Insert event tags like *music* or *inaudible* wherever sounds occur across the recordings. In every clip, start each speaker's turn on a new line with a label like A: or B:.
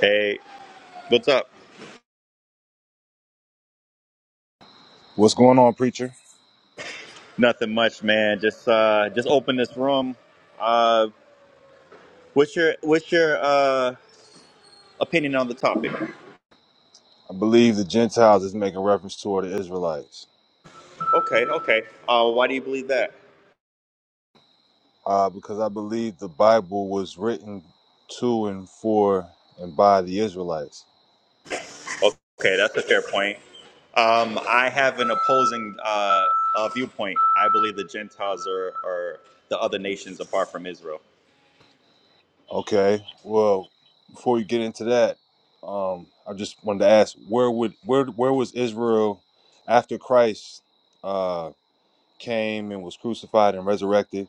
A: Hey, what's up?
B: What's going on, preacher?
A: Nothing much, man. Just uh just open this room. Uh what's your what's your uh opinion on the topic?
B: I believe the Gentiles is making reference to the Israelites
A: Okay, okay. Uh why do you believe that?
B: uh, because I believe the Bible was written to and for and by the Israelites.
A: Okay, that's a fair point. Um I have an opposing uh, uh viewpoint. I believe the Gentiles are are the other nations apart from Israel.
B: Okay, well, before you get into that, um, I just wanted to ask where would where where was Israel after Christ uh, came and was crucified and resurrected?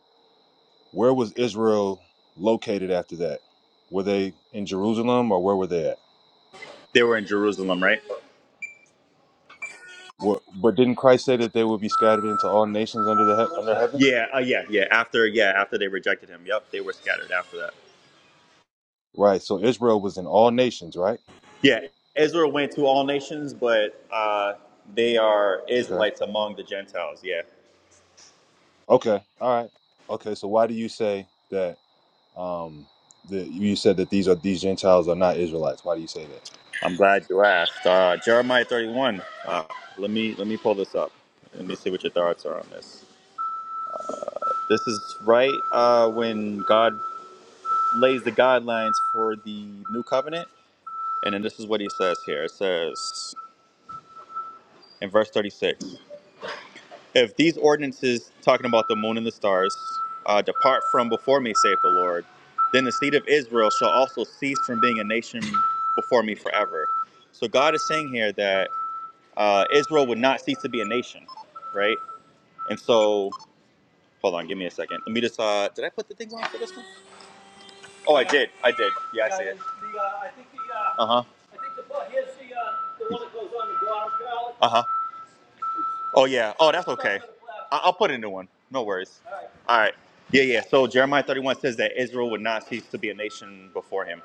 B: Where was Israel located after that? Were they in Jerusalem or where were they at?
A: They were in Jerusalem, right?
B: What, but didn't Christ say that they would be scattered into all nations under the he- under heaven?
A: Yeah, uh, yeah, yeah. After yeah, after they rejected him. Yep, they were scattered after that.
B: Right. So Israel was in all nations, right?
A: Yeah, Israel went to all nations, but uh, they are
B: Okay.
A: Israelites among the Gentiles. Yeah,
B: Okay. All right. Okay. So why do you say that? Um, that you said that these are these Gentiles are not Israelites. Why do you say that?
A: I'm glad you asked. Uh, Jeremiah 31. Uh, let me let me pull this up. Let me see what your thoughts are on this. This is right uh, when God lays the guidelines for the new covenant, and then this is what He says here. It says in verse 36. If these ordinances, talking about the moon and the stars, uh, depart from before me, saith the Lord, then the seed of Israel shall also cease from being a nation before me forever. So God is saying here that uh, Israel would not cease to be a nation, right? And so, hold on, give me a second. Let me just, uh, did I put the things on for this one? Oh, I did. I did. Yeah, I see it. The, Uh huh. Uh huh. Oh yeah. Oh, that's okay. I- I'll put a new one. No worries. All right. Yeah, yeah. So Jeremiah 31 says that Israel would not cease to be a nation before him,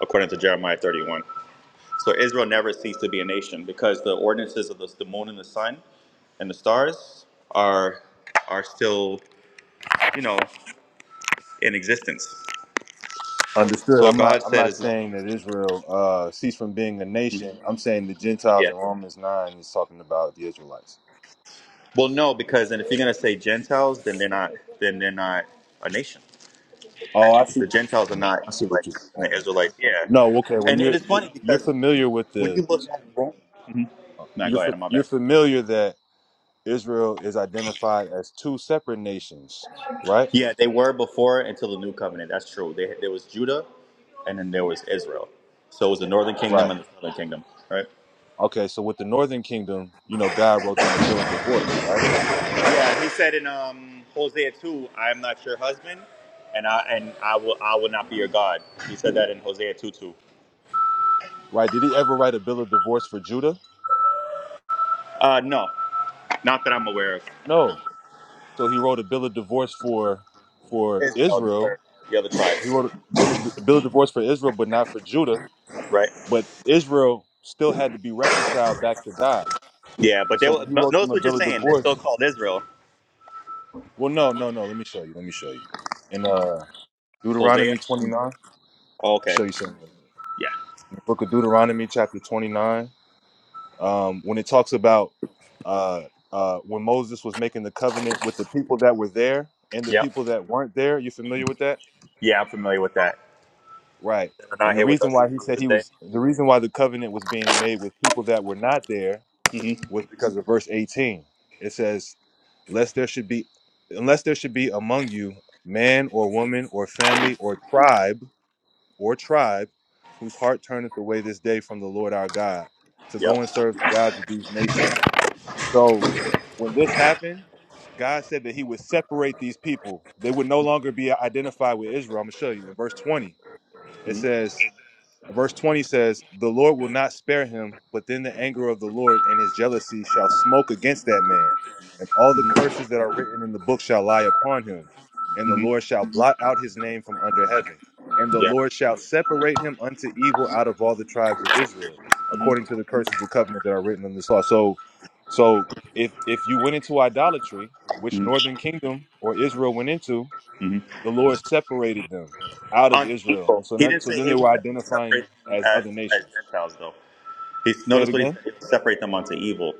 A: according to Jeremiah 31. So Israel never ceased to be a nation because the ordinances of the, the moon and the sun and the stars are are still, you know, in existence.
B: Understood.
A: So
B: I'm not.
A: God
B: I'm
A: said,
B: not
A: as long
B: saying
A: as
B: that Israel uh, ceased from being a nation. I'm saying the Gentiles
A: yeah.
B: in Romans nine is talking about the Israelites.
A: Well, no, because then if you're gonna say Gentiles, then they're not. Then they're not a nation.
B: Oh, I see
A: The
B: what you're
A: Gentiles are
B: saying.
A: not
B: I see what you're.
A: Israelites, and the Israelites, yeah.
B: No. Okay. Well,
A: And and
B: you're
A: it's funny
B: you're
A: because
B: familiar with
A: when
B: the
A: you look at Rome, no,
B: you're
A: go ahead.
B: fa-
A: my
B: you're
A: bad.
B: familiar that Israel is identified as two separate nations, right?
A: Yeah, they were before until the new covenant. That's true. They, there was Judah, and then there was Israel. So it was the northern kingdom
B: Right.
A: and the southern kingdom, right?
B: Okay, so with the Northern Kingdom, you know, God wrote them a bill of divorce, right?
A: Yeah, he said in um, Hosea two, "I am not your husband, and I and I will I will not be your God." He said that in Hosea two two.
B: Right. Did he ever write a bill of divorce for Judah?
A: Uh, no, not that I'm aware of.
B: No. So he wrote a bill of divorce for for
A: Israel, the
B: Israel.
A: other, the other
B: He
A: tribes,
B: wrote a bill of a bill of divorce for Israel, but not for Judah.
A: right?
B: But Israel still had to be reconciled back to God.
A: Yeah,
B: And
A: but they
B: so when
A: were,
B: he
A: no-
B: wrote them
A: notice
B: a
A: what you're
B: bill of
A: saying. They're still
B: divorce,
A: called Israel.
B: well, no, no, no. Let me show you. Let me show you. In uh,
A: Hosea.
B: Deuteronomy twenty nine,
A: Oh, okay.
B: show you something.
A: Yeah.
B: Book of Deuteronomy, chapter 29, um, when it talks about uh, uh, when Moses was making the covenant with the people that were there and the
A: Yep.
B: people that weren't there. You familiar with that?
A: Yeah, I'm familiar with that.
B: Right.
A: They're not
B: And the
A: here with
B: reason
A: us
B: why he
A: on
B: said
A: this
B: he
A: day.
B: was, the reason why the covenant was being made with people that were not there
A: hmm
B: was because of verse 18. It says, lest there should be, unless there should be among you man or woman or family or tribe or tribe whose heart turneth away this day from the Lord our God to
A: Yep.
B: go and serve the gods of these nations. So when this happened, God said that he would separate these people. They would no longer be identified with Israel. I'm going to show you in verse 20. It
A: hmm
B: says, Verse 20 says, The Lord will not spare him, but then the anger of the Lord and his jealousy shall smoke against that man, and all the curses that are written in the book shall lie upon him, and the
A: hmm
B: Lord shall blot out his name from under heaven. And the
A: Yeah.
B: Lord shall separate him unto evil out of all the tribes of Israel,
A: hmm
B: according to the curses of the covenant that are written in this law. So so if if you went into idolatry, which
A: hmm
B: northern kingdom or Israel went into,
A: hmm
B: the Lord separated them out of
A: Unto
B: Israel,
A: evil.
B: and so
A: He
B: not,
A: didn't
B: so
A: say
B: then
A: he
B: they
A: would
B: were identifying
A: separate them
B: as
A: as,
B: other
A: as
B: nations.
A: Gentiles though. He's
B: Say it
A: notice what he
B: again.
A: said. He would separate them unto evil.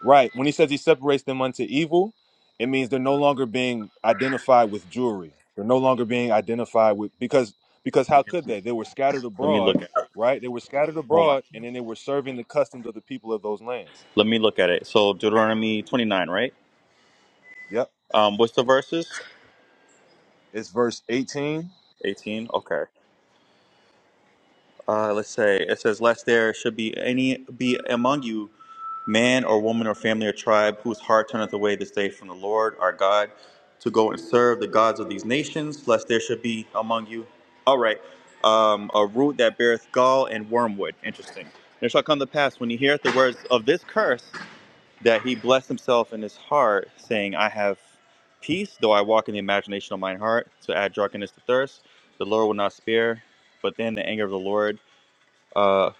B: Right. When he says he separates them unto evil, it means they're no longer being identified with Jewry. They're no longer being identified with because because how could they? They were scattered
A: Let me
B: abroad,
A: look at it.
B: right? They were scattered
A: Hold on.
B: abroad, and then they were serving the customs of the people of those lands.
A: Let me look at it. So Deuteronomy 29, right?
B: Yep.
A: Um, what's the verses?
B: It's verse eighteen.
A: 18. Okay. uh, let's say it says lest there should be any be among you man or woman or family or tribe whose heart turneth away this day from the lord our god to go and serve the gods of these nations lest there should be among you all right um, a root that beareth gall and wormwood interesting and it shall come to pass when he heareth the words of this curse that he bless himself in his heart saying i have peace though i walk in the imagination of mine heart to add drunkenness to thirst the lord will not spare but then the anger of the lord uh,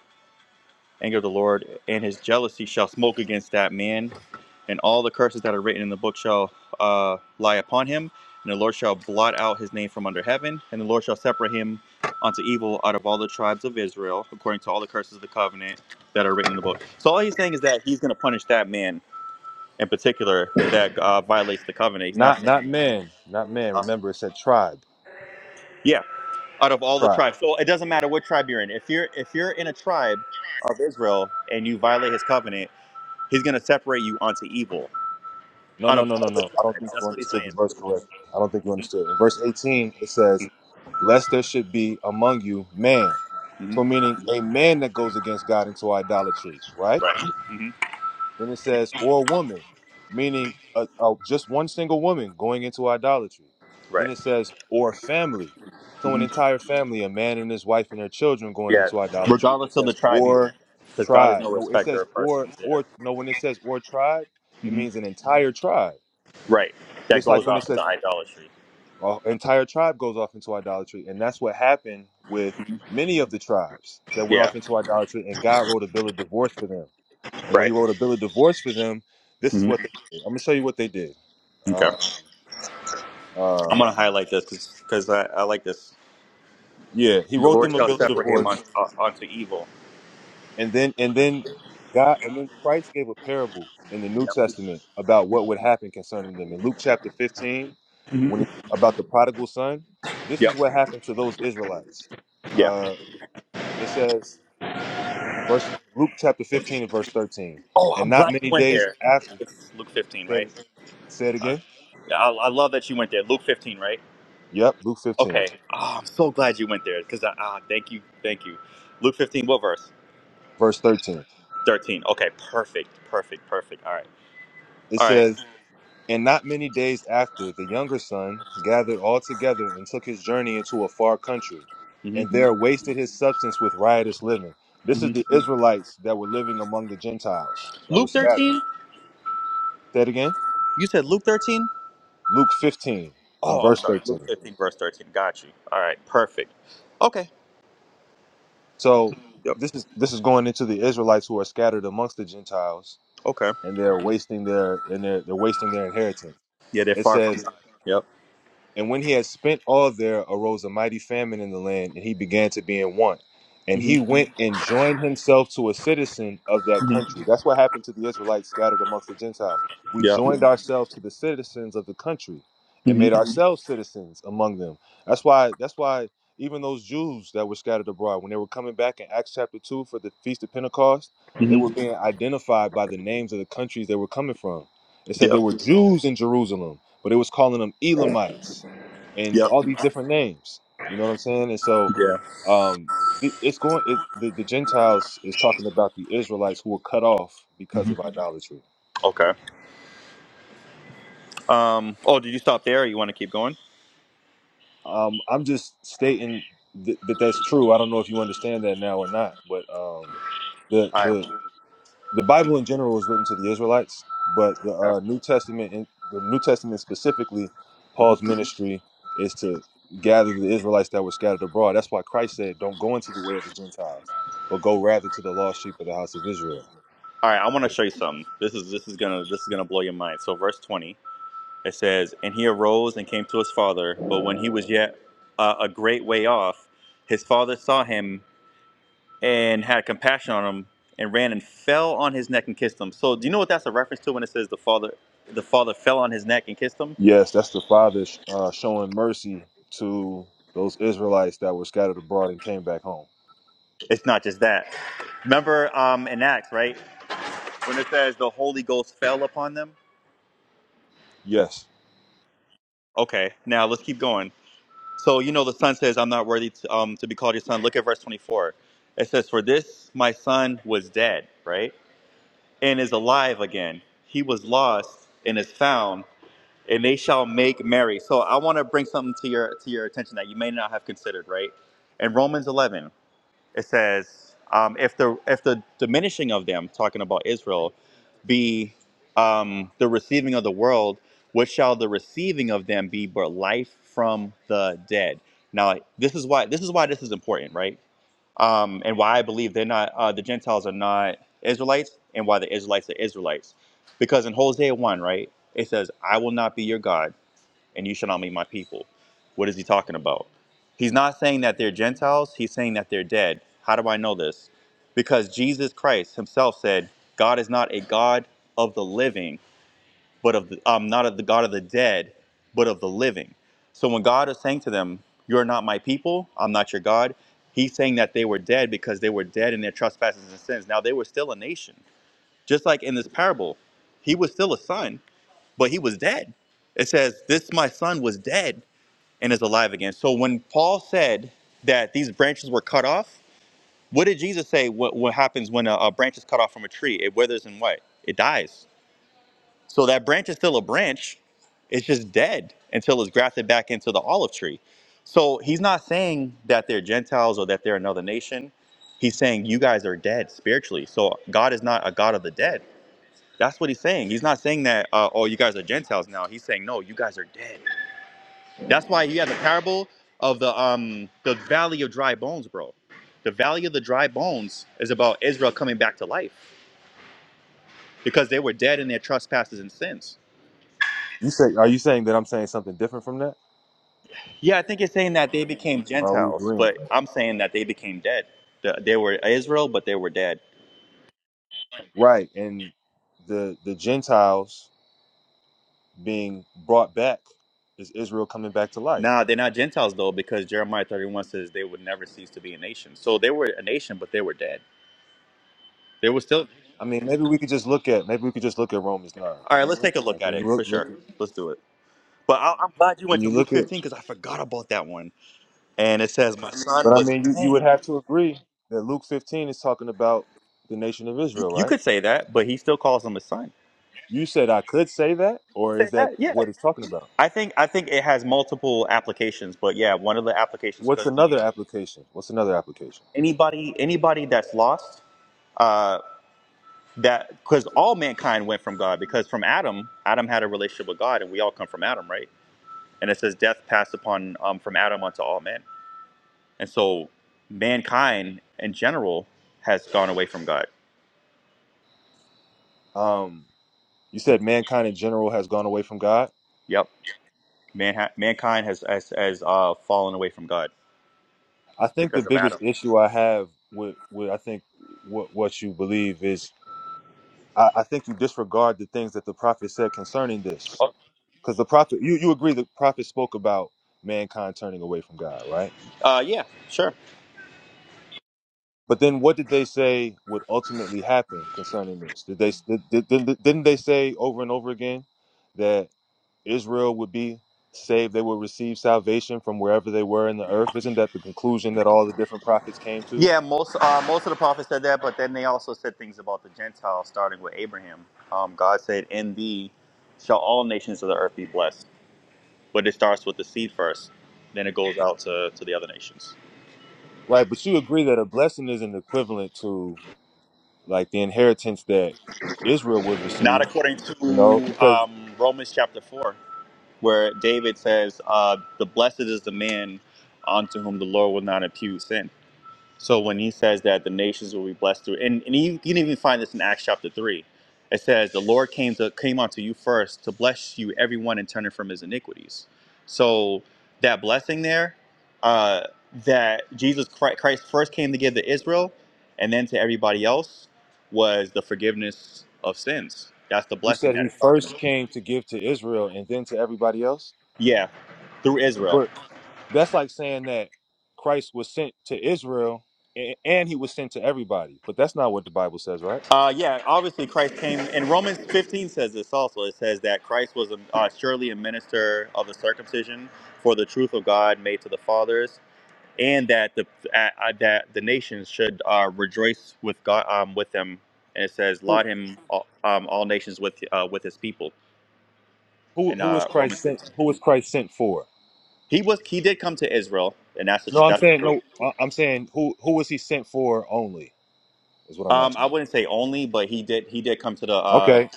A: anger of the Lord, and his jealousy shall smoke against that man, and all the curses that are written in the book shall uh, lie upon him, and the Lord shall blot out his name from under heaven, and the Lord shall separate him unto evil out of all the tribes of Israel, according to all the curses of the covenant that are written in the book. So all he's saying is that he's going to punish that man in particular that uh, violates the covenant. He's not
B: Not
A: saying,
B: not man, not man.
A: uh,
B: Remember, it said tribe,
A: yeah, out of all the
B: tribe.
A: tribes. So it doesn't matter what tribe you're in. If you're if you're in a tribe of Israel and you violate his covenant He's going to separate you unto evil
B: No,
A: out
B: no,
A: of
B: no,
A: all
B: no, no.
A: the
B: I don't
A: tribes.
B: think you
A: That's what he's
B: understood
A: saying.
B: the verse correctly. I don't think you understood. In verse 18, it says, Lest there should be among you man.
A: hmm
B: So, meaning a man that goes against God into idolatry, right?
A: Right. hmm
B: Then it says, Or a woman, meaning a, a, just one single woman going into idolatry. Then
A: Right.
B: it says, Or family. So, an
A: hmm
B: entire family, a man and his wife and their children going
A: Yeah.
B: into idolatry. It
A: Regardless of the
B: says,
A: tribe he's in,
B: Or
A: because God is
B: tribe.
A: no
B: No, it
A: respecter
B: says,
A: of
B: Or,
A: persons. Yeah.
B: or, no, when it says, Or tribe, it
A: hmm
B: means an entire tribe.
A: Right. That
B: Just like
A: goes
B: when it
A: off into
B: says
A: idolatry.
B: uh, entire tribe goes off into idolatry, and that's what happened with many of the tribes that went
A: Yeah.
B: off into idolatry, and God wrote a bill of divorce for them. And when He
A: Right.
B: wrote a bill of divorce for them, this is
A: hmm
B: what they did. I'm gonna show you what they did.
A: Okay.
B: Um,
A: I'm
B: uh,
A: going to highlight this because I, I like this.
B: yeah, He
A: The
B: wrote
A: Lord
B: them a
A: shall
B: bill of
A: separate him on,
B: divorce,
A: uh, unto evil.
B: and then and then God and then Christ gave a parable in the New
A: Yep.
B: Testament about what would happen concerning them in Luke chapter 15,
A: hmm
B: when about the prodigal son. This is
A: Yep.
B: what happened to those Israelites.
A: Yeah.
B: Uh, It says, verse Luke chapter 15 and verse 13.
A: Oh,
B: And
A: I'm
B: not
A: glad you
B: many
A: went
B: days
A: there.
B: after,
A: It's Luke 15,
B: said
A: right?
B: it, say it
A: Uh,
B: again.
A: I, I love that you went there. Luke 15, right?
B: Yep, Luke 15,
A: Okay. Oh, I'm so glad you went there because I ah, thank you, thank you. Luke 15, what verse?
B: verse 13.
A: 13. Okay, perfect, perfect, perfect. right,
B: It
A: all right, all right.
B: says, And not many days after, the younger son gathered all together and took his journey into a far country, and
A: Mm-hmm.
B: there wasted his substance with riotous living. This is
A: Mm-hmm.
B: the Israelites that were living among the Gentiles that were
A: Luke
B: scattered.
A: 13.
B: Say it again.
A: You said Luke 13.
B: Luke 15 in
A: Oh, I'm
B: verse
A: sorry. Luke
B: 13.
A: 15, verse 13. Got you. All right, perfect. Okay.
B: So
A: Yep.
B: this is this is going into the Israelites who are scattered amongst the Gentiles
A: Okay.
B: and they're wasting their and they're they're wasting their inheritance.
A: Yeah, they're
B: It
A: far from
B: says
A: God. Yep.
B: and when he had spent all there arose a mighty famine in the land, and he began to be in want. And he
A: Mm-hmm.
B: went and joined himself to a citizen of that
A: Mm-hmm.
B: country. That's what happened to the Israelites scattered amongst the Gentiles. We
A: Yep.
B: joined ourselves to the citizens of the country and made
A: Mm-hmm.
B: ourselves citizens among them. That's why that's why even those Jews that were scattered abroad, when they were coming back in Acts chapter two for the Feast of Pentecost, they
A: Mm-hmm.
B: were being identified by the names of the countries they were coming from. It said
A: Yep.
B: there were Jews in Jerusalem, but it was calling them Elamites and
A: Yep.
B: all these different names. You know what I'm saying? And so
A: Yeah.
B: um, it, it's going. It, the, the Gentiles is talking about the Israelites who were cut off because
A: Mm-hmm.
B: of idolatry.
A: Okay. Um. Oh, did you stop there? Or you want to keep going?
B: Um, I'm just stating th- that that's true. I don't know if you understand that now or not, but um, the
A: All right.
B: the the Bible in general was written to the Israelites, but the
A: Okay.
B: uh, New Testament, in, the New Testament specifically,
A: Mm-hmm.
B: Paul's ministry is to gather the Israelites that were scattered abroad. That's why Christ said, "Don't go into the way of the Gentiles, but go rather to the lost sheep of the house of Israel."
A: All right, I want to show you something. This is this is gonna this is gonna blow your mind. So verse twenty, it says, "And he arose and came to his father, but when he was yet uh, a great way off, his father saw him and had compassion on him, and ran and fell on his neck and kissed him." So do you know what that's a reference to when it says the father the father fell on his neck and kissed him?
B: Yes, that's the Father sh- uh, showing mercy to those Israelites that were scattered abroad and came back home.
A: It's not just that. Remember um, in Acts, right? When it says the Holy Ghost fell upon them.
B: Yes.
A: Okay, now let's keep going. So you know the son says, "I'm not worthy to, um, to be called your son." Look at verse 24. It says, "For this my son was dead, right, and is alive again. He was lost and is found, and they shall make merry." So I want to bring something to your to your attention that you may not have considered, right? In Romans 11 it says um, if the if the diminishing of them talking about israel be um, the receiving of the world what shall the receiving of them be but life from the dead now this is why this is why this is important right um, and why i believe they're not uh, the gentiles are not israelites and why the israelites are israelites because in hosea 1 right it says i will not be your god and you shall not be my people. What is he talking about? He's not saying that they're Gentiles, he's saying that they're dead. How do I know this? Because Jesus Christ himself said, God is not a God of the living, but of the, um, not of the God of the dead, but of the living. So when God is saying to them, You're not my people, I'm not your God, he's saying that they were dead because they were dead in their trespasses and sins. Now they were still a nation. Just like in this parable, he was still a son, but he was dead. It says, This my son was dead and is alive again. So when Paul said that these branches were cut off, what did Jesus say? What, what happens when a, a branch is cut off from a tree? It withers and what? It dies. So that branch is still a branch. It's just dead until it's grafted back into the olive tree. So he's not saying that they're Gentiles or that they're another nation. He's saying you guys are dead spiritually. So God is not a God of the dead. That's what he's saying. He's not saying that, uh, oh, you guys are Gentiles now. He's saying, no, you guys are dead that's why you have the parable of the um the valley of dry bones, bro. The valley of the dry bones is about Israel coming back to life because they were dead in their trespasses and sins.
B: You say, are you saying that I'm saying something different from that?
A: Yeah, I think it's saying that they became
B: Or are we
A: Gentiles,
B: agreeing?
A: but I'm saying that they became dead. The- They were Israel, but they were dead.
B: Right, and the the Gentiles being brought back is Israel coming back to life.
A: Nah, they're not Gentiles though, because Jeremiah 31 says they would never cease to be a nation. So they were a nation, but they were dead. They were still.
B: I mean, maybe we could just look at maybe we could just look at Romans nine.
A: All right, let's take a look
B: Like
A: at
B: when you
A: it for
B: look, look
A: sure.
B: at-
A: Let's do it. But I, I'm glad you
B: when
A: went to
B: you
A: Luke
B: look at,
A: 15 because I forgot about that one. and it says my son
B: but I
A: was
B: mean, you you would
A: dead.
B: have to agree that Luke fifteen is talking about the nation of
A: You,
B: Israel, right?
A: could say that, but he still calls him his son.
B: You said I could say that, or
A: Say
B: is that
A: that, yeah.
B: what it's talking about?
A: I think I think it has multiple applications, but yeah, one of the applications
B: What's
A: could be
B: another application? What's another application?
A: anybody anybody that's lost. Uh, that because all mankind went from God because from Adam, Adam had a relationship with God, and we all come from Adam, right? And it says death passed upon um, from Adam unto all men, and so mankind in general has gone away from God.
B: Um, you said mankind in general has gone away from God.
A: Yep, Man, mankind has has, has uh, fallen away from God
B: I think the
A: because of
B: biggest
A: Adam.
B: issue I have with, with I think what what you believe is I, I think you disregard the things that the prophet said concerning this.
A: Oh,
B: Because the prophet, you, you agree the prophet spoke about mankind turning away from God, right?
A: uh, yeah, sure.
B: But then what did they say would ultimately happen concerning this? Did they did, did, did- not they say over and over again that Israel would be saved, they would receive salvation from wherever they were in the earth? Isn't that the conclusion that all the different prophets came to?
A: Yeah, most uh, most of the prophets said that, but then they also said things about the Gentiles, starting with Abraham. Um, God said, "In thee shall all nations of the earth be blessed," but it starts with the seed first, then it goes out to, to the other nations.
B: Right, but you agree that a blessing isn't equivalent to like the inheritance that Israel would
A: Not
B: receive,
A: according
B: you know,
A: to
B: because
A: um, Romans chapter four, where David says, uh, "The blessed is the man unto whom the Lord will not impute sin." So when he says that the nations will be blessed through, and, and you, you can even find this in Acts chapter three, it says the Lord came to came unto you first to bless you everyone and turning from his iniquities. So that blessing there, uh, that Jesus Christ, Christ first came to give to Israel, and then to everybody else, was the forgiveness of sins. That's the
B: You
A: blessing
B: said
A: that
B: he
A: it's talking
B: first
A: about.
B: came to give to Israel and then to everybody else.
A: Yeah, through Israel.
B: But that's like saying that Christ was sent to Israel a- and he was sent to everybody. But that's not what the Bible says, right?
A: Uh, yeah, obviously Christ came, and Romans 15 says this also. It says that Christ was a, uh, surely a minister of the circumcision for the truth of God made to the fathers, and that the uh, uh, that the nations should uh, rejoice with God um, with them. And it says,
B: Who
A: "Laud him, all, um, all nations with uh, with his people."
B: who
A: In
B: who is
A: uh, Romans
B: Christ sent?
A: 15,
B: Who is Christ sent for?
A: he was he did come to Israel, and that's the,
B: No,
A: tr-
B: I'm
A: that's the
B: saying
A: truth.
B: no. I- I'm saying who who was he sent for only is what I'm
A: Um, I
B: asking.
A: wouldn't say only, but he did he did come to the uh,
B: Okay.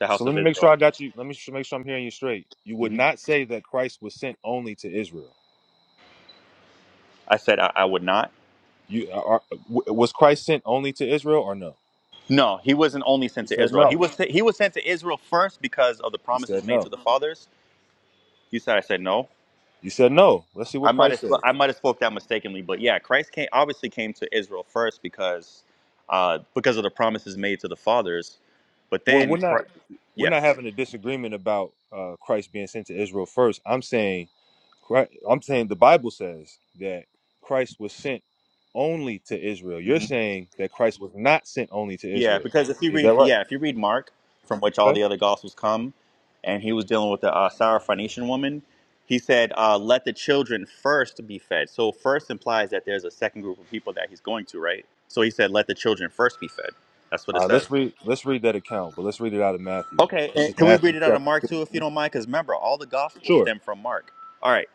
A: the
B: So
A: house
B: let
A: of
B: me make sure
A: Israel.
B: I got you. Let me sh- make sure I'm hearing you straight. You would
A: hmm
B: not say that Christ was sent only to Israel.
A: I said I, I would not.
B: You are, w- was Christ sent only to Israel or no?
A: No, he wasn't only
B: You
A: sent to
B: said
A: Israel. He
B: no.
A: was he was sent to Israel first because of the
B: You
A: promises
B: said
A: made
B: no.
A: to the fathers. You said I said no.
B: You said no. Let's see what
A: I might
B: Christ
A: have
B: says.
A: I might have spoke that mistakenly, but yeah, Christ came obviously came to Israel first because uh, because of the promises made to the fathers. But
B: Well,
A: then,
B: we're not
A: Chri-
B: we're
A: yeah.
B: not having a disagreement about uh, Christ being sent to Israel first. I'm saying Chri- I'm saying the Bible says that Christ was sent only to Israel. You're
A: Mm-hmm.
B: saying that Christ was not sent only to
A: Yeah,
B: Israel.
A: because if you
B: Is
A: read,
B: that right?
A: yeah, if you read Mark, from which all
B: Okay.
A: the other gospels come, and he was dealing with the uh, Syrophoenician woman, he said, uh, "Let the children first be fed." So first implies that there's a second group of people that he's going to, right? So he said, "Let the children first be fed." That's what
B: All
A: it
B: right. Let's
A: says.
B: read. Let's read that account, but let's read it out of Matthew.
A: Okay,
B: This
A: and
B: is
A: can we
B: Matthew
A: read it out of
B: chapter.
A: Mark too, if you
B: 15.
A: don't mind? Because remember, all the gospels
B: Sure.
A: stem from Mark. All right,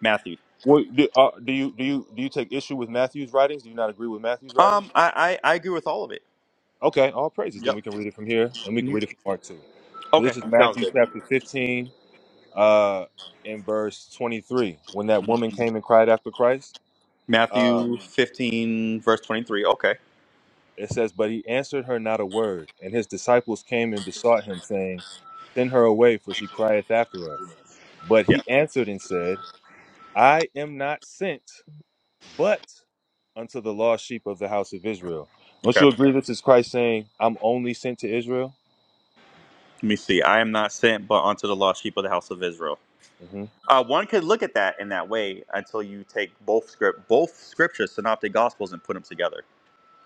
A: Matthew.
B: Well, do, uh, do you do you do you take issue with Matthew's writings? Do you not agree with Matthew's writings?
A: Um, I I, I agree with all of it.
B: Okay, all praises. Then
A: Yep.
B: we can read it from here, and we can read
A: Mhm.
B: it from Mark two. So
A: Okay,
B: this is
A: sounds
B: Matthew
A: good.
B: chapter fifteen, uh, in verse twenty-three. When that
A: Mhm.
B: woman came and cried after Christ, uh,
A: Matthew 15, verse 23. Okay.
B: it says, "But he answered her not a word, and his disciples came and besought him, saying, Send her away, for she crieth after us. But
A: Yeah.
B: he answered and said, I am not sent, but unto the lost sheep of the house of Israel. Don't
A: Okay.
B: you agree? This is Christ saying, I'm only sent to Israel.
A: Let me see. I am not sent, but unto the lost sheep of the house of Israel.
B: Mm-hmm.
A: Uh, one could look at that in that way until you take both script, both scriptures, synoptic gospels, and put them together.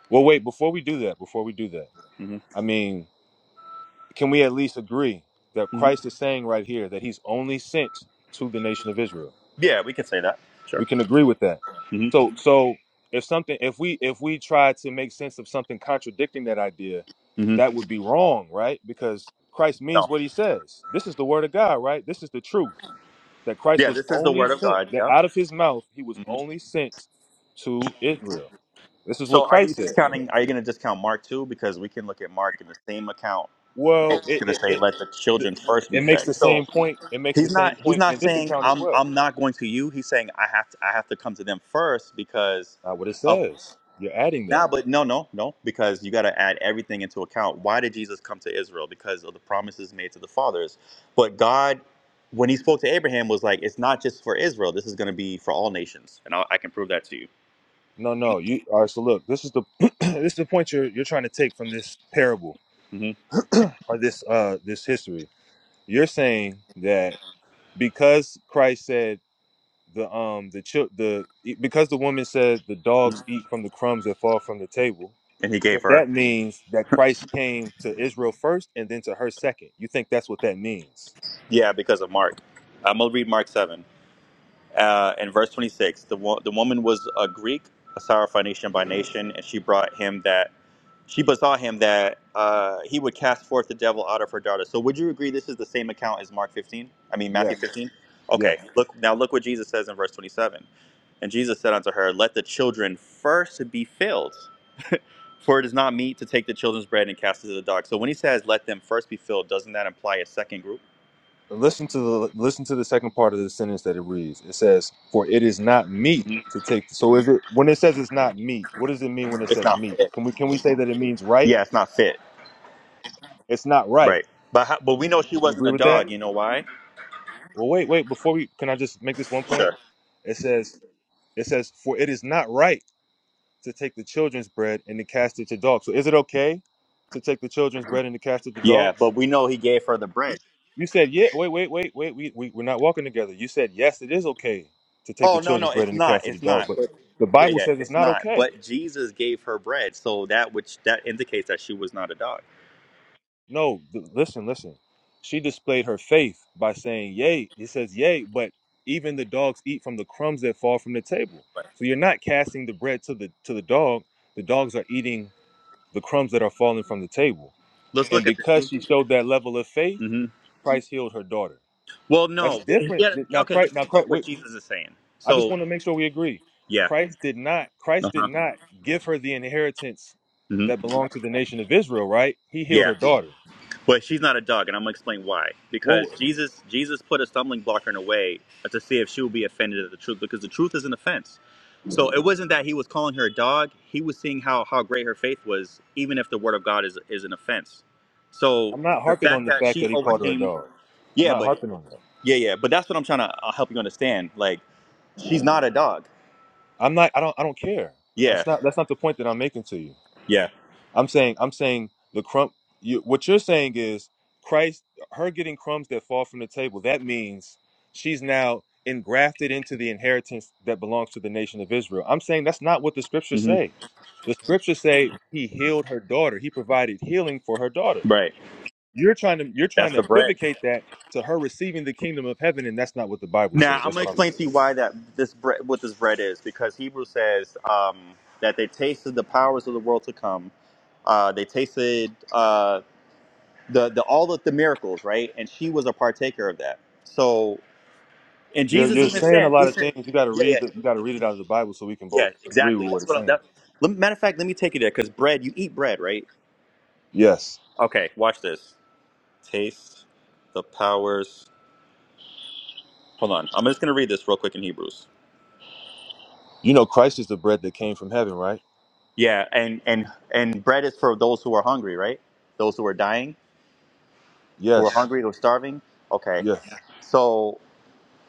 B: Well, wait, before we do that, before we do that,
A: hmm
B: I mean, can we at least agree that
A: hmm
B: Christ is saying right here that he's only sent to the nation of Israel?
A: Yeah, we could say that. Sure.
B: We can agree with that.
A: hmm
B: So so if something if we if we try to make sense of something contradicting that idea,
A: hmm
B: that would be wrong, right? Because Christ means
A: No.
B: what he says. This is the word of God, right? This is the truth that Christ
A: Yeah,
B: was
A: this is the
B: only
A: word of
B: sent,
A: God.
B: that
A: Yeah.
B: out of his mouth he was
A: hmm
B: only sent to Israel. This is what
A: So, are you
B: Christ said.
A: discounting? Are you going to discount Mark too? Because we can look at Mark in the same account and
B: Well,
A: it's
B: it
A: going to
B: it
A: say,
B: it,
A: "Let the
B: th-
A: children first
B: it
A: be
B: makes
A: fed."
B: the same
A: So
B: point. It makes the
A: he's
B: same
A: not he's
B: point in
A: not
B: this
A: saying
B: account as
A: I'm
B: well.
A: I'm not going to you. He's saying I have to I have to come to them first because
B: Not what it
A: of."
B: says. You're adding that.
A: Nah, but no, no, no, because you got to add everything into account. Why did Jesus come to Israel? Because of the promises made to the fathers. But God, when He spoke to Abraham, was like, "It's not just for Israel. This is going to be for all nations," and I, I can prove that to you.
B: No, no. You all right? So look, this is the *clears throat* this is the point you're you're trying to take from this parable
A: hmm
B: or this uh this history. You're saying that because Christ said the um the chil- the e, because the woman said the dogs eat from the crumbs that fall from the table.
A: And He gave
B: That
A: her,
B: that means that Christ came to Israel first and then to her second. You think that's what that means?
A: yeah, because of Mark. I'm gonna read Mark seven uh, and verse twenty six. The wo- the woman was a Greek, a Syrophoenician by nation, and she brought him that. She besought him that uh, he would cast forth the devil out of her daughter. So would you agree this is the same account as Mark 15? I mean Matthew
B: Yes.
A: 15?
B: Yes.
A: Okay. Look now look what Jesus says in verse 27. And Jesus said unto her, Let the children first be filled, for it is not meet to take the children's bread and cast it to the dogs. So when he says let them first be filled, doesn't that imply a second group?
B: listen to the listen to the second part of the sentence that it reads. It says, "For it is not meat
A: Mhm.
B: to take." So is it when it says it's not meat? What does it mean when it
A: It's
B: says
A: not
B: meat?
A: fit.
B: Can we can we say that it means right?
A: Yeah, it's not fit.
B: It's not right.
A: Right. But how, but we know she
B: We can
A: wasn't
B: agree
A: a
B: with that.
A: dog, you know why?
B: Well, wait, wait. Before we can, I just make this one point.
A: Sure.
B: It says it says for it is not right to take the children's bread and to cast it to dogs. So is it okay to take the children's bread and to cast it to
A: Yeah,
B: dogs?
A: but we know he gave her the bread.
B: You said, yeah, wait, wait, wait, wait, we, we, we're not walking together. You said, yes, it is okay to take the
A: Oh no,
B: children's
A: no,
B: bread
A: it's
B: and to
A: not.
B: cast it to
A: It's
B: the dog,
A: not.
B: but
A: But
B: the
A: yeah,
B: Bible
A: yeah,
B: says it's
A: it's
B: not
A: not.
B: okay.
A: But Jesus gave her bread, so that which that indicates that she was not a dog.
B: No, th- listen, listen. She displayed her faith by saying, yay. He says, yay, but even the dogs eat from the crumbs that fall from the table. So you're not casting the bread to the to the dog. The dogs are eating the crumbs that are falling from the table.
A: Let's
B: And
A: look at this.
B: because she showed that level of faith,
A: hmm
B: Christ healed her daughter.
A: Well,
B: That's
A: no.
B: different.
A: Yeah.
B: Now,
A: Okay. Let's
B: Christ, now,
A: think
B: Christ,
A: about
B: wait,
A: what Jesus is saying.
B: I just
A: So
B: want to make sure we agree.
A: yeah.
B: Christ did not
A: Uh
B: Christ did
A: huh.
B: not give her the inheritance
A: hmm
B: that belonged to the nation of Israel, right? He healed
A: Yeah.
B: her daughter.
A: But she's not a dog, and I'm gonna explain why.
B: Well,
A: Because Jesus, Jesus put a stumbling block in her way to see if she would be offended at the truth, because the truth is an offense. So it wasn't that he was calling her a dog; he was seeing how how great her faith was, even if the word of God is is an offense. So
B: I'm not
A: the
B: harping on
A: fact
B: the
A: that
B: fact
A: she
B: that he called her a
A: overcame,
B: dog. I'm
A: yeah,
B: not
A: but
B: harping on that.
A: yeah, yeah, but that's what I'm trying to uh, help you understand. Like she's not a dog.
B: I'm not I don't I don't care.
A: Yeah,
B: That's not that's not the point that I'm making to you.
A: yeah,
B: I'm saying I'm saying the crumb. You, what you're saying is Christ, her getting crumbs that fall from the table. That means she's now engrafted into the inheritance that belongs to the nation of Israel. I'm saying that's not what the scriptures
A: hmm
B: say. The scriptures say he healed her daughter. He provided healing for her daughter.
A: right.
B: You're trying to you're trying
A: That's
B: to
A: the bread.
B: equivocate that to her receiving the kingdom of heaven, and that's not what the Bible
A: Now
B: says.
A: I'm
B: That's
A: gonna
B: what I'm. saying.
A: explain to you why that this bread, what this bread is, because Hebrew says um, that they tasted the powers of the world to come. Uh, they tasted uh, the the all of the miracles, right? And she was a partaker of that. So, and
B: You're,
A: Jesus
B: you're
A: even
B: saying a
A: said,
B: lot
A: "He
B: of
A: said,
B: things. You got to
A: yeah, yeah,
B: read the, You got to read it out of the Bible so we can
A: yeah,
B: both agree
A: exactly."
B: with what
A: That's
B: it's
A: what. I'm,
B: saying.
A: that, let, me- matter of fact, let me take you there because bread. You eat bread, right?
B: Yes.
A: Okay, watch this. Taste the powers. Hold on, I'm just gonna read this real quick in Hebrews.
B: You know, Christ is the bread that came from heaven, right?
A: Yeah, and and and bread is for those who are hungry, right? Those who are dying, who are Yeah.
B: Yes,
A: hungry, who are starving. Okay,
B: yes,
A: so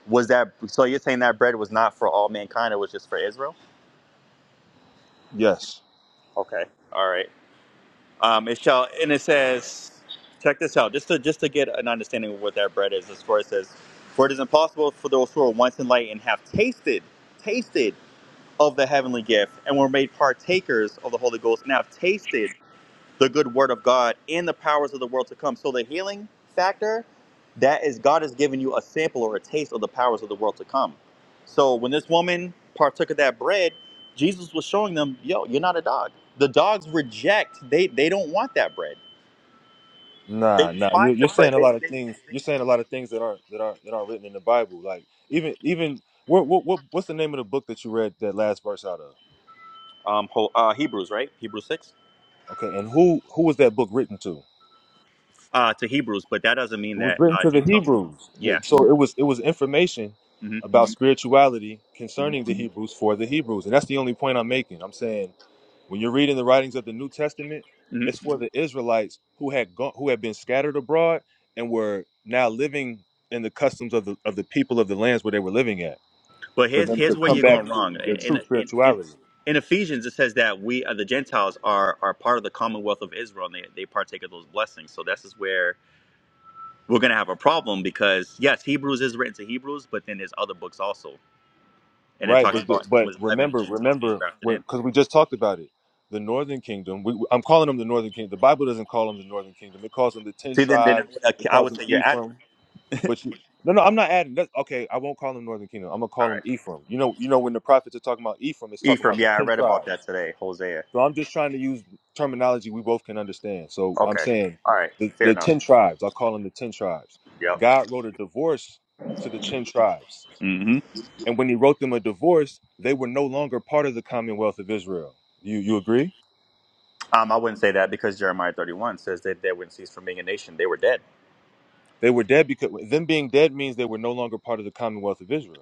A: was that? So you're saying that bread was not for all mankind; it was just for Israel.
B: yes.
A: Okay, all right. Um, it shall, and it says, check this out, just to just to get an understanding of what that bread is. As far as says, for it is impossible for those who are once enlightened and have tasted, tasted of the heavenly gift, and were made partakers of the Holy Ghost, and have tasted the good word of God and the powers of the world to come. So the healing factor, that is God has given you a sample or a taste of the powers of the world to come. So when this woman partook of that bread, Jesus was showing them, yo, you're not a dog. The dogs reject, they they don't want that bread. They
B: Nah, nah. You,
A: despise the
B: you're
A: bread.
B: saying a
A: They,
B: lot of
A: they,
B: things.
A: they
B: You're saying a lot of things that aren't that aren't that aren't written in the Bible. Like even even what what, what what's the name of the book that you read that last verse out of?
A: um Ho- uh, Hebrews, right? Hebrews 6.
B: Okay, and who who was that book written to?
A: Uh to Hebrews, but that doesn't mean
B: It was
A: that
B: written
A: uh
B: to the
A: Gentiles.
B: Hebrews.
A: Yeah.
B: So it was it was information
A: Mhm.
B: about spirituality concerning
A: Mhm.
B: the Hebrews for the Hebrews, and that's the only point I'm making. I'm saying When you're reading the writings of the New Testament, it's for the Israelites who had gone, who had been scattered abroad and were now living in the customs of the of the people of the lands where they were living at.
A: But
B: For
A: here's
B: them to
A: here's where
B: come
A: you're
B: back
A: going
B: to
A: wrong.
B: their
A: In
B: true
A: in in,
B: spirituality,
A: in Ephesians, it says that we uh, the Gentiles are are part of the commonwealth of Israel, and they, they partake of those blessings. So this is where we're going to have a problem because yes, Hebrews is written to Hebrews, but then there's other books also, and it
B: right?
A: talks
B: But
A: about
B: the,
A: in
B: but
A: Romans 11
B: remember,
A: Gentiles being
B: remember,
A: grafted in.
B: because we just talked about it. The Northern Kingdom. We, I'm calling them the Northern Kingdom. The Bible doesn't call them the Northern Kingdom. It calls them the ten
A: See, then then I
B: tribes.
A: would,
B: It
A: uh, I
B: calls
A: would
B: them
A: say you're adding.
B: Ephraim But you, no, no, I'm not adding. That's, okay, I won't call him Northern Kingdom. I'm gonna
A: All
B: call him
A: right,
B: Ephraim. You know, you know when the prophets are talking about Ephraim, it's talking about
A: Ephraim.
B: the
A: Yeah, I
B: ten
A: read about that
B: tribes.
A: today. Hosea.
B: So I'm just trying to use terminology we both can understand. So I'm
A: Okay.
B: saying
A: All right.
B: the,
A: Fair
B: the
A: enough.
B: ten tribes. I call them the ten tribes.
A: Yep.
B: God wrote a divorce to the ten tribes,
A: hmm
B: and when He wrote them a divorce, they were no longer part of the Commonwealth of Israel. You you agree?
A: Um, I wouldn't say that because Jeremiah 31 says that they wouldn't cease from being a nation; they were dead.
B: They were dead because them being dead means they were no longer part of the Commonwealth of Israel.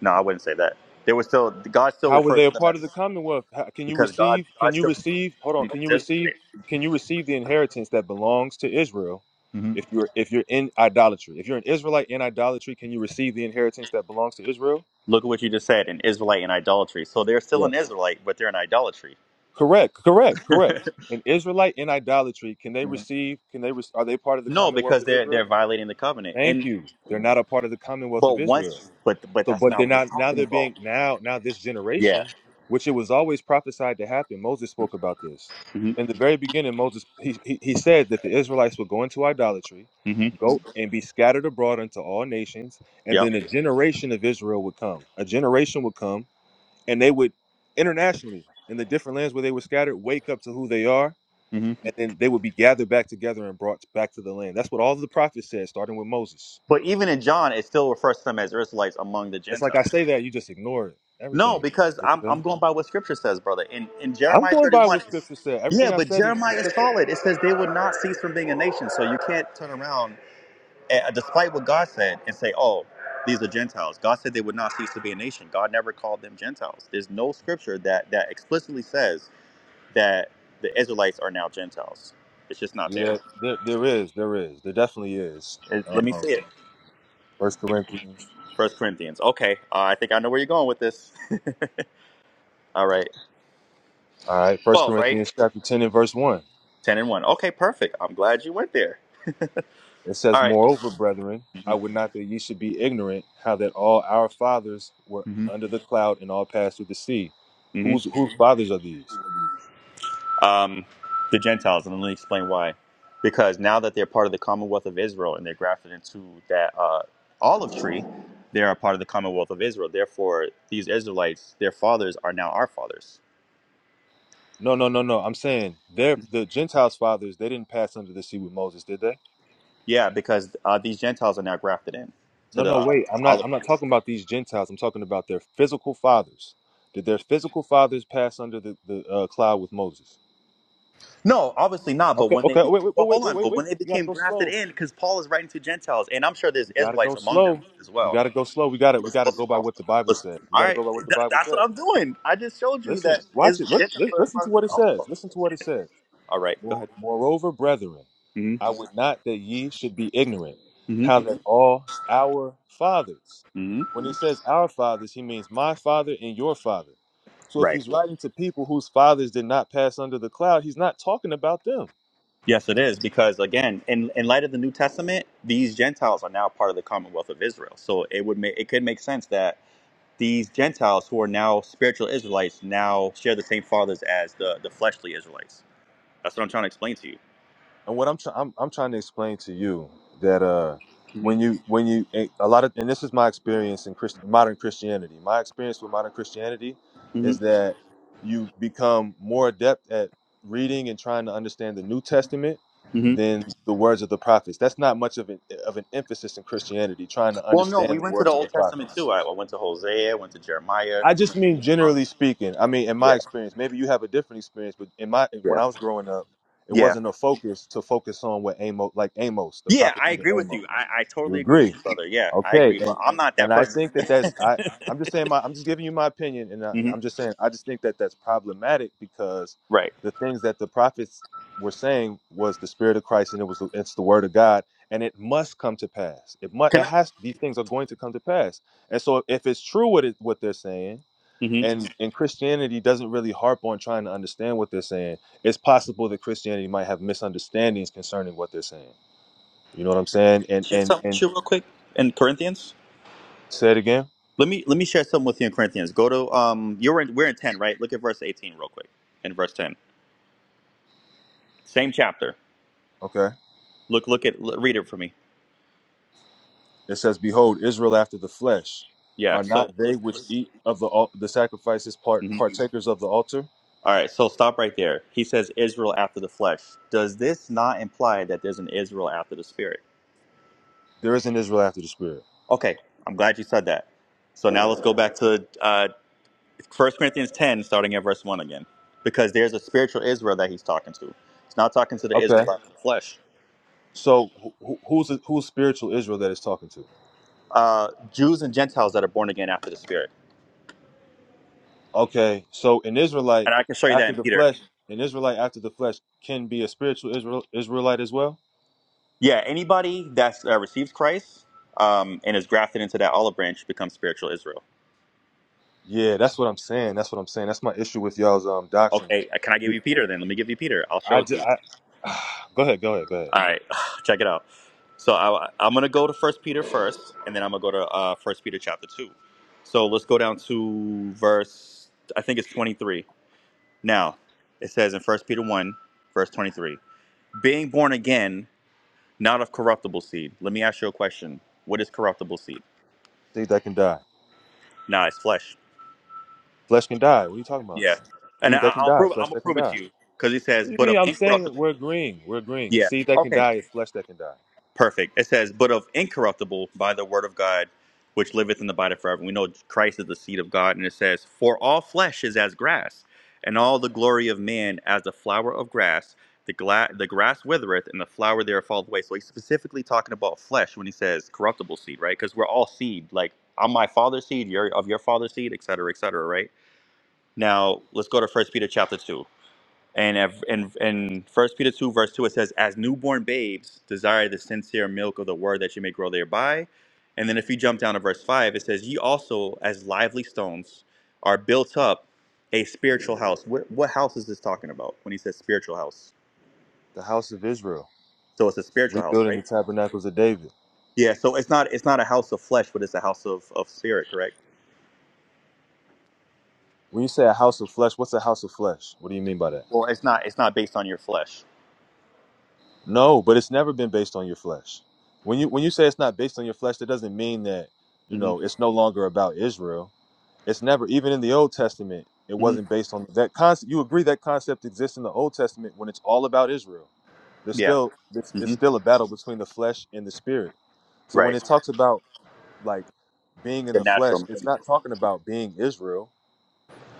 A: No, I wouldn't say that. There was still God still
B: How were they
A: refers
B: a
A: to them
B: part of
A: as
B: the commonwealth? How- Can you
A: because God
B: receive? Can
A: God
B: you
A: still refers
B: receive? Hold
A: to
B: on.
A: them
B: Can you
A: as
B: receive?
A: Israelite.
B: Can you receive the inheritance that belongs to Israel?
A: hmm
B: If you're if you're in idolatry, if you're an Israelite in idolatry, can you receive the inheritance that belongs to Israel?
A: Look at what you just said, an Israelite in idolatry. So they're still
B: Yes.
A: an Israelite, but they're in idolatry.
B: Correct. Correct.
A: *laughs*
B: Correct. An Israelite in idolatry, can they
A: Mhm.
B: receive? Can they? re- Are they part of the
A: No,
B: commonwealth
A: because
B: of
A: they're they're
B: Israel?
A: violating the covenant.
B: Thank
A: And
B: you. They're not a part of the commonwealth of
A: but
B: Israel.
A: once, but but
B: So,
A: that's
B: but they're
A: not what it's
B: not now.
A: talking
B: They're
A: about.
B: being now now this
A: Yeah.
B: generation, which it was always prophesied to happen. Moses spoke about this
A: hmm
B: in the very beginning. Moses he he, he said that the Israelites would go into idolatry,
A: hmm
B: go and be scattered abroad unto all nations, and
A: Yep.
B: then a generation of Israel would come. A generation would come, and they would internationally in the different lands where they were scattered wake up to who they are,
A: hmm
B: and then they would be gathered back together and brought back to the land. That's what all of the prophets said, starting with Moses.
A: But even in John, it still refers to them as Israelites among the
B: It's like I
A: Gentiles.
B: say that you just ignore it.
A: No,
B: Everything.
A: because
B: What
A: I'm,
B: you say?
A: I'm going by what scripture says, brother. In in
B: I'm
A: Jeremiah
B: going by
A: 31,
B: what
A: it's-
B: scripture said.
A: yeah,
B: Everything I
A: but
B: said is in
A: Jeremiah is
B: scripture.
A: solid. It says they will not cease from being a nation. So you can't turn around, eh, despite what God said, and say, oh, these are Gentiles. God said they would not cease to be a nation. God never called them Gentiles. There's no scripture that, that explicitly says that the Israelites are now Gentiles. It's just not there.
B: Yeah, there, there is, there is, there definitely is.
A: It- let me
B: Um,
A: see it.
B: First Corinthians,
A: First Corinthians. Okay, uh, I think I know where you're going with this. *laughs* All right.
B: all right, First
A: 12, right?
B: Corinthians chapter ten and verse one.
A: 10 and 1. Okay, perfect. I'm glad you went there.
B: It says,
A: All right.
B: "Moreover, brethren, I would not that ye should be ignorant how that all our fathers were
A: hmm
B: under the cloud and all passed through the sea.
A: hmm
B: Whose whose fathers are these?
A: um, the Gentiles, and let me explain why. Because now that they're part of the Commonwealth of Israel and they're grafted into that uh, olive tree, they are part of the Commonwealth of Israel. Therefore, these Israelites, their fathers, are now our fathers.
B: No, no, no, no. I'm saying they're the Gentiles' fathers. They didn't pass under the sea with Moses, did they?
A: Yeah, because uh, these Gentiles are now grafted in to
B: No,
A: the
B: no,
A: uh,
B: wait. I'm not.
A: olive
B: I'm not
A: tree.
B: talking about these Gentiles. I'm talking about their physical fathers. Did their physical fathers pass under the, the uh, cloud with Moses?
A: No, obviously not. But
B: Okay,
A: when they
B: okay. Wait, wait,
A: well,
B: wait,
A: hold
B: wait,
A: on,
B: wait,
A: but when
B: wait.
A: they
B: You gotta
A: became
B: go
A: grafted
B: slow.
A: in, because Paul is writing to Gentiles, and I'm sure there's
B: You gotta
A: Israelites
B: go
A: among them
B: slow.
A: as
B: You
A: well.
B: gotta go slow. We gotta we
A: Let's go
B: gotta go by
A: slow.
B: what the Bible
A: Let's-
B: says. We
A: all
B: gotta
A: right,
B: go by what the
A: Th-
B: Bible
A: that's what
B: says.
A: I'm doing. I just showed you
B: Listen,
A: that
B: watch it.
A: it's
B: Look,
A: Gentiles
B: li-
A: are
B: listen
A: part
B: to
A: of
B: what
A: the
B: it says.
A: gospel.
B: Listen to what it says.
A: All right, go
B: More-
A: ahead.
B: Moreover, brethren.
A: Mm-hmm.
B: I would not that ye should be ignorant, how that all our fathers,
A: Mm-hmm. hmm
B: when he says our fathers, he means my father and your father. So if
A: Right.
B: he's writing to people whose fathers did not pass under the cloud, he's not talking about them.
A: Yes, it is because again, in in light of the New Testament, these Gentiles are now part of the Commonwealth of Israel. So it would make it could make sense that these Gentiles who are now spiritual Israelites now share the same fathers as the the fleshly Israelites. That's what I'm trying to explain to you.
B: and what I'm trying I'm, I'm trying to explain to you that uh when
A: Mm-hmm.
B: you when you a a lot of and this is my experience in Christ, modern Christianity. My experience with modern Christianity is
A: Mm-hmm.
B: that you become more adept at reading and trying to understand the New Testament
A: hmm
B: than the words of the prophets. That's not much of an of an emphasis in Christianity trying to
A: Well, no, we
B: understand the
A: went to the
B: words of the
A: Old Testament
B: prophets.
A: too. I, I went to Hosea, went to Jeremiah,
B: I
A: we
B: just
A: went to
B: mean
A: Deuteronomy.
B: generally speaking. I mean, in
A: Yeah,
B: my experience, maybe you have a different experience, but in my when
A: yeah,
B: I was growing up, it
A: yeah,
B: wasn't a focus to focus on what Amos, like Amos, the
A: yeah.
B: prophet
A: I
B: of
A: agree with
B: Amos.
A: you. I, I
B: You
A: totally agree with
B: agree?
A: you, brother. Yeah, I
B: Okay,
A: agree,
B: and
A: but I'm not that
B: and I
A: person.
B: think that that's I. I'm just saying my.
A: *laughs*
B: I'm just giving you my opinion, and I,
A: hmm
B: I'm just saying I just think that that's problematic because
A: Right?
B: the things that the prophets were saying was the spirit of Christ, and it was the, it's the word of God, and it must come to pass. It must. It
A: Can I
B: has. These things are going to come to pass, and so if it's true what it, what they're saying
A: mhm.
B: and and christianity doesn't really harp on trying to understand what they're saying it's possible that christianity might have misunderstandings concerning what they're saying you know what i'm saying and
A: share
B: and
A: something
B: and
A: with you real quick in Corinthians?
B: say it again
A: Let me let me share something with you in Corinthians. Go to um, you're in we're in ten, right? Look at verse eighteen real quick. In verse ten, same chapter.
B: okay
A: Look look at l- read it for me.
B: it says behold israel after the flesh
A: Yeah.
B: are
A: So
B: not they
A: let's,
B: which
A: let's,
B: eat of the al- the sacrifices part
A: mhm.
B: partakers of the altar
A: All right. So stop right there. He says Israel after the flesh. Does this not imply that there's an Israel after the spirit?
B: there is an israel after the spirit
A: Okay, I'm glad you said that. So now let's go back to uh, 1 Corinthians 10, starting at verse 1 again, because there's a spiritual Israel that he's talking to. He's not talking to the Israel
B: okay
A: after the flesh,
B: so who, who's who's spiritual israel that is talking to
A: uh, Jews and Gentiles that are born again after the Spirit.
B: okay so an israelite
A: And I can show you
B: after
A: that in
B: the
A: Peter.
B: flesh an israelite after the flesh can be a spiritual israel israelite as well
A: Yeah, anybody that uh, receives Christ um, and is grafted into that olive branch becomes spiritual Israel.
B: Yeah, that's what I'm saying. That's what I'm saying. That's my issue with y'all's um doctrine.
A: Okay, uh, can I give you Peter then? Let me give you Peter. I'll show
B: I,
A: it to
B: ju-
A: you.
B: I *sighs* go ahead, go ahead, go ahead.
A: All right, *sighs* check it out. So I, I'm going to go to First Peter first, and then I'm going to go to uh, First Peter chapter two. So let's go down to verse. I think it's 23. Now it says in First Peter one, verse 23, being born again, not of corruptible seed. Let me ask you a question. What is corruptible seed?
B: Seed that can die,
A: Nah, it's flesh.
B: flesh can die. What are you talking about?
A: Yeah, and I,
B: Seed that can
A: I'll
B: die,
A: prove. I'm
B: flesh
A: gonna
B: that can
A: prove it to
B: die.
A: you because he
B: What do
A: says,
B: you
A: but
B: mean?
A: of
B: I'm saying
A: incorruptible.
B: we're agreeing. We're agreeing.
A: yeah.
B: Seed that can die is flesh that can die.
A: Perfect. It says, but of incorruptible by the word of God, which liveth in the body forever. We know Christ is the seed of God, and it says, For all flesh is as grass, and all the glory of man as the flower of grass. The, gla- the grass withereth, and the flower thereof falleth away. So he's specifically talking about flesh when he says corruptible seed, right? Because we're all seed. Like, I'm my father's seed, you're of your father's seed, et cetera, et cetera, right? Now, let's go to First Peter chapter 2. And ev- in in First Peter two verse two, it says, "As newborn babes, desire the sincere milk of the word that you may grow thereby." And then if you jump down to verse five, it says, "Ye also, as lively stones, are built up a spiritual house." What, what house is this talking about when he says spiritual house?
B: The house of Israel
A: So it's a spiritual house,
B: rebuilding the
A: right?
B: tabernacles of David.
A: Yeah. So it's not it's not a house of flesh, but it's a house of, of spirit, correct?
B: When you say a house of flesh, what's a house of flesh? What do you mean by that?
A: Well, it's not it's not based on your flesh.
B: No, but it's never been based on your flesh. When you when you say it's not based on your flesh, that doesn't mean that you
A: hmm
B: know it's no longer about Israel. It's never even in the Old Testament. It
A: hmm
B: wasn't based on that concept. You agree that concept exists in the Old Testament when it's all about Israel. There's
A: Yeah.
B: still it's, it's
A: hmm
B: still a battle between the flesh and the spirit. So when
A: Right.
B: it talks about like being in
A: The
B: the flesh,
A: natural.
B: it's not talking about being Israel.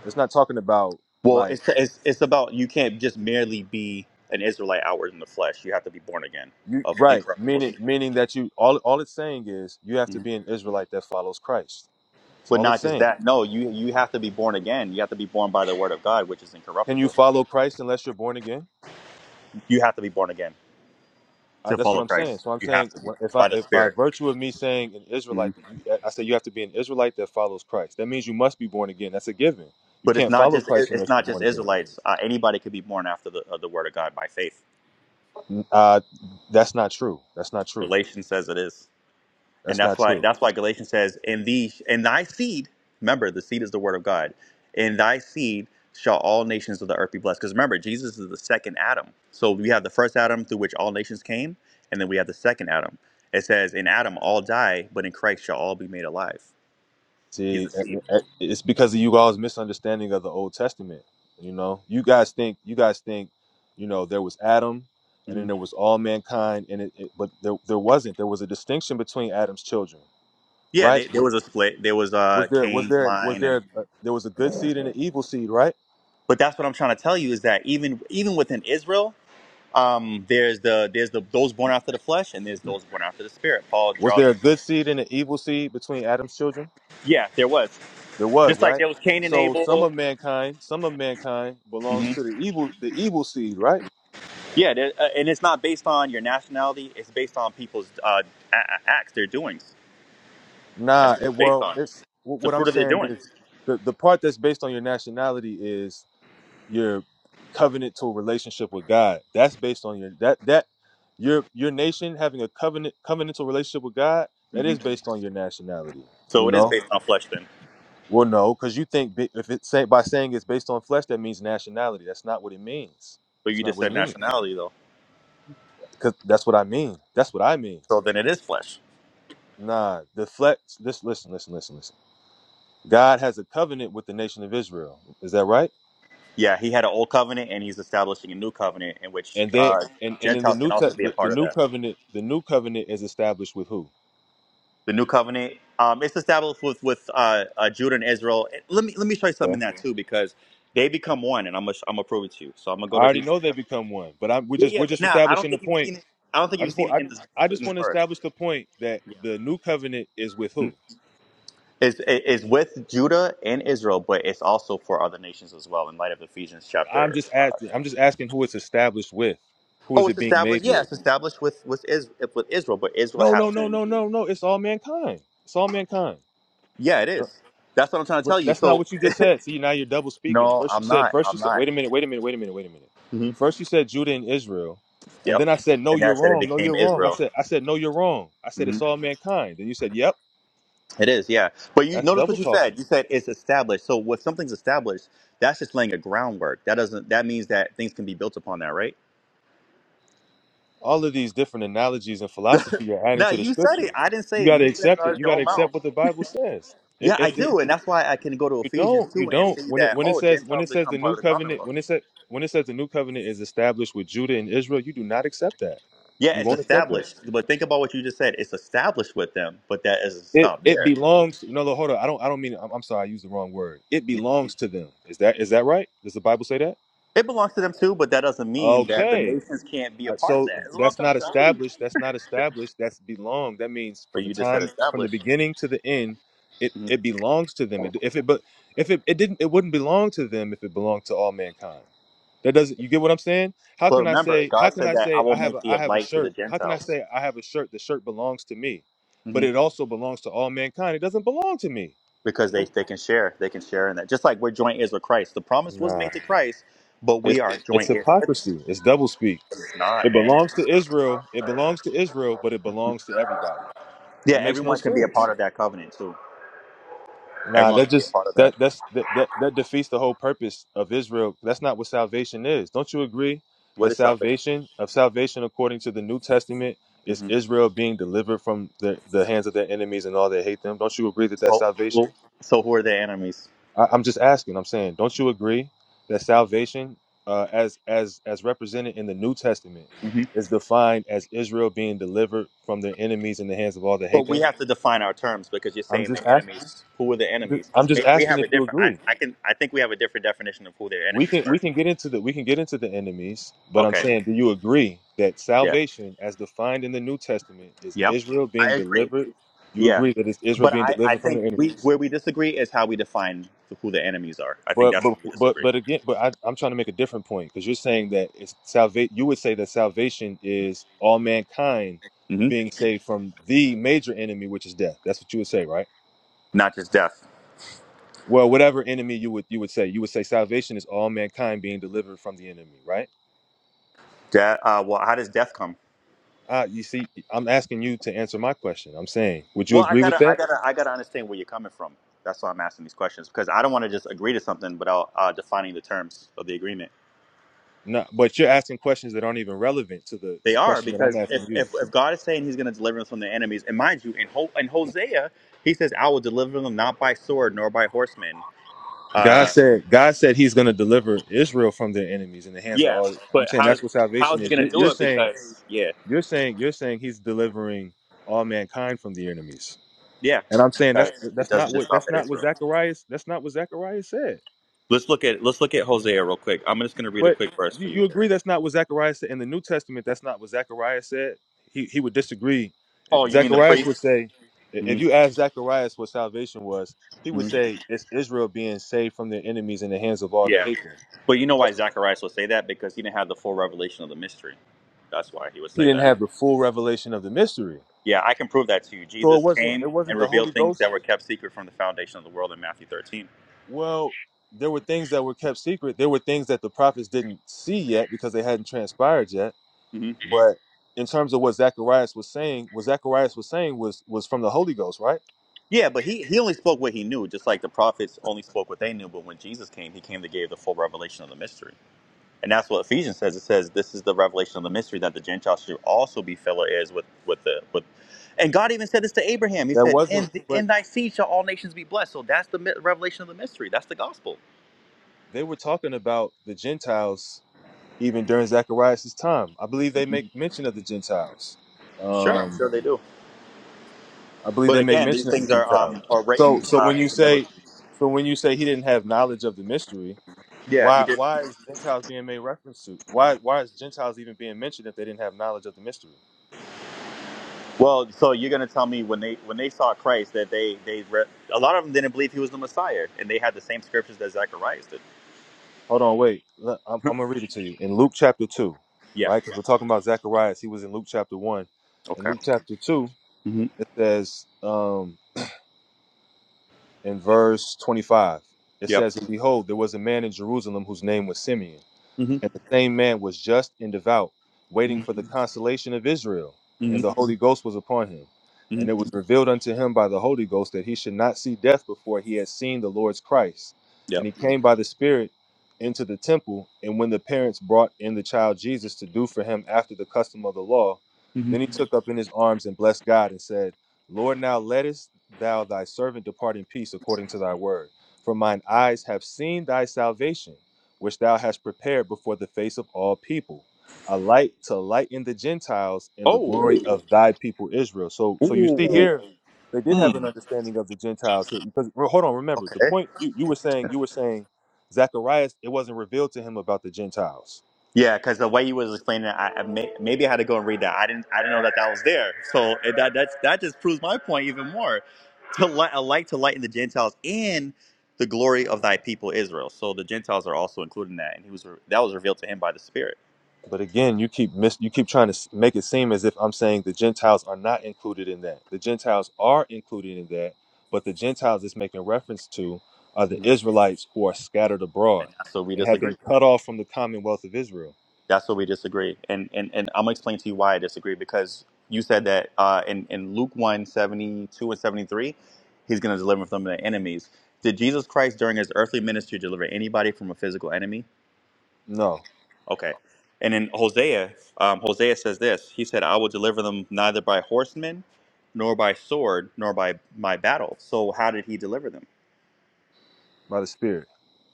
B: It's not talking about
A: Well,
B: like
A: it's, it's it's about you can't just merely be an Israelite outward in the flesh. You have to be born again
B: you
A: of
B: right
A: incorruptible
B: meaning
A: seed.
B: meaning that you all all it's saying is you have to
A: Mhm.
B: be an Israelite that follows Christ. That's
A: But
B: all it's
A: not just
B: saying.
A: that. No, you you have to be born again. You have to be born by the word of God, which is
B: Can you
A: incorruptible.
B: follow Christ unless you're born again?
A: You have to be born again
B: I,
A: to
B: that's what
A: follow
B: I'm saying.
A: Christ.
B: So I'm
A: You have
B: saying
A: to be
B: when- if I
A: by the
B: if by
A: Spirit.
B: virtue of me saying an
A: Mhm.
B: Israelite, that you, I say you have to be an Israelite that follows Christ. That means you must be born again. That's a given. You
A: But it's
B: can't
A: not
B: follow
A: just
B: Christ
A: it- it's
B: unless
A: not
B: you're
A: just
B: born again.
A: Israelites. Uh, anybody could be born after the uh, the word of God by faith.
B: N- Uh, that's not true. That's not true.
A: Galatians says it is. And
B: That's
A: that's
B: not
A: why
B: true.
A: that's why Galatians says, "In thee, in thy seed." Remember, the seed is the word of God. In thy seed shall all nations of the earth be blessed. Because remember, Jesus is the second Adam. So we have the first Adam through which all nations came, and then we have the second Adam. It says, "In Adam all die, but in Christ shall all be made alive." He's
B: See,
A: the seed.
B: a- a- it's because of you all's misunderstanding of the Old Testament. You know, you guys think you guys think, you know, there was Adam, and
A: hmm
B: then there was all mankind, and it, it but there there wasn't. There was a distinction between Adam's children,
A: Yeah,
B: right?
A: they, there was a split. There was uh,
B: Was there was
A: Cain's
B: there was
A: line,
B: there
A: and
B: a, there was a good seed and an evil seed, right?
A: but that's what I'm trying to tell you is that even even within Israel, um, there's the there's the those born after the flesh and there's those born after the spirit. Paul
B: Was
A: draws
B: there a
A: us.
B: good seed and an evil seed between Adam's children?
A: Yeah, there was.
B: There was,
A: Just like
B: right?
A: there was Cain and
B: So some
A: Abel.
B: of mankind, some of mankind belongs
A: hmm
B: to the evil the evil seed, right?
A: Yeah, there, uh, and it's not based on your nationality. It's based on people's uh, a- a- acts, their doings. That's
B: Nah,
A: what
B: it,
A: it's based
B: well,
A: on. It's
B: it's wh-
A: the
B: what I'm
A: fruit of their
B: saying is
A: doings.
B: the the part that's based on your nationality is your covenant to a relationship with God. That's based on your that that your your nation having a covenant covenantal relationship with God, that
A: hmm
B: is based on your nationality,
A: So
B: you
A: it is
B: know?
A: based on flesh then.
B: Well, no, because you think bi- if it's say, by saying it's based on flesh, that means nationality. That's not what it means.
A: But
B: It's
A: you
B: not
A: just
B: what it
A: said
B: means.
A: nationality though.
B: Because that's what I mean. That's what I mean.
A: So then it is flesh.
B: Nah, the flesh. This listen, listen, listen, listen. God has a covenant with the nation of Israel. Is that right?
A: Yeah, he had an old covenant, and he's establishing a new covenant in which
B: And they
A: uh,
B: and and in the
A: Gentiles
B: new
A: can
B: te-
A: also be a
B: the, the
A: part of
B: new
A: that.
B: covenant, the new covenant is established with who?
A: the new covenant. Um, it's established with with uh, uh, Judah and Israel. And Let me let me show you something in
B: Okay.
A: that too because they become one, and I'm gonna I'm gonna prove it to you. So I'm gonna
B: I
A: go to
B: already
A: Hebrews.
B: know they become one, but I'm we're
A: Yeah,
B: just
A: yeah,
B: we're
A: but
B: just
A: now I don't
B: establishing the
A: think you've
B: point.
A: seen it. I don't think
B: I
A: you've
B: just
A: seen
B: want
A: it in this,
B: I, I
A: in
B: just
A: this
B: want to
A: verse.
B: establish the point that the new covenant is with who?
A: It's, it- it's with Judah and Israel, but it's also for other nations as well. In light of Ephesians
B: I'm
A: chapter,
B: just
A: uh,
B: asking. I'm just asking who it's established with. Who is
A: oh,
B: it
A: it's
B: being
A: established.
B: made
A: Yeah,
B: with?
A: it's established with with, Is, with Israel, but Israel
B: No,
A: has
B: no, no,
A: to.
B: no, no, no. It's all mankind. It's all mankind.
A: Yeah, it
B: No,
A: is. That's what I'm trying to
B: but
A: tell you.
B: that's not
A: So
B: what you just said. See, now you're double speaking.
A: no,
B: First you
A: I'm
B: said.
A: not.
B: First you
A: I'm
B: said.
A: not.
B: Wait a minute. Wait a minute. Wait a minute. Wait a minute.
A: hmm
B: First you said Judah and Israel, and
A: Yep.
B: then I said no,
A: And
B: you're
A: that said, it
B: wrong. No,
A: became
B: you're wrong. I
A: Israel.
B: said I said no, you're wrong. I said it's
A: Mhm.
B: all mankind. And you said yep.
A: It is, yeah. But you
B: That's
A: notice
B: double
A: what you
B: talking.
A: said. You said it's established. So when something's established, that's just laying a groundwork. That doesn't. That means that things can be built upon that, right?
B: All of these different analogies and philosophy you're
A: *laughs*
B: adding
A: no,
B: to the
A: you said
B: scripture.
A: it. I didn't
B: You
A: say it.
B: got to
A: You said it
B: accept
A: out
B: it.
A: of
B: You
A: your
B: got to
A: own mouth.
B: accept what the Bible says. If
A: Yeah, I
B: if it,
A: do, and that's why I can go to
B: You
A: Ephesians
B: don't. You
A: two and
B: don't.
A: see
B: When it
A: that
B: when it
A: oh,
B: says when
A: Gentiles
B: it says the
A: become part
B: new
A: of the
B: covenant
A: Commonwealth.
B: when it says when it says the new covenant is established with Judah and Israel, you do not accept that.
A: Yeah,
B: You
A: it's
B: won't accept that.
A: established. But think about what you just said. It's established with them, but that doesn't
B: It
A: stop
B: it
A: there.
B: belongs. No, no, hold on. I don't. I don't mean. I'm, I'm sorry. I used the wrong word. It belongs to them. Is that is that right? Does the Bible say that?
A: It belongs to them too, but that doesn't mean that the
B: Okay.
A: nations can't be a
B: Uh,
A: part of
B: So
A: that. That's what I'm
B: that's
A: trying to
B: not
A: tell you.
B: established. That's not established. That's belong. That means from
A: But
B: the
A: you just said
B: time from the
A: established.
B: beginning to the end, it
A: Mm-hmm.
B: it belongs to them. It, if it but if it, it didn't, it wouldn't belong to them if it belonged to all mankind. That doesn't you get what I'm saying? How
A: But
B: can I
A: remember,
B: say how
A: God
B: can
A: said
B: I
A: that I
B: say I
A: will
B: have
A: make
B: a
A: thee
B: I
A: a
B: have a
A: light to the
B: shirt? How can I
A: Gentiles
B: say I have a shirt? The shirt belongs to me, but
A: hmm
B: it also belongs to all mankind. It doesn't belong to me.
A: because they, they can share. They can share in that. Just like we're joint heirs with Christ. The promise was
B: Nah.
A: made to Christ, but
B: It's
A: we are
B: it's
A: joint heirs with him.
B: hypocrisy. It's double speak.
A: It's not,
B: It
A: man.
B: belongs to Israel. It belongs to Israel, but it belongs to everybody.
A: Yeah,
B: That makes no
A: everyone can be a
B: sense.
A: part of that covenant too.
B: Nah,
A: Everyone
B: that
A: can be a
B: just
A: part of that.
B: that that's that, that that defeats the whole purpose of Israel. That's not what salvation is. Don't you agree
A: What
B: that
A: is salvation?
B: salvation of salvation according to the New Testament is
A: hmm
B: Israel being delivered from the, the hands of their enemies and all that hate them? Don't you agree that that's
A: So, so,
B: salvation?
A: so who are the enemies?
B: I, I'm just asking. I'm saying, don't you agree that salvation, uh, as as as represented in the New Testament,
A: hmm
B: is defined as Israel being delivered from their enemies in the hands of all that hate
A: But we
B: them?
A: have to define our terms because you're
B: I'm
A: saying
B: just
A: the
B: asking.
A: enemies. Who are the
B: I'm just
A: enemies?
B: I'm
A: Because
B: just
A: we
B: asking
A: have a
B: if you
A: different. I,
B: agree.
A: I can. I think we have a different definition of who their
B: We
A: enemies
B: can
A: were.
B: we can get into the we can get into the enemies, but I'm
A: Okay.
B: saying, do you agree that
A: Yeah.
B: salvation, as defined in the New Testament, is
A: Yep.
B: Israel
A: I
B: being
A: agree.
B: delivered? You
A: Yeah,
B: agree that it's Israel
A: but
B: being
A: I, I
B: delivered from the
A: think we
B: enemies.
A: where we disagree is how we define who the enemies are. I think
B: But
A: that's
B: but
A: where we
B: but
A: disagree.
B: but again, but I, I'm trying to make a different point because you're saying that it's salvate. You would say that salvation is all mankind
A: hmm
B: being saved from the major enemy, which is death. That's what you would say, right?
A: Not just death.
B: Well, whatever enemy you would you would say, you would say salvation is all mankind being delivered from the enemy, right?
A: Death. Uh, well, how does death come?
B: Uh, you see, I'm asking you to answer my question. I'm saying, would you
A: Well, I
B: agree with
A: gotta, I
B: that?
A: gotta, I gotta understand where you're coming from. That's why I'm asking these questions because I don't want to just agree to something without uh, defining the terms of the agreement.
B: No, but you're asking questions that aren't even relevant to the
A: They are
B: question that I'm
A: because if,
B: asking you.
A: if, if God is saying He's going to deliver us from their enemies, and mind you, in, Ho- in Hosea He says, "I will deliver them not by sword nor by horsemen."
B: God
A: Uh,
B: said, God said He's going to deliver Israel from their enemies in the hands of
A: yeah,
B: all. I'm
A: but
B: saying
A: how does
B: that's what
A: how is
B: salvation
A: He
B: is.
A: going
B: You're,
A: to do
B: you're
A: it?
B: saying,
A: Because yeah,
B: you're saying, you're saying He's delivering all mankind from the enemies.
A: yeah.
B: And I'm saying that's
A: because it
B: that's
A: doesn't
B: not
A: just
B: what
A: stop
B: that's
A: at
B: not what
A: Israel.
B: Zacharias that's not what Zacharias said.
A: Let's look at let's look at Hosea real quick. I'm just going to read a
B: But
A: quick verse
B: you,
A: for
B: you
A: you here.
B: agree that's not what Zechariah said in the New Testament. That's not what Zechariah said. He he would disagree. Eh,
A: Oh, you mean the
B: Zacharias would
A: priest?
B: say, if
A: hmm
B: you ask Zacharias what salvation was, he would say it's Israel being saved from their enemies in the hands of all that
A: Yeah,
B: hate them.
A: but you know why
B: That's-
A: Zacharias would say that because he didn't have the full revelation of the mystery. That's why he would
B: He
A: say
B: didn't
A: that.
B: have the full revelation of the mystery,
A: Yeah, I can prove that to you.
B: so it
A: Jesus
B: wasn't it
A: came
B: wasn't
A: and
B: the Holy
A: revealed things
B: Ghost.
A: that were kept secret from the foundation of the world in Matthew 13.
B: Well, there were things that were kept secret. There were things that the prophets didn't see yet because they hadn't transpired yet
A: hmm
B: hmm But in terms of what Zacharias was saying, what Zacharias was saying was was from the Holy Ghost, right?
A: Yeah, but he, he only spoke what he knew, just like the prophets only spoke what they knew. But when Jesus came, he came to give the full revelation of the mystery. And that's what Ephesians says. It says this is the revelation of the mystery that the Gentiles should also be fellow heirs with with the with. And God even said this to Abraham. He
B: That
A: said,
B: wasn't.
A: "In
B: But
A: in thy seed shall all nations be blessed." So that's the mi- revelation of the mystery. That's the gospel.
B: they were talking about the Gentiles even during Zacharias' time. I believe they make mention of the Gentiles.
A: Sure, I'm
B: Um,
A: sure they do.
B: I believe
A: But
B: they make
A: again, these
B: mention of the
A: things are
B: Gentiles.
A: um are
B: So
A: written
B: so
A: uh,
B: when
A: in
B: you say
A: similitude.
B: so when you say he didn't have knowledge of the mystery,
A: Yeah, he
B: why
A: did.
B: why is Gentiles being made reference to? Why why is Gentiles even being mentioned if they didn't have knowledge of the mystery?
A: Well, so you're gonna tell me when they when they saw Christ that they they re- a lot of them didn't believe he was the Messiah, and they had the same scriptures that Zacharias did.
B: Hold on, wait. Look, I'm, I'm gonna read it to you in Luke chapter two,
A: Yeah.
B: right? Because we're talking about Zacharias. He was in Luke chapter one. In
A: Okay.
B: Luke chapter two,
A: hmm
B: it says um, in verse 25, it
A: Yep.
B: says, "And behold, there was a man in Jerusalem whose name was Simeon."
A: hmm
B: And the same man was just and devout, waiting
A: hmm
B: for the consolation of Israel.
A: hmm
B: And the Holy Ghost was upon him.
A: hmm
B: And it was revealed unto him by the Holy Ghost that he should not see death before he had seen the Lord's Christ. And
A: Yep.
B: he came by the Spirit into the temple. And when the parents brought in the child Jesus to do for him after the custom of the law, then he took up in his arms and blessed God and said, Lord, now lettest thou thy servant depart in peace according to thy word. For mine eyes have seen thy salvation which thou hast prepared before the face of all people, a light to lighten the Gentiles and the
A: Oh.
B: glory of thy people Israel. So, so you see
A: Ooh.
B: here, they did have an
A: Mm.
B: understanding of the Gentiles here. Because well, hold on, remember
A: Okay.
B: the point you, you were saying. You were saying Zacharias, it wasn't revealed to him about the Gentiles.
A: Yeah, because the way you was explaining it, I, I may, maybe I had to go and read that. I didn't. I didn't know that that was there. So it, that that's, that just proves my point even more. To light, a light to lighten the Gentiles and the glory of thy people Israel. So the Gentiles are also included in that, and he was re- that was revealed to him by the Spirit.
B: But again, you keep mis- you keep trying to s- make it seem as if I'm saying the Gentiles are not included in that. The Gentiles are included in that, but the Gentiles it's making reference to are the
A: Mhm.
B: Israelites who are scattered abroad
A: And so we
B: and have been
A: disagree.
B: cut off from the commonwealth of Israel.
A: That's where we disagree. And and and I'm gonna explain to you why I disagree because you said that uh, in in Luke one 72 and seventy three, he's gonna deliver from their enemies. Did Jesus Christ during his earthly ministry deliver anybody from a physical enemy?
B: No,
A: Okay. And in Hosea, um, Hosea says this. He said, "I will deliver them neither by horsemen, nor by sword, nor by my battle." So how did he deliver them?
B: by the Spirit.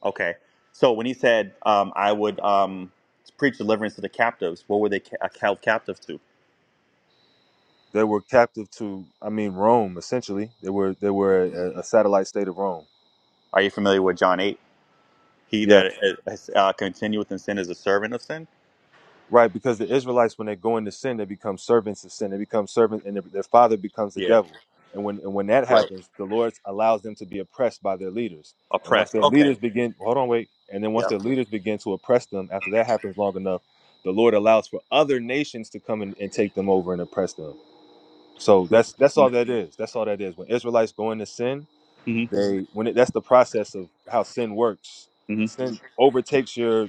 A: Okay. So when he said, um, "I would um, preach deliverance to the captives," what were they ca- held captive to?
B: They were captive to, I mean, Rome essentially. They were they were a, a satellite state of Rome.
A: Are you familiar with John 8? He
B: Yeah,
A: that is, uh, uh, continueth in sin is a servant of sin?
B: Right, because the Israelites, when they go into sin, they become servants of sin. They become servants, and their, their father becomes the
A: Yeah.
B: devil. And when and when that
A: Right.
B: happens, the Lord allows them to be oppressed by their leaders. And once
A: Oppressed.
B: their
A: Okay.
B: leaders begin, hold on, wait. And then once
A: Yeah.
B: their leaders begin to oppress them, after that happens long enough, the Lord allows for other nations to come in and take them over and oppress them. So that's that's
A: Mm-hmm.
B: all that is. That's all that is. When Israelites go into sin,
A: Mm-hmm.
B: they when it, that's the process of how sin works sin overtakes your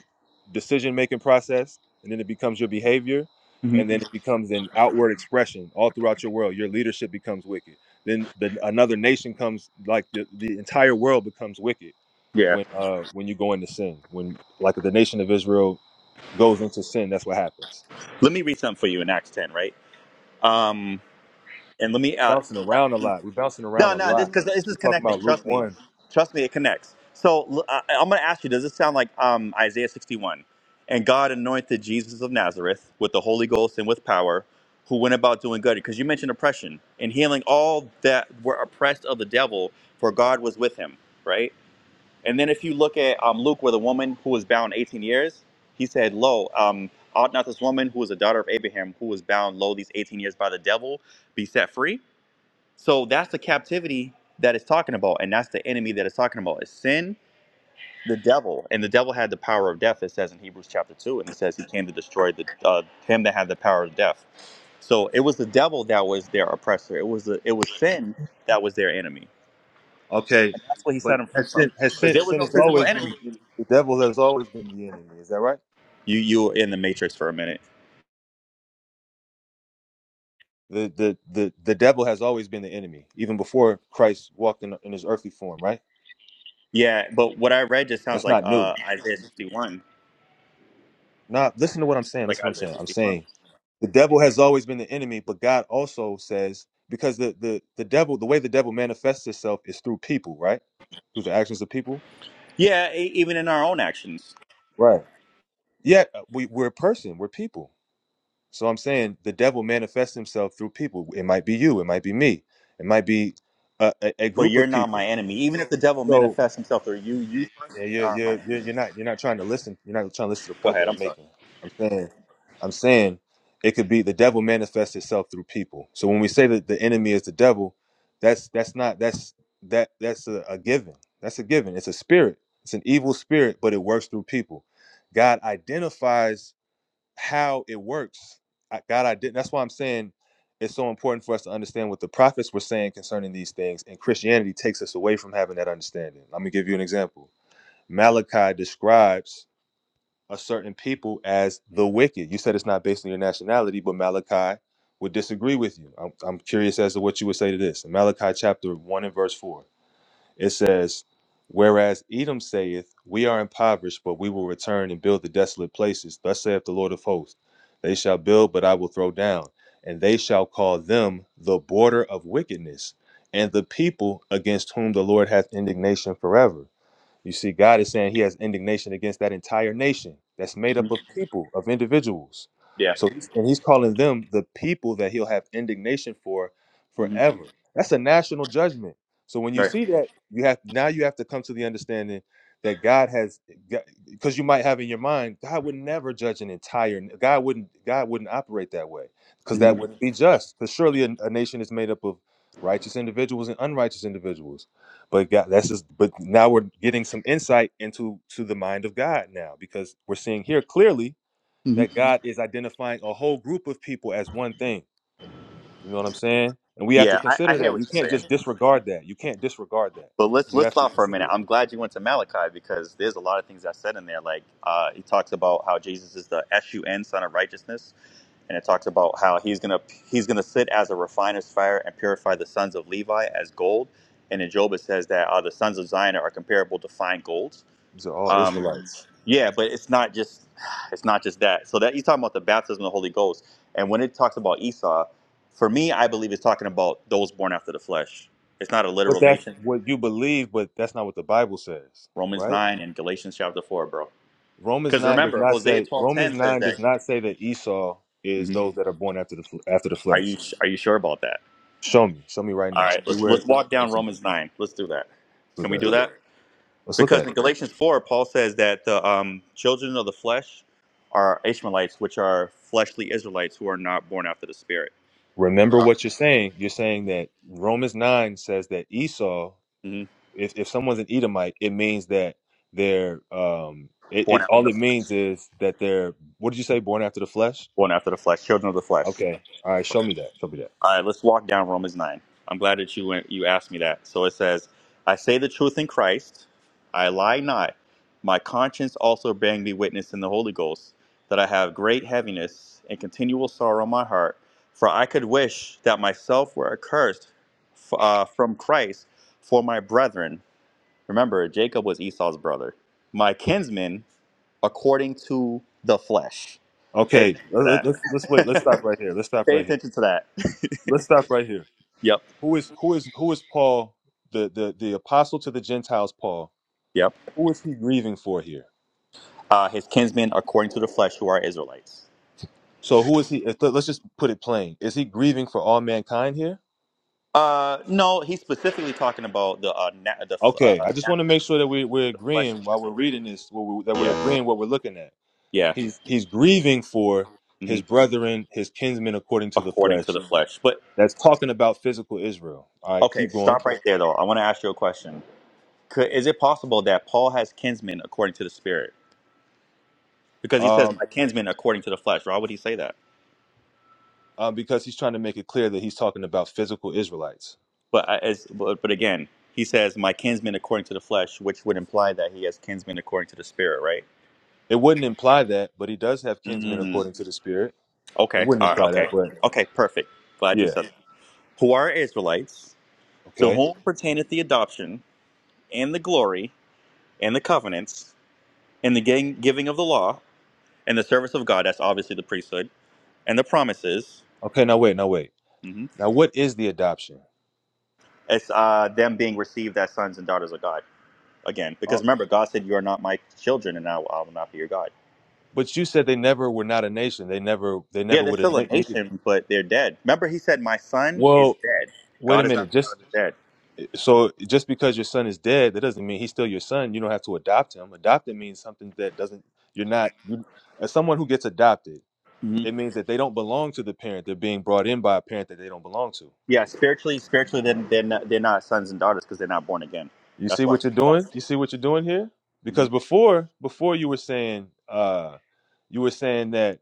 B: decision making process and then it becomes your behavior
A: hmm
B: and then it becomes an outward expression all throughout your world your leadership becomes wicked then the, another nation comes like the, the entire world becomes wicked
A: Yeah.
B: when uh when you go into sin when like the nation of israel goes into sin that's what happens
A: Let me read something for you in Acts 10, right? Um, and let me
B: bouncing
A: ask.
B: around a lot we're bouncing around
A: No,
B: a
A: no, this
B: lot
A: because this
B: we're
A: is
B: talking about
A: connecting.
B: luke
A: Trust me,
B: 1
A: trust me, it connects. So l- I, am going to ask you: Does this sound like um, Isaiah 61? And God anointed Jesus of Nazareth with the Holy Ghost and with power, who went about doing good. Because you mentioned oppression and healing all that were oppressed of the devil, for God was with him. Right. And then if you look at um, Luke, where the woman who was bound 18 years, he said, "Lo, um, ought not this woman who was a daughter of Abraham, who was bound lo these 18 years by the devil, be set free?" So that's the captivity that it's talking about, and that's the enemy that it's talking about. Is sin, the devil, and the devil had the power of death. It says in Hebrews chapter two, and he says he came to destroy the uh, him that had the power of death. So it was the devil that was their oppressor. It was the, it was sin that was their enemy,
B: Okay,
A: and that's what he set
B: but
A: them free
B: has
A: from,
B: sin, has
A: because
B: sin,
A: there was
B: sin
A: no
B: has
A: physical
B: always been
A: enemy.
B: the enemy. The devil has always been the enemy. Is that right?
A: You you were in the matrix for a minute.
B: The the the the devil has always been the enemy, even before Christ walked in, in his earthly form. Right?
A: Yeah, but what I read just sounds
B: That's
A: like
B: not new.
A: uh, Isaiah sixty one,
B: Now, listen to what I'm saying.
A: like
B: Listen to what I'm
A: Isaiah
B: saying. I'm
A: sixty one.
B: saying the devil has always been the enemy, but God also says because the the the devil, the way the devil manifests itself is through people, right? Through the actions of people,
A: Yeah, e- even in our own actions.
B: right? Yet uh, we, we're a person, we're people. So I'm saying the devil manifests himself through people. It might be you. It might be me. It might be a, a, a
A: But
B: group
A: you're
B: of
A: not my
B: people.
A: enemy. Even if the devil
B: So
A: manifests himself through you, you
B: yeah,
A: personally
B: you're,
A: are my
B: you're you're
A: enemy.
B: you're not you're not trying to listen. You're not trying to listen to the
A: Go
B: point that
A: ahead. I'm
B: I'm
A: sorry.
B: making. I'm saying I'm saying it could be the devil manifests itself through people. So when we say that the enemy is the devil, that's that's not that's that that's a, a given. That's a given. It's a spirit. It's an evil spirit, but it works through people. God identifies how it works. I, God, I did. not That's why I'm saying it's so important for us to understand what the prophets were saying concerning these things. And Christianity takes us away from having that understanding. Let me give you an example. Malachi describes a certain people as the wicked. You said it's not based on your nationality, but Malachi would disagree with you. I'm, I'm curious as to what you would say to this. In Malachi chapter 1 and verse 4. It says, Whereas Edom saith, We are impoverished, but we will return and build the desolate places. Thus saith the Lord of hosts They shall build, but I will throw down, and they shall call them the border of wickedness, and the people against whom the Lord hath indignation forever. You see, God is saying He has indignation against that entire nation that's made up
A: Mhm.
B: of people, of individuals.
A: Yeah.
B: So, and He's calling them the people that He'll have indignation for
A: hmm
B: forever. That's a national judgment. So, when you
A: Right.
B: see that, you have now you have to come to the understanding that God has, because you might have in your mind, God would never judge an entire. God wouldn't. God wouldn't operate that way because
A: hmm
B: that wouldn't be just. Because surely a, a nation is made up of righteous individuals and unrighteous individuals but God, that's just. But now we're getting some insight into to the mind of God now, because we're seeing here clearly
A: hmm
B: that God is identifying a whole group of people as one thing. You know what I'm saying? And we have to
A: Yeah, I, I
B: consider
A: hear
B: that.
A: what
B: You
A: you're
B: can't
A: saying.
B: just disregard that. You can't disregard that.
A: But let's
B: You
A: let's
B: have to
A: stop for a
B: consider
A: minute.
B: it.
A: I'm glad you went to Malachi because there's a lot of things I said in there. Like uh, he talks about how Jesus is the S U N Son of Righteousness, and it talks about how he's gonna he's gonna sit as a refiner's fire and purify the sons of Levi as gold. And in Job it says that uh, the sons of Zion are comparable to fine gold.
B: These are all
A: Um,
B: Israelites.
A: Yeah, but it's not just it's not just that. So that he's talking about the baptism of the Holy Ghost. And when it talks about Esau, for me, I believe it's talking about those born after the flesh. It's not a
B: But
A: literal
B: that's
A: nation.
B: what you believe, but that's not what the Bible says,
A: Romans
B: right?
A: nine and Galatians chapter four, bro.
B: Romans
A: Because
B: nine does
A: remember,
B: not
A: Hosea
B: say
A: twelve
B: Romans
A: ten says
B: nine
A: that.
B: does not say that Esau is
A: Mhm.
B: those that are born after the fl- after the
A: Are
B: flesh.
A: you are you sure about that?
B: Show me, show me right
A: All
B: now.
A: right,
B: Show me
A: let's
B: where.
A: let's walk
B: where
A: down
B: it's in. Let's
A: Romans nine. Let's do that.
B: Look
A: Can
B: at
A: we
B: it.
A: do that?
B: Let's look at
A: Because in
B: it.
A: Galatians four, Paul says that the um, children of the flesh are Ishmaelites, which are fleshly Israelites who are not born after the spirit.
B: Remember what you're saying. You're saying that Romans 9 says that Esau, if, if someone's an Edomite, it means that they're, um, it,
A: Born
B: it
A: after
B: all
A: the
B: it
A: flesh.
B: means is that they're, what did you say, born after the flesh?
A: Born after the flesh. Children of the flesh.
B: Okay. All right. Show me that. Show me that.
A: All right, let's walk down Romans 9. I'm glad that you went, you asked me that. So it says, I say the truth in Christ, I lie not. My conscience also bearing me witness in the Holy Ghost that I have great heaviness and continual sorrow in my heart, for I could wish that myself were accursed f- uh, from Christ for my brethren. Remember, Jacob was Esau's brother, my kinsmen according to the flesh. Pay
B: Okay.
A: attention
B: Let,
A: to
B: let, let's, let's wait. Let's
A: that.
B: stop right here. Let's stop
A: *laughs* Pay
B: right here.
A: attention to that. *laughs*
B: Let's stop right here.
A: Yep,
B: Who is, who is, who is Paul, the, the, the apostle to the Gentiles, Paul?
A: yep.
B: Who is he grieving for here?
A: Uh, his kinsmen according to the flesh, who are Israelites.
B: So who is he? if- Let's just put it plain. Is he grieving for all mankind here?
A: Uh, no, he's specifically talking about the uh, na- the
B: Okay,
A: uh,
B: I just want to
A: natural
B: make sure that we,
A: Israelite,
B: we're
A: the fleshly
B: agreeing while we're
A: Israelite.
B: reading this, what we, that we're
A: Yeah,
B: agreeing what we're looking at.
A: yeah.
B: He's he's grieving for
A: hmm
B: his brethren, his kinsmen according to the
A: According to
B: flesh.
A: the flesh, but
B: That's talking about physical Israel. All right,
A: okay,
B: keep going.
A: stop right there though. I want to ask you a question. Could, is it possible that Paul has kinsmen according to the spirit? Because he says
B: Um,
A: my kinsmen according to the flesh. Why would he say that?
B: uh, because he's trying to make it clear that he's talking about physical Israelites.
A: But I- as but, but again, he says, "My kinsman according to the flesh," which would imply that he has kinsmen according to the spirit, right?
B: It wouldn't imply that, but he does have kinsmen
A: Mm.
B: according to the Spirit. It
A: Okay.
B: wouldn't
A: All right.
B: imply that,
A: Okay.
B: but
A: Okay. Perfect. Glad you
B: yeah.
A: said that. Who are Israelites? To
B: Okay.
A: whom pertaineth the adoption and the glory and the covenants and the gang- giving of the law and the service of God? That's obviously the priesthood and the promises.
B: Okay. Now wait. Now wait.
A: hmm
B: Now what is the adoption?
A: It's uh, them being received as sons and daughters of God again,
B: Uh,
A: because remember, God said, "You are not my children, and I will I will not be your God."
B: but you said they never were not a nation. They never. They
A: Yeah,
B: never
A: they're
B: would have
A: still a
B: needed.
A: nation, but they're dead. Remember, he said, "My son is
B: Well,
A: dead.
B: wait a
A: God is not
B: minute.
A: the God
B: Just
A: of the dead."
B: so just because your son is dead, that doesn't mean he's still your son. You don't have to adopt him. Adopted means something that doesn't. You're not. You, as someone who gets adopted,
A: hmm
B: it means that they don't belong to the parent. They're being brought in by a parent that they don't belong to.
A: Yeah, spiritually, spiritually, they're, they're not they're not sons and daughters because they're not born again.
B: You see
A: That's why.
B: what you're
A: That's,
B: doing? You see what you're doing here?
A: hmm
B: Because before, before you were saying, uh, you were saying that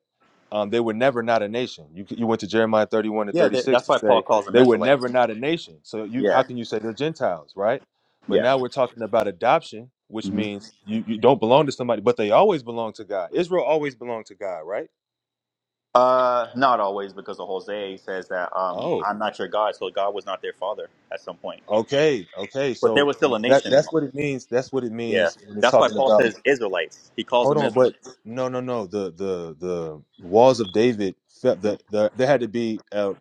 B: um, they were never not a nation. You you went to Jeremiah 31 and
A: Yeah, that-
B: 36
A: that's
B: to
A: why Paul
B: say
A: calls them
B: they were
A: Israelites.
B: never not a nation. So you
A: Yeah,
B: how can you say they're Gentiles, right? But
A: yeah.
B: now we're talking about adoption, which
A: hmm
B: means you, you don't belong to somebody, but they always belong to God. Israel always belonged to God, right?
A: Uh, not always because of Hosea says that um,
B: Oh,
A: I'm not your God, so God was not their father at some point.
B: okay, okay.
A: But there
B: So
A: was still a
B: that
A: nation.
B: that's what it means. That's what it
A: Yeah,
B: means when it's
A: that's why
B: talking
A: Paul
B: about.
A: says Israelites. He calls
B: Hold
A: them
B: on, but
A: Israelites.
B: no, no, no. The the the walls of David felt the
A: The
B: the there had to be uh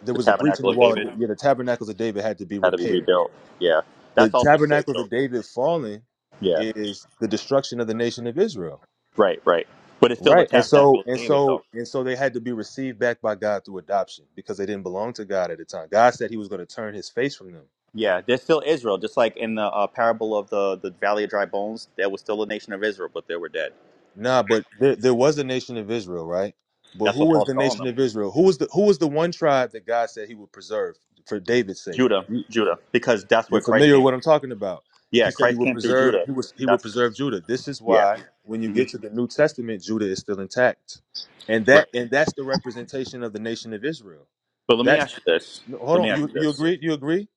B: there was a breach in
A: tabernacle
B: the
A: of
B: wall. Of,
A: David
B: yeah, the tabernacles of David had to be
A: had to be
B: repaired.
A: rebuilt. Yeah,
B: The
A: that's also
B: tabernacles
A: spiritual.
B: of David falling
A: Yeah.
B: is the destruction of the nation of Israel,
A: Right, right. But it's still the
B: right? And
A: tabernacle
B: so
A: of
B: and
A: David,
B: so
A: though.
B: and so they had to be received back by God through adoption because they didn't belong to God at the time. God said He was going to turn His face from them.
A: Yeah, there's still Israel, just like in the uh, parable of the, the Valley of Dry Bones, there was still a nation of Israel, but they were dead.
B: Nah, but there, there was a nation of Israel, right? But
A: That's
B: who
A: what
B: was
A: Paul's
B: the
A: calling
B: nation
A: them.
B: of Israel? Who was the who was the one tribe that God said He would preserve for David's sake?
A: Judah,
B: You-
A: Judah, because that's where
B: You're
A: Christ
B: familiar with
A: came.
B: what I'm talking about. He
A: Yeah,
B: said He
A: Christ
B: would
A: came through
B: preserve.
A: Judah.
B: He was He would
A: That's,
B: preserve Judah. This is
A: yeah.
B: why when you
A: hmm
B: get to the New Testament, Judah is still intact, and that
A: Right.
B: and that's the representation of the nation of Israel.
A: But let me
B: That's
A: ask you this.
B: no, hold
A: Let me
B: on.
A: ask
B: You
A: you
B: you
A: this.
B: agree? You agree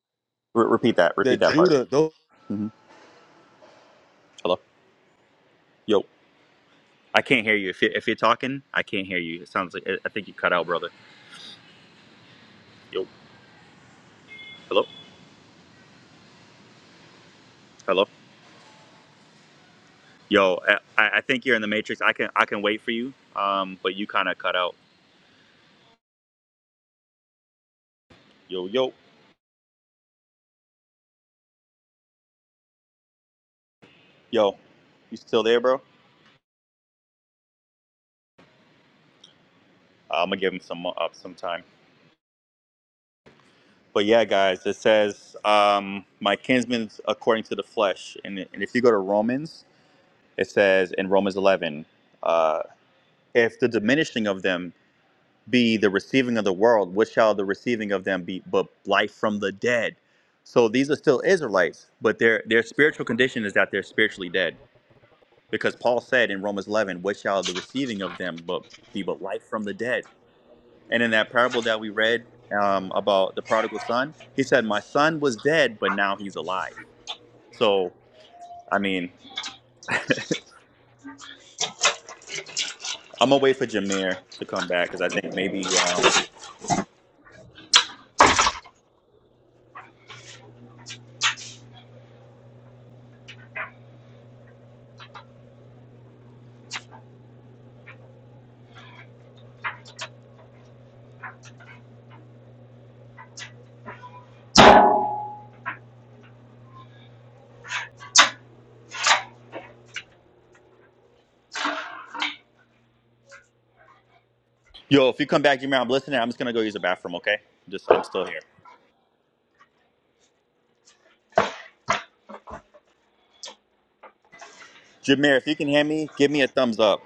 A: Re- repeat that. Repeat
B: that
A: that part.
B: Judah? those.
A: hmm Hello? Yo. I can't hear you. If, you. if you're talking, I can't hear you. It sounds like, I I think you cut out, brother. Yo. Hello? Hello? Yo, I, I think you're in the matrix. I can I can wait for you. Um, but you kind of cut out. Yo, yo, yo, you still there, bro? I'm gonna give him some up some time. But yeah, guys, it says um, my kinsmen according to the flesh, and, and if you go to Romans, it says in Romans 11, uh, if the diminishing of them be the receiving of the world, what shall the receiving of them be but life from the dead? So these are still Israelites, but their their spiritual condition is that they're spiritually dead Because Paul said in Romans 11, What shall the receiving of them but be but life from the dead? And in that parable that we read um, about the prodigal son, he said, My son was dead, but now he's alive. So, I mean, I'm going to wait for Jameer to come back because I think maybe, um, yo, if you come back, Jameer, I'm listening. I'm just going to go use the bathroom, okay? Just, I'm still here. Jameer, if you can hear me, give me a thumbs up.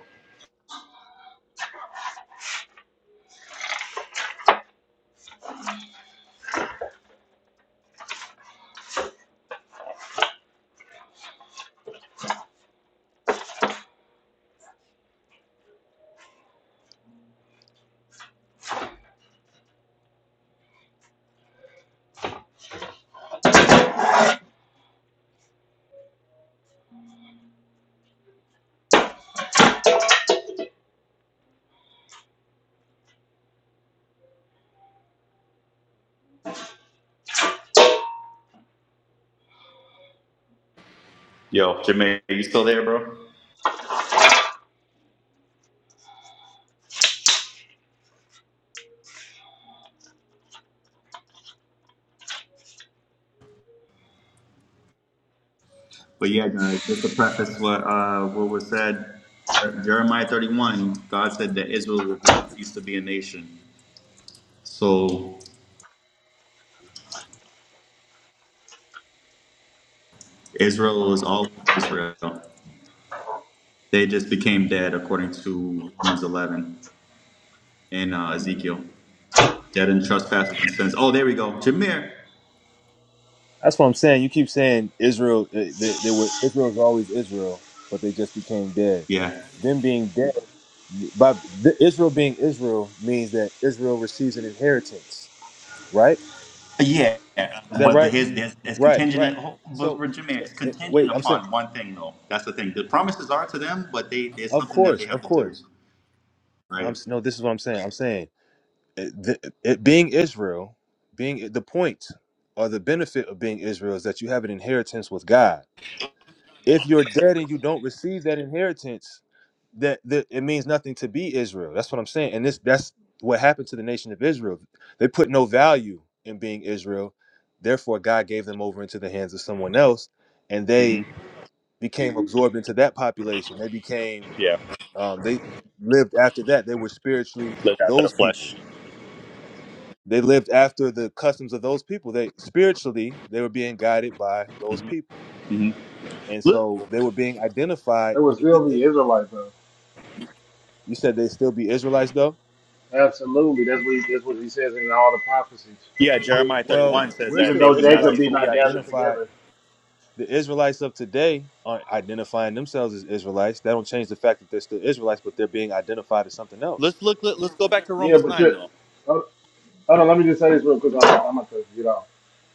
A: Yo, Jameer, you still there, bro? But yeah, guys, just to preface what uh, what was said, Jeremiah 31, God said that Israel would not cease to be a nation. So Israel is always Israel. They just became dead according to Romans 11 and uh, Ezekiel. Dead in trespasses and sins. Oh, there we go. Jameer.
B: That's what I'm saying. You keep saying Israel. They, they, they were Israel's always Israel, but they just became dead.
A: Yeah.
B: Them being dead, by the, Israel being Israel means that Israel receives an inheritance, right?
A: Yeah,
B: Is that
A: but the-
B: right?
A: his,
B: Mhm.
A: his, it's
B: Right, right.
A: contingent. But
B: So
A: for Jameer, it's
B: it,
A: contingent
B: wait, I'm saying,
A: upon one thing, though. That's the thing. The promises are to them, but they there's
B: of
A: something that
B: course,
A: they
B: of
A: have to do,
B: course. No, I'm
A: right?
B: s- no. This is what I'm saying. I'm saying it, the, it being Israel, being the point or the benefit of being Israel is that you have an inheritance with God If you're dead and you don't receive that inheritance, that, that it means nothing to be Israel. That's what I'm saying. And this that's what happened to the nation of Israel. They put no value in being Israel. Therefore, God gave them over into the hands of someone else, and
A: hmm
B: they became absorbed into that population. They became
A: Yeah.
B: um, they lived after that. They were spiritually
A: Live after the
B: those people.
A: flesh.
B: They lived after the customs of those people. They spiritually they were being guided by those people,
A: hmm
B: and
A: Look,
B: so they were being identified.
C: They would still be Israelite though.
B: You said they still be Israelites though?
C: Absolutely. That's what he, that's what he says in all the prophecies.
A: yeah, Jeremiah
B: Well,
A: 31 says
B: we're
A: that
C: Even
B: still
A: they
C: though
A: would now
C: Jacob
B: Israelites,
A: cease
C: be
A: to
B: but
A: be
B: we
A: a
C: not gathered
A: nation.
B: identify
C: together.
B: the Israelites of today aren't identifying themselves as Israelites. That don't change the fact that they're still Israelites, but they're being identified as something else.
A: Let's look. Let, let's go back to
C: Yeah,
A: Romans
C: but
A: 9
C: you
A: though.
C: hold, hold on, let me just say this real quick. I'm, I'm gonna get off.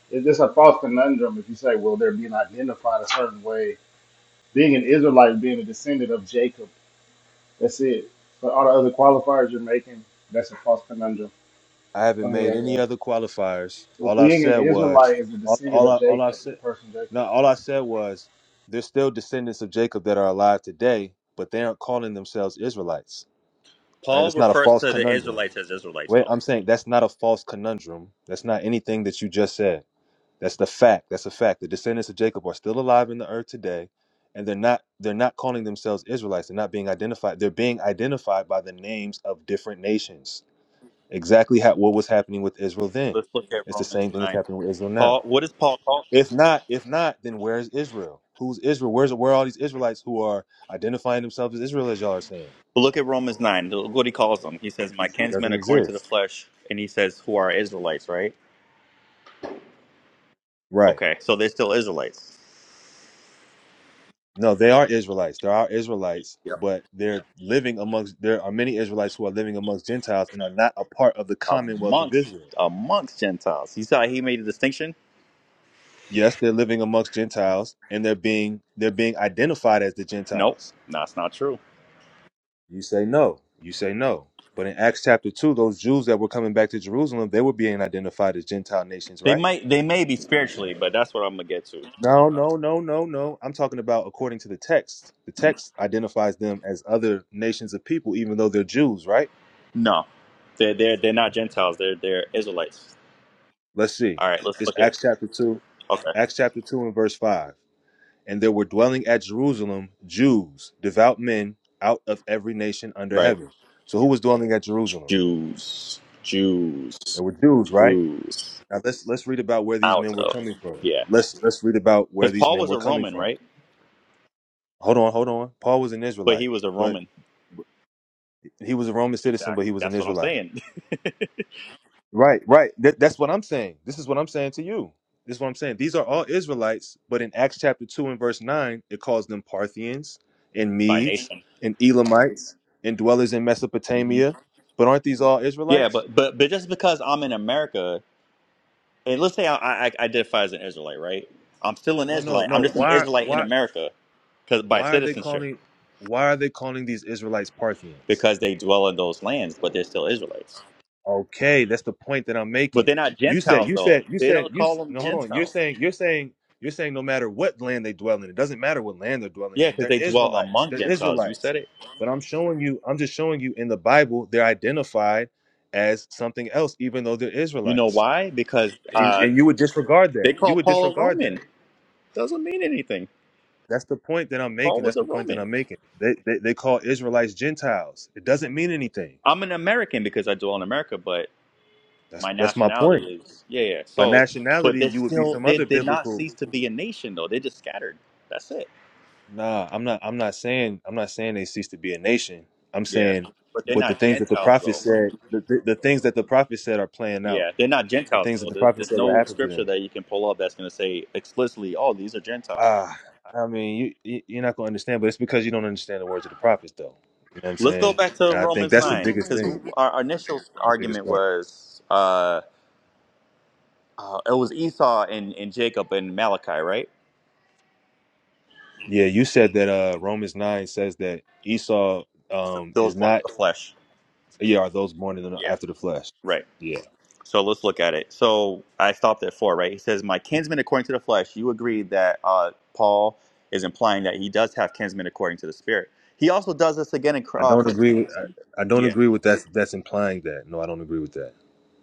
C: It's just a false conundrum if you say, well, they're being identified a certain way. Being an Israelite, being a descendant of Jacob. That's it. But all the other qualifiers you're making, that's a false conundrum.
B: I haven't
C: Okay,
B: made
C: yeah,
B: any
C: go.
B: other qualifiers.
C: Well,
B: All I've
C: being an
B: said was
C: Israelite is the
B: all,
C: descendant
B: all
C: of
B: I all I
C: Jacob, the
B: said
C: person Jacob.
B: no, all I said was there's still descendants of Jacob that are alive today, but they aren't calling themselves Israelites. Uh,
A: Paul
B: That's not a
A: refers
B: false
A: to the
B: conundrum.
A: Israelites as Israelites
B: Wait,
A: though.
B: I'm saying that's not a false conundrum. That's not anything that you just said. That's the fact. That's a fact. The descendants of Jacob are still alive in the earth today, and they're not they're not calling themselves Israelites. They're not being identified. They're being identified by the names of different nations. Exactly how, what was happening with Israel then.
A: Let's look at
B: It's the
A: Romans
B: same thing that's
A: 9.
B: happening with Israel
A: Paul,
B: now.
A: what does Paul call? Them?
B: If not, if not, then where is Israel? Who's Israel? Where's where are all these Israelites who are identifying themselves as Israel as y'all are saying?
A: Well, Look at Romans 9. Look what he calls them. He says, "My kinsmen
B: Doesn't
A: according to the
B: exist.
A: flesh," and he says, "Who are Israelites?" Right?
B: Right.
A: Okay, so they're still Israelites.
B: No, they are Israelites. There are Israelites,
A: Yep.
B: but they're living amongst. There are many Israelites who are living amongst Gentiles and are not a part of the Commonwealth of
A: Amongst
B: Israel.
A: amongst Gentiles. You saw he made a distinction.
B: Yes, they're living amongst Gentiles, and they're being they're being identified as the
A: Nope,
B: Gentiles.
A: that's not true.
B: You say no. You say no. But in Acts chapter two, those Jews that were coming back to Jerusalem, they were being identified as Gentile nations,
A: They
B: right?
A: might they may be spiritually, but that's what I'm gonna get to.
B: No, no, no, no, no. I'm talking about according to the text. The text identifies them as other nations of people, even though they're Jews, right?
A: No, they're they're they're not Gentiles. They're they're Israelites.
B: Let's see.
A: All right, let's
B: It's
A: look at
B: Acts chapter 2.
A: okay,
B: Acts chapter 2 and verse 5. And there were dwelling at Jerusalem Jews, devout men, out of every nation under
A: right?
B: heaven. So who was dwelling at Jerusalem?
A: Jews, Jews,
B: There were Jews, right?
A: Jews.
B: Now let's let's read about where these
A: Out
B: men were
A: of
B: coming from.
A: yeah,
B: Let's let's read about where
A: because
B: these
A: Paul
B: men
A: was
B: were
A: a
B: coming
A: Roman,
B: from.
A: right?
B: Hold on, hold on. Paul was an
A: But he
B: Israelite,
A: was a
B: but
A: Roman.
B: he was a Roman citizen, but
A: Exactly.
B: he was an
A: That's what I'm
B: Israelite.
A: saying. *laughs*
B: Right, right. That, that's what I'm saying. This is what I'm saying to you. This is what I'm saying. These are all Israelites, but in Acts chapter 2 and verse 9, it calls them Parthians and
A: By
B: Medes
A: nation.
B: and Elamites and dwellers in
A: hmm
B: Mesopotamia. But aren't these all
A: Yeah,
B: Israelites?
A: but but but just because I'm in America, and let's say I, I, I identify as an Israelite, right? I'm still an
B: No, no,
A: Israelite. I'm
B: no.
A: just an
B: Why
A: Israelite in
B: why
A: America, because by
B: why are they
A: citizenship,
B: calling why are they calling these Israelites Parthians?
A: because they dwell in those lands, but they're still Israelites.
B: Okay, that's the point that I'm
A: But
B: making.
A: they're not
B: You said,
A: Gentiles,
B: you
A: though.
B: said, you
A: They
B: said,
A: don't
B: you.
A: call
B: s-
A: them
B: No, hold on. You're
A: Gentiles.
B: saying, you're saying, you're saying, no matter what land they dwell in, it doesn't matter what land they're dwelling
A: Yeah,
B: in.
A: because
B: They're
A: they dwell
B: Israelites.
A: among
B: They're
A: Gentiles. You
B: Israelites.
A: said it.
B: But I'm showing you. I'm just showing you in the Bible they're identified as something else, even though they're
A: You know
B: Israelites.
A: why? Because
B: And,
A: uh,
B: and you would disregard
A: they
B: that. You
A: call
B: would
A: Paul a
B: disregard that.
A: Roman. Doesn't mean anything.
B: That's the point that I'm
A: Paul
B: making. That's
A: was a
B: the point that
A: Roman.
B: I'm making. They, they, they call Israelites Gentiles. It doesn't mean anything.
A: I'm an American because I dwell in America, but
B: That's
A: my
B: that's my point.
A: nationality is yeah, yeah.
B: By
A: So, but
B: nationality,
A: they're
B: you would be
A: still
B: some
A: they
B: other
A: did not
B: biblical.
A: cease to be a nation though. They're just scattered. That's it.
B: Nah, I'm not. I'm not saying. I'm not saying they cease to be a nation. I'm
A: Yeah,
B: saying,
A: but they're
B: but the
A: not
B: things that the
A: Gentiles
B: prophet
A: though, bro.
B: said, the, the, the things that the prophet said are playing out.
A: Yeah, they're not
B: The
A: Gentiles
B: things that
A: though.
B: the
A: There's,
B: prophet
A: there's
B: said would
A: no
B: happen to
A: scripture
B: them.
A: that you can pull up that's going to say explicitly, "Oh, these are Gentiles."
B: Ah, I mean, you you- you're not gonna understand, but it's because you don't understand the words of the prophets, though. You know what I'm
A: Let's go
B: saying?
A: back to
B: And I think
A: Romans
B: that's the
A: nine
B: biggest
A: because
B: thing,
A: our, our initial
B: the biggest
A: argument
B: part.
A: was uh, uh, it was Esau and, and Jacob and Malachi, right?
B: Yeah, you said that uh Romans nine says that Esau um
A: Those
B: is
A: born
B: not.
A: of the flesh.
B: Yeah, are those born in the,
A: Yeah.
B: after the flesh?
A: Right.
B: Yeah,
A: So let's look at it. So I stopped at four, right? He says, "My kinsman according to the flesh." You agree that uh, Paul is implying that he does have kinsmen according to the spirit. He also does this again in Cor-
B: I
A: uh,
B: don't
A: first.
B: agree with. I, I don't
A: Yeah.
B: agree with that. That's implying that. No, I don't agree with that.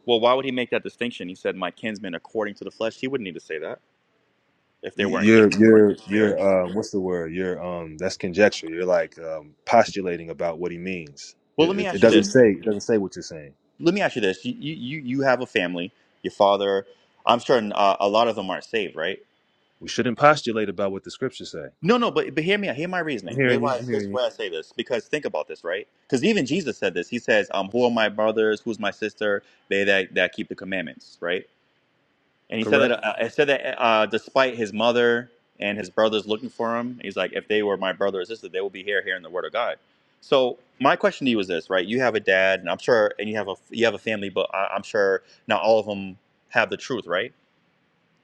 A: Well, why would he make that distinction? He said, "My kinsmen according to the flesh." He wouldn't need to say that if they weren't
B: You're
A: kinsmen according to
B: you're
A: the spirit.
B: you're uh, what's the word? You're um that's conjecture. You're like um, postulating about what he means.
A: Well,
B: You-
A: let me
B: It, it
A: ask you
B: doesn't
A: this.
B: say it doesn't say what you're saying.
A: let me ask you this: you you you have a family. Your father, I'm certain uh, a lot of them aren't saved, right?
B: We shouldn't postulate about what the scriptures say.
A: No, no, but but hear me. out. Hear my
B: I'm
A: reasoning. Here's
B: hearing you.
A: why.
B: I'm
A: Here's
B: hearing you.
A: why I say this. Because think about this, right? Because even Jesus said this. He says, "Um, who are my brothers? Who's my sister? They that that keep the commandments, right?" and he said that
B: Correct.
A: uh, I said that uh, despite his mother and his brothers looking for him, he's like, if they were my brother or sister, they will be here hearing the word of God. So my question to you is this, right? You have a dad, and I'm sure, and you have a you have a family, but I, I'm sure not all of them have the truth, right?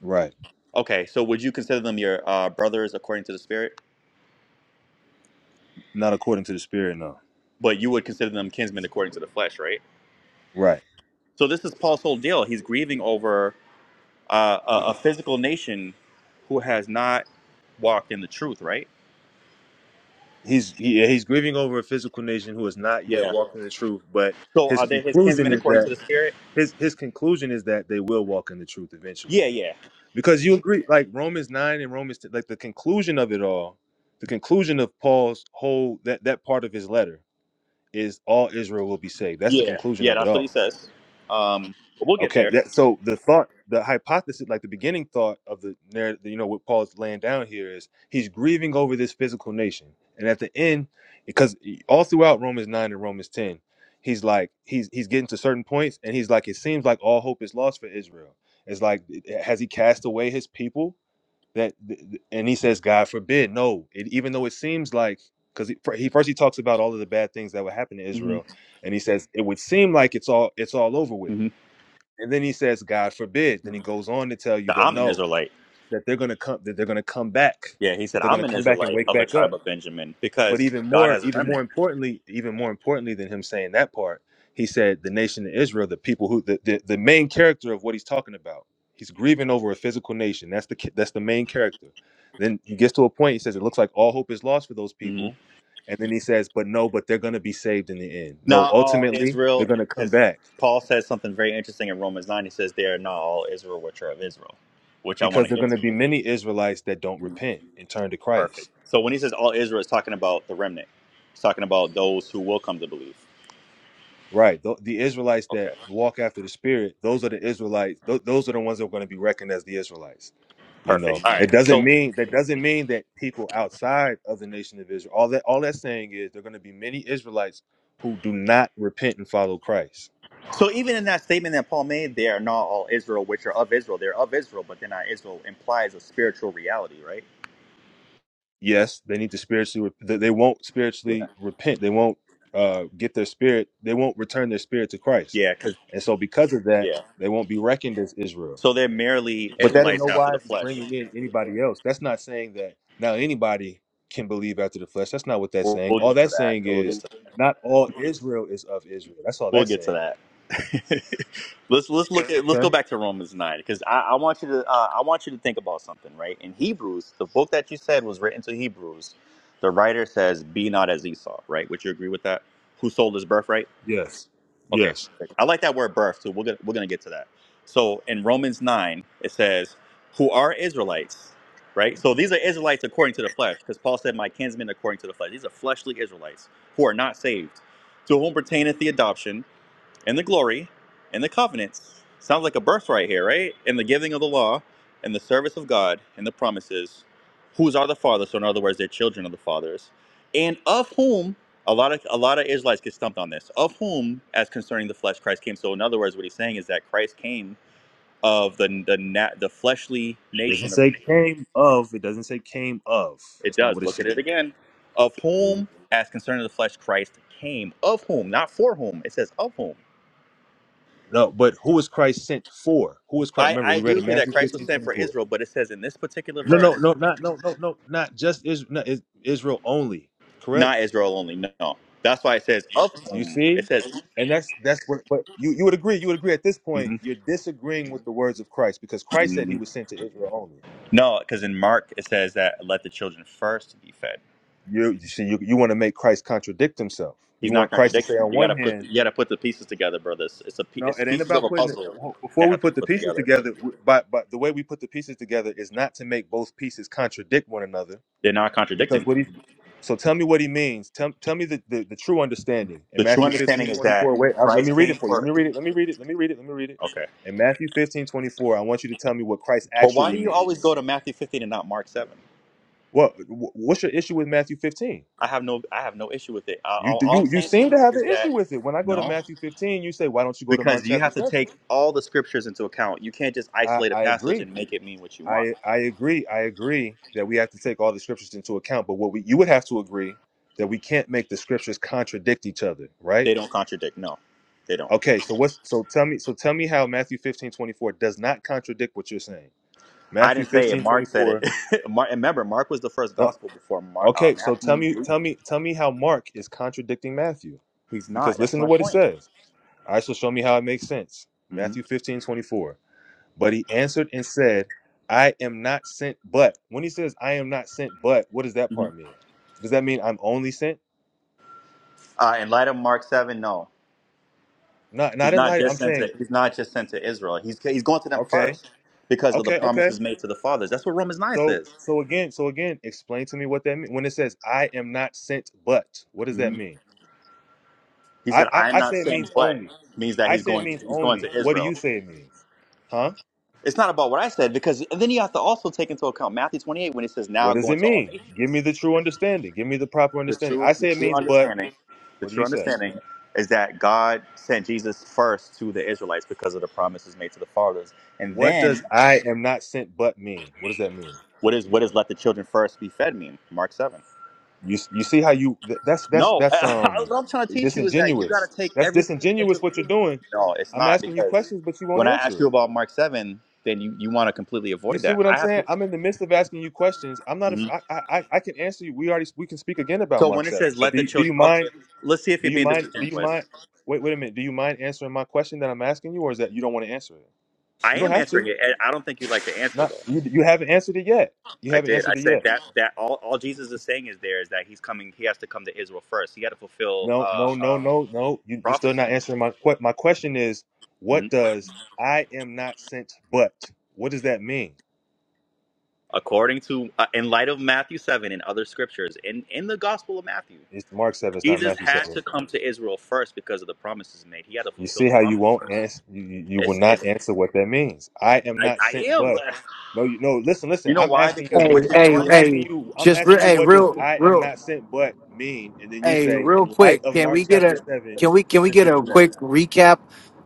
B: Right.
A: Okay, so would you consider them your uh, brothers according to the spirit,
B: Not according to the spirit. No.
A: but you would consider them kinsmen according to the flesh, right?
B: Right.
A: So this is Paul's whole deal. He's grieving over uh, a, a physical nation who has not walked in the truth, right?
B: He's he, yeah, he's grieving over a physical nation who has not yet
A: Yeah.
B: walked in the truth. But
A: So
B: his
A: are they his
B: conclusion
A: kinsmen
B: is
A: according to
B: that
A: the spirit?
B: his his conclusion is that they will walk in the truth eventually.
A: Yeah, yeah,
B: because you agree like romans 9 and romans 10, like the conclusion of it all the conclusion of paul's whole that that part of his letter is all israel will be saved that's the
A: yeah,
B: conclusion
A: yeah.
B: of it
A: That's what he
B: all
A: says. Um, but we'll get
B: okay
A: there.
B: that so the thought the hypothesis like the beginning thought of the narrative you know what paul's laying down here is he's grieving over this physical nation and at the end because e, all throughout romans 9 and romans 10 he's like he's he's getting to certain points and he's like it seems like all hope is lost for israel it's like has he cast away his people that and he says god forbid no it, even though it seems like because he, he first he talks about all of the bad things that would happen to
A: hmm
B: israel and he says it would seem like it's all it's all over with
A: hmm
B: and then he says god forbid then he
A: The,
B: goes on to tell you that
A: I'm an
B: no
A: Israelite.
B: that they're going to come that they're going to come back
A: Yeah, he
B: that
A: said
B: they're going
A: I'm
B: to
A: an
B: come back and
A: Israelite
B: wake
A: of the
B: back up
A: tribe of Benjamin
B: but
A: because
B: even
A: God
B: more,
A: has a
B: even more
A: remnant.
B: importantly, even more importantly than him saying that part, he said the nation of Israel, the people who the, the, the main character of what he's talking about. He's grieving over a physical nation. That's the ki- that's the main character. Then he gets to a point. He says it looks like all hope is lost for those
A: hmm
B: people, and then he says, "But no, but they're going to be saved in the end. No,
A: Not all
B: ultimately they're
A: Israel,
B: going to come
A: because
B: back
A: Paul says something very interesting in Romans nine. He says they are not all Israel which are of Israel, which I want
B: because
A: to
B: they're
A: get
B: going to
A: to.
B: be many Israelites that don't
A: Mhm.
B: repent and turn to Christ."
A: Perfect. So when he says all Israel, it's talking about the remnant. It's talking about those who will come to believe.
B: Right. The, the Israelites that
A: Okay,
B: walk after the Spirit, those are the Israelites. Th- those are the ones that are going to be reckoned as the Israelites. You know,
A: perfect. All right.
B: that doesn't
A: So
B: mean that doesn't mean that people outside of the nation of Israel. All that all that's saying is there are going to be many Israelites who do not repent and follow Christ.
A: So even in that statement that Paul made, they are not all Israel, which are of Israel. They're of Israel, but they're not Israel. Implies a spiritual reality, right?
B: Yes, they need to spiritually. rep- They they won't
A: Yeah.
B: spiritually repent. They won't uh, get their spirit. They won't return their spirit to Christ,
A: Yeah. Cause
B: and so because of that,
A: yeah.
B: they won't be reckoned as Israel.
A: So they're merely
B: But that in
A: Israelites
B: no
A: after the
B: wise is
A: flesh.
B: bringing in anybody else. That's not saying that now anybody can believe after the flesh. That's not what that's
A: We'll,
B: saying.
A: we'll
B: All
A: get to
B: that's
A: that.
B: saying
A: We'll get
B: is
A: to.
B: not all Israel is of Israel. That's all
A: We'll
B: that's
A: get to
B: saying.
A: that. *laughs* let's let's look at let's go
B: Okay.
A: back to Romans nine because I, I want you to uh, I want you to think about something right in Hebrews the book that you said was written to Hebrews the writer says be not as Esau right would you agree with that who sold his birthright
B: Yes.
A: Okay,
B: Yes.
A: perfect. I like that word birth, too. we're gonna, we're going to get to that. So in Romans 9, it says, Who are Israelites, right? So these are Israelites according to the flesh, because Paul said, My kinsmen according to the flesh. These are fleshly Israelites who are not saved, to whom pertaineth the adoption and the glory and the covenants. Sounds like a birthright here, right? And the giving of the law and the service of God and the promises, whose are the fathers. So in other words, they're children of the fathers, and of whom a lot of a lot of Israelites get stumped on this. Of whom, as concerning the flesh, Christ came. So in other words, what he's saying is that Christ came of the the na- the fleshly
B: It doesn't
A: nation of.
B: say came of. It doesn't say came of.
A: It
B: That's not what
A: does.
B: it's
A: Look at
B: saying.
A: it again. Of
B: Read.
A: whom, as concerning the flesh, Christ came. Of whom, not for whom. It says of whom
B: No, but who is Christ sent for? Who is Christ?
A: I,
B: Remember,
A: I
B: we
A: agree
B: read in
A: with you that
B: Matthew
A: Christ was
B: 15
A: sent for
B: 24.
A: Israel, but it says in this particular
B: No, no,
A: verse,
B: no, not no, no, no, not just Israel, not Is- Israel only. Correct?
A: not Israel only. No, that's why it says of
B: You
A: whom. It
B: see?
A: says
B: And that's that's what but you, you would agree, you would agree at this point,
A: mhm,
B: you're disagreeing with the words of Christ because Christ said he
A: mhm.
B: was sent to Israel only.
A: no, because in Mark it says that let the children first be fed.
B: You you see, you, you want to make Christ contradict himself.
A: He's
B: You
A: not
B: want Christ to say
A: contradicting.
B: on
A: You gotta
B: one
A: put
B: hand,
A: you gotta put the pieces together, brothers. It's a pie-
B: no,
A: it's
B: it ain't
A: pieces of
B: about
A: a
B: putting it
A: puzzle
B: before
A: that
B: we
A: have to be
B: put the
A: put
B: pieces
A: together.
B: together, but but the way we put the pieces together is not to make both pieces contradict one another.
A: They're not
B: Because
A: contradicting.
B: what he so tell me what he means. Tell, tell me the, the, the true understanding. In
A: The true
B: Matthew 15
A: understanding is
B: 24.
A: that
B: wait, I, let me
A: Christ
B: read it
A: came
B: for you. Let
A: for.
B: me read it. Let me read it. Let me read it. Let me read it.
A: Okay,
B: In Matthew 15 24, I want you to tell me what Christ
A: but why
B: actually
A: do you always
B: means.
A: go to Matthew 15 and not Mark 7?
B: What wh- what's your issue with Matthew 15?
A: I have no I have no issue with it. I,
B: You
A: all,
B: do
A: all I'm
B: you you
A: saying to
B: seem to
A: you
B: have
A: is
B: an issue
A: that.
B: with it. When I go to
A: no.
B: Matthew 15, you say, why don't you go to Mark
A: because you
B: chapter
A: have to
B: 7?
A: take all the scriptures into account. You can't just
B: I,
A: isolate a
B: I
A: passage
B: agree.
A: and make it mean what you want.
B: I I agree. I agree that we have to take all the scriptures into account, but what we you would have to agree that we
A: Mhm.
B: can't make the scriptures contradict each other, right?
A: They don't contradict. No, they don't.
B: Okay, so what's so tell me so tell me how Matthew fifteen twenty four does not contradict what you're saying.
A: I
B: Matthew
A: didn't say it.
B: fifteen twenty
A: Mark said it.
B: four.
A: *laughs* Mark, and remember, Mark was the first
B: No.
A: gospel before Mar, uh,
B: Okay, so tell
A: Matthew,
B: me
A: Luke.
B: tell me tell me how Mark is contradicting Matthew.
A: He's not.
B: Because
A: That's
B: listen to
A: my
B: what it
A: point.
B: says. I shall show me how it makes sense.
A: hmm
B: Matthew fifteen twenty four. But he answered and said, I am not sent but. When he says I am not sent but, what does that
A: hmm
B: part mean? Does that mean I'm only sent?
A: Uh, in light of Mark seven, no,
B: Not not
A: he's
B: in
A: not
B: light.
A: just
B: I'm
A: sent to.
B: saying,
A: He's not just sent to Israel. He's he's going to them
B: okay,
A: first because of the
B: okay, okay.
A: promises made to the fathers. That's what Romans nine
B: So
A: says.
B: so again, so again, explain to me what that means. When it says I am not sent but, what does that
A: hmm
B: mean?
A: He
B: I,
A: said,
B: I
A: "I am
B: I
A: not
B: say it
A: sent,"
B: means
A: but
B: only.
A: means that
B: I
A: he's
B: say it
A: going. To,
B: means
A: he's going
B: only.
A: to
B: What do
A: Israel.
B: you say it means? Huh?
A: It's not about what I said because and then you have to also take into account Matthew 28 when it says now
B: What does
A: go
B: it
A: into all
B: mean? Give me
A: nations.
B: the true understanding. Give me the proper
A: The
B: understanding. I
A: true the
B: say it
A: true
B: means but.
A: understanding, the
B: What do
A: true
B: you say?
A: understanding is that God sent Jesus first to the Israelites because of the promises made to the fathers. And
B: What does
A: then
B: I am not sent but mean? What does that mean?
A: what is what does let the children first be fed mean? Mark 7.
B: You you see how you th- that's that's
A: No, *laughs*
B: that's um
A: what I'm trying to teach you is that you got
B: disingenuous.
A: to take
B: That's
A: everything
B: disingenuous
A: into
B: what you're doing.
A: No, it's
B: I'm
A: not
B: asking you
A: because
B: questions but you won't
A: when I
B: answer
A: ask you
B: it.
A: about Mark 7, then you, you want to completely
B: You
A: avoid
B: see
A: that.
B: what I'm
A: I have to.
B: saying? I'm in the midst of asking you questions. I'm not.
A: mm-hmm.
B: af- I I I I can answer you. We already we can speak again about
A: So
B: Mark
A: when it
B: seven.
A: says
B: But
A: let
B: do
A: the
B: you, do
A: children,
B: you
A: okay,
B: mind?
A: let's see if
B: Do
A: you're
B: you
A: being
B: mind? Do you mind?
A: disingenuous.
B: Wait wait a minute. Do you mind answering my question that I'm asking you, or is that you don't want to answer it?
A: I
B: You don't
A: am
B: have
A: answering
B: to.
A: it. and I don't think you like the answer
B: Not
A: though.
B: you. You haven't answered it yet. You
A: I
B: haven't
A: did. I
B: answered it
A: said
B: yet.
A: that that all, all Jesus is saying is there is that he's coming. He has to come to Israel first. He had to fulfill
B: No
A: uh,
B: no no
A: um,
B: no no. You you still
A: prophecy.
B: not answering my que- my question is what
A: Mhm.
B: does I am not sent but what does that mean?
A: According to uh, in light of Matthew seven and other scriptures in in the Gospel of Matthew,
B: It's Mark seven. It's not
A: Jesus
B: Matthew
A: had
B: seven.
A: to come to Israel first because of the promises made. He had to
B: You
A: fulfill
B: see
A: the
B: how you
A: promise.
B: won't
A: First.
B: answer. You, you you will
A: It's,
B: not
A: it's
B: answer what that means. I am
A: I,
B: not
A: I
B: sent,
A: am.
B: but
A: but-
B: no, you no. Listen, listen.
A: You know
B: I'm
A: why?
B: asking
A: Because
B: you.
A: what
D: Hey,
A: you're
D: hey,
B: I'm
A: doing.
B: asking
D: hey,
B: you. I'm
D: just re-
B: asking you.
D: hey,
B: What does
D: real,
B: I am
D: real,
B: not sent, but mean? And then you
D: hey,
B: say,
D: real
B: in light
D: quick.
B: of
D: Can
B: Mark
D: we get
B: chapter
D: a
B: seven,
D: can we can we
B: this,
D: get
B: this,
D: a
B: and that.
D: quick recap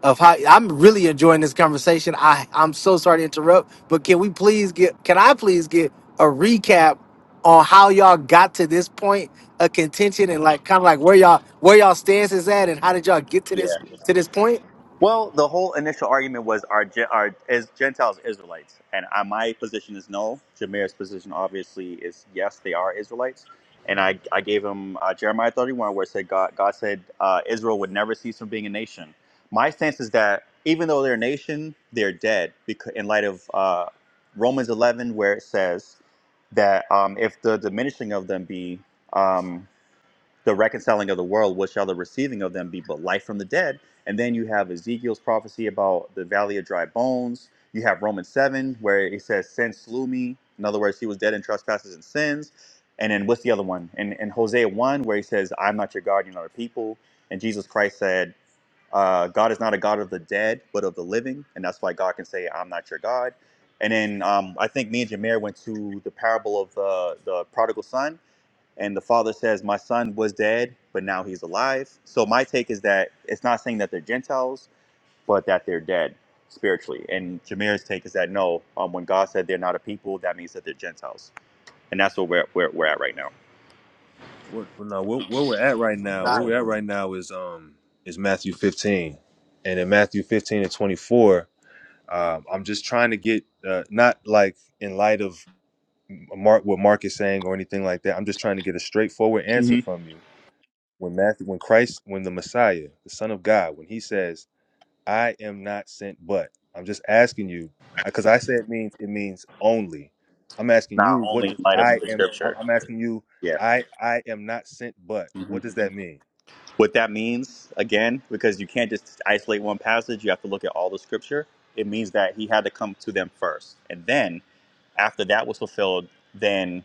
D: of how I'm really enjoying this conversation. I I'm so sorry to interrupt, but can we please get can I please get a recap on how y'all got to this point of contention and like kind of like where y'all where y'all stance is at and how did y'all get to
A: yeah,
D: this to this point?
A: Well, the whole initial argument was are, Gen- are is Gentiles Israelites, and I, my position is no. Jameer's position obviously is yes, they are Israelites, and I, I gave him uh, Jeremiah thirty one where it said God God said uh, Israel would never cease from being a nation. My stance is that even though they're a nation, they're dead because in light of uh, Romans eleven where it says that um, if the diminishing of them be um, the reconciling of the world, what shall the receiving of them be but life from the dead? And then you have Ezekiel's prophecy about the valley of dry bones. You have Romans 7, where it says, Sin slew me. In other words, he was dead in trespasses and sins. And then what's the other one? And in Hosea 1, where he says, I'm not your God, you're not a people. And Jesus Christ said, uh, God is not a God of the dead, but of the living. And that's why God can say, I'm not your God. And then um, I think me and Jameer went to the parable of the, the prodigal son and the father says, My son was dead, but now he's alive. So my take is that it's not saying that they're Gentiles, but that they're dead spiritually. And Jameer's take is that no, um, when God said they're not a people, that means that they're Gentiles. And that's where we're, where we're at right now.
B: What, well, no, where, where we're at right now, where we're at right now is um is Matthew 15, and in Matthew 15 and 24, um, I'm just trying to get uh, not like in light of Mark what Mark is saying or anything like that. I'm just trying to get a straightforward answer
A: hmm
B: from you When Matthew, when Christ, when the Messiah, the Son of God, when he says, "I am not sent, but," I'm just asking you because I say it means it means only. I'm asking
A: Not
B: you, what
A: only in
B: does
A: light of
B: I
A: the
B: am? I-
A: scripture.
B: I'm asking you,
A: Yeah.
B: I I am not sent, but
A: hmm
B: what does that mean?
A: What that means, again, because you can't just isolate one passage, you have to look at all the scripture. It means that he had to come to them first. And then After that was fulfilled, then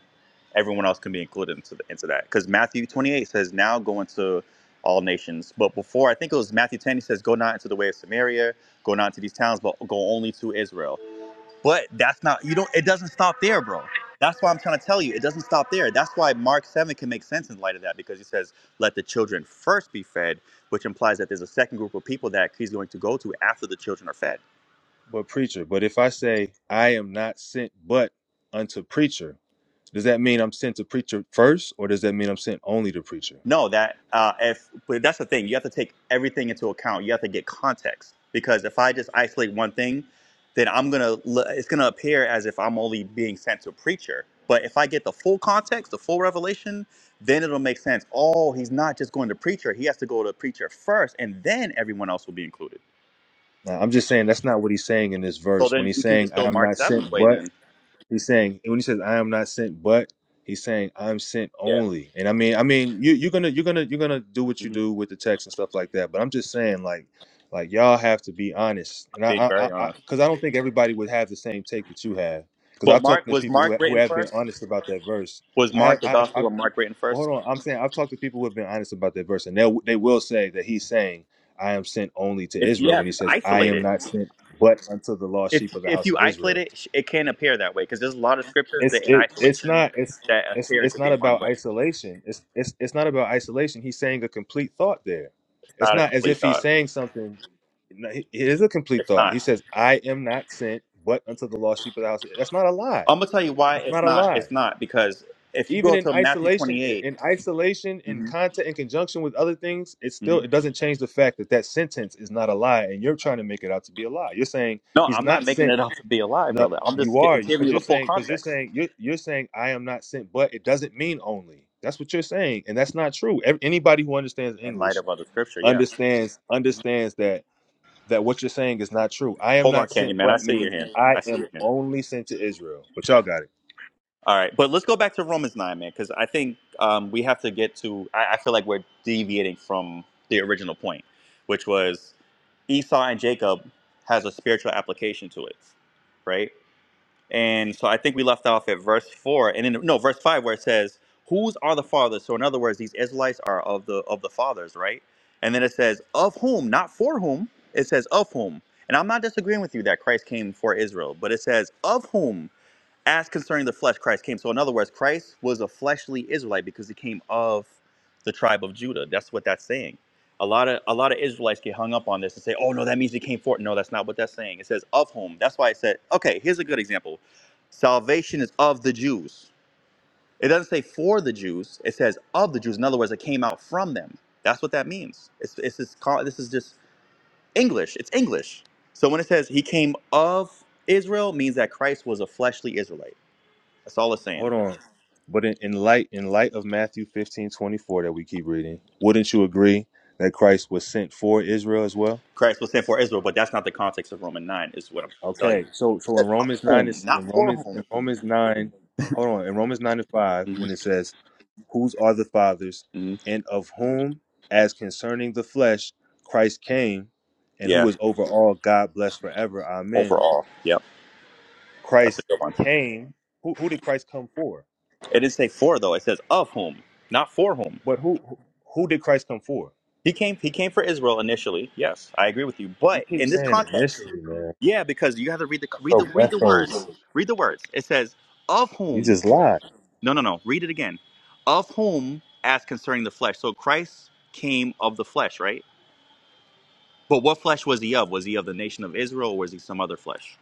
A: everyone else can be included into, the, into that. Because Matthew 28 says, now go into all nations. But before, I think it was Matthew 10, he says, go not into the way of Samaria, go not into these towns, but go only to Israel. But that's not, you don't, it doesn't stop there, bro. That's why I'm trying to tell you, it doesn't stop there. That's why Mark 7 can make sense in light of that, because he says, let the children first be fed, which implies that there's a second group of people that he's going to go to after the children are fed.
B: But preacher, but if I say I am not sent, but unto preacher, does that mean I'm sent to preacher first, or does that mean I'm sent only to preacher?
A: No, that uh, if but that's the thing, you have to take everything into account. You have to get context because if I just isolate one thing, then I'm gonna l- it's gonna appear as if I'm only being sent to a preacher. But if I get the full context, the full revelation, then it'll make sense. Oh, he's not just going to preacher; he has to go to preacher first, and then everyone else will be included.
B: Now, I'm just saying that's not what he's saying in this
A: So
B: verse. When
A: then
B: he's
A: we can
B: saying,
A: just
B: I
A: go
B: am
A: Mark
B: not
A: seventh
B: sent
A: way
B: but
A: then.
B: He's saying when he says I am not sent, but he's saying I'm sent
A: Yeah,
B: only. And I mean, I mean, you, you're gonna you're gonna you're gonna do what you
A: hmm
B: do with the text and stuff like that. But I'm just saying, like, like y'all have to be honest. And
A: being
B: I, I,
A: very
B: I, I
A: honest.
B: cause I don't think everybody would have the same take that you have. Cause
A: But
B: I've talked
A: Mark
B: to
A: was
B: people who
A: Mark
B: ha- who
A: written
B: have been
A: first?
B: honest about that verse.
A: Was
B: I have,
A: Mark the
B: I, have, I've,
A: gospel of Mark written
B: well,
A: first?
B: hold on. I'm saying I've talked to people who have been honest about that verse, and they they will say that he's saying I am sent only to
A: If
B: Israel
A: yes,
B: when he says I
A: isolate
B: am
A: it.
B: not sent but unto the lost sheep
A: if
B: of the
A: if
B: house
A: you
B: of
A: isolate
B: Israel
A: it, it can appear that way because there's a lot of scriptures
B: it's
A: that in
B: it it's
A: isolation
B: not it's
A: that
B: it's
A: appear
B: it's
A: to
B: not
A: be one
B: about
A: way. It's
B: isolation. It's it's it's not about isolation. He's saying a complete thought there. It's
A: not a
B: not as if
A: complete
B: he's
A: thought.
B: saying something. no, It it is a complete
A: It's
B: thought.
A: not.
B: He says, "I am not sent, but unto the lost sheep of the house." That's not a lie.
A: I'm gonna tell you why
B: That's
A: it's
B: not a
A: not.
B: lie.
A: It's not because if you
B: Even
A: go
B: in
A: to Matthew
B: isolation, i-
A: 28.
B: in isolation, in
A: hmm
B: content, in conjunction with other things, it
A: hmm
B: still it doesn't change the fact that that sentence is not a lie, and you're trying to make it out to be a lie. You're saying
A: No,
B: he's
A: I'm not
B: not
A: making
B: sent
A: it up to be alive,
B: no,
A: brother. I'm
B: you
A: just gi-
B: are
A: giving
B: because
A: you
B: you're
A: the full
B: saying because you're
A: context
B: saying you're you're saying I am not sent, but it doesn't mean only. That's what you're saying, and that's not true. Ev- anybody who understands
A: in light
B: English
A: of other scripture. Yeah.
B: understands understands that that what you're saying is not true. I am
A: Hold on,
B: not
A: Candy
B: sent,
A: Man. I
B: but
A: see your
B: means
A: hand.
B: I
A: I see
B: am
A: your hand.
B: only sent to Israel. But y'all got it.
A: All right, but let's go back to Romans nine, man, because I think um, we have to get to. I, I feel like we're deviating from the original point, which was Esau and Jacob has a spiritual application to it, right? And so I think we left off at verse four, and then no, verse five, where it says, "Whose are the fathers?" So in other words, these Israelites are of the of the fathers, right? And then it says, "Of whom?" Not for whom. It says, "Of whom." And I'm not disagreeing with you that Christ came for Israel, but it says, "Of whom?" as concerning the flesh Christ came. So in other words, Christ was a fleshly Israelite because he came of the tribe of Judah. That's what that's saying. A lot of a lot of Israelites get hung up on this and say, "Oh no, that means he came forth." No, that's not what that's saying. It says of whom. That's why I said, "Okay, here's a good example. Salvation is of the Jews." It doesn't say for the Jews. It says of the Jews. In other words, it came out from them. That's what that means. It's it's just, ca- this is just English. It's English. So when it says he came of Israel, it means that Christ was a fleshly Israelite. That's all it's saying.
B: Hold on. But in, in light in light of Matthew 15 24 that we keep reading, wouldn't you agree that Christ was sent for Israel as well?
A: Christ was sent for Israel, but that's not the context of Roman 9, is what I'm trying to tell you.
B: Okay, so
A: It
B: so in
A: says of
B: Romans nine
A: whom,
B: is in
A: not for
B: Romans
A: whom.
B: in Romans nine, hold on, in Romans nine and five,
A: hmm
B: when it says, Whose are the fathers,
A: hmm
B: and of whom, as concerning the flesh, Christ came, and who
A: Yeah,
B: is over all God blessed forever. Amen.
A: overall. Yep, that's a
B: Christ
A: good one.
B: came. Who who did Christ come for?
A: It didn't say for, though. It says of whom, not for whom.
B: But who who who did Christ come for?
A: He came, he came for Israel initially. Yes, I agree with you.
B: You
A: But
B: keep
A: in this
B: saying
A: context,
B: initially, man.
A: yeah, because you have to read the, read
B: So
A: the, read
B: that's
A: the
B: so
A: words. Read the words. It says of
B: you
A: whom.
B: just lied.
A: No, no, no. Read it again. Of whom as concerning the flesh. So Christ came of the flesh, right? But what flesh was he of? Was he of the nation of Israel, or was he some other flesh?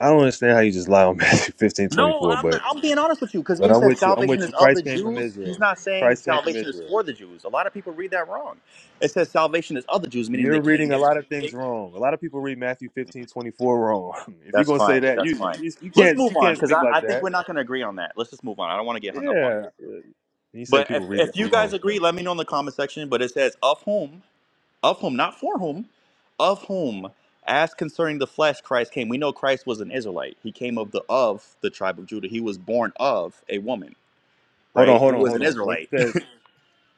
B: I don't understand how you just lie on *laughs* Matthew fifteen twenty
A: No,
B: four,
A: I'm, I'm being honest with you because
B: But
A: when he
B: I'm
A: says
B: with you. I'm
A: salvation
B: with you.
A: is of the
B: Christ came from
A: Jews,
B: Israel.
A: he's not saying
B: Christ came from
A: salvation is
B: Israel.
A: for the Jews. A lot of people read that wrong. It says salvation is of the Jews, meaning
B: You're
A: they came.
B: reading a
A: It's,
B: lot of things
A: it,
B: wrong. A lot of people read Matthew 15 24 wrong. *laughs* If you're
A: that's
B: gonna say
A: fine.
B: that,
A: That's
B: you
A: fine.
B: you, you
A: Let's
B: can't
A: move
B: you
A: on
B: can't
A: because
B: speak
A: I,
B: like
A: I think
B: that.
A: we're not going to agree on that. Let's just move on. I don't want to get hung up on it.
B: Yeah. And you say
A: But if,
B: people read that
A: if you guys
B: wrong.
A: agree, let me know in the comment section. But it says of whom of whom, not for whom, of whom, as concerning the flesh, Christ came. We know Christ was an Israelite. He came of the of the tribe of Judah. He was born of a woman,
B: Hold on,
A: right?
B: hold
A: Who
B: on,
A: was
B: hold
A: an
B: on. When it
A: Israelite.
B: says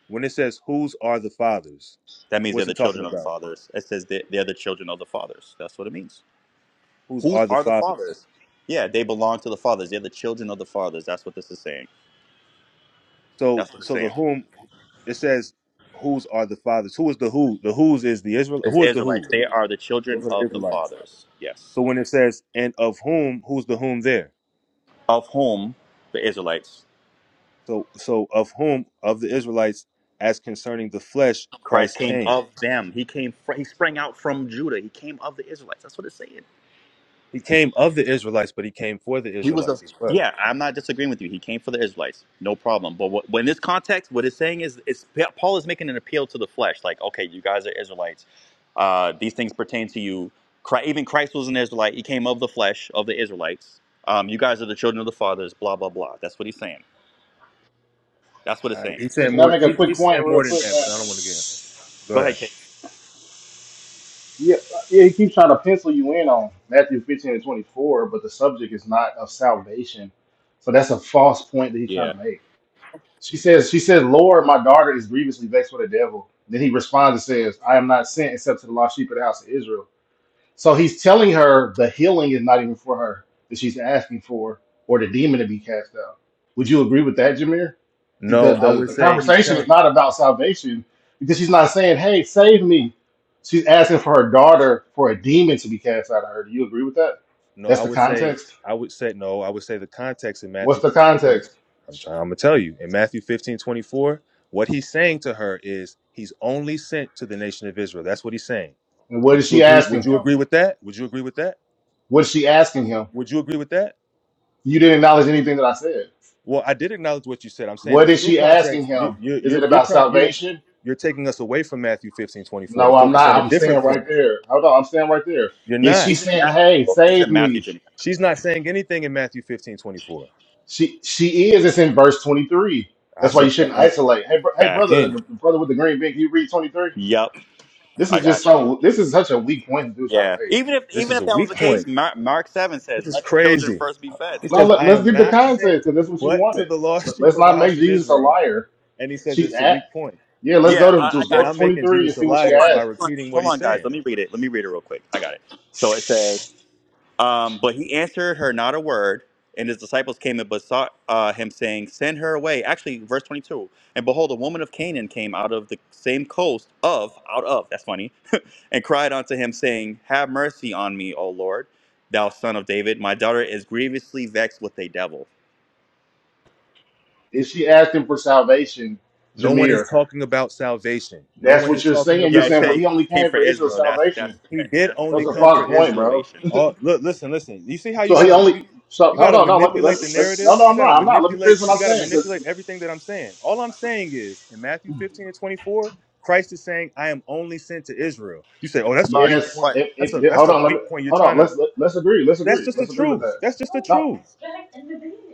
B: when it says whose are the fathers,
A: *laughs* that means they're
B: what's
A: the
B: it talking
A: children of the
B: about?
A: fathers. It says that they're the children of the fathers. That's what it means.
B: Whose
A: Whose
B: are the
A: are the
B: fathers?
A: fathers? Yeah, they belong to the fathers. They're the children of the fathers. That's what this is saying.
B: So
A: That's what it's
B: so the
A: saying.
B: whom it says whose are the fathers? Who is the who? The whose is the Israel
A: It's
B: who is the who?
A: Israelites. They are the children
B: Those are the
A: of the
B: Israelites.
A: fathers. Yes.
B: So when it says and of whom, who's the whom there?
A: Of whom the Israelites.
B: So, so of whom of the Israelites, as concerning the flesh,
A: Christ
B: Christ
A: came
B: came.
A: of them. He came. From, he sprang out from Judah. He came of the Israelites. That's what it's saying.
B: He came of the Israelites, but he came for the
A: He was a.
B: Israelites as well.
A: Yeah, I'm not disagreeing with you. He came for the Israelites. No problem. But what, when this context, what it's saying is, it's Paul is making an appeal to the flesh. Like, okay, you guys are Israelites. Uh, these things pertain to you. Christ, even Christ was an Israelite. He came of the flesh of the Israelites. Um, you guys are the children of the fathers. Blah blah blah. That's what he's saying. That's what
B: All
A: it's
B: right,
A: saying.
B: he's
C: Hey,
B: saying
C: can I
B: more.
C: make a
B: He,
C: quick
B: he's
C: point
B: saying
C: real
B: more than
C: quick,
B: that, but
C: man?
B: I don't want to get. Go
A: Go
B: ahead.
A: ahead, Kate.
C: Yeah, yeah, he keeps trying to pencil you in on Matthew 15 and 24, but the subject is not of salvation. So that's a false point that he's trying
A: Yeah.
C: to make. She says, She says, Lord, my daughter is grievously vexed with the devil. Then he responds and says, I am not sent except to the lost sheep of the house of Israel. So he's telling her the healing is not even for her that she's asking for, or the demon to be cast out. Would you agree with that, Jameer? The
B: No, I
C: the,
B: would
C: the
B: say he's
C: conversation is
B: telling.
C: not about salvation because she's not saying, "Hey, save me." She's asking for her daughter for a demon to be cast out of her. Do you agree with that?
B: No,
C: That's
B: I
C: the
B: would say
C: context.
B: I would say no. I would say the context in
C: What's
B: Matthew
C: the
B: 15, twenty.
C: context?
B: I'm trying. I'm gonna tell you in Matthew 15 24. what he's saying to her is he's only sent to the nation of Israel. That's what he's saying.
C: And what
B: Would
C: is
B: you
C: she
B: agree?
C: asking
B: Would you
C: him?
B: agree with that? Would you agree with that?
C: What is she asking him?
B: Would you agree with that?
C: You didn't acknowledge anything that I said.
B: Well, I did acknowledge what you said. I'm saying
C: What
B: the
C: is
B: true
C: she asking
B: context. You're
C: him?
B: you're
C: Is
B: you're,
C: it
B: you're
C: about
B: trying. You're
C: salvation?
B: you're taking us away from Matthew 15:24 to
C: No, I'm
B: focus on
C: not.
B: a
C: I'm saying
B: different point.
C: right there. Hold on, I'm saying right there.
B: You're
A: Yeah.
C: Is she
B: not.
A: He's in
C: saying,
A: Matthew,
C: "Hey,
A: bro. He's
C: save
A: in Matthew.
C: me"?
A: Jimmy.
B: She's not saying anything in Matthew 15:24.
C: She she is. It's in verse 23.
B: I
C: That's why you
B: said that,
C: shouldn't
B: and
C: isolate. Hey, bro, hey,
A: Facts.
C: brother, the,
B: again.
C: the brother with the green bean. Can you read 23?
A: Yup.
C: This
A: I
C: is
A: got you.
C: just so. This is such a weak point to do trying
A: Yeah.
C: to make.
A: Even if
B: This
A: even
B: is a
A: if that was
B: weak
A: the
B: point.
A: case, Mark, Mark Seven says,
B: This is
A: "Let the children
B: crazy.
A: first be fed."
B: He
A: So
C: No,
A: it-
B: says,
C: let,
B: "I
C: let's
B: am
C: give the
B: not sent,
C: context because that's what you
B: but to
C: wanted.
B: the lost
C: Let,
B: sheep
C: let's
B: of the
C: not
B: house
C: make
B: of
C: Jesus a
B: Israel."
C: liar.
B: And he says
C: She's
B: it's a
C: at.
B: weak point.
C: Yeah, let's go
A: yeah, I,
C: to
A: I
C: just
B: And
A: got
C: go
A: you.
C: to
B: I'm making
C: 23 and
B: Jesus a
C: see what she
A: Hold
B: liar
A: on,
B: by
C: asked.
A: hold on,
B: repeating what
A: hold
B: he's
A: on, guys.
B: saying.
A: Let me read it. Let me read it real quick. I got it. So it says, um, "But he answered her not a word." And his disciples came and besought uh, him, saying, "Send her away." Actually, verse twenty-two. And behold, a woman of Canaan came out of the same coast of out of. That's funny. *laughs* and cried unto him, saying, "Have mercy on me, O Lord, thou son of David. My daughter is grievously vexed with a devil."
C: Is she asking for salvation,
B: No one is
C: Jameer?
B: talking about salvation. No
C: That's
B: one
C: what
B: is
C: you're
B: talking
C: saying. You're
A: Yeah,
B: about
A: he
C: saying,
A: said
C: well,
B: salvation.
A: he
C: he only
A: came
C: came
A: for
C: for Israel's
A: Israel. That's
C: salvation.
A: that's
B: He did
A: that's with
C: That's
B: only
C: a
B: come for
C: false
A: regard to
C: point,
B: Israel.
C: bro.
A: salvation.
B: Oh, look, listen, listen. You see how you
C: So he
B: gotta
C: only.
B: you,
C: So
B: you
C: hold
B: gotta
C: on, no, let me, let
B: manipulate
C: me,
B: the
C: let me
B: narrative.
C: no, no,
B: You
C: I'm
B: gotta
C: not, I'm not. Let me
B: manipulate.
C: finish what I'm
B: You gotta
C: saying.
B: manipulate
C: Because
B: everything that I'm saying. All I'm saying is in Matthew 15 and 24, Christ is saying, "I am only sent to Israel." You say,
A: In
B: "Oh, that's a
A: regards
B: weak
A: to
C: yes,
B: point.
A: what?
C: it, it,
B: That's a
C: yeah,
B: that's
C: hold
B: a
C: on, let me,
B: weak point." You're
C: hold on.
B: trying to.
C: Let's let, let's agree. Let's
B: That's
C: agree.
B: just the
C: Let's agree with
B: truth.
C: that.
B: That's just the
C: No,
B: truth.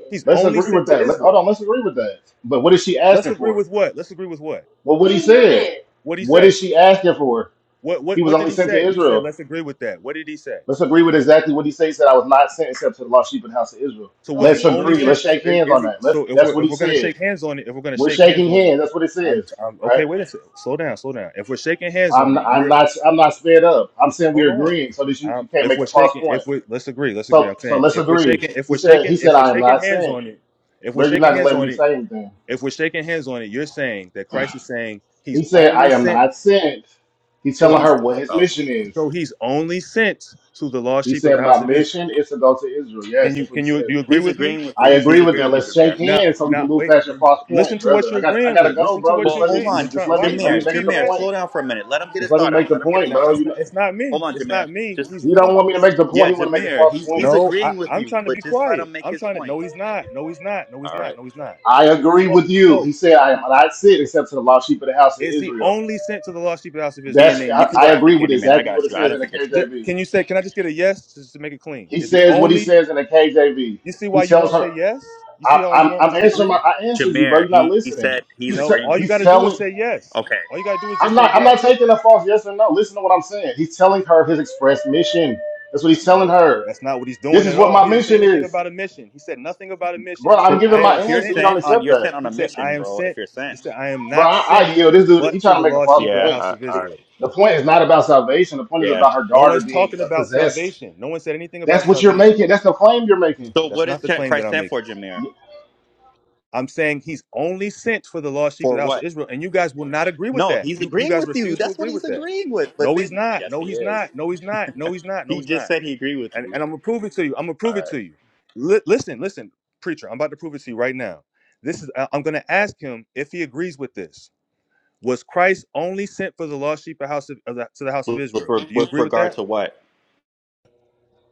B: He's
C: let's
B: only
C: agree
B: sent
C: with
B: to
C: that. Let, hold
B: Israel.
C: on, let's agree with that. But what is she
B: Let's
C: asking
B: agree
C: for?
B: with what? Let's agree with what?
C: Well, what he said.
B: What did he
C: What is
B: say?
C: she asking for?
B: What
C: He
B: what
C: was
B: what did
C: only
B: he
C: sent to
B: say? You said
C: Israel.
B: let's agree with that. What did he say?
C: Let's agree with exactly what he said. He said, "I was not sent except to the lost sheep and house of Israel."
B: So was he
C: Let's
B: only
C: agree. Let's
B: sent? So
C: shake
B: is,
C: hands on
B: is he?
C: that. Let's.
B: So if
C: That's
B: we're
C: what
B: if
C: he
B: we're gonna
C: said.
B: shake hands on it, if we're gonna
C: We're
B: shake hands
C: shaking
B: on it,
C: hands. That's what it
B: I'm,
C: says,
B: I'm
C: right?
B: okay. Wait a second. Slow down. Slow down. If we're shaking hands on
C: I'm
B: it,
C: I'm
B: you're
C: not I'm not sped up. I'm saying
B: hold
C: we're
B: on.
C: agreeing so that you, you
B: Um,
C: can't
B: if
C: make a
B: we're
C: false
B: shaking,
C: point.
B: if we let's agree, let's agree. I'm
C: So so
B: saying
C: let's
B: if we're
C: agree.
B: shaking, if
C: He
B: we're
C: said he
B: shaking,
C: said
B: if we're
C: I am
B: shaking
C: not
B: hands
C: sent.
B: on it, if we're
C: Bro, you're not
B: shaking
C: gonna
B: hands
C: let
B: on
C: me
B: it,
C: say anything.
B: if we're shaking hands on it, you're saying that Christ is saying
C: He
B: he's
C: said I
B: only
C: am
B: sent.
C: not sent. He's
B: So
A: Well,
C: telling
B: he's
C: her
A: onto
C: what
A: their
C: his
A: house.
C: mission is.
B: so he's only sent to the lost
C: He
B: sheep of
C: said
B: the house
C: my
B: of Israel.
C: mission is to go to Israel.
B: Can
C: Yes,
B: you
C: that's what he
B: can you do
C: said.
B: you agree
A: He's
B: with me?
A: agreeing with
C: I
A: you. He's
C: agree with
A: agreeing
C: that.
A: with you,
C: Let's shake
A: Jameer.
B: Now,
C: hands so we
B: now,
C: can move
B: wait.
C: past your false
B: Listen
C: point,
B: to what
C: brother.
B: you're
C: I got I
B: agreeing
C: gotta
B: with.
C: go,
B: Listen to
C: bro.
B: what
C: Just
A: Well,
B: you're
C: let me
A: hold
B: agreeing. You're
C: just
A: on,
C: just
B: trying.
C: let
B: Why are
C: me
B: you
C: let
B: trying
C: me
B: to
A: Jameer.
C: make
B: speed
C: the
A: Jameer,
B: past
C: point.
A: slow
B: it?
A: down for a minute. Let him get
C: Just
A: his
C: let me
A: thought
C: make
A: out.
C: the
A: Let him get his
C: point,
B: Now,
A: thought
C: bro.
B: it's
C: You
A: out.
B: not.
C: know,
B: It's not me.
A: Hold on,
B: It's
A: Jameer.
B: not me.
A: Just
B: He's
C: you don't
B: running.
C: want me to
B: He's
C: make the point.
A: yeah,
C: You want to make a
A: Jameer.
C: false
A: He's
C: point.
A: he's
B: no. I,
A: agreeing with
B: I'm
A: you,
B: trying to
A: but
B: be
A: just let
B: quiet.
A: him make
B: I'm
A: his
B: trying to.
A: point.
B: No, he's not. No, he's not. No, he's
A: All
B: not.
A: right,
B: No, he's not.
C: I agree
B: Smoke.
C: with you.
B: Smoke.
C: He said, I am not sent except to the lost sheep of the house of
B: Is he
C: Israel.
B: only sent to the lost sheep of the house of Israel?
C: That's
A: Candyman,
C: I,
A: you can
C: I
A: go after
C: agree with
A: Candyman. I
C: exactly what
A: got
C: it
A: you. I
C: says in
A: didn't
C: the
A: forget you.
B: Ju-
C: KJV.
B: Can you say? Can I just get a yes just to make it clean?
C: He
B: Is he
C: says what he
B: only?
C: says in the KJV.
B: You see
C: He
B: why you
C: tells
B: won't
C: her,
B: say yes? You
C: I,
B: see why you
C: I'm,
B: won't
C: I'm answering
B: disagree?
C: my, I answered you, bro.
A: Jameer,
C: You're not
A: he, he
C: listening.
A: said he's
C: He's,
B: No.
C: te-
B: All
A: agreeing
B: you
A: with
B: got
C: he's
B: to
A: you.
B: do is
C: telling,
B: say yes. All
A: Okay,
B: you got to do is
C: I'm
B: just say
C: not, I'm not
B: yes.
C: taking a false yes or no. Listen to what I'm saying. He's telling her his express mission. That's what he's telling
B: No,
C: her.
B: that's not what he's
C: This
B: doing
C: is
B: at
C: what
B: all.
C: my
B: He didn't say
C: mission
B: anything
C: is.
B: about a mission. He said nothing about a mission.
C: Bro,
B: He
C: I'm
B: said,
C: giving
B: I
C: my
A: bro.
B: am
A: If you're
C: answer.
B: sent.
C: You don't
A: sent on,
C: accept
A: you're
C: that.
A: sent on
B: He
A: a
B: said, I
A: mission,
B: am
A: bro. If
B: sent.
A: you're
B: He
A: sent.
B: said, I am
C: Bro,
B: not
C: I,
B: sent
C: I yo, this dude, he
B: but to
C: trying
B: the
C: to make a
B: lost
C: false
B: sheep of
A: Yeah,
B: the
C: point.
B: house of
A: I,
C: It,
B: Israel.
C: the point is not about salvation. The point is
A: Yeah.
C: about her
B: No
C: daughter
B: one's
C: being
B: talking
C: uh,
B: about
C: possessed.
B: salvation. No one said anything
C: That's
B: about
C: what you're
B: salvation.
C: making. That's the claim you're making.
A: So
B: That's
A: what
B: not
A: does
B: the
A: Ch-
B: claim that
A: Christ
B: I'm
A: stand
B: making.
A: for, Jameer?
B: I'm saying he's only sent for the lost sheep of
A: For
B: the house of
A: what?
B: Israel. And you guys will not agree with
A: No,
B: that.
A: he's
B: You you
A: agreeing
B: guys
A: with you.
B: refuse to
A: That's what
B: agree
A: he's
B: with that.
A: agreeing with. But
B: No, he's
A: then,
B: not.
A: yes,
B: No,
A: he
B: he's
A: is.
B: not. No, he's not. No, he's not. No,
A: He
B: he's
A: just
B: not.
A: said he agreed with
B: and,
A: you.
B: and I'm gonna prove it to you. I'm gonna
A: All
B: prove it
A: right.
B: to you. Li- listen, listen, preacher. I'm about to prove it to you right now. This is. I- I'm gonna ask him if he agrees with this. Was Christ only sent for the lost sheep of house of, of the, to the house of
A: With,
B: Israel?
A: re-
B: Do you
A: with
B: agree with
A: regard
B: that?
A: to what?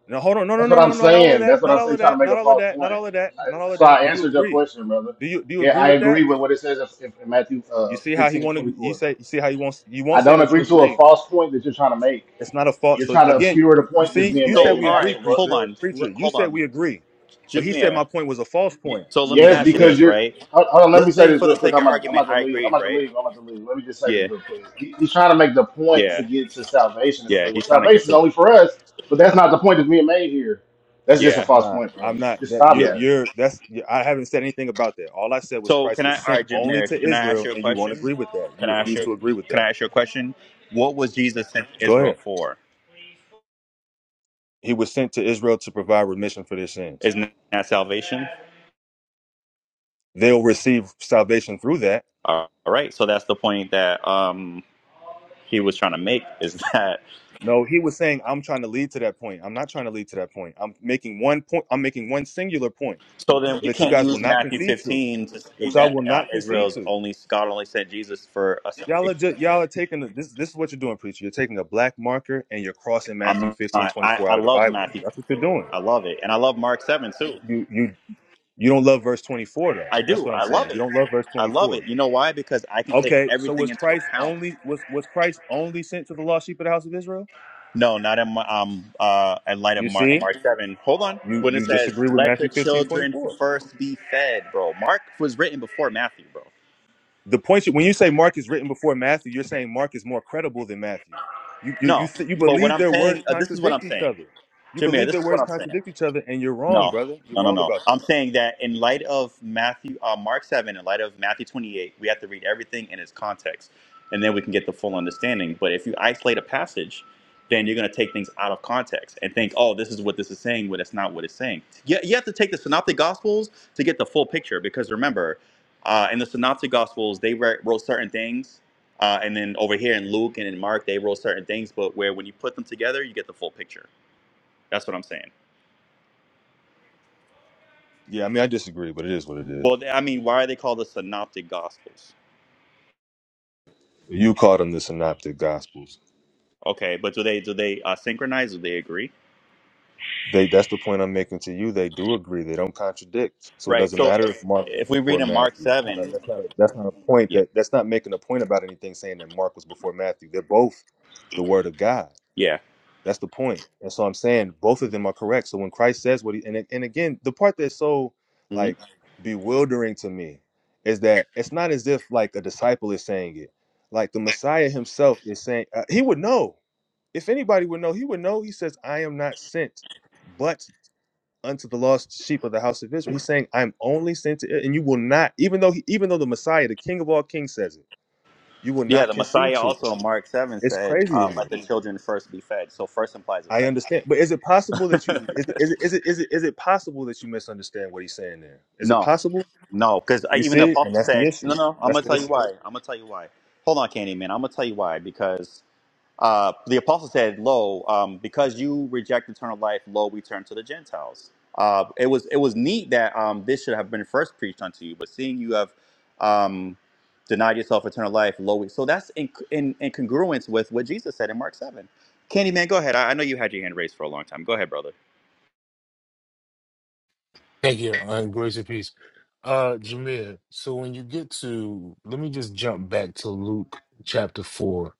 B: No, hold on. No, no,
C: That's
B: no,
C: what I'm
B: no, no, not all of
C: saying.
B: that.
C: That's what
B: Not
C: I'm
B: all of
C: saying. Trying to
B: that.
C: make a
B: Not all of
C: false
B: that. Not
C: point.
B: all of that.
C: I,
B: Not all of
C: so
B: that.
C: I
B: Do you
C: answered your
B: agree?
C: question, brother.
B: Do you do you
C: Yeah,
B: agree
C: I
B: with
C: agree
B: that?
C: with what it says in, in Matthew
B: You
C: uh,
B: see how he
C: 15,
B: want to. You
C: twenty-four.
B: say. You see how you won't. You
C: I
B: won't say
C: don't
B: that you
C: agree to a
B: agree
C: false point that you're trying to make.
B: It's not a fault.
C: You're
B: So
C: trying to
B: again,
C: obscure the
B: you
C: point that's
B: see,
C: being
B: you said
C: made
A: So,
C: in
B: we
C: the
A: all
B: agree,
A: right,
C: actual ver-
A: hold
B: preacher.
C: verse.
A: on.
B: Preacher,
A: L-
B: you
A: hold
B: said
A: on.
B: we agree. But he said
A: Jameer.
B: my point was a false
C: Y-
B: point,
A: So
B: so
A: let
B: we
A: me
C: Yes,
B: don't
A: ask you
C: because
B: agree.
A: this,
C: you're.
A: right?
C: Hold hold on, let me
A: Let's
C: say
A: say
C: this
A: for the
C: real quick.
A: sake
C: I'm
A: of
C: about, I'm
A: argument,
C: about to
A: I
C: leave. I'm
A: agreed,
C: about to
A: right?
C: leave. I'm about to leave. Let me just say this
A: Yeah.
C: real quick. He, he's trying to make the point to
A: Yeah.
C: get to salvation and say,
A: Yeah.
C: well,
A: He's trying to get
C: salvation's
A: to.
C: only for us, but that's not the point that's being made here. That's just a
A: Yeah.
C: false
B: Nah,
C: point, bro.
B: I'm
C: Just,
B: not
C: just
B: that
C: stop
B: you're
A: Yeah.
C: that.
B: you're that's you I haven't said anything about that. All I said was
A: So can
B: Christ was
A: I? All
B: sent
A: right,
B: only
A: Jameer.
B: to
A: Can I ask
B: Israel,
A: you a
B: and you won't
A: question?
B: agree with that. You
A: Can I ask
B: refuse
A: you?
B: to agree with
A: Can
B: that.
A: I ask you a question? What was Jesus sent to
B: Go
A: Israel
B: ahead.
A: for?
B: He was sent to Israel to provide remission for their sins.
A: Isn't that salvation?
B: They'll receive salvation through that.
A: All right. So that's the point that um, he was trying to make is *laughs* that.
B: No, he was saying, I'm trying to lead to that point. I'm not trying to lead to that point. I'm making one point, I'm making one singular point
A: So then we
B: that you
A: can't
B: guys will
A: use
B: not
A: Matthew
B: concede to.
A: 15 to
B: that
A: say
B: y'all
A: that
B: will
A: uh,
B: not concede
A: Israel's
B: to.
A: only God only sent Jesus for a
B: Y'all are
A: salvation.
B: just, y'all are taking the, this. This is what you're doing, preacher. You're taking a black marker and you're crossing Matthew
A: I'm
B: 15:24
A: not, I, I
B: out of the
A: love
B: Bible.
A: Matthew
B: That's what you're
A: 15.
B: doing.
A: I love it, and I love Mark 7 too.
B: You you you don't love verse 24 though.
A: I
B: That's
A: do.
B: what I'm
A: I
B: saying.
A: love it.
B: You don't love verse
A: I love it.
B: 24.
A: You know why? Because I can take
B: Okay, so
A: everything
B: was
A: into
B: Christ
A: account.
B: only was was Christ only sent to the lost sheep of the house of Israel?
A: No, not at my, um uh at light of
B: You
A: Mark
B: see,
A: Mark seven. Hold on.
B: you
A: When it
B: you
A: says
B: disagree with
A: let the
B: Matthew 15:24.
A: children first be fed, bro. Mark was written before Matthew, bro.
B: the point you, when you say Mark is written before Matthew, you're saying Mark is more credible than Matthew. You you you,
A: No.
B: th- you
A: But what
B: believe
A: I'm
B: their words
A: saying uh, this is what I'm
B: contradict each
A: saying.
B: other. You
A: Jameer,
B: believe
A: this
B: their
A: is what
B: words
A: I'm saying.
B: contradict each other, and you're wrong,
A: No,
B: brother. You're
A: no, no,
B: wrong
A: no.
B: about
A: I'm
B: that.
A: saying that in light of Matthew, uh, Mark 7, in light of Matthew 28, we have to read everything in its context, and then we can get the full understanding. But if you isolate a passage, then you're going to take things out of context and think, oh, this is what this is saying, when it's not what it's saying. You, you have to take the Synoptic Gospels to get the full picture, because remember, uh, in the Synoptic Gospels, they wrote wrote certain things. Uh, and then over here in Luke and in Mark, they wrote certain things, but where when you put them together, you get the full picture. That's what I'm saying.
B: Yeah, I mean, I disagree, but it is what it is.
A: Well, I mean, why are they called the synoptic gospels?
B: You call them the Synoptic Gospels.
A: Okay, but do they do they uh, synchronize? Do they agree?
B: They that's the point I'm making to you. They do agree. They don't contradict. So it
A: Right.
B: doesn't
A: So
B: matter
A: if,
B: if Mark was
A: if we read
B: before
A: in Mark
B: Matthew. That's not a,
A: seven,
B: that's not a, that's not a point.
A: yeah,
B: That that's not making a point about anything saying that Mark was before Matthew. They're both the Word of God.
A: yeah,
B: That's the point. That's all I'm saying. Both of them are correct. So when Christ says what he and and again, the part that's so
A: hmm
B: like bewildering to me is that it's not as if like a disciple is saying it. Like the Messiah himself is saying uh, he would know. If anybody would know, he would know. He says, "I am not sent, but unto the lost sheep of the house of Israel." He's saying, "I'm only sent to it, and you will not." Even though he, even though the Messiah, the King of all kings, says it, you will
A: yeah,
B: not
A: the
B: concede
A: Messiah
B: to it.
A: also in Mark seven
B: It's
A: said,
B: crazy to
A: uh, "Let
B: me.
A: the children first be fed." So first implies a
B: I
A: second.
B: understand, but is it possible that you
A: *laughs*
B: is it, is it is it is it is it possible that you misunderstand what he's saying there? Is it
A: No,
B: possible?
A: no, because
B: You
A: even the
B: see, and
A: apostle
B: that's the
A: said, "No,
B: issue.
A: no." I'm
B: That's
A: gonna
B: the
A: tell you
B: issue.
A: why. I'm gonna tell you why. Hold on, Candyman. I'm gonna tell you why because Uh, the apostle said, "Lo, um, because you reject eternal life, lo, we turn to the Gentiles." Uh, it was it was neat that um, this should have been first preached unto you, but seeing you have um, denied yourself eternal life, lo, we, so that's in, in in congruence with what Jesus said in Mark seven. Candy man, go ahead. I, I know you had your hand raised for a long time. Go ahead, brother.
E: Thank you. Uh, grace and peace. Uh, Jameer, so when you get to, let me just jump back to Luke chapter 4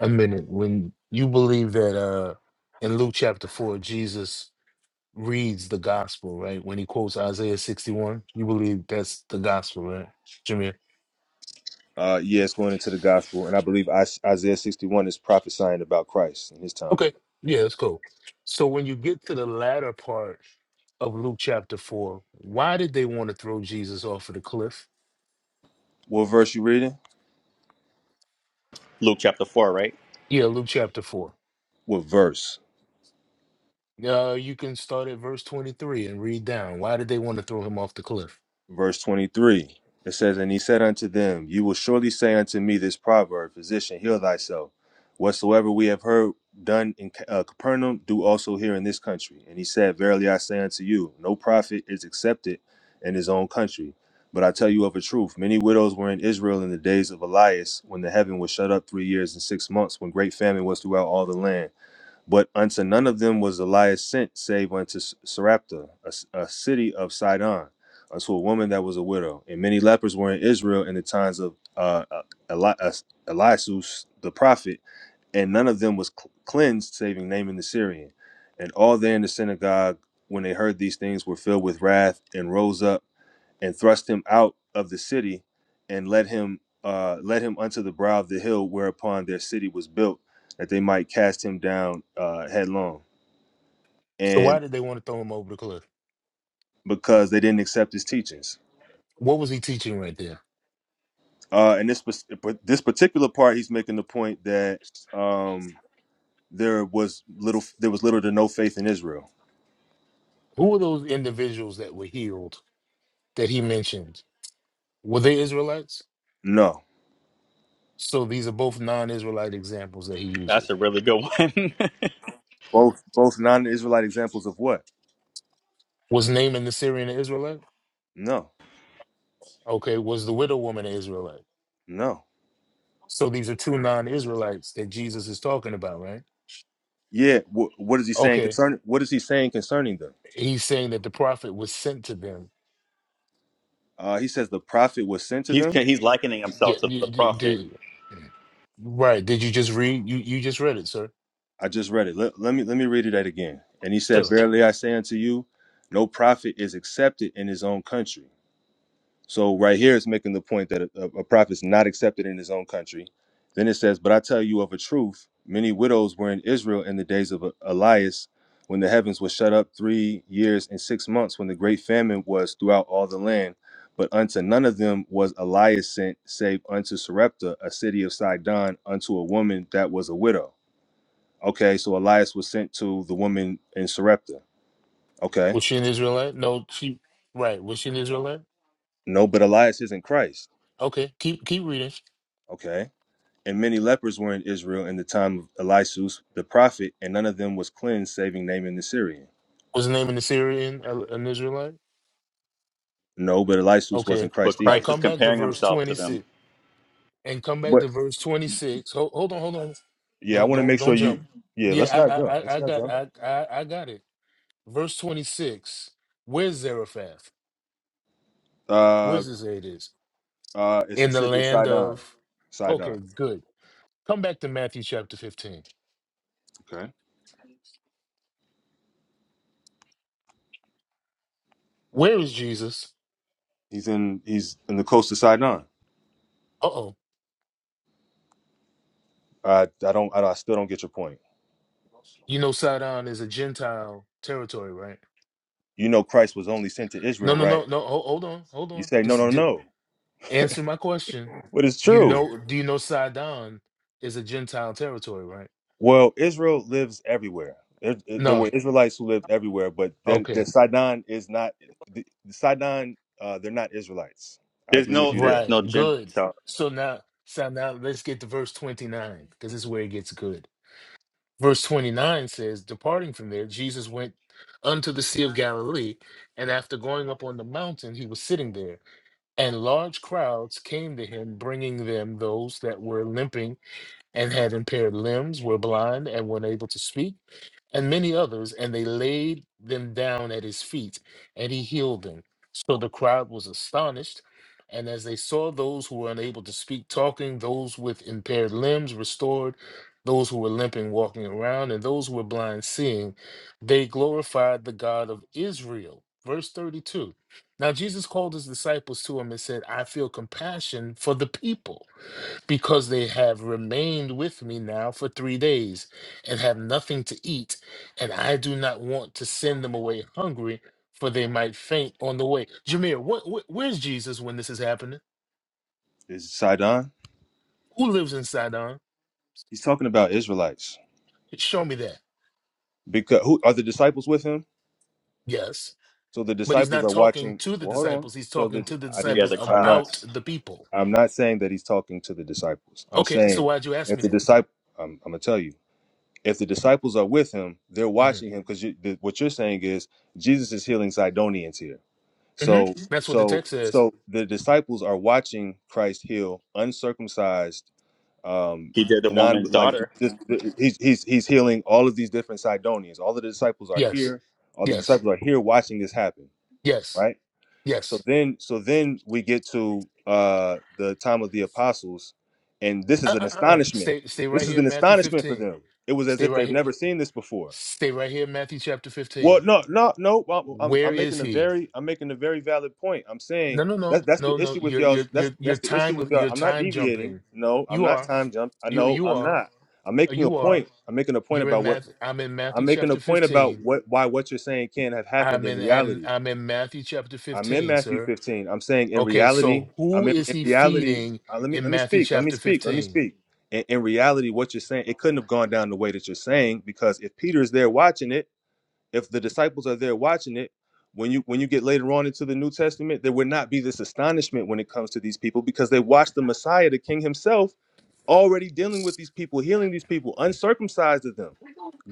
E: a minute. When you believe that uh, in Luke chapter 4, Jesus reads the gospel, right? When he quotes Isaiah 61, you believe that's the gospel, right, Jameer?
B: Uh, yeah, it's going into the gospel, and I believe Is- Isaiah sixty one is prophesying about Christ in his time.
E: Okay. Yeah, that's cool. So when you get to the latter part of Luke chapter 4, why did they want to throw Jesus off of the cliff?
B: What verse you reading?
A: Luke chapter four, right?
E: Yeah, Luke chapter 4.
B: What verse?
E: Uh, you can start at verse 23 and read down. Why did they want to throw him off the cliff?
B: Verse 23 it says, And he said unto them, You will surely say unto me this proverb, Physician, heal thyself. Whatsoever we have heard done in Ca- uh, Capernaum, do also here in this country. And he said, Verily I say unto you, no prophet is accepted in his own country. But I tell you of a truth, many widows were in Israel in the days of Elias, when the heaven was shut up three years and six months, when great famine was throughout all the land. But unto none of them was Elias sent, save unto S- a a, s- a city of Sidon, unto a woman that was a widow. And many lepers were in Israel in the times of uh, uh, Eli- uh, Eliasus the prophet, and none of them was cl- cleansed, saving Naaman the Syrian. And all there in the synagogue, when they heard these things, were filled with wrath and rose up and thrust him out of the city and led him uh, led him unto the brow of the hill whereupon their city was built that they might cast him down uh, headlong
E: So,
B: and
E: why did they want to throw him over the cliff?
B: because they didn't accept his teachings
E: What was he teaching right there?
B: uh, and this this particular part he's making the point that um, there was little there was little to no faith in Israel
E: Who were those individuals that were healed that he mentioned? Were they Israelites?
B: no
E: So, these are both non Israelite examples that he
A: That's
E: uses.
A: a really good one.
B: both both non-israelite examples of what
E: Was Naaman the Syrian an Israelite?
B: no
E: Okay. Was the widow woman an Israelite?
B: no
E: So, these are two non Israelites that Jesus is talking about, right?
B: yeah wh- what is he saying
E: Okay.
B: concerning what is he saying concerning them
E: He's saying that the prophet was sent to them
B: uh, he says the prophet was sent
A: *laughs*
B: to
A: he's
B: them
A: he's likening
E: Yeah,
A: himself to the
E: you, d-
A: prophet,
E: d- right. Did you just read? You you just read it, sir.
B: I just read it. Let, let me let me read it that again. And he said,
E: Still,
B: Verily I say unto you, no prophet is accepted in his own country. So right here it's making the point that a, a prophet is not accepted in his own country. Then it says, But I tell you of a truth, many widows were in Israel in the days of E-, Elias, when the heavens were shut up three years and six months, when the great famine was throughout all the land. But unto none of them was Elias sent, save unto Sarepta, a city of Sidon, unto a woman that was a widow Okay, so Elias was sent to the woman in Sarepta. Okay.
E: was she an Israelite? No, she. Right, was she an Israelite?
B: No, but Elias isn't Christ.
E: Okay, keep keep reading.
B: Okay. And many lepers were in Israel in the time of Elisus the prophet, and none of them was cleansed, saving Naaman the Syrian.
E: Was the name in the Syrian uh, an Israelite?
B: No, but Elisus
E: Okay,
B: wasn't
A: but
B: Christ
E: now
B: either.
A: Christ is
E: come back to
A: comparing
E: verse
A: himself to
E: twenty
A: them.
E: six and come back
B: But
E: to verse twenty six. Hold, hold on, hold on.
B: yeah, I
E: Don't
B: want to
E: don't
B: make sure
E: don't
B: you.
E: jump.
B: Yeah,
E: Yeah,
B: let's not
E: I I
B: jump.
E: I
B: Let's
E: I
B: not
E: got
B: jump.
E: I I, I got it. Verse twenty six. Where's Zarephath?
B: Uh,
E: Where's this? It is
B: uh, it's the
E: in the
B: city of
E: land
B: Sidon.
E: of.
B: Sidon.
E: Okay, good. Come back to Matthew chapter 15.
B: Okay.
E: Where is Jesus?
B: He's in. He's in the coast of Sidon.
E: Uh oh.
B: I I don't. I, I still don't get your point.
E: You know, Sidon is a Gentile territory, right?
B: You know, Christ was only sent to
E: No,
B: Israel,
E: no,
B: right?
E: no, no. Hold, hold on, hold
B: You
E: on.
B: say no,
E: Just
B: no,
E: di-
B: no.
E: answer my question.
B: But it's
E: You
B: true.
E: know, do you know Sidon is a Gentile territory, right?
B: Well, Israel lives everywhere. There, there were
E: No.
B: Israelites who lived everywhere, but that
E: Okay.
B: the Sidon is not the, the Sidon. Uh, they're not Israelites. I
A: There's
B: agree with
A: no
B: you there.
A: there's
E: Right.
A: no
E: Good.
A: Gentile.
E: So now, so now let's get to verse 29 because this is where it gets good. Verse 29 says, Departing from there, Jesus went unto the Sea of Galilee, and after going up on the mountain, he was sitting there. And large crowds came to him, bringing them those that were limping and had impaired limbs, were blind, and were unable to speak, and many others, and they laid them down at his feet, and he healed them. So the crowd was astonished. And as they saw those who were unable to speak talking, those with impaired limbs restored, those who were limping walking around, and those who were blind seeing, they glorified the God of Israel. Verse 32. Now Jesus called his disciples to him and said, I feel compassion for the people because they have remained with me now for three days and have nothing to eat, and I do not want to send them away hungry, for they might faint on the way. Jameer, what, wh- where's Jesus when this is happening?
B: Is it Sidon?
E: Who lives in Sidon?
B: He's talking about Israelites
E: Show me that.
B: because who are the disciples with him?
E: Yes.
B: So the
E: But he's
B: disciples
E: not
B: are
E: talking
B: watching.
E: to the
B: Well, hold on.
E: disciples, he's
B: So the,
E: talking to the
B: I
A: Yeah,
E: disciples
B: didn't.
A: the
B: I'm not.
E: about
A: crowds.
E: the people.
B: I'm not saying that he's talking to the disciples. I'm
E: Okay, so
B: saying
E: why'd you ask
B: if
E: me
B: the
E: that?
B: disciple, I'm, I'm gonna tell you. if the disciples are with him, they're
E: hmm
B: watching him because you, the, what you're saying is Jesus is healing Zidonians here.
E: hmm
B: So,
E: That's what the
B: so,
E: text says.
B: so the disciples are watching Christ heal uncircumcised, um,
A: He did the
B: non
A: woman's
B: like
A: daughter.
B: this, this, he's he's he's healing all of these different Sidonians. All the disciples are
E: Yes,
B: here. All the
E: yes,
B: disciples are here watching this happen,
E: yes,
B: right? so
E: yes.
B: then so then we get to uh the time of the apostles and this is
E: Uh, uh,
B: an
E: uh, uh.
B: astonishment
E: Stay, stay right
B: this is
E: here,
B: an
E: Matthew
B: astonishment for
E: 15.
B: them it was as
E: Stay
B: if
E: right
B: they've
E: here.
B: never seen this before
E: Stay right here, Matthew chapter 15.
B: well no no no i'm, I'm
E: Where
B: I'm
E: is
B: making a
E: he?
B: very i'm making a very valid point i'm
E: No,
B: saying
E: no, no.
B: that, that's
E: No,
B: the
E: no.
B: issue with
E: You're
B: y'all
E: you're you're
B: that's
E: you're
B: that's the issue
E: time
B: with y'all
E: you're
B: i'm not
E: time
B: deviating
E: jumping.
B: no i'm
E: You
B: not
E: are.
B: time jump i
E: You
B: know
E: you
B: i'm
E: are.
B: not i'm making a
E: You are.
B: point i'm making a point
E: You're in
B: about what
E: Math I'm in
B: i'm
E: Matthew
B: making a
E: chapter
B: point about
E: 15.
B: what why what you're saying can't have happened
E: I'm
B: in
E: in and
B: reality
E: I'm in Matthew chapter
B: I'm in
E: 15,
B: Matthew
E: sir.
B: 15. I'm saying in
E: Okay,
B: reality,
E: so who
B: I'm in,
E: is
B: in
E: he
B: reality.
E: feeding
B: uh, let me
E: in
B: let me
E: Matthew
B: speak. Let me
E: chapter
B: speak. Let me
E: 15?
B: speak. In, in reality, what you're saying, it couldn't have gone down the way that you're saying because if Peter's there watching it, if the disciples are there watching it, when you when you get later on into the New Testament, there would not be this astonishment when it comes to these people because they watched the Messiah, the King Himself, already dealing with these people, healing these people, uncircumcised of them,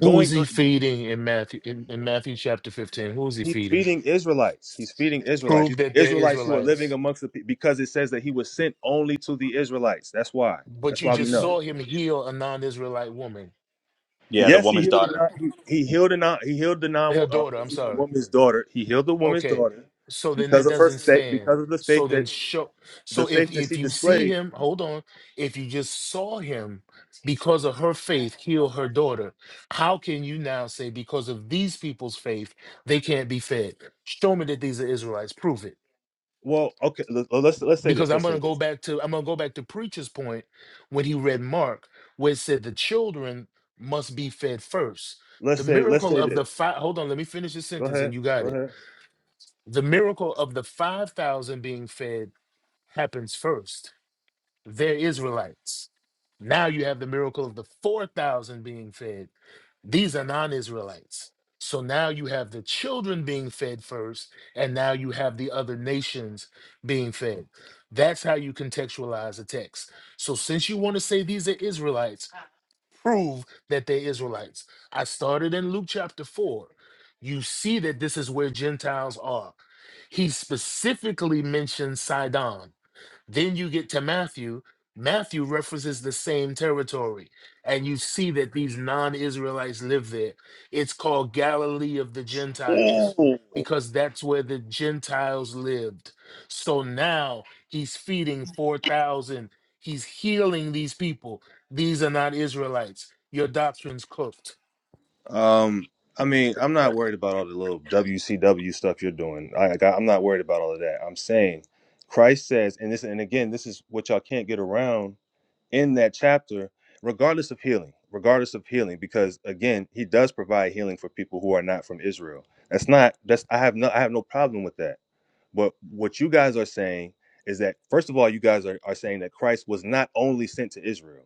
E: Who is he
B: uh,
E: feeding in Matthew in, in Matthew chapter 15? Who is he
B: He's
E: feeding?
B: feeding Israelites. He's feeding Israelites.
E: Prove
B: These are
E: that they're
B: Israelites who are
E: Israelites.
B: living amongst the people because it says that he was sent only to the Israelites. That's why.
E: But
B: That's
E: you
B: why we
E: just
B: know.
E: saw him heal a non-Israelite woman,
A: Yeah, the
B: Yes, he
A: woman's
B: healed a
A: daughter.
B: non. He, he healed a non. He healed the non
E: her
B: uh,
E: daughter. I'm
B: Israelite
E: sorry.
B: woman's daughter. He healed the woman's
E: Okay,
B: daughter
E: so then
B: because
E: that
B: of her
E: doesn't
B: faith.
E: stand.
B: Because of the
E: So
B: faith
E: then
B: that
E: show.
B: the
E: So if
B: faith that
E: if
B: she
E: you see
B: displayed.
E: him, hold on. If you just saw him because of her faith heal her daughter, how can you now say because of these people's faith they can't be fed? Show me that these are Israelites. Prove it.
B: Well, okay. let- Let's let's say
E: because
B: this.
E: I'm
B: Let's
E: going to
B: say
E: go
B: this.
E: back to I'm going to go back to preacher's point when he read Mark, where it said the children must be fed first.
B: Let's
E: The
B: say let's
E: miracle
B: say
E: of the
B: this.
E: five. Hold on, let me finish this
B: Go
E: sentence,
B: ahead.
E: and you got
B: Go
E: it.
B: ahead.
E: The miracle of the five thousand being fed happens first. They're Israelites. Now you have the miracle of the four thousand being fed these are non Israelites. So now you have the children being fed first, and now you have the other nations being fed. That's how you contextualize the text. So since you want to say these are Israelites, prove that they're Israelites. I started in Luke chapter 4. You see that this is where Gentiles are. He specifically mentions Sidon. Then you get to Matthew. Matthew references the same territory, and you see that these non Israelites live there. It's called Galilee of the Gentiles because that's where the Gentiles lived. So now he's feeding 4,000, he's healing these people. These are not Israelites. Your doctrine's cooked.
B: Um, I mean, I'm not worried about all the little WCW stuff you're doing. I, like, I'm not worried about all of that. I'm saying Christ says, and this, and again, this is what y'all can't get around in that chapter, regardless of healing, regardless of healing, because again, He does provide healing for people who are not from Israel. That's not. That's I have no. I have no problem with that. But what you guys are saying is that, first of all, you guys are, are saying that Christ was not only sent to Israel.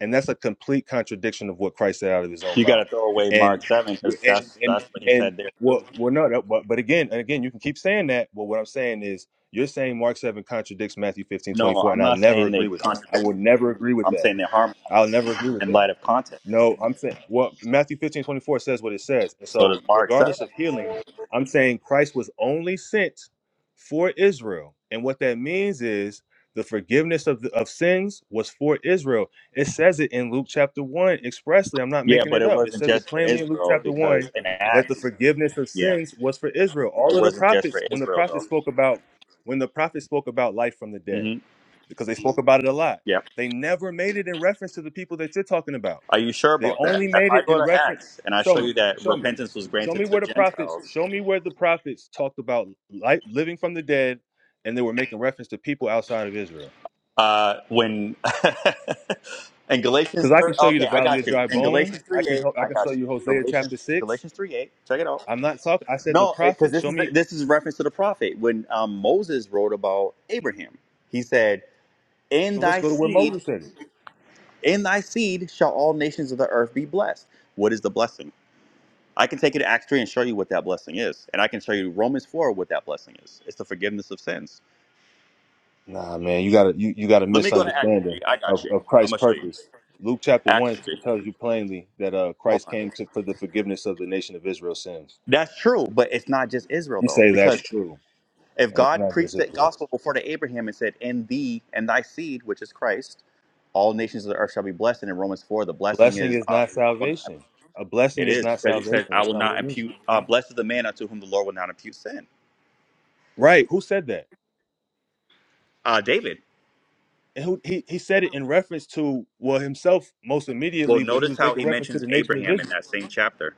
B: And that's a complete contradiction of what Christ said out of his own
A: You got to
B: mouth.
A: throw away
B: And,
A: Mark seven because
B: and,
A: that's
B: and,
A: that's what he
B: and
A: said there
B: well,
A: too.
B: well, no, that, but, but again, and again, you can keep saying that. But what I'm saying is, you're saying Mark 7 contradicts Matthew 15 twenty
A: No,
B: four,
A: I'm
B: and I'll
A: not
B: never
A: saying they
B: agree with that. I
A: contradict.
B: will never agree with
A: I'm
B: that.
A: saying they harmonize
B: I'll never agree with
A: in
B: that.
A: light of context.
B: No, I'm saying well, Matthew 15 24 says what it says. And
A: So
B: so
A: does Mark seven.
B: regardless of healing, I'm saying Christ was only sent for Israel. And what that means is the forgiveness of, the, of sins was for Israel. It says it in Luke chapter 1 expressly. I'm not
A: Yeah,
B: making
A: but
B: it
A: it
B: up. It
A: wasn't
B: says it
A: just for
B: plainly in Luke
A: Israel
B: chapter 1
A: because in
B: that the
A: Acts,
B: forgiveness of
A: yeah,
B: sins was for Israel. All
A: it
B: of the
A: wasn't just for
B: prophets, when the
A: Israel
B: prophets
A: though.
B: spoke about when the prophets spoke about life from the dead,
A: hmm
B: because they spoke about it a lot.
A: Yeah.
B: They never made it in reference to the people that you're talking about.
A: Are you sure
B: They
A: about that?
B: only
A: If
B: made
A: I
B: it
A: go
B: in
A: to
B: reference.
A: Acts and I
B: Show
A: show you
B: me.
A: that
B: Show me.
A: repentance was
B: Show me
A: granted to
B: where the prophets.
A: Gentiles,
B: Show me where the prophets talked about life, living from the dead, and they were making reference to people outside of Israel.
A: uh, when *laughs* in Galatians,
B: Because I can
A: thir-
B: show you the
A: okay, I
B: Valley of
A: got you.
B: Dry
A: In
B: Bones.
A: Galatians
B: I
A: three
B: can
A: eight,
B: help. I
A: I
B: can
A: got
B: show
A: you.
B: you Hosea chapter
A: Galatians
B: six.
A: Galatians three eight, check it out.
B: I'm not talking. I said the
A: No, because
B: prophets.
A: this
B: Show
A: is
B: me.
A: this is a reference to the prophet when um, Moses wrote about Abraham. He said, "In
B: So let's
A: thy
B: go to where
A: seed,
B: Moses said it.
A: in thy seed shall all nations of the earth be blessed." What is the blessing? I can take you to Acts three and show you what that blessing is, and I can show you Romans four what that blessing is. It's the forgiveness of sins.
B: Nah, man, you got to you, you got a
A: Let me go to Acts
B: misunderstanding
A: three. I
B: of,
A: got you.
B: of
A: I'm
B: Christ's
A: gonna show you
B: purpose. Luke chapter
A: Acts
B: one t-
A: three.
B: tells you plainly that uh,
A: Hold
B: Christ
A: on.
B: came to, for the forgiveness of the nation of Israel's sins.
A: That's true, but it's not just Israel
B: You
A: though,
B: say that's
A: because
B: true.
A: if
B: And it's
A: God
B: not just
A: preached that
B: Israel.
A: gospel before to Abraham and said, "In thee and thy seed, which is Christ, all nations of the earth shall be blessed," and in Romans four, the blessing
B: Blessing
A: is
B: is
A: uh,
B: not
A: I will not,
B: salvation. A blessing
A: it
B: is
A: is
B: not
A: because it
B: salvation.
A: says, "I
B: That's
A: will
B: not what
A: not
B: it means.
A: impute." Uh, Blessed is the man unto whom the Lord will not impute sin.
B: Right. Who said that?
A: Uh, David.
B: And who he, he said it in reference to well himself most
A: Well,
B: immediately, but he
A: notice
B: was
A: how
B: making
A: he
B: reference to
A: mentions
B: the nation of
A: Abraham in
B: Israel.
A: that same chapter.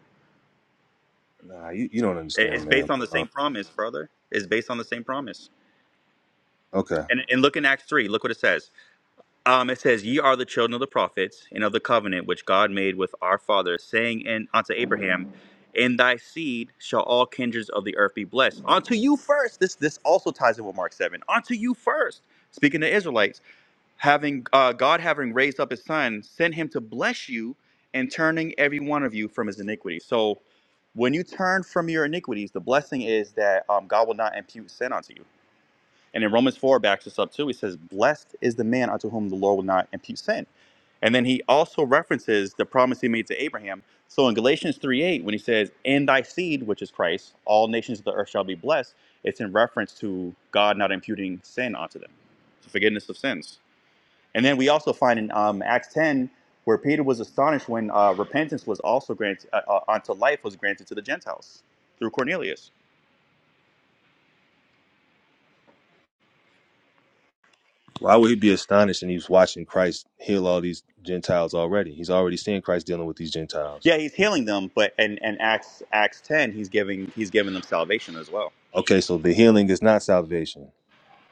B: Nah, you, you don't
A: It-
B: understand,
A: It's based
B: man.
A: on the
B: Um,
A: same promise, brother. It's based on the same promise.
B: okay.
A: And, and look in Acts three. Look what it says. Um, it says, "Ye are the children of the prophets and of the covenant which God made with our fathers, saying in, unto Abraham, In thy seed shall all kindreds of the earth be blessed. Unto you first. This this also ties in with Mark seven. Unto you first. Speaking to Israelites, having uh, God having raised up His Son, sent Him to bless you and turning every one of you from his iniquity. So, when you turn from your iniquities, the blessing is that um, God will not impute sin unto you. And in Romans 4 it backs us up too. He says, Blessed is the man unto whom the Lord will not impute sin. And then he also references the promise he made to Abraham. So in Galatians 3 8, when he says, In thy seed, which is Christ, all nations of the earth shall be blessed, it's in reference to God not imputing sin onto them. So forgiveness of sins. And then we also find in um, Acts 10 where Peter was astonished when uh, repentance was also granted uh, uh, unto life was granted to the Gentiles through Cornelius.
B: Why would he be astonished and he's watching Christ heal all these Gentiles already? He's already seeing Christ dealing with these Gentiles.
A: Yeah, he's healing them, but and and Acts Acts ten, he's giving he's giving them salvation as well.
B: Okay, so the healing is not salvation.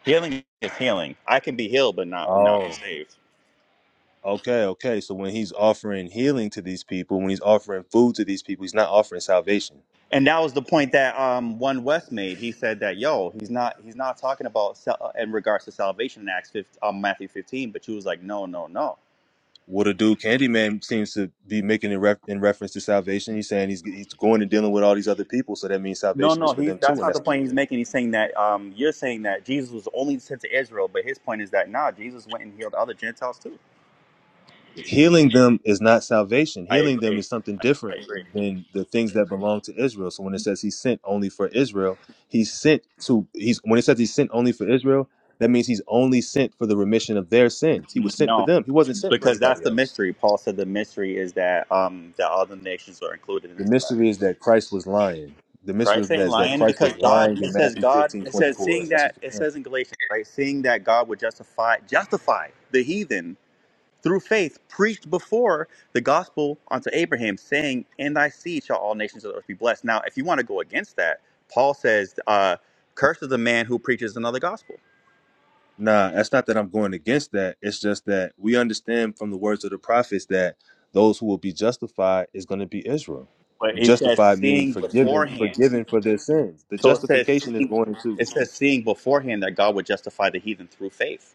A: Healing is healing. I can be healed, but not not be
B: Oh.
A: saved.
B: Okay, okay. So when he's offering healing to these people, when he's offering food to these people, he's not offering salvation.
A: And that was the point that um, one West made. He said that yo, he's not he's not talking about sal- in regards to salvation in Acts 15, um, Matthew fifteen. But you was like, no, no, no,
B: what a dude Candyman seems to be making in, ref- in reference to salvation. He's saying he's he's going and dealing with all these other people, so that means
A: no,
B: salvation is
A: no.
B: for
A: He's
B: them too,
A: that's
B: and
A: not the
B: that's not
A: point he's
B: okay.
A: making. He's saying that um, you're saying that Jesus was only sent to Israel, but his point is that nah, Jesus went and healed other Gentiles too.
B: healing them is not salvation.
A: I
B: Healing them
A: agree.
B: is something
A: I
B: different
A: agree.
B: than the things that belong to Israel. So when it says he sent only for Israel, he's sent to he's when it says he's sent only for Israel, that means he's only sent for the remission of their sins. He
A: Mm-hmm.
B: was sent for
A: No.
B: them. He wasn't sent for
A: because that's
B: anybody
A: the
B: else.
A: mystery. Paul said the mystery is that um that all the nations are included in
B: The
A: this.
B: mystery is that Christ was lying. The mystery
A: Christ ain't
B: is that
A: lying
B: Christ
A: because
B: was
A: God
B: lying in
A: it says
B: Matthew
A: God
B: 15
A: it
B: twenty
A: says
B: four.
A: seeing
B: That's what
A: that
B: you're
A: it
B: saying.
A: says in Galatians, right? Seeing that God would justify justify the heathen through faith preached before the gospel unto Abraham, saying, In thy seed shall all nations of the earth be blessed. Now if you want to go against that, Paul says, uh, curse is the man who preaches another gospel.
B: Nah, that's not that I'm going against that. It's just that we understand from the words of the prophets that those who will be justified is going to be Israel.
A: But he says
B: Justified meaning
A: seeing
B: forgiven,
A: beforehand.
B: forgiven for their sins. The
A: So it says
B: justification is
A: seeing,
B: going to
A: it says seeing beforehand that God would justify the heathen through faith.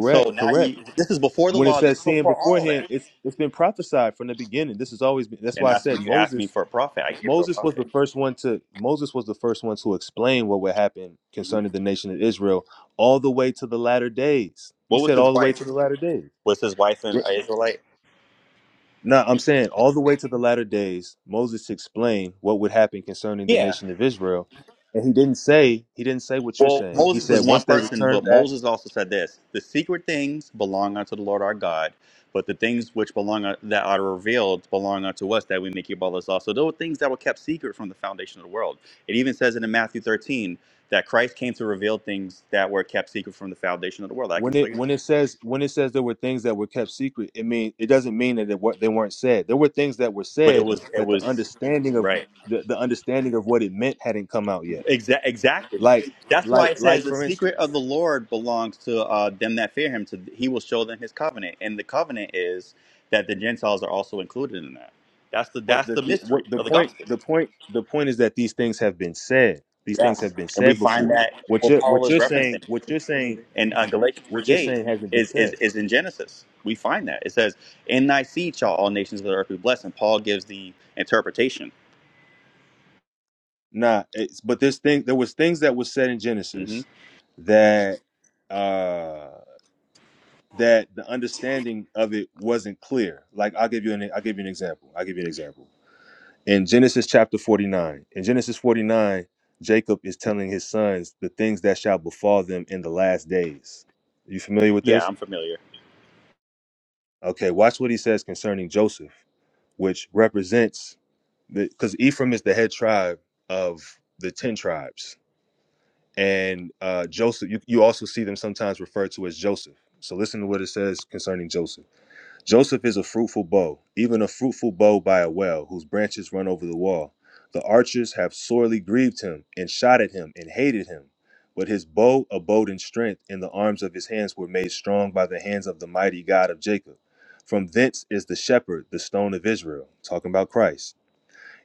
A: So now
B: correct.
A: you this is before the
B: When it
A: law, this
B: says
A: is
B: sin
A: before all of
B: beforehand,
A: that.
B: it's it's been prophesied from the beginning. This has always been. That's
A: And
B: why I
A: that's
B: said
A: when you asked me
B: Moses.
A: for a prophet. I gave you a
B: Moses was the
A: prophet.
B: first one to Moses was the first one to explain what would happen concerning the nation of Israel all the way to the latter days. He
A: What was
B: said
A: his
B: all the way
A: wife?
B: to the latter days.
A: Was his wife an Israelite?
B: No, I'm saying all the way to the latter days, Moses explained what would happen concerning the
A: Yeah.
B: nation of Israel, and he didn't say he didn't say what you're
A: Well,
B: saying. He
A: Moses
B: said
A: was
B: once
A: one
B: they
A: person,
B: return
A: but
B: back,
A: Moses also said this: the secret things belong unto the Lord our God, but the things which belong uh, that are revealed belong unto us, that we may keep all this law. So there were things that were kept secret from the foundation of the world. It even says it in Matthew 13 that Christ came to reveal things that were kept secret from the foundation of the world. I can
B: when
A: show
B: it
A: you,
B: when it says when it says there were things that were kept secret, it mean it doesn't mean that it, wa- they weren't said. There were things that were
A: but it
B: said
A: was it
B: that the
A: was
B: understanding of
A: right.
B: the, the understanding of what it meant hadn't come out yet.
A: Exa- exactly.
B: Like
A: That's why
B: like
A: it
B: like
A: says the
B: for
A: secret
B: instance.
A: of the Lord belongs to uh, them that fear Him. To He will show them His covenant, and the covenant is that the Gentiles are also included in that. That's the
B: But
A: that's
B: the,
A: the
B: the
A: mystery
B: what the
A: of the
B: point
A: gospel.
B: the point the point is that these things have been said. These things
A: Yes,
B: have been
A: and we
B: said
A: find
B: before.
A: that
B: What
A: what
B: you're
A: Paul
B: what
A: is
B: you're saying
A: referencing
B: what you're saying
A: in uh, Galatians three
B: what you're
A: eight
B: saying hasn't been
A: is is
B: said.
A: is in Genesis. We find that it says, "In thy seed shall all nations of the earth be blessed." And Paul gives the interpretation.
B: Nah, it's but this thing there was things that was said in
A: hmm
B: Genesis that uh that the understanding of it wasn't clear. Like I'll give you an I'll give you an example. I'll give you an example. In Genesis chapter 49, in Genesis 49, Jacob is telling his sons the things that shall befall them in the last days. You familiar with
A: Yeah,
B: this?
A: I'm familiar.
B: Okay, watch what he says concerning Joseph, which represents the because Ephraim is the head tribe of the ten tribes, and uh, Joseph. You, you also see them sometimes referred to as Joseph. So listen to what it says concerning Joseph. Joseph is a fruitful bow, even a fruitful bow by a well, whose branches run over the wall. The archers have sorely grieved him, and shot at him, and hated him. But his bow abode in strength, and the arms of his hands were made strong by the hands of the mighty God of Jacob. From thence is the shepherd, the stone of Israel, talking about Christ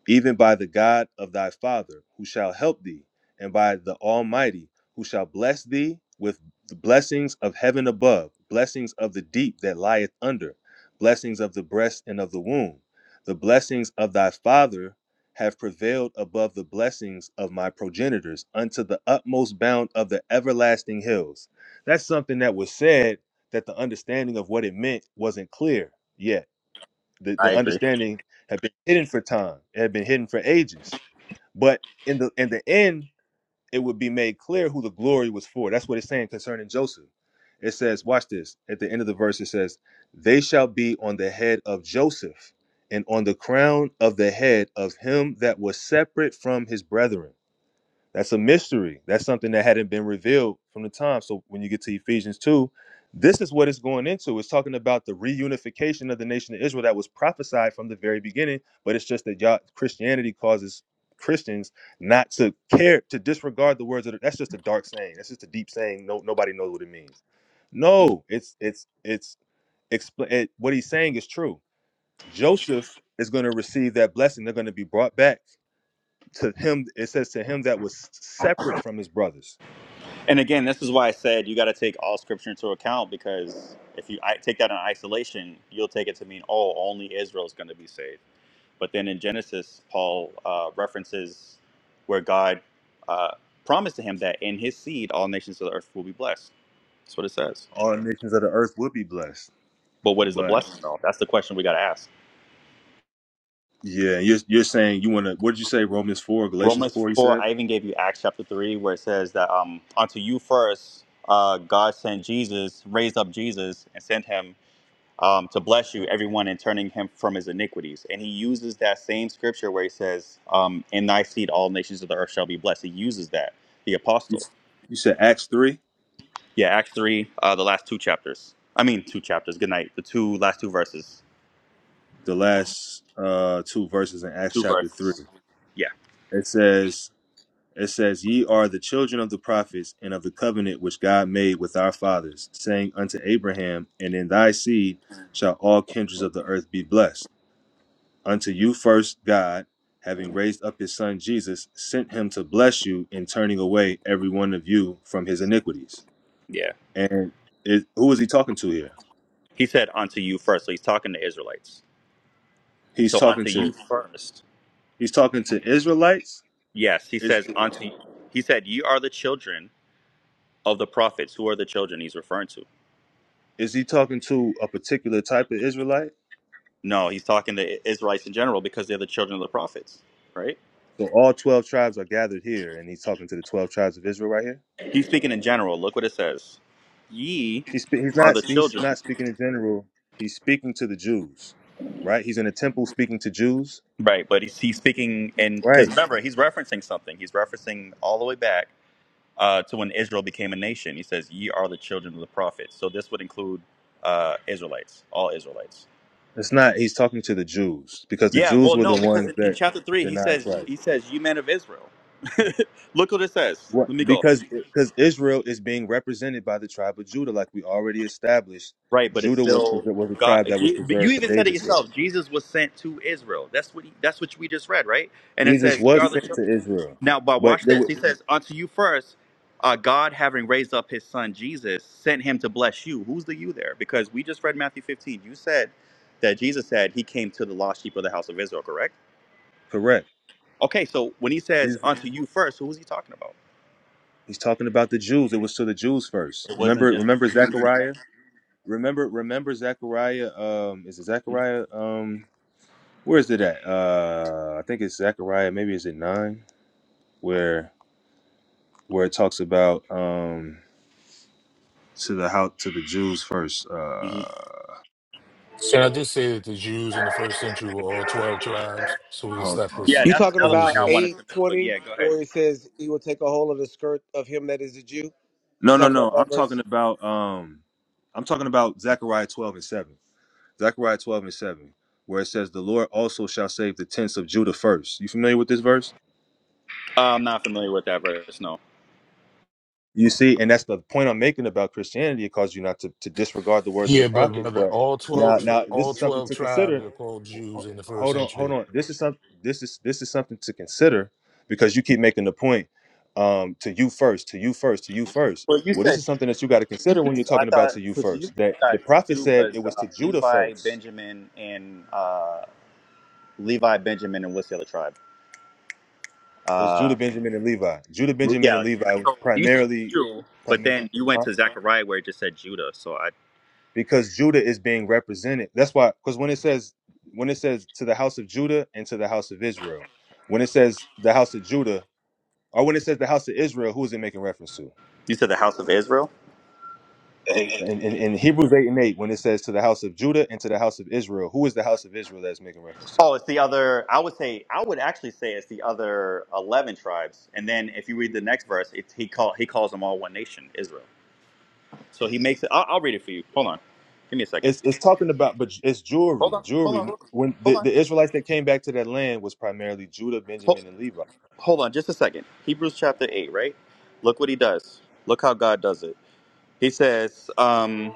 B: even by the God of thy father, who shall help thee, and by the Almighty, who shall bless thee with the blessings of heaven above, blessings of the deep that lieth under, blessings of the breast and of the womb. The blessings of thy father have prevailed above the blessings of my progenitors unto the utmost bound of the everlasting hills. That's something that was said that the understanding of what it meant wasn't clear yet the,
A: I
B: the
A: agree.
B: understanding had been hidden for time. It had been hidden for ages. But in the in the end, it would be made clear who the glory was for. That's what it's saying concerning Joseph. It says, watch this. At the end of the verse, it says, They shall be on the head of Joseph, and on the crown of the head of him that was separate from his brethren. That's a mystery. That's something that hadn't been revealed from the time. So when you get to Ephesians 2, this is what it's going into. It's talking about the reunification of the nation of Israel that was prophesied from the very beginning, but it's just that y'all, Christianity causes Christians not to care to disregard the words of the, that's just a dark saying. That's just a deep saying. No nobody knows what it means. No, it's it's it's expl- it, what he's saying is true. Joseph is going to receive that blessing. They're going to be brought back to him it says to him that was separate from his brothers
A: And again, this is why I said you got to take all scripture into account because if you I, take that in isolation, you'll take it to mean, oh, only Israel's going to be saved. But then in Genesis, Paul uh, references where God uh, promised to him that in his seed all nations of the earth will be blessed. That's what it says.
B: all the nations of the earth would be blessed
A: But what is the
B: but
A: blessing, though? That's the question we got to ask.
B: yeah you're, you're saying you want to what did you say romans 4 galatians
A: Romans
B: 4 you
A: 4,
B: said
A: I even gave you Acts chapter 3, where it says that um, unto you first, uh, God sent Jesus, raised up Jesus, and sent him um, to bless you, everyone, and turning him from his iniquities. And he uses that same scripture where he says, um, In thy seed all nations of the earth shall be blessed. He uses that, the
B: you,
A: apostle.
B: s- you said acts 3
A: Yeah, Acts 3, uh, the last two chapters. I mean, two chapters. Good night. The two last two verses.
B: the last uh two verses in acts
A: Two
B: chapter 3
A: verses. Yeah,
B: it says it says ye are the children of the prophets and of the covenant which god made with our fathers saying unto abraham and in thy seed shall all kindreds of the earth be blessed Unto you first God, having raised up his son Jesus, sent him to bless you in turning away every one of you from his iniquities.
A: yeah.
B: And it, who is he talking to here?
A: He said, Unto you first. So he's talking to Israelites.
B: He's
A: So
B: talking
A: unto
B: to
A: you first.
B: he's talking to Israelites.
A: Yes, he
B: Is
A: says, Unto He said, Ye are the children of the prophets. Who are the children he's referring to?
B: is he talking to a particular type of Israelite?
A: No, he's talking to Israelites in general because they're the children of the prophets, right?
B: So all twelve tribes are gathered here, and he's talking to the twelve tribes of Israel right here.
A: He's speaking in general. Look what it says. Ye
B: He's spe- he's
A: are
B: not
A: the
B: he's
A: children.
B: not speaking in general. He's speaking to the Jews, right? He's in a temple speaking to Jews,
A: Right, but he's, he's speaking, and
B: right?
A: because remember, he's referencing something. He's referencing all the way back uh, to when Israel became a nation. He says, Ye are the children of the prophets. So this would include uh, Israelites, all Israelites.
B: It's not. He's talking to the Jews because the
A: Yeah,
B: Jews
A: well,
B: were
A: no,
B: the
A: because
B: ones
A: in, in
B: that
A: chapter 3, he
B: denied
A: says,
B: Christ.
A: he says, You men of Israel. *laughs* Look what it says.
B: What?
A: Let me go.
B: Because because Israel is being represented by the tribe of Judah, like we already established.
A: Right, but it's
B: Judah was
A: still
B: preser- was a
A: God.
B: tribe that was
A: Je- But you
B: preserved for
A: even said it
B: David's sake.
A: yourself. Jesus was sent to Israel. That's what he, that's what we just read, right? And it
B: Jesus
A: says, "You are
B: was
A: the
B: sent to
A: children."
B: Israel,
A: Now, but
B: but
A: watch
B: there
A: this.
B: were
A: He says, "Unto you first, uh, God, having raised up His Son Jesus, sent Him to bless you." Who's the you there? Because we just read Matthew 15. You said that Jesus said He came to the lost sheep of the house of Israel. Correct?
B: correct.
A: Okay, so when He says,
B: He's,
A: "Unto you first, who is He talking about?
B: he's talking about the Jews. It was to the Jews first.
A: It wasn't
B: Remember,
A: just the
B: remember
A: Jews.
B: Zechariah. Remember, remember Zechariah. Um, is it Zechariah? Um, where is it at? Uh, I think it's Zechariah. Maybe is it nine? Where where it talks about um to the how to the Jews first. Uh
A: Mhm.
E: So I just say that the Jews in the first century were all 12 tribes, so we can
B: hold
E: stop
B: on,
A: Yeah,
E: this
B: hold
F: You
B: on.
A: that's
F: talking
A: another
F: about
A: point I
E: foolishness?
A: wanted to
F: eight
A: make. But
F: twenty,
A: yeah, go ahead.
F: or it says he will take a hold of the skirt of him that is a Jew?
B: No,
F: You
B: no,
F: talking
B: no.
F: about
B: I'm
F: that
B: talking
F: verse?
B: about um I'm talking about Zechariah 12 and 7. Zechariah 12 and 7, where it says, The Lord also shall save the tents of Judah first." You familiar with this verse?
A: Uh, I'm not familiar with that verse. No.
B: You see, and that's the point I'm making about Christianity. It causes you not to, to disregard the words of the
E: Yeah, but
B: prophets,
E: brother,
B: but
E: all twelve,
B: now
E: tr-
B: now this
E: all
B: is something
E: twelve
B: to consider.
E: tribes are called Jews in the first
B: hold on, hold
E: century.
B: on. This is something. This is this is something to consider because you keep making the point um, to you first, to you first, to you first.
A: Well, you
B: Well, this is
A: said
B: something that you got to consider when you're
A: I
B: talking about
A: thought
B: to you
A: because you
B: first. That
A: thought
B: the prophet
A: Jew
B: said it
A: was uh,
B: was to Judah
A: Levi,
B: first.
A: Benjamin, and uh, Levi, Benjamin, and what's the other tribe?
B: It was Judah,
A: Uh,
B: Benjamin, and Levi. Judah, Benjamin,
A: yeah,
B: and Levi was
A: you said,
B: primarily,
A: but
B: primarily,
A: then you went
B: huh?
A: to Zechariah where it just said Judah. So I,
B: because Judah is being represented. That's why, because when it says when it says to the house of Judah and to the house of Israel, when it says the house of Judah, or when it says the house of Israel, who is it making reference to?
A: you said the house of Israel.
B: in, in, in Hebrews 8 and 8, when it says to the house of Judah and to the house of Israel, who is the house of Israel that's making reference to?
A: Oh, it's the other. I would say I would actually say it's the other eleven tribes. And then if you read the next verse, it's he call he calls them all one nation, Israel. So he makes it. I'll, I'll read it for you. Hold on, give me a second.
B: It's it's talking about, but it's
A: Hold
B: jewelry,
A: on, hold on,
B: jewelry. When the,
A: hold on.
B: the Israelites that came back to that land was primarily Judah,
A: Hold,
B: Benjamin, and Levi.
A: hold on just a second. Hebrews chapter 8, right? Look what he does. Look how God does it. He says, um,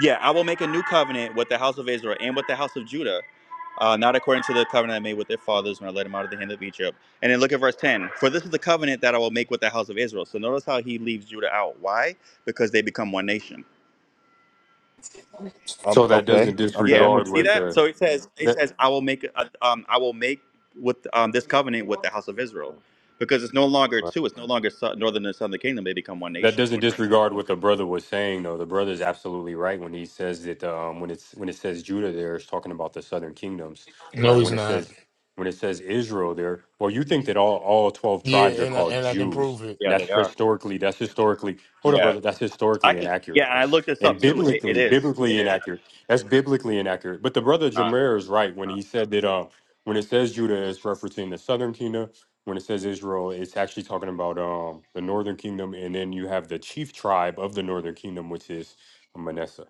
A: Yeah, I will make a new covenant with the house of Israel and with the house of Judah, uh, not according to the covenant I made with their fathers when I led them out of the hand of Egypt. And then look at verse 10 For this is the covenant that I will make with the house of Israel. So notice how he leaves Judah out. Why? Because they become one nation.
B: Um,
G: So that
B: okay,
G: doesn't
B: okay,
A: Yeah,
B: I'm
A: you
B: with
G: disregard
A: see
G: what
B: you.
A: that?
G: the
A: So it says, it
G: that
A: says, I will make, a, um, I will make with um, this covenant with the house of Israel, because it's no longer
B: Right.
A: two. It's no longer sou- northern and southern kingdom. They become one
G: that
A: nation
G: doesn't
A: when Christ.
G: disregard what the brother was saying though. The brother's absolutely right when he says that um when it's when it says Judah there it's talking about the southern kingdoms, right?
E: No, he's
G: When it
E: not.
G: says when it says Israel there, well, you think that all, all 12
E: Yeah,
G: tribes are
E: and I,
G: called
E: and I can
G: Jews.
E: prove it.
A: Yeah,
G: That's
A: they are.
G: historically, that's historically, hold up,
A: Yeah,
G: brother, that's
A: I
G: historically
A: can. Yeah,
G: inaccurate.
A: and I
G: That's-
A: looked this up
G: and
A: too. It, it
G: biblically,
A: is. It
G: biblically
A: is. That's
G: inaccurate. That's biblically inaccurate. But the brother
A: not.
G: Jameer is right when he said that uh, when it says Judah, it's referencing the southern kingdom. When it says Israel, it's actually talking about um, the northern kingdom. And then you have the chief tribe of the northern kingdom, which is Manasseh.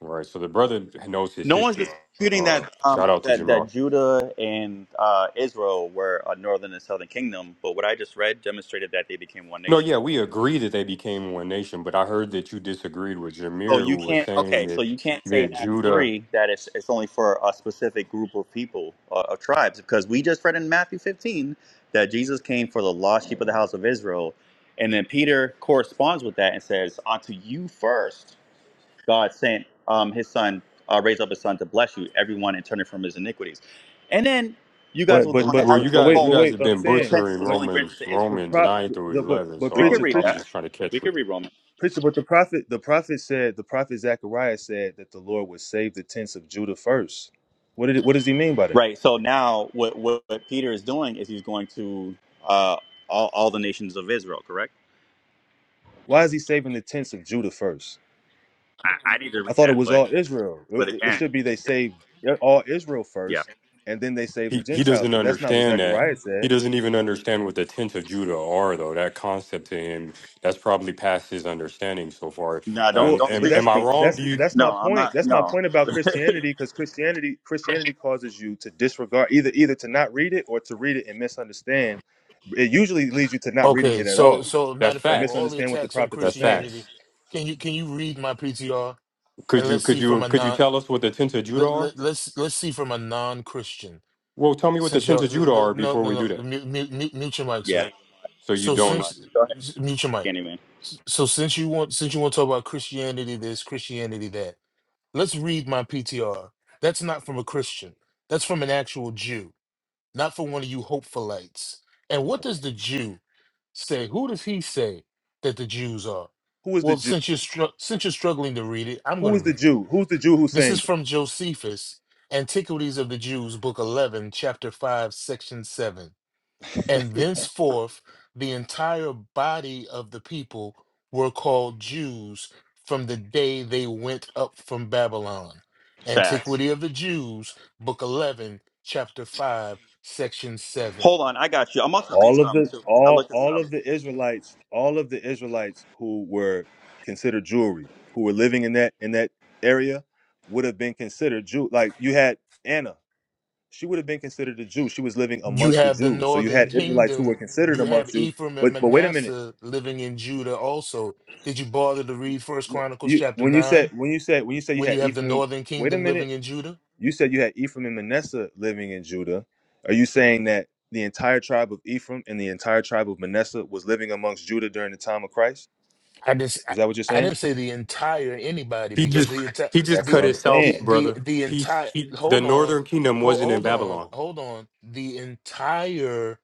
G: All Right. So the brother knows his
A: No one's
G: history.
A: disputing
G: Uh,
A: that. Um,
G: shout out to
A: that that
G: Jamal.
A: Judah and uh, Israel were a northern and southern kingdom. But what I just read demonstrated that they became one
G: No,
A: nation.
G: yeah, we agree that they became one nation, but I heard that you disagreed with
A: So
G: Jameer,
A: you
G: who was
A: can't.
G: saying
A: Okay, so
G: that
A: you can't say in
G: that
A: Acts
G: Judah.
A: three that it's it's only for a specific group of people uh, of tribes because we just read in Matthew fifteen that Jesus came for the lost sheep of the house of Israel, and then Peter corresponds with that and says, "Unto you first, God sent um, His Son, uh, raised up His Son to bless you, everyone, and turn it from his iniquities." And then you guys
B: But
A: will go
B: but
A: on to
B: but
G: Well,
A: Acts
G: you
B: but,
A: and
B: but
A: say,
G: guys,
B: wait,
G: you
B: but
A: "Oh,
G: guys
B: wait,
G: have
B: but I'm
G: been
B: saying,
A: repentance
G: butchering
A: was
B: but
A: only granted
G: Romans,
A: to
B: the
A: Israel."
G: Romans
B: pro,
G: nine through
B: the but
G: eleven.
B: but
G: So
A: We
G: I
A: could
B: preacher,
G: was,
A: read
G: I'm
B: preacher,
A: that.
G: just trying to
A: We
G: catch
A: could
G: what
A: read Romans.
B: preacher, but the prophet, the prophet said, the prophet Zechariah said that the Lord would save the tents of Judah first. What did it, what does he mean by that?
A: Right. So now, what what, what Peter is doing is he's going to uh, all all the nations of Israel. Correct.
B: Why is he saving the tents of Judah first?
A: I, I need to
B: I
A: read
B: thought it
A: that,
B: was
A: but
B: all Israel. It
A: but
B: it
A: again,
B: should be they saved yeah, all Israel
A: yeah.
B: first, and then they saved the
G: he he
B: Gentiles.
G: doesn't
B: But that's not what
G: understand that.
B: Zechariah said.
G: He doesn't even understand what the tenth of Judah are, though. That concept to him, that's probably past his understanding so far.
A: No, don't
B: Well,
G: Um,
A: don't
B: uh,
G: am,
B: but
A: speak
B: that's
A: for
G: am I
A: me.
G: wrong?
B: that's
G: Do you?
B: that's my
A: No, I'm
B: point.
A: not.
B: That's my
A: No.
B: point about Christianity, because Christianity Christianity causes you to disregard either either to not read it or to read it and misunderstand. It usually leads you to not reading
E: Okay,
B: it at
E: so
B: all,
E: so matter
G: That's
E: of
B: to
E: fact, with all
G: facts.
E: the
B: misunderstand what the
E: attacks on
B: prophets are
G: That's
B: saying.
E: Christianity,
G: facts.
E: can you can you read my PTR
G: Could
E: and
G: you
E: let's
G: could
E: see from
G: you
E: a
G: could you
E: non
G: tell us what the tenth of Judah
E: let,
G: are?
E: let, let's let's see from a non Christian
G: Well, tell me what the
E: since
G: tenth
E: y'all
G: of
E: the,
G: Judah
E: the,
G: are
E: no
G: before
E: no
G: we do that.
E: no mute, mute, mute mute your mic, sir.
A: Yeah,
G: So you
E: So
A: he's a
G: don't.
A: mud.
E: since
A: Go ahead,
E: mute your mic.
A: Candyman.
E: So since you want since you want to talk about Christianity, this Christianity that. Let's read my PTR. That's not from a Christian. That's from an actual Jew, not from one of you hopefulites. And what does the Jew say? Who does he say that the Jews are?
B: Who is the
E: Well,
B: Jew?
E: since you're str- since you're struggling to read it, I'm going
B: Who
E: to
B: is the
E: read it.
B: Jew? Who's the Jew who's
E: This
B: saying
E: is from Josephus, Antiquities of the Jews, Book 11, Chapter 5, Section 7. And thenceforth, the entire body of the people were called Jews from the day they went up from Babylon.
A: Facts.
E: Antiquity of the Jews, Book 11, Chapter 5, Section 7.
A: Hold on, I got you. I'm about to read
B: all of
A: something
B: the
A: too. I
B: all
A: looked this
B: all
A: up.
B: of the Israelites, all of the Israelites who were considered Jewry, who were living in that in that area, would have been considered Jew. Like you had Anna, she would have been considered a Jew. She was living
E: You
B: amongst the
E: have the
B: Jews. So you
E: northern
B: had Israelites who were
E: kingdom.
B: considered
E: You have
B: amongst Jews.
E: Ephraim and
B: But but wait a minute,
E: Manasseh living in Judah also. Did you bother to read First Chronicles
B: you
E: chapter
B: when you said
E: 9
B: when you said when you said you
E: when you
B: had
E: have the
B: Ephraim,
E: northern
B: wait a
E: kingdom
B: minute,
E: living in Judah?
B: you said you had Ephraim and Manasseh living in Judah. Are you saying that the entire tribe of Ephraim and the entire tribe of Manasseh was living amongst Judah during the time of Christ?
E: I just I,
B: Is that what you're
E: I
B: saying?
E: didn't say the entire anybody
G: He
E: because
G: just
E: the entire
G: he just
B: That's
E: the
B: what
G: cut
B: I'm
E: the
G: himself,
B: saying.
E: the
G: brother.
E: the
G: He,
E: entire
G: he the
E: hold on
G: Northern Kingdom
E: hold
G: wasn't in
E: hold on
G: Babylon.
E: hold on the entire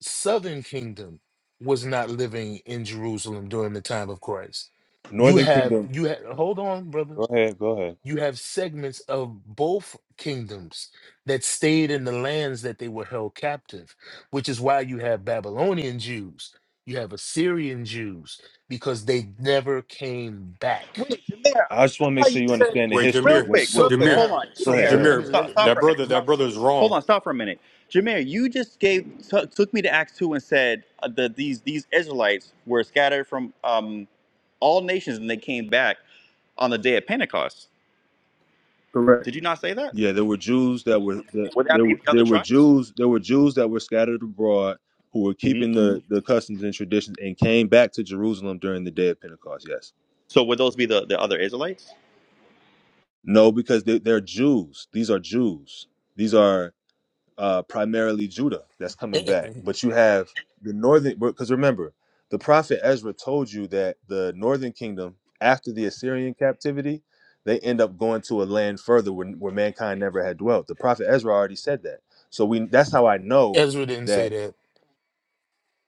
E: southern kingdom was not living in Jerusalem during the time of Christ. You
B: Northern
E: have
B: Kingdom.
E: you have hold on brother
B: Go ahead. Go ahead.
E: you have segments of both kingdoms that stayed in the lands that they were held captive, which is why you have Babylonian Jews, you have Assyrian Jews, because they never came back.
A: Wait, Jameer,
B: I just
A: I
B: want to make
A: thought
B: sure
A: you
B: you
A: said
B: understand the
G: Wait,
A: real
B: history.
G: Jameer,
B: When,
A: quick,
E: So
B: what,
A: real quick.
G: Jameer,
A: Hold
E: now,
A: on,
B: go
E: so
B: ahead. Go
A: Jameer,
E: now,
B: ahead.
E: let me,
B: Bro. go
G: Jameer.
E: let
A: stop,
B: ahead.
E: me,
A: stop
G: That
A: for a
E: let,
A: minute.
G: brother,
E: let-
A: Stop.
G: that brother's wrong.
A: Hold on, stop for a minute. Jameer, you just gave t- took me to Acts two and said uh, that these these Israelites were scattered from um, all nations and they came back on the day of Pentecost.
B: Correct.
A: Did you not say that?
B: Yeah, there were Jews that were that,
A: Would that
B: there.
A: be
B: Were,
A: the other
B: there were
A: tribes?
B: Jews. There were Jews that were scattered abroad who were
A: hmm
B: keeping the the customs and traditions and came back to Jerusalem during the day of Pentecost. Yes.
A: So would those be the, the other Israelites?
B: No, because they, they're Jews. These are Jews. These are uh, primarily Judah that's coming back.
E: *clears throat*
B: But you have the northern, because remember, the prophet Ezra told you that the northern kingdom, after the Assyrian captivity, they end up going to a land further where, where mankind never had dwelt. The prophet Ezra already said that. So we that's how I know
E: Ezra didn't say
B: that
E: that.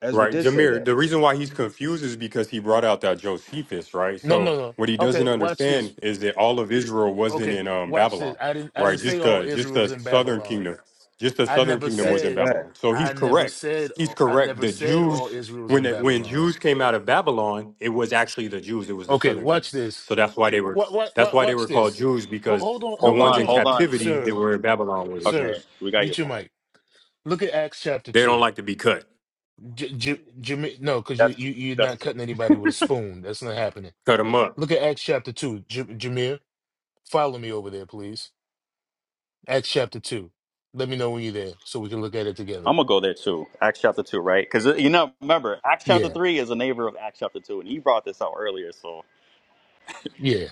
B: Ezra
G: Right,
B: did say
G: Jameer.
B: that.
G: The reason why he's confused is because he brought out that Josephus, right?
E: No, no,
G: So
E: no.
G: what he
E: Okay,
G: doesn't
E: watch this.
G: understand is that all of Israel wasn't
E: Okay,
G: in um,
E: watch this.
G: Babylon,
E: I didn't, I
G: right?
E: didn't say
G: Just
E: all
G: the just
E: Israel
G: the
E: was in
G: southern
E: Babylon.
G: kingdom, just the
E: I
G: southern
E: never
G: kingdom
B: That's
G: was
B: a
G: in
E: said,
B: fact.
G: Babylon. So he's
E: I never
G: correct.
E: said,
G: He's
E: I
G: correct.
E: never
G: The
E: said
G: Jews,
E: all Israel's
G: when
E: in
G: the, when
E: Babylon.
G: Jews came out of Babylon, it was actually the Jews. It was the
E: Okay,
G: southern
E: watch
G: kingdom.
E: this.
G: So that's why they were
E: What what
G: that's
E: what
G: why they
E: watch
G: were called
E: this.
G: Jews
E: Ho-
G: because
E: Hold on,
G: the
E: ho-
A: Hold
G: ones
E: hold
A: on,
G: in
E: on,
A: hold
E: y-
A: on.
G: captivity that
E: sir,
G: were in Babylon were the
A: Okay,
E: sir.
G: Jews.
A: we got your
E: Meet your
A: point.
E: mic. Look at Acts chapter
G: They don't
E: two.
G: like to be cut.
E: J- J- Jama- no, because you
A: That's
E: you you're
A: cute.
E: not cutting anybody with a spoon. That's not happening.
G: Cut them up.
E: Look at Acts chapter two. J- Jameer, follow me over there, please. Acts chapter two. Let me know when you're there so we can look at it together.
A: I'm gonna go there too. Acts chapter two, right? Because you know, remember, Acts chapter
E: Yeah,
A: three is a neighbor of Acts chapter two, and he brought this out earlier. So
E: yeah.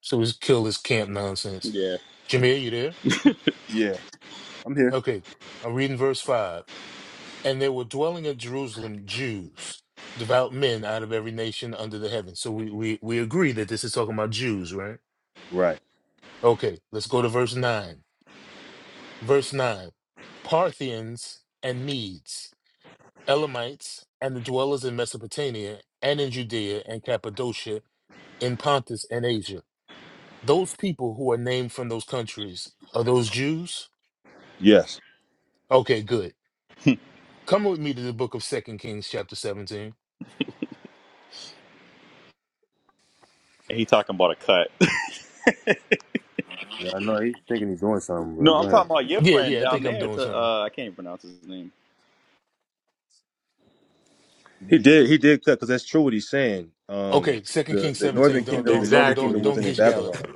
E: So we kill this camp nonsense.
A: yeah,
E: Jameer, you there?
B: Yeah. I'm here.
E: Okay. I'm reading verse five. And there were dwelling in Jerusalem Jews, devout men out of every nation under the heaven. So we, we, we agree that this is talking about Jews, right?
B: Right.
E: Okay, let's go to verse 9. Verse 9 Parthians and Medes, Elamites, and the dwellers in Mesopotamia, and in Judea and Cappadocia, in Pontus and Asia. Those people who are named from those countries, are those Jews?
B: Yes.
E: Okay, good. Come with me to the book of Second Kings, chapter 17.
A: and he talking about a cut. *laughs*
B: Yeah, I know he's thinking he's doing something,
A: no,
B: but go
A: I'm
B: ahead.
A: talking about your
E: Yeah,
A: friend
E: yeah, I
A: down
E: think I'm
A: there.
E: doing
A: To
E: something.
A: uh, I can't even pronounce his name.
B: He did. He did cut because that's true what he's saying. Um,
E: Okay, Second
B: the
E: Kings
B: the
E: 17.
B: northern
G: *laughs*
E: Don't
B: kingdom, the
E: don't don't
B: northern
E: don't
B: kingdom
G: Exactly.
E: don't
B: wasn't in
E: gish gallop.
B: Babylon.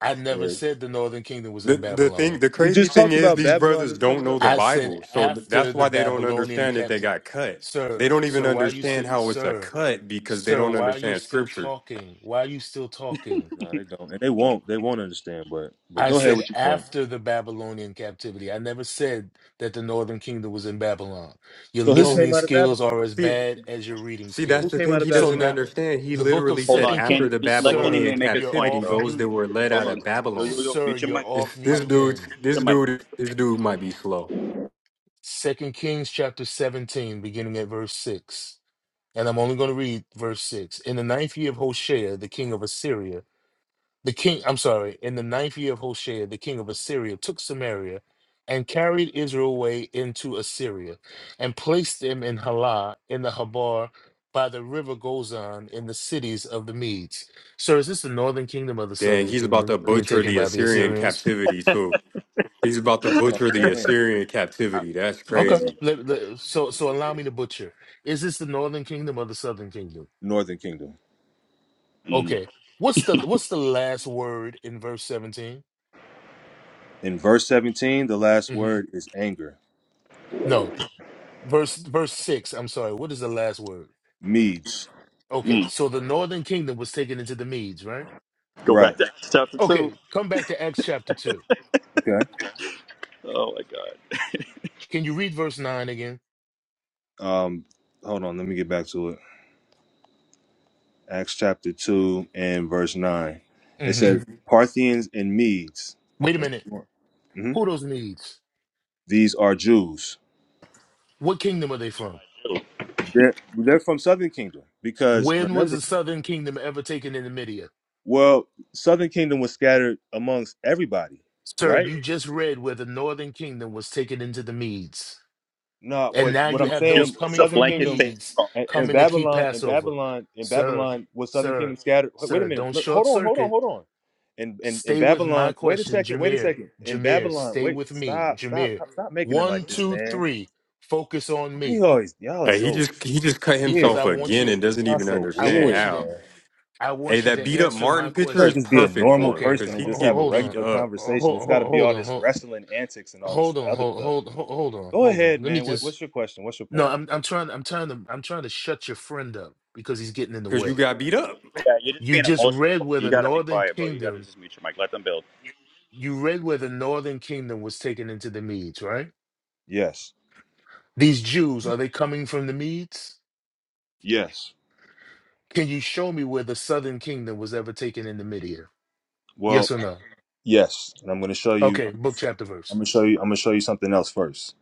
E: I never
B: Yeah.
E: said the northern kingdom was
G: The
E: in
G: the
E: Babylon.
G: thing, the
B: You
G: crazy
B: just
G: thing
B: talked
G: is,
B: about
G: these
B: Babylon
G: brothers
B: them
G: don't
B: coming
G: know
B: up.
G: the
E: I said
G: Bible, so th-
E: after
G: that's
E: the
G: why they don't
E: Babylonian
G: understand that they
E: captive.
G: got cut.
E: Sir,
G: They don't even
E: sir, why are you still
G: understand how it's a
E: sir,
G: cut because they
E: sir,
G: don't
E: why are you
G: understand
E: still
G: Scripture.
E: talking? Why are you still talking?
B: No, they don't. And they
A: Mo-
B: won't. They won't understand, but but
E: I
B: go ahead
E: said
B: with your point.
E: after the Babylonian captivity. I never said that the northern kingdom was in Babylon. Your
B: So who
G: So
E: listening
B: came out of
E: skills
B: Babylon?
E: are as
G: see,
E: bad as your reading
G: see, that's
B: Who
E: skills.
G: the
B: came
G: thing
B: out of
G: he
E: So
G: doesn't
B: Babylon?
E: now
G: understand. He
E: the book of
G: literally
A: Hold
G: said,
A: on,
E: Second King,
G: after
A: can
G: the
A: let Kenny
E: sir,
G: Babylonian
A: Man make his
E: you're
A: point,
G: captivity,
E: off
A: bro.
G: those
E: mute
G: that were led
A: Hold
G: out
A: on,
G: of
A: yo yo
G: Babylon.
A: yo,
E: Sir,
A: mute your
E: you're
A: mic,
E: off
A: mute
G: It's,
E: mute
G: this
A: your
G: dude,
E: again.
G: this
A: mic, mute
G: dude, this dude might be slow.
E: Second Kings chapter 17, beginning at verse 6. And I'm only going to read verse 6. In the ninth year of Hoshea, the king of Assyria, the king, I'm sorry, in the ninth year of Hoshea, the king of Assyria took Samaria and carried Israel away into Assyria and placed them in Halah in the Habar by the river Gozan in the cities of the Medes. Sir, is this the northern kingdom or the
G: Dang,
E: southern
G: he's about
E: kingdom
G: to
E: being
G: butcher
E: taken
G: the
E: by the
G: Assyrian
E: Assyrians?
G: captivity too. He's about to
B: That's what
G: butcher the
B: I'm saying.
G: Assyrian captivity. That's
E: Okay.
G: crazy.
E: Let- let- so so allow me to butcher. Is this the Northern Kingdom or the Southern Kingdom?
B: Northern Kingdom.
A: your mic. Mm,
E: Okay. What's the what's the last word in verse 17?
B: In verse 17, the last
E: hmm
B: word is anger.
E: No. Verse verse 6. I'm sorry. What is the last word?
B: Medes.
E: Okay.
A: mm.
E: So the Northern Kingdom was taken into the Medes, right?
A: Go
B: Right.
A: back to Acts chapter two.
E: Okay. Come back to Acts chapter 2.
B: Okay.
A: Oh my God,
E: Can you read verse 9 again?
B: Um hold on, let me get back to it. Acts chapter 2 and verse 9. It
E: hmm
B: says Parthians and Medes.
E: Wait a
B: That's,
E: minute.
B: mhm.
E: Who are those Medes?
B: These are Jews.
E: What kingdom are they from?
B: They're, they're from Southern Kingdom because
E: When
B: remember
E: was the Southern Kingdom ever taken into Media?
B: Well, Southern Kingdom was scattered amongst everybody,
E: Sir,
B: right?
E: you just read where the northern kingdom was taken into the Medes.
B: No,
E: And
B: but
E: now
B: what
E: you
B: I'm
E: have
A: you
E: those
B: saying,
A: is
E: coming
A: a
B: Southern
E: from the
A: blanket
B: Kingdom
A: statement
E: Medes
A: from.
B: and, and
E: coming to keep
B: Babylon and
E: Passover.
B: Babylon and
E: Sir,
B: Babylon was Southern
E: sir,
B: Kingdom scattered. Wait wait a
E: sir,
B: minute.
E: don't
B: Look,
E: short
B: hold on, hold on,
E: circuit.
B: hold on. And and in
E: Stay with my
B: Babylon, wait a
E: question,
B: second, wait a
E: Jameer.
B: second. In
E: Jameer,
B: Babylon,
E: stay
B: wait,
E: with me.
B: stop, stop,
E: Jameer,
B: stop, stop making it
E: one,
B: like this,
E: two,
B: man.
E: three, focus on
B: Why
E: me
B: you always y'all are
G: Hey, he
B: so
G: just he just cut
E: because
B: weird,
E: I
G: himself
B: man.
E: want
G: again
E: you to,
G: and doesn't
B: Y'all
G: even
B: so
E: I
G: understand
E: want you
B: weird,
E: to,
G: how.
B: man.
E: I
G: Hey,
E: want you
G: that
E: to
G: beat up
E: answer my
G: Martin
B: You
G: picture
B: can't
E: question.
G: is
B: just be a
G: perfect
B: normal
G: for him
E: Okay,
G: because
B: person
E: ho-
B: and
G: he
B: just
E: ho-
B: have
G: getting
B: a
E: hold
G: beat
E: on.
B: regular
E: Ho-
G: up
B: conversation. It's
E: ho-
B: gotta be
E: Hold
B: all
E: on.
B: this
E: Hold
B: wrestling antics and all
E: hold
B: this
E: on
B: other
E: hold
B: stuff.
E: hold hold hold on
B: Go
E: hold on
B: ahead,
E: let me
B: man. What,
E: just
B: what's your question? What's your
E: No,
B: point?
E: I'm I'm trying I'm trying to I'm trying to shut your friend up because he's getting in the
G: because you
E: way.
G: got beat up.
A: Yeah, you're just
E: You
A: being
E: just read
A: emotional.
E: where
A: You
E: the
A: gotta be
E: northern
A: quiet, bro. You gotta
E: kingdom
A: just mute your mic. Let them build.
E: you read where the northern kingdom was taken into the Medes, right?
B: Yes.
E: These Jews, are they coming from the Medes?
B: Yes.
E: Can you show me where the southern kingdom was ever taken into Media? Yes
B: Well,
E: or no?
B: yes. And I'm going to show you.
E: Okay, book chapter
B: I'm
E: verse.
B: going to show you. I'm going to show you something else first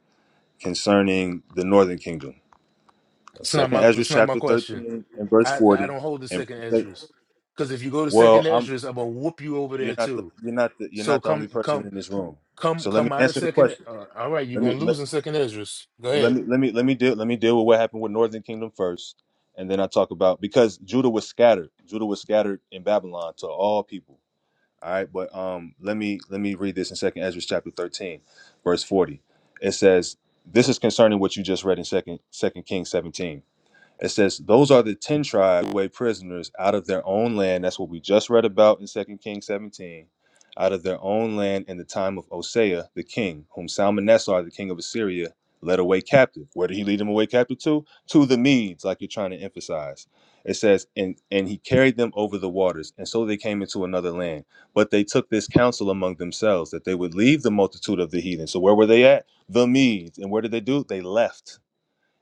B: concerning the Northern Kingdom.
E: It's not
B: Second
E: my
B: Ezra
E: it's not my
B: chapter
E: question.
B: 13 and verse
E: I I
B: 40.
E: don't hold the
B: And
E: second Esdras. Because if you go to
B: well,
E: second
B: I'm.
E: Esdras, I'm gonna whoop you over there
B: You're not the.
E: too.
B: You're not the. You're
E: So
B: not the only
E: come
B: person
E: come
B: in this room.
E: come
B: So let me
E: come out of
B: answer the
E: second.
B: question.
E: Uh, all right, you're
B: Let me
E: gonna
B: let,
E: lose in second Esdras. Go
B: let
E: ahead.
B: me let me let me deal let me deal with what happened with Northern Kingdom first, and then I talk about because Judah was scattered. Judah was scattered in Babylon to all people All right, but um, let me let me read this in Second Ezra chapter thirteen, verse forty. It says, "This is concerning what you just read in Second Second Kings seventeen. It says, Those are the 10 tribes who away prisoners out of their own land. That's what we just read about in Second Kings 17. Out of their own land in the time of Osea, the king, whom Salmanessar, the king of Assyria, led away captive. Where did he lead them away captive to? To the Medes, like you're trying to emphasize. It says, and, and he carried them over the waters, and so they came into another land. But they took this counsel among themselves that they would leave the multitude of the heathen. So where were they at? The Medes. And where did they do? They left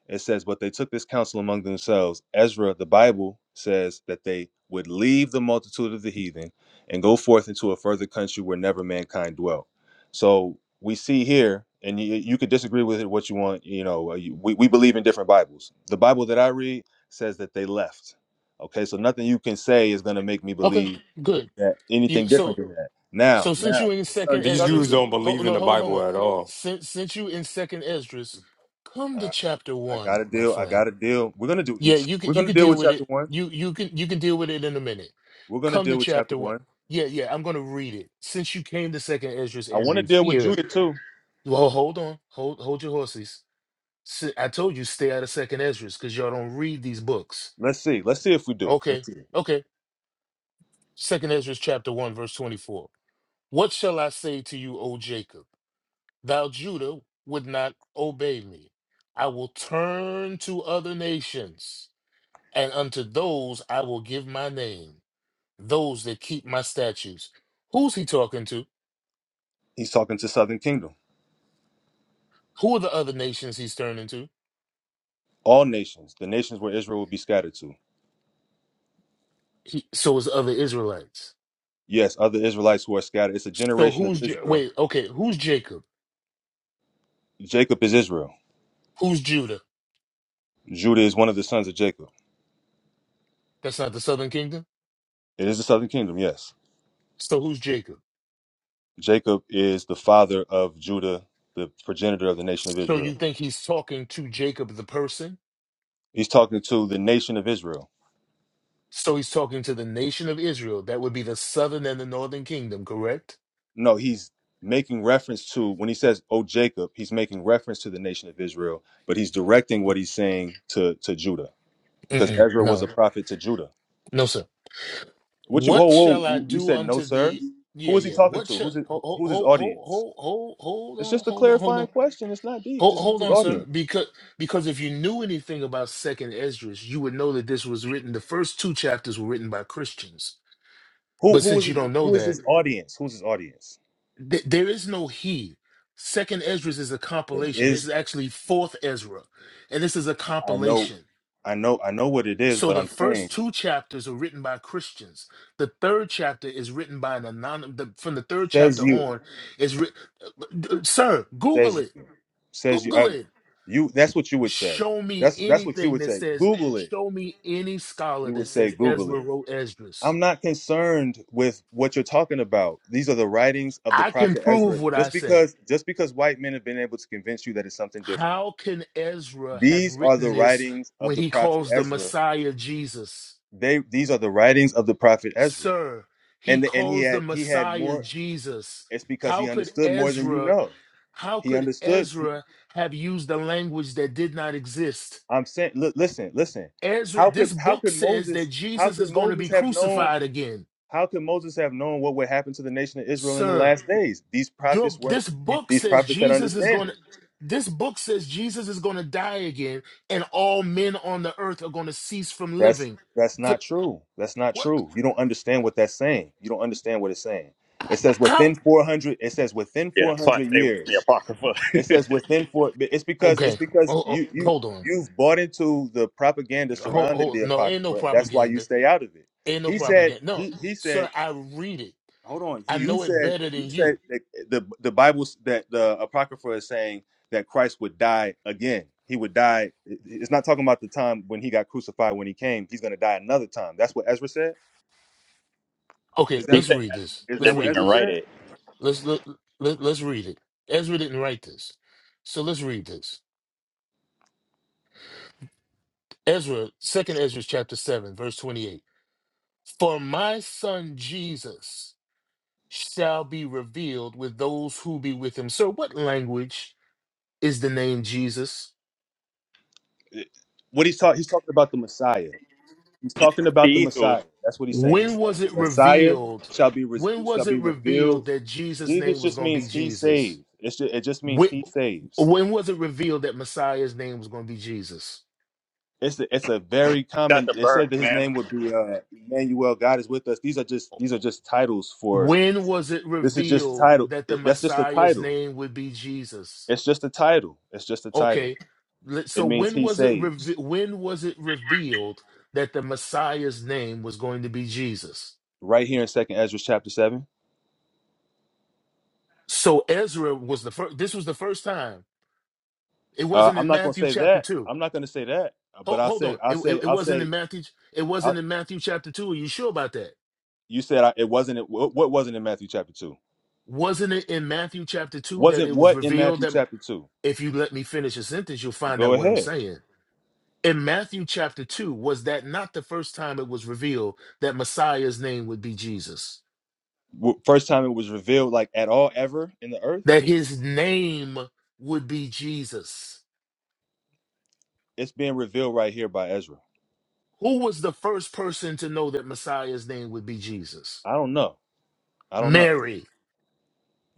B: it says, But they took this counsel among themselves. Ezra, the Bible says that they would leave the multitude of the heathen and go forth into a further country where never mankind dwelt. So we see here, and you, you could disagree with it what you want. You know, uh, you- we, we believe in different Bibles. The Bible that I read says that they left. Okay, so nothing you can say is going to make me
E: Okay,
B: believe
E: good.
B: that
E: You
B: anything
E: so
B: different than that. Now,
E: so since
B: now,
E: you in second
B: concerning the
G: These
B: Southern
G: dudes
E: Esdras.
B: Kingdom,
G: don't believe
E: hold
G: in
E: no,
G: the
E: hold on, hold
G: Bible
E: on.
G: at all.
E: Since since you in second Esdras, come to
B: I,
E: chapter
B: I got
E: one,
B: to
E: my
B: deal. I
E: friend.
B: got to deal. We're going to do,
E: Yeah, you can
B: we're
E: you
B: going to
E: can
B: deal
E: deal
B: with
E: with
B: chapter
E: it.
B: one.
E: You you can you can deal with it in a minute.
B: We're gonna
E: Come to
B: deal with chapter
E: chapter one.
B: one.
E: Yeah, yeah, I'm gonna read it. Since you came to second Esdras
B: I
E: and
B: want to
E: we're
B: deal with
E: here,
B: Judah too.
E: well, hold on, hold hold your horses. Si- I told you stay out of second Esdras because y'all don't read these books.
B: Let's see. Let's see if we do.
E: Okay,
B: Let's see.
E: okay. Second Ezra chapter one, verse twenty-four. What shall I say to you, O Jacob? Thou Judah would not obey me. I will turn to other nations, and unto those I will give my name, those that keep my statutes. Who's he talking to?
B: He's talking to Southern Kingdom,
E: Who are the other nations he's turning to?
B: all nations, the nations where Israel will be scattered to.
E: He, so is the other Israelites.
B: Yes, other Israelites who are scattered. It's a
E: So
B: generation of
E: who's J-
B: Israel.
E: wait? Okay, who's Jacob?
B: Jacob is Israel.
E: Who's Judah?
B: Judah is one of the sons of Jacob.
E: That's not the southern kingdom.
B: It is the Southern Kingdom. Yes,
E: So who's Jacob?
B: Jacob is the father of Judah, the progenitor of the nation of
E: So you
B: Israel.
E: think he's talking to Jacob the person?
B: He's talking to the nation of Israel
E: So he's talking to the nation of Israel. That would be the southern and the northern kingdom, correct?
B: No, he's making reference to when he says, "Oh Jacob," he's making reference to the nation of Israel, but he's directing what he's saying to to Judah because
E: Mm-mm,
B: Ezra was a
E: no,
B: prophet to Judah.
E: no, sir.
B: What you? Whoa,
E: What shall I
B: whoa! You
E: do
B: said no,
E: unto
B: sir.
E: the? Yeah,
B: Who is he
E: yeah.
B: talking
E: What
B: to? Who's
E: shall?
B: his,
E: Hold,
B: who's his
E: hold,
B: audience?
E: hold, hold, hold
B: It's
E: on,
B: just a
E: hold on, hold
B: clarifying
E: on.
B: question. It's not deep.
E: Hold,
B: Just who's
E: hold
B: his
E: on, sir,
B: audience?
E: because because if you knew anything about Second Esdras, you would know that this was written. The first two chapters were written by Christians,
B: Who
E: but
B: who is
E: since you
B: he?
E: don't know
B: Who is
E: that,
B: his audience? Who's his audience?
E: Th- there is no he. Second Ezra is a
B: It
E: compilation. This
B: Is
E: is actually fourth Ezra, and this is a
B: I know,
E: compilation.
B: I know, I know what it is,
E: So
B: but
E: the
B: I'm
E: first
B: saying
E: two chapters are written by Christians. The third chapter is written by an anonymous. The, from the third chapter
B: says you.
E: on, is written. Sir, Google
B: says
E: it.
B: you says you
E: Google
B: I,
E: it.
B: you that's what you would say.
E: Show me
B: That's that's what you
E: anything
B: would
E: that
B: say.
E: says.
B: Google it.
E: Show me any scholar
B: You would
E: that
B: say
E: says
B: Google
E: Ezra
B: it.
E: wrote Esdras.
B: I'm not concerned with what you're talking about. These are the
E: Uh,
B: writings of the
E: I can
B: prophet
E: prove
B: Ezra.
E: what I
B: Just
E: say.
B: because just because white men have been able to convince you that it's something different.
E: How can Ezra have
B: These are
E: written
B: the
E: this
B: writings of
E: when
B: the
E: he
B: prophet
E: calls the
B: Ezra.
E: Messiah Jesus?
B: They these are the writings of the prophet Ezra.
E: Sir, he
B: And the, and he
E: calls the
B: had he had
E: Messiah
B: more
E: Jesus.
B: it's because
E: How
B: he
E: could
B: understood more than you
E: Ezra,
B: know.
E: how
B: He
E: could
B: understood
E: Ezra have used the language that did not exist?
B: I'm saying, li- listen, listen.
E: Ezra,
B: How could
E: this
B: how
E: book
B: could
E: says that
B: Moses how
E: Jesus
B: could
E: is going to
B: Moses
E: be
B: have known
E: crucified again.
B: how could Moses have known what would happen to the nation of Israel in the
E: Sir,
B: last days? These
E: your
B: prophets were
E: this book
B: these
E: says
B: prophets that
E: Jesus is
B: understand
E: going to
B: it.
E: this book says Jesus is going to die again and all men on the earth are going to cease from
B: That's
E: living
B: that's not true. That's not
E: What?
B: true. You don't understand what that's saying. You don't understand what it's saying. It says
E: How?
B: within 400. It says within
A: Yeah, that's why I
B: 400
A: stay with the
B: years.
A: Apocrypha. *laughs*
B: It says within four. It's because
E: Okay.
B: it's because
E: Oh,
B: you
E: oh,
B: you
E: hold on.
B: you've bought into the propaganda
E: Hold,
B: surrounding
E: hold.
B: the
E: No, ain't no
B: apocrypha. That's why you
E: propaganda.
B: stay out of it.
E: Ain't no
B: He said
E: propaganda. No,
B: he he said
E: sir. I read it.
B: Hold on. He-
E: I
B: You
E: know it
B: said
E: better
B: you
E: than you.
B: said that the the Bible s- that the apocrypha is saying that Christ would die again. He would die. it- It's not talking about the time when he got crucified when he came. He's going to die another time. That's what Ezra said.
E: Okay.
B: Is
A: he
B: that
E: Let's
A: said
E: read this.
B: is
A: Ezra
E: Let's
B: that
A: didn't
B: what
E: read
A: even
B: Ezra
E: this.
A: write
B: said?
A: it.
E: Let's let, let let's read it. Ezra didn't write this, so let's read this. Ezra, Second Ezra, chapter seven, verse twenty-eight. For my son Jesus shall be revealed with those who be with him. Sir, what language is the name Jesus?
B: It- What he's talking he's talking about the Messiah. He's talking about the
A: Ethu,
B: Messiah. That's what he's saying. He's
E: When
B: saying
E: was
B: the
E: it
B: Messiah
E: revealed?
B: shall be re-
E: When
B: shall
E: was
B: be
E: it revealed
B: revealed.
E: that Jesus'
B: Jesus
E: name was
B: just
E: going to be
B: means he
E: Jesus?
B: saves. It's ju- it just means
E: When,
B: he saves.
E: when was it revealed that Messiah's name was going to be Jesus?
B: It's a, it's a very
A: that's
B: common.
A: the
B: It said that
A: birth,
B: his
A: man.
B: name would be uh, Emmanuel. God is with us. These are just these are just titles for.
E: When was it
B: This is just
E: revealed
B: title.
E: that the
B: it- that's just a
E: Messiah's
B: title.
E: name would be Jesus?
B: It's just a title. It's just a title.
E: Okay. let- So
B: It means
E: when
B: he
E: was it reve-
B: saves.
E: when was it revealed that the Messiah's name was going to be Jesus?
B: Right here in Second Ezra chapter seven.
E: So Ezra was the first this was the first time. It
B: Uh,
E: wasn't
B: I'm
E: in
B: not gonna
E: Matthew
B: say
E: chapter
B: that.
E: 2.
B: I'm not gonna say that. Uh,
E: Hold,
B: But I'll
E: hold
B: say
E: on.
B: I'll
E: It, it,
B: say
E: it
B: I'll
E: wasn't in
B: say.
E: Matthew. It
B: I,
E: wasn't in Matthew chapter two. Are you sure about that?
B: you said I, it wasn't. It, what what wasn't in Matthew chapter two?
E: Wasn't it in Matthew chapter two that it
B: Wasn't
E: was
B: what in
E: revealed
B: Matthew
E: that
B: chapter two?
E: if you let me finish a sentence, you'll find
B: Go
E: out what I'm
B: ahead.
E: saying. In Matthew chapter two, was that not the first time it was revealed that Messiah's name would be Jesus?
B: W- First time it was revealed like at all ever in the earth.
E: That his name would be Jesus.
B: It's being revealed right here by Ezra.
E: Who was the first person to know that Messiah's name would be Jesus?
B: I don't know. I don't know.
E: Mary.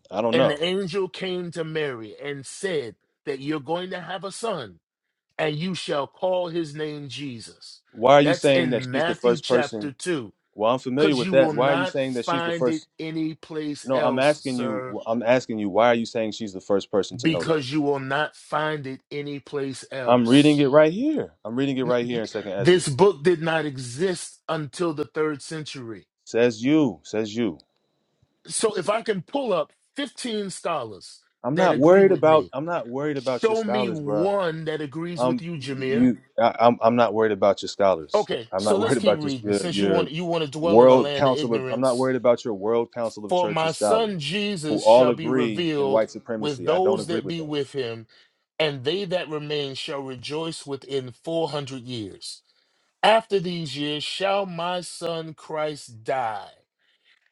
B: I don't
E: And
B: know.
E: the angel came to Mary and said that you're going to have a son and you shall call his name Jesus.
B: Why are you
E: That's
B: saying that
E: in
B: she's the
E: Matthew
B: first
E: chapter
B: person?
E: 2,
B: Well, I'm familiar
E: because
B: with
E: you
B: that.
E: will
B: Why are you
E: not
B: saying that she's the
E: find it
B: first?
E: anyplace
B: No, I'm
E: else,
B: asking you.
E: sir,
B: I'm asking you. Why are you saying she's the first person to know that?
E: because you will not find it anyplace
B: I'm reading
E: else.
B: it right here. I'm reading it right here
E: N-
B: in Second
E: This
B: Esdras.
E: book did not exist until the third century.
B: Says you. Says you.
E: So if I can pull up 15 scholars
B: I'm
E: that
B: not
E: agree
B: worried
E: with
B: about.
E: me,
B: I'm not worried about your
E: show me
B: scholars, bro.
E: one that agrees with
B: Um,
E: you, Jameer.
B: you, I, I'm, I'm not worried about your scholars.
E: Okay,
B: I'm
E: so
B: not *laughs*
E: let's
B: worried
E: keep
B: about just
E: reading.
B: your,
E: Since you
B: your
E: want you want to dwell in a
B: world
E: land of
B: council of. I'm not
E: ignorance,
B: worried about your world council of
E: For my
B: churches scholars,
E: son
B: who
E: Jesus
B: all
E: shall be
B: agree in
E: revealed
B: white
E: with
B: supremacy. I don't
E: those
B: agree
E: that
B: with
E: be
B: them.
E: with him, and they that remain shall rejoice within 400 years. After these years shall my son Christ die,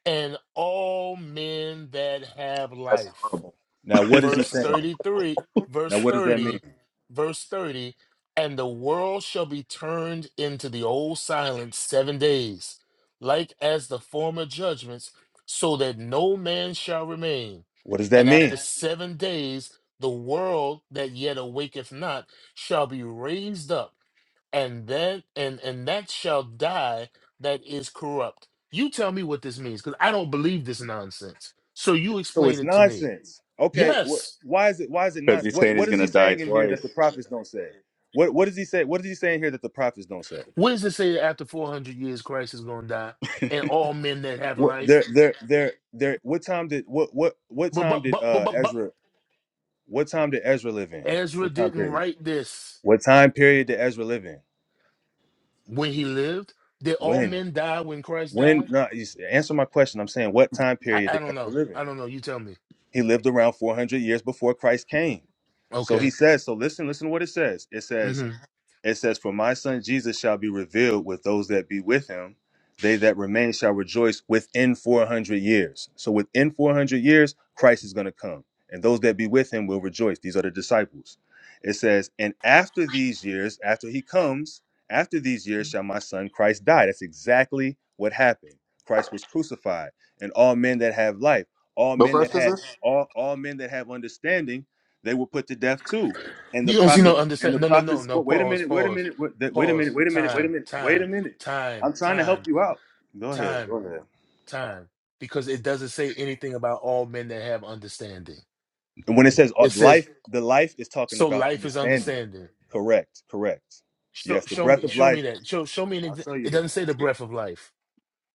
E: and all men that have
A: That's
E: life
A: horrible.
B: Now,
A: *laughs*
B: what is he
E: verse
B: saying?
E: 33
B: Now,
E: verse
B: what does that mean?
E: 30 verse 30 and the world shall be turned into the old silence seven days like as the former judgments so that no man shall remain
B: What does that
E: and after
B: mean?
E: seven days the world that yet awaketh not shall be raised up and then and and that shall die that is corrupt you tell me what this means because i don't believe this nonsense so you
B: So
E: explain
B: it's
E: it to me
B: nonsense. Okay, wh-
E: yes
B: why is it? Why is it
A: Because
B: nonsense?
A: he's
B: What
A: saying
B: What
A: he's
B: is
A: going
B: he
A: to die
B: saying in here
A: twice.
B: that the prophets don't say? What What does he say? What is he saying here that the prophets don't say?
E: What does it say that after 400 years Christ is going to die and all men that have
B: What, they're,
E: life?
B: they're, they're, they're, what time did what what what
E: But, but,
B: time did
E: but, but,
B: uh
E: but, but
B: Ezra What time did Ezra live in?
E: Ezra
B: What time
E: didn't
B: period?
E: write this
B: What time period did Ezra live in?
E: when he lived. Did all
B: When?
E: men die when Christ
B: When?
E: died?
B: No, you s- answer my question. I'm saying, what time
E: I,
B: period
E: I
B: did
E: don't know.
B: Ezra live
E: I
B: in?
E: don't know. You tell me.
B: He lived around 400 years before Christ came. So he
E: Okay.
B: says, so listen, listen to what it says. It says,
E: hmm
B: It says, For my son Jesus shall be revealed with those that be with him. They that remain shall rejoice within 400 years. So within 400 years, Christ is going to come, and those that be with him will rejoice. These are the disciples. It says, And after these years, after he comes, after these years shall my son Christ die. That's exactly what happened. Christ was crucified, and all men that have life, all
A: What
B: men that
A: verse is
B: had
A: this?
B: all, all men that have understanding, they were put to death too and the
E: You don't see no
B: prophet and the
E: understand. No, no,
B: prophet
E: no, no.
B: spoke. Wait a
E: Pause,
B: minute. Wait a
E: pause,
B: minute. Wait, that- wait a minute.
E: pause.
B: Wait a minute. Wait a
E: Time,
B: minute. Wait a
E: time,
B: minute.
E: time,
B: I'm trying to help
E: time,
B: you out. Go ahead. Go
E: time,
B: ahead.
E: time. Because it doesn't say anything about all men that have understanding.
B: And when it says uh,
E: It says,
B: life, the life is talking
E: so
B: about
E: life is
B: understanding.
E: understanding.
B: Correct. Correct.
E: Show,
B: Yes, the
E: show
B: breath
E: me,
B: of
E: show me
B: life.
E: that. Show, show me an.
B: I'll
E: Ex-
B: show you
E: it
B: that.
E: doesn't say the breath of life.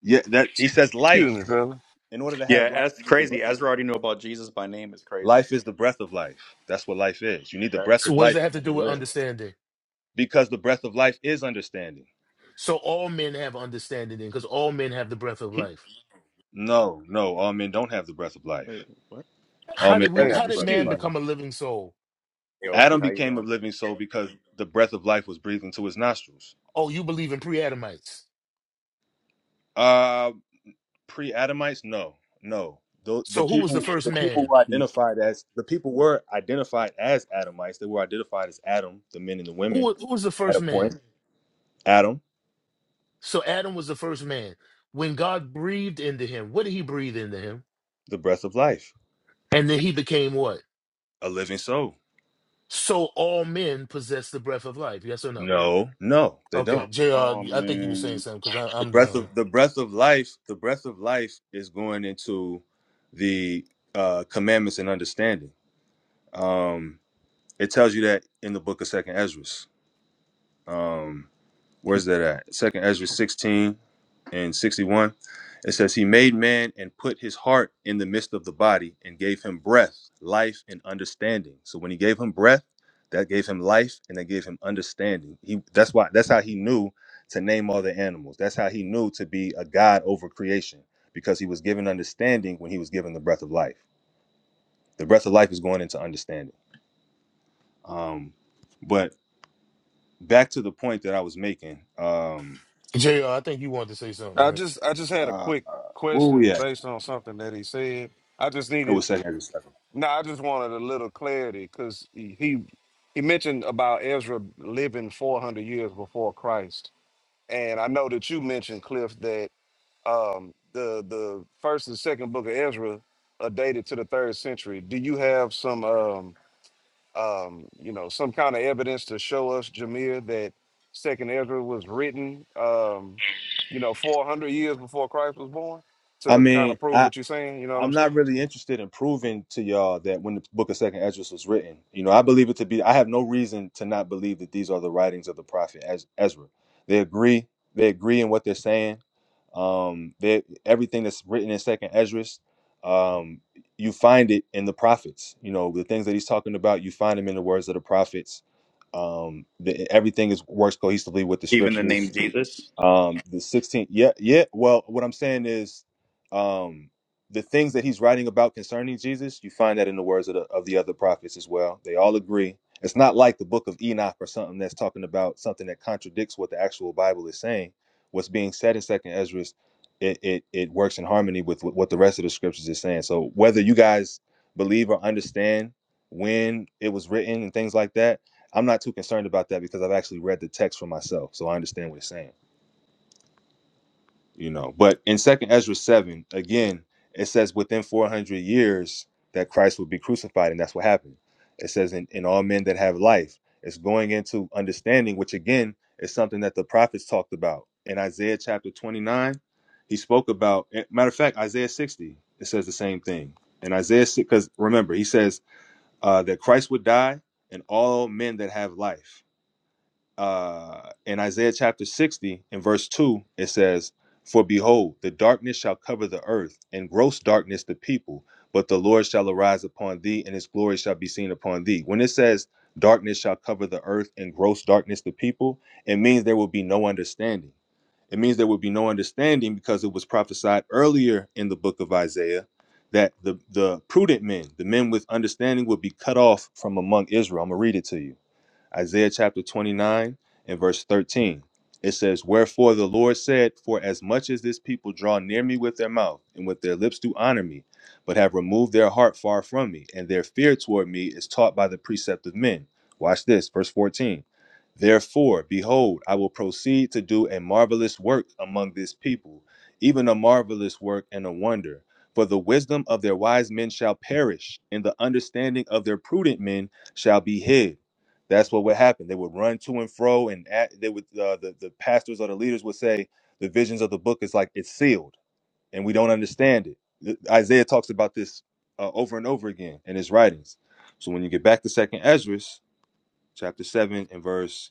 B: Yeah, that he says life.
H: Excuse me, fella.
B: In order to have
A: Yeah,
B: life,
A: that's
B: you need the breath
A: crazy. Ezra
B: of life.
A: already knew about Jesus by name is crazy.
B: Life is the breath of life. That's what life is. You need the
A: That,
B: breath
E: So
B: of
E: what does
B: life
E: that have
B: in
E: to
B: order
E: do
B: to
E: with
B: live.
E: understanding?
B: Because the breath of life is understanding.
E: So all men have understanding, then, because all men have the breath of
A: *laughs*
E: life.
B: No, no, all men don't have the breath of life.
A: wait, what?
B: All
E: How
B: men
E: did we?
B: don't
H: Hey,
B: have
E: How
B: the
E: did
B: breath of life.
E: man
H: excuse me.
E: become a living soul?
A: Hey, OT,
B: Adam
A: how you
B: became a
A: doing?
B: living soul because the breath of life was breathed into his nostrils.
E: Oh, you believe in pre-Adamites.
B: Uh, pre-Adamites, no, no. The, the
E: So who was the
B: people,
E: first
B: the people
E: man?
B: were
A: Hmm.
B: identified as the people were identified as Adamites. They were identified as Adam, the men and the
E: Who
B: women
E: was, who was the
B: at
E: first
B: a
E: man?
B: point. Adam,
E: So Adam was the first man. When God breathed into him, what did He breathe into him?
B: the breath of life,
E: And then he became what?
B: a living soul.
E: So all men possess the breath of life. Yes or no?
B: No, no, they
E: Okay,
B: don't.
E: Jr.
A: Oh,
E: I think you were saying
A: man.
E: something because
B: The
E: I'm
B: breath of
E: done.
B: the breath of life, the breath of life is going into the uh, commandments and understanding. Um, it tells you that in the book of Second Ezra. Um, where's that at? Second Ezra 16 and 61. It says, He made man and put his heart in the midst of the body and gave him breath, life, and understanding. So when he gave him breath, that gave him life and that gave him understanding. He that's why that's how he knew to name all the animals. That's how he knew to be a God over creation, because he was given understanding when he was given the breath of life. The breath of life is going into understanding. Um, but back to the point that I was making. Um,
E: JR, I think you wanted to say something,
H: I
E: right?
H: just I just had a
B: uh,
H: quick
B: Where
H: question
B: we at?
H: based on something that he said. I just
B: It
H: needed
B: was Second Ezra seven.
H: no, I just wanted a little clarity because he, he he mentioned about Ezra living 400 years before Christ, and I know that you mentioned Cliff that um, the the first and second book of Ezra are dated to the third century. Do you have some? um, um, you know, some kind of evidence to show us, Jameer, that Second Ezra was written, um, you know, 400 years before Christ was born
B: I
H: to kind
B: mean,
H: of prove
B: I
H: what you're saying. You know what
B: I'm
H: I'm
B: not
H: saying?
B: really interested in proving to y'all that when the book of Second Ezra was written, you know, I believe it to be. I have no reason to not believe that these are the writings of the prophet Ez- Ezra. They agree. They agree in what they're saying. Um, they everything that's written in Second Ezra, um, you find it in the prophets. You know, the things that he's talking about, you find them in the words of the prophets. Um, the, everything is works cohesively with the
A: Even the
B: scriptures
A: name Jesus?
B: Um, the 16th, yeah, yeah. Well, what I'm saying is, um, the things that he's writing about concerning Jesus, you find that in the words of the, of the other prophets as well. They all agree. It's not like the book of Enoch or something that's talking about something that contradicts what the actual Bible is saying. What's being said in Second Ezra, it, it it works in harmony with what the rest of the scriptures is saying. So whether you guys believe or understand when it was written and things like that, I'm not too concerned about that because I've actually read the text for myself, so I understand what it's saying you know but in second ezra 7 again it says within 400 years that christ would be crucified and that's what happened it says in, in all men that have life it's going into understanding which again is something that the prophets talked about in isaiah chapter 29 he spoke about eh, matter of fact isaiah 60 it says the same thing And isaiah because remember he says uh, that christ would die and all men that have life uh, in Isaiah chapter 60 in verse 2, it says, For behold, the darkness shall cover the earth, and gross darkness the people, but the Lord shall arise upon thee, and his glory shall be seen upon thee. When it says, Darkness shall cover the earth, and gross darkness the people, it means there will be no understanding. It means there will be no understanding because it was prophesied earlier in the book of Isaiah that the, the prudent men, the men with understanding, would be cut off from among Israel. I'm going to read it to you. Isaiah chapter 29 and verse 13. It says, Wherefore the Lord said, For as much as this people draw near me with their mouth, and with their lips do honor me, but have removed their heart far from me, and their fear toward me is taught by the precept of men. Watch this, verse 14. Therefore, behold, I will proceed to do a marvelous work among this people, even a marvelous work and a wonder. For the wisdom of their wise men shall perish, and the understanding of their prudent men shall be hid. That's what would happen. They would run to and fro, and at, they would uh, the the pastors or the leaders would say the visions of the book is like it's sealed, and we don't understand it. Th- Isaiah talks about this uh, over and over again in his writings. So when you get back to Second Ezra, chapter seven and verse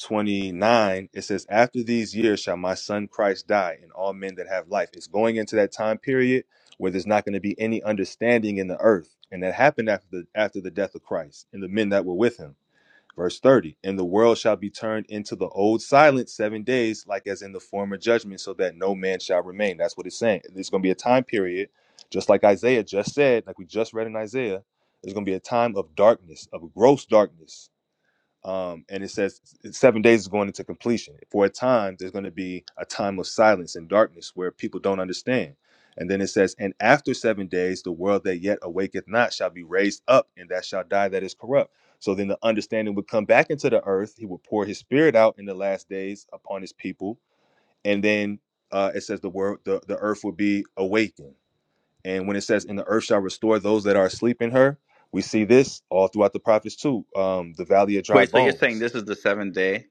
B: twenty nine, it says, "After these years shall my son Christ die, and all men that have life." It's going into that time period where there's not going to be any understanding in the earth, and that happened after the after the death of Christ and the men that were with him. Verse 30 And the world shall be turned into the old silence seven days, like as in the former judgment, so that no man shall remain. That's what it's saying. There's going to be a time period, just like Isaiah just said, like we just read in Isaiah, there's going to be a time of darkness, of gross darkness um, and it says seven days is going into completion. For a time, there's going to be a time of silence and darkness where people don't understand. And then it says, and after seven days, the world that yet awaketh not shall be raised up, and that shall die that is corrupt. So then the understanding would come back into the earth. He would pour his spirit out in the last days upon his people. And then uh, it says the world, the, the earth will be awakened. And when it says, and the earth shall restore those that are asleep in her, we see this all throughout the prophets too. Um, the valley of dry
A: Wait, so you're
B: bones
A: saying this is the seventh day?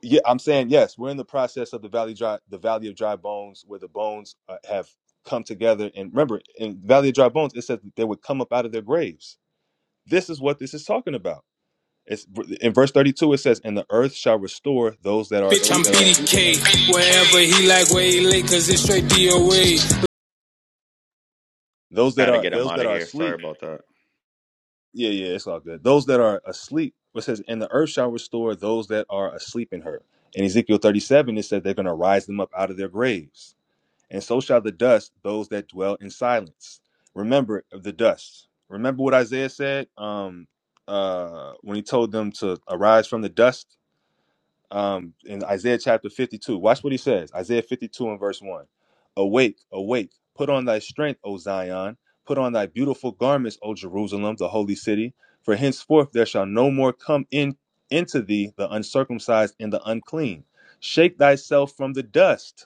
B: Yeah, I'm saying yes. We're in the process of the valley dry, the valley of dry bones, where the bones uh, have come together. And remember, in valley of dry bones, it says that they would come up out of their graves. This is what this is talking about. It's in verse 32. It says, "And the earth shall restore those that are
I: Bitch, I'm
B: asleep in her.
I: BDK. Wherever he like, where he late, cause it's straight DOA.
B: Those that
A: Had to
B: are
A: get him
B: those
A: out
B: that
A: of
B: are
A: here. Sorry
B: asleep.
A: about that.
B: Yeah, yeah, it's all good. Those that are asleep. It says, and the earth shall restore those that are asleep in her. In Ezekiel 37, it says they're going to rise them up out of their graves. and so shall the dust those that dwell in silence. Remember of the dust. Remember what Isaiah said um, uh, when he told them to arise from the dust um, in Isaiah chapter 52. Watch what he says Isaiah 52 and verse 1. Awake, awake, put on thy strength, O Zion, put on thy beautiful garments, O Jerusalem, the holy city. For henceforth there shall no more come in into thee the uncircumcised and the unclean. Shake thyself from the dust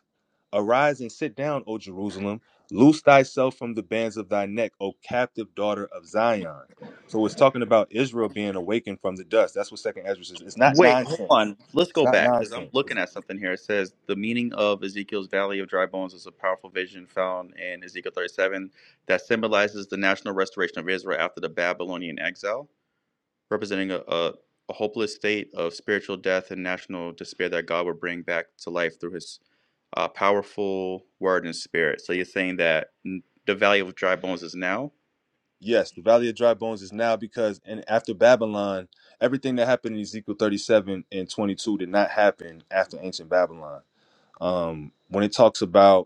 B: Arise and sit down, O Jerusalem. Loose thyself from the bands of thy neck, O captive daughter of Zion. So it's talking about Israel being awakened from the dust. That's what Second Ezra says. It's not
A: Wait, hold
B: nonsense.
A: on. Let's
B: It's
A: go
B: not
A: back because I'm
B: nonsense.
A: looking
B: It's-
A: at something here. It says the meaning of Ezekiel's Valley of Dry Bones is a powerful vision found in Ezekiel 37 that symbolizes the national restoration of Israel after the Babylonian exile, representing a, a, a hopeless state of spiritual death and national despair that God will bring back to life through his uh, powerful word and spirit. So you're saying that n- the Valley of Dry Bones is now?
B: yes, the Valley of Dry Bones is now because and after Babylon, everything that happened in Ezekiel 37 and 22 did not happen after ancient Babylon. Um, when it talks about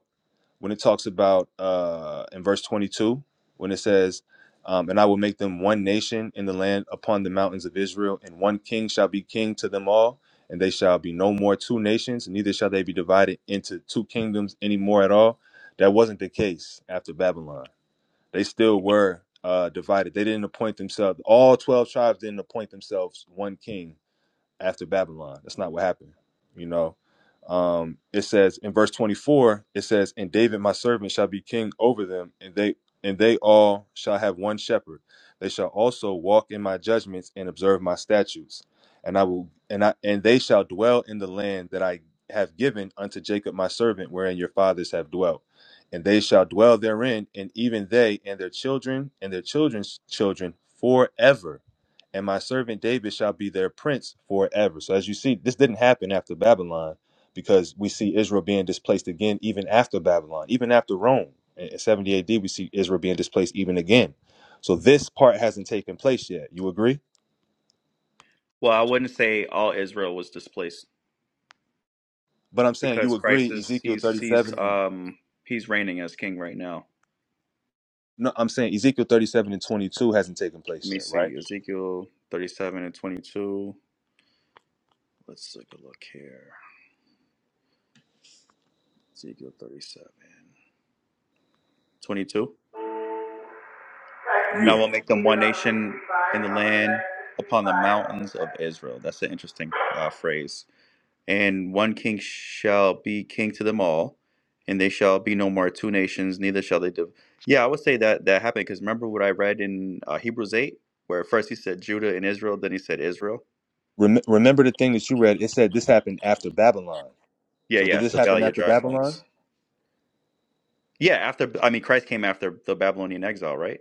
B: when it talks about uh, in verse 22 when it says um, and i will make them one nation in the land upon the mountains of israel and one king shall be king to them all and they shall be no more two nations neither shall they be divided into two kingdoms any more at all that wasn't the case after babylon they still were uh, divided they didn't appoint themselves all 12 tribes didn't appoint themselves one king after Babylon. That's not what happened. You know, um, it says in verse 24, it says, "And David my servant shall be king over them, and they and they all shall have one shepherd. They shall also walk in my judgments and observe my statutes. And I will and I and they shall dwell in the land that I have given unto Jacob my servant, wherein your fathers have dwelt." And they shall dwell therein, and even they and their children and their children's children forever and my servant David shall be their prince forever. So as you see, this didn't happen after Babylon because we see Israel being displaced again even after Babylon, even after Rome. In 70 AD, we see Israel being displaced even again. So this part hasn't taken place yet. You agree?
A: Well, I wouldn't say all Israel was displaced
B: But I'm saying you
A: because Christ
B: agree
A: is
B: Ezekiel
A: he's he's
B: 37 and-
A: um he's reigning as king right now.
B: no, I'm saying Ezekiel 37 and 22 hasn't taken
A: Let
B: place
A: me
B: yet, right?
A: see Ezekiel thirty seven and twenty two. Let's take a look here. Ezekiel thirty-seven, twenty-two. 22. And I
B: Yeah.
A: will make them one nation in the land upon the mountains of Israel. That's an interesting uh, phrase. and one king shall be king to them all, and they shall be no more two nations, neither shall they div. Yeah, I would say that that happened because remember what I read in uh, Hebrews 8, where first he said Judah and Israel, then he said Israel.
B: Rem- remember the thing that you read, it said this happened after Babylon.
A: Yeah,
B: So did
A: yeah,
B: this
A: the
B: happen
A: Valley of
B: after
A: Dry
B: Babylon?
A: Bones. Yeah, after, I mean, Christ came after the Babylonian exile, right?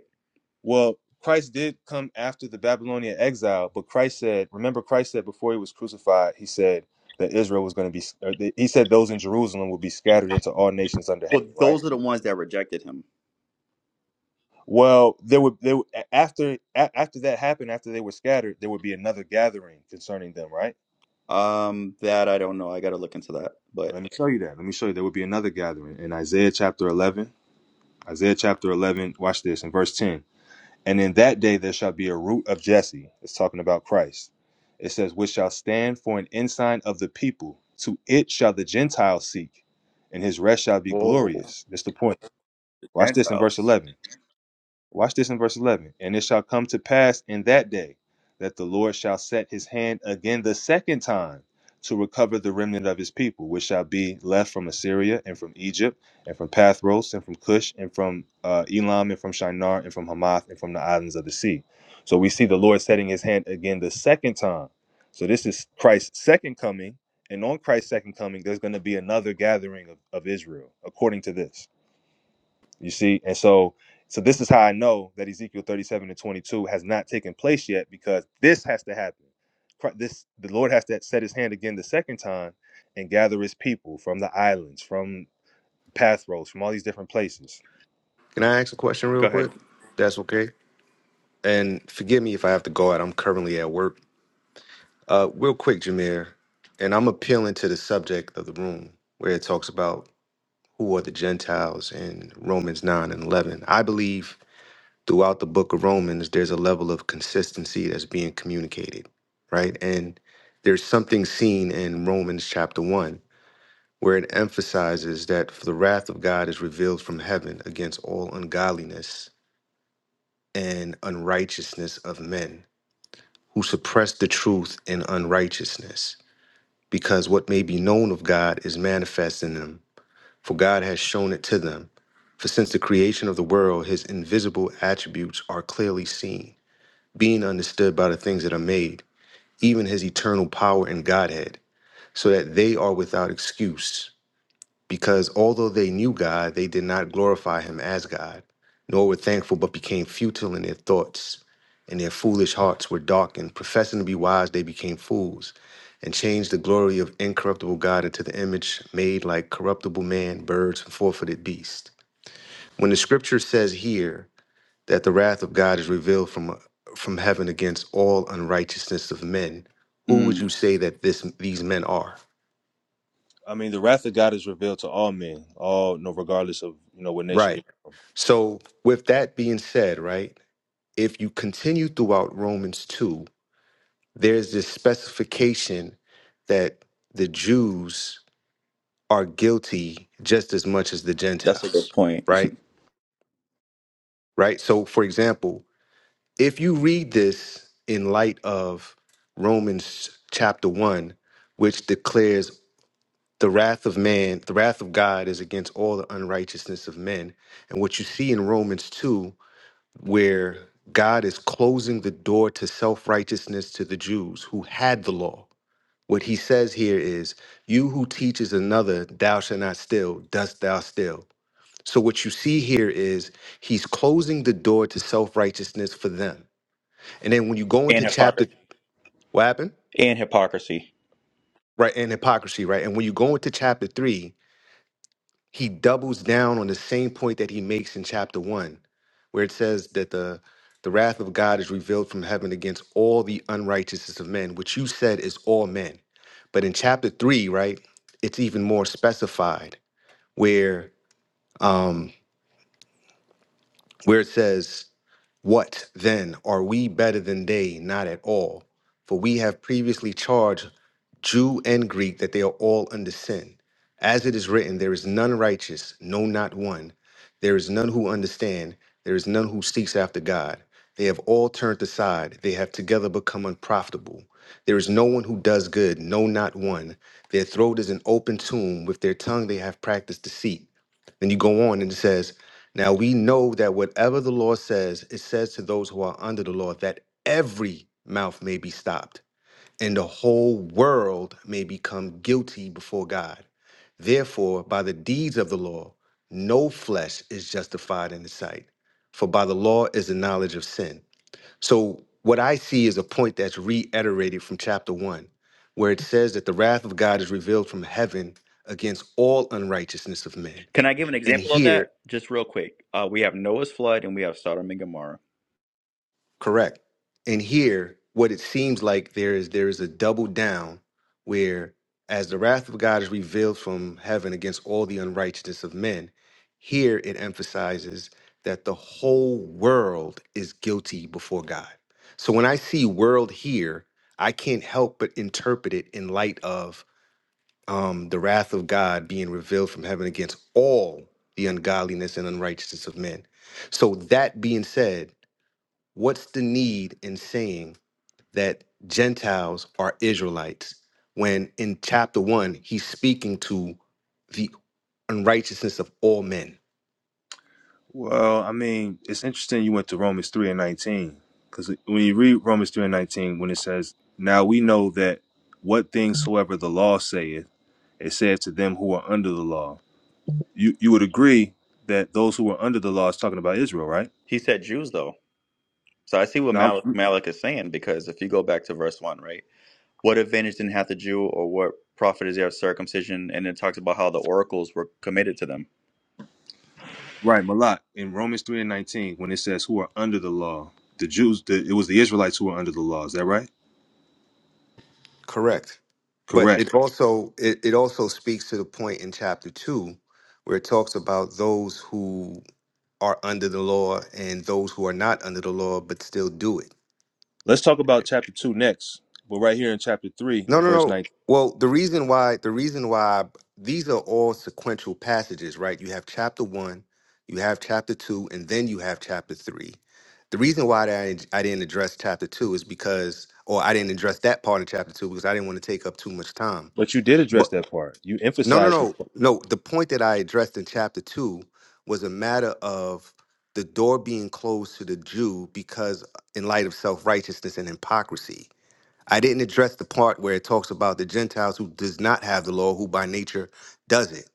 B: Well, Christ did come after the Babylonian exile, but Christ said, remember, Christ said before he was crucified, he said that Israel was going to be, or that- he said those in Jerusalem would be scattered into all nations under heaven,
A: Well,
B: right?
A: those are the ones that rejected him.
B: Well, there would, there would- a- after a- after that happened, after they were scattered, there would be another gathering concerning them, right?
A: Um, that I don't know. I got to look into that. But,
B: Let me show you that. Let me show you. There would be another gathering in Isaiah chapter eleven. Isaiah chapter eleven. Watch this in verse ten. And in that day there shall be a root of Jesse. It's talking about Christ. It says, which shall stand for an ensign of the people. To it shall the Gentiles seek, and his rest shall be
A: whoa,
B: glorious. That's the point.
A: the
B: Watch this in verse
A: Gentiles.
B: 11. Watch this in verse 11. And it shall come to pass in that day that the Lord shall set his hand again the second time to recover the remnant of his people, which shall be left from Assyria and from Egypt and from Pathros and from Cush and from uh, Elam and from Shinar and from Hamath and from the islands of the sea. So we see the Lord setting his hand again the second time. So this is Christ's second coming. And on Christ's second coming, there's going to be another gathering of, of Israel, according to this. You see, and so so this is how I know that Ezekiel 37 and 22 has not taken place yet because this has to happen. Cri- This the Lord has to set his hand again the second time and gather his people from the islands, from pathros, from all these different places.
J: Can I ask a question real
A: Go ahead.
J: quick? That's okay. And forgive me if I have to go out. I'm currently at work. Uh, real quick, Jameer, and I'm appealing to the subject of the room where it talks about who are the Gentiles in Romans 9 and 11. I believe throughout the book of Romans, there's a level of consistency that's being communicated, right? And there's something seen in Romans chapter 1 where it emphasizes that for the wrath of God is revealed from heaven against all ungodliness and unrighteousness of men, who suppress the truth in unrighteousness, because what may be known of God is manifest in them, for God has shown it to them. For since the creation of the world, his invisible attributes are clearly seen, being understood by the things that are made, even his eternal power and Godhead, so that they are without excuse. because although they knew God, they did not glorify him as God, nor were thankful, but became futile in their thoughts, and their foolish hearts were darkened. Professing to be wise, they became fools, and changed the glory of incorruptible God into the image made like corruptible man, birds, and forfeited beasts. When the scripture says here that the wrath of God is revealed from, from heaven against all unrighteousness of men, who would
A: Mm,
J: you say that this, these men are?
B: I mean, the wrath of God is revealed to all men, all no regardless of you know what nation
J: Right.
B: you're from.
J: So, with that being said, right? if you continue throughout Romans 2, there's this specification that the Jews are guilty just as much as the
A: that's a good
J: Gentiles,
A: point.
J: right? Right? So, for example, if you read this in light of Romans chapter 1, which declares the wrath of man, the wrath of God is against all the unrighteousness of men. And what you see in Romans 2 where God is closing the door to self righteousness to the Jews who had the law. What he says here is, You who teaches another, thou shalt not steal, dost thou steal? So, what you see here is he's closing the door to self righteousness for them. And then when you go
A: And
J: into chapter,
A: hypocrisy.
J: what happened?
A: And hypocrisy.
J: Right, and hypocrisy, right? And when you go into chapter three, he doubles down on the same point that he makes in chapter one, where it says that the the wrath of God is revealed from heaven against all the unrighteousness of men, which you said is all men. But in chapter three, right, it's even more specified where um where it says what then? Are we better than they? Not at all. For we have previously charged Jew and Greek that they are all under sin. As it is written, there is none righteous, no, not one. There is none who understand. There is none who seeks after God. They have all turned aside. They have together become unprofitable. There is no one who does good, no, not one. Their throat is an open tomb. With their tongue they have practiced deceit. Then you go on and it says, Now we know that whatever the law says, it says to those who are under the law that every mouth may be stopped and the whole world may become guilty before God. Therefore, by the deeds of the law, no flesh is justified in the sight, for by the law is the knowledge of sin. So, what I see is a point that's reiterated from chapter one, where it says that the wrath of God is revealed from heaven against all unrighteousness of men.
A: Can I give an
J: And
A: example of
J: here
A: that? Just real quick. Uh, we have Noah's flood and we have Sodom and Gomorrah.
J: Correct. And here, what it seems like there is there is a double down where as the wrath of God is revealed from heaven against all the unrighteousness of men, here it emphasizes that the whole world is guilty before God. So when I see world here, I can't help but interpret it in light of um, the wrath of God being revealed from heaven against all the ungodliness and unrighteousness of men. So that being said, What's the need in saying that Gentiles are Israelites when in chapter one he's speaking to the unrighteousness of all men?
B: Well, I mean, it's interesting you went to Romans 3 and 19 because when you read Romans 3 and 19 when it says, "Now we know that what things soever the law saith." It says to them who are under the law. You you would agree that those who are under the law is talking about Israel, right?
A: He said Jews, though. So I see what
B: Now, I'm,
A: Mal-
B: I'm-
A: Malik is saying because if you go back to verse 1, right? What advantage didn't have the Jew or what profit is there of circumcision? And it talks about how the oracles were committed to them.
B: right, Malak in Romans three and nineteen, when it says who are under the law, the Jews, the, it was the Israelites who were under the law. Is that right?
J: Correct. But
B: Correct.
J: it also it, it also speaks to the point in chapter two where it talks about those who are under the law and those who are not under the law but still do it.
B: Let's talk about chapter two next, but right here in chapter three
J: No,
B: in
J: no,
B: verse
J: no.
B: nineteen.
J: Well, the reason why the reason why these are all sequential passages, right? You have chapter one, you have chapter two, and then you have chapter three. The reason why I I didn't address chapter two is because, or I didn't address that part of chapter two because I didn't want to take up too much time.
B: But you did address
J: But
B: that part. You
J: no, no,
B: emphasized this
J: no, no. The point that I addressed in chapter two was a matter of the door being closed to the Jew because, in light of self righteousness and hypocrisy I didn't address the part where it talks about the Gentiles who does not have the law, who by nature does it,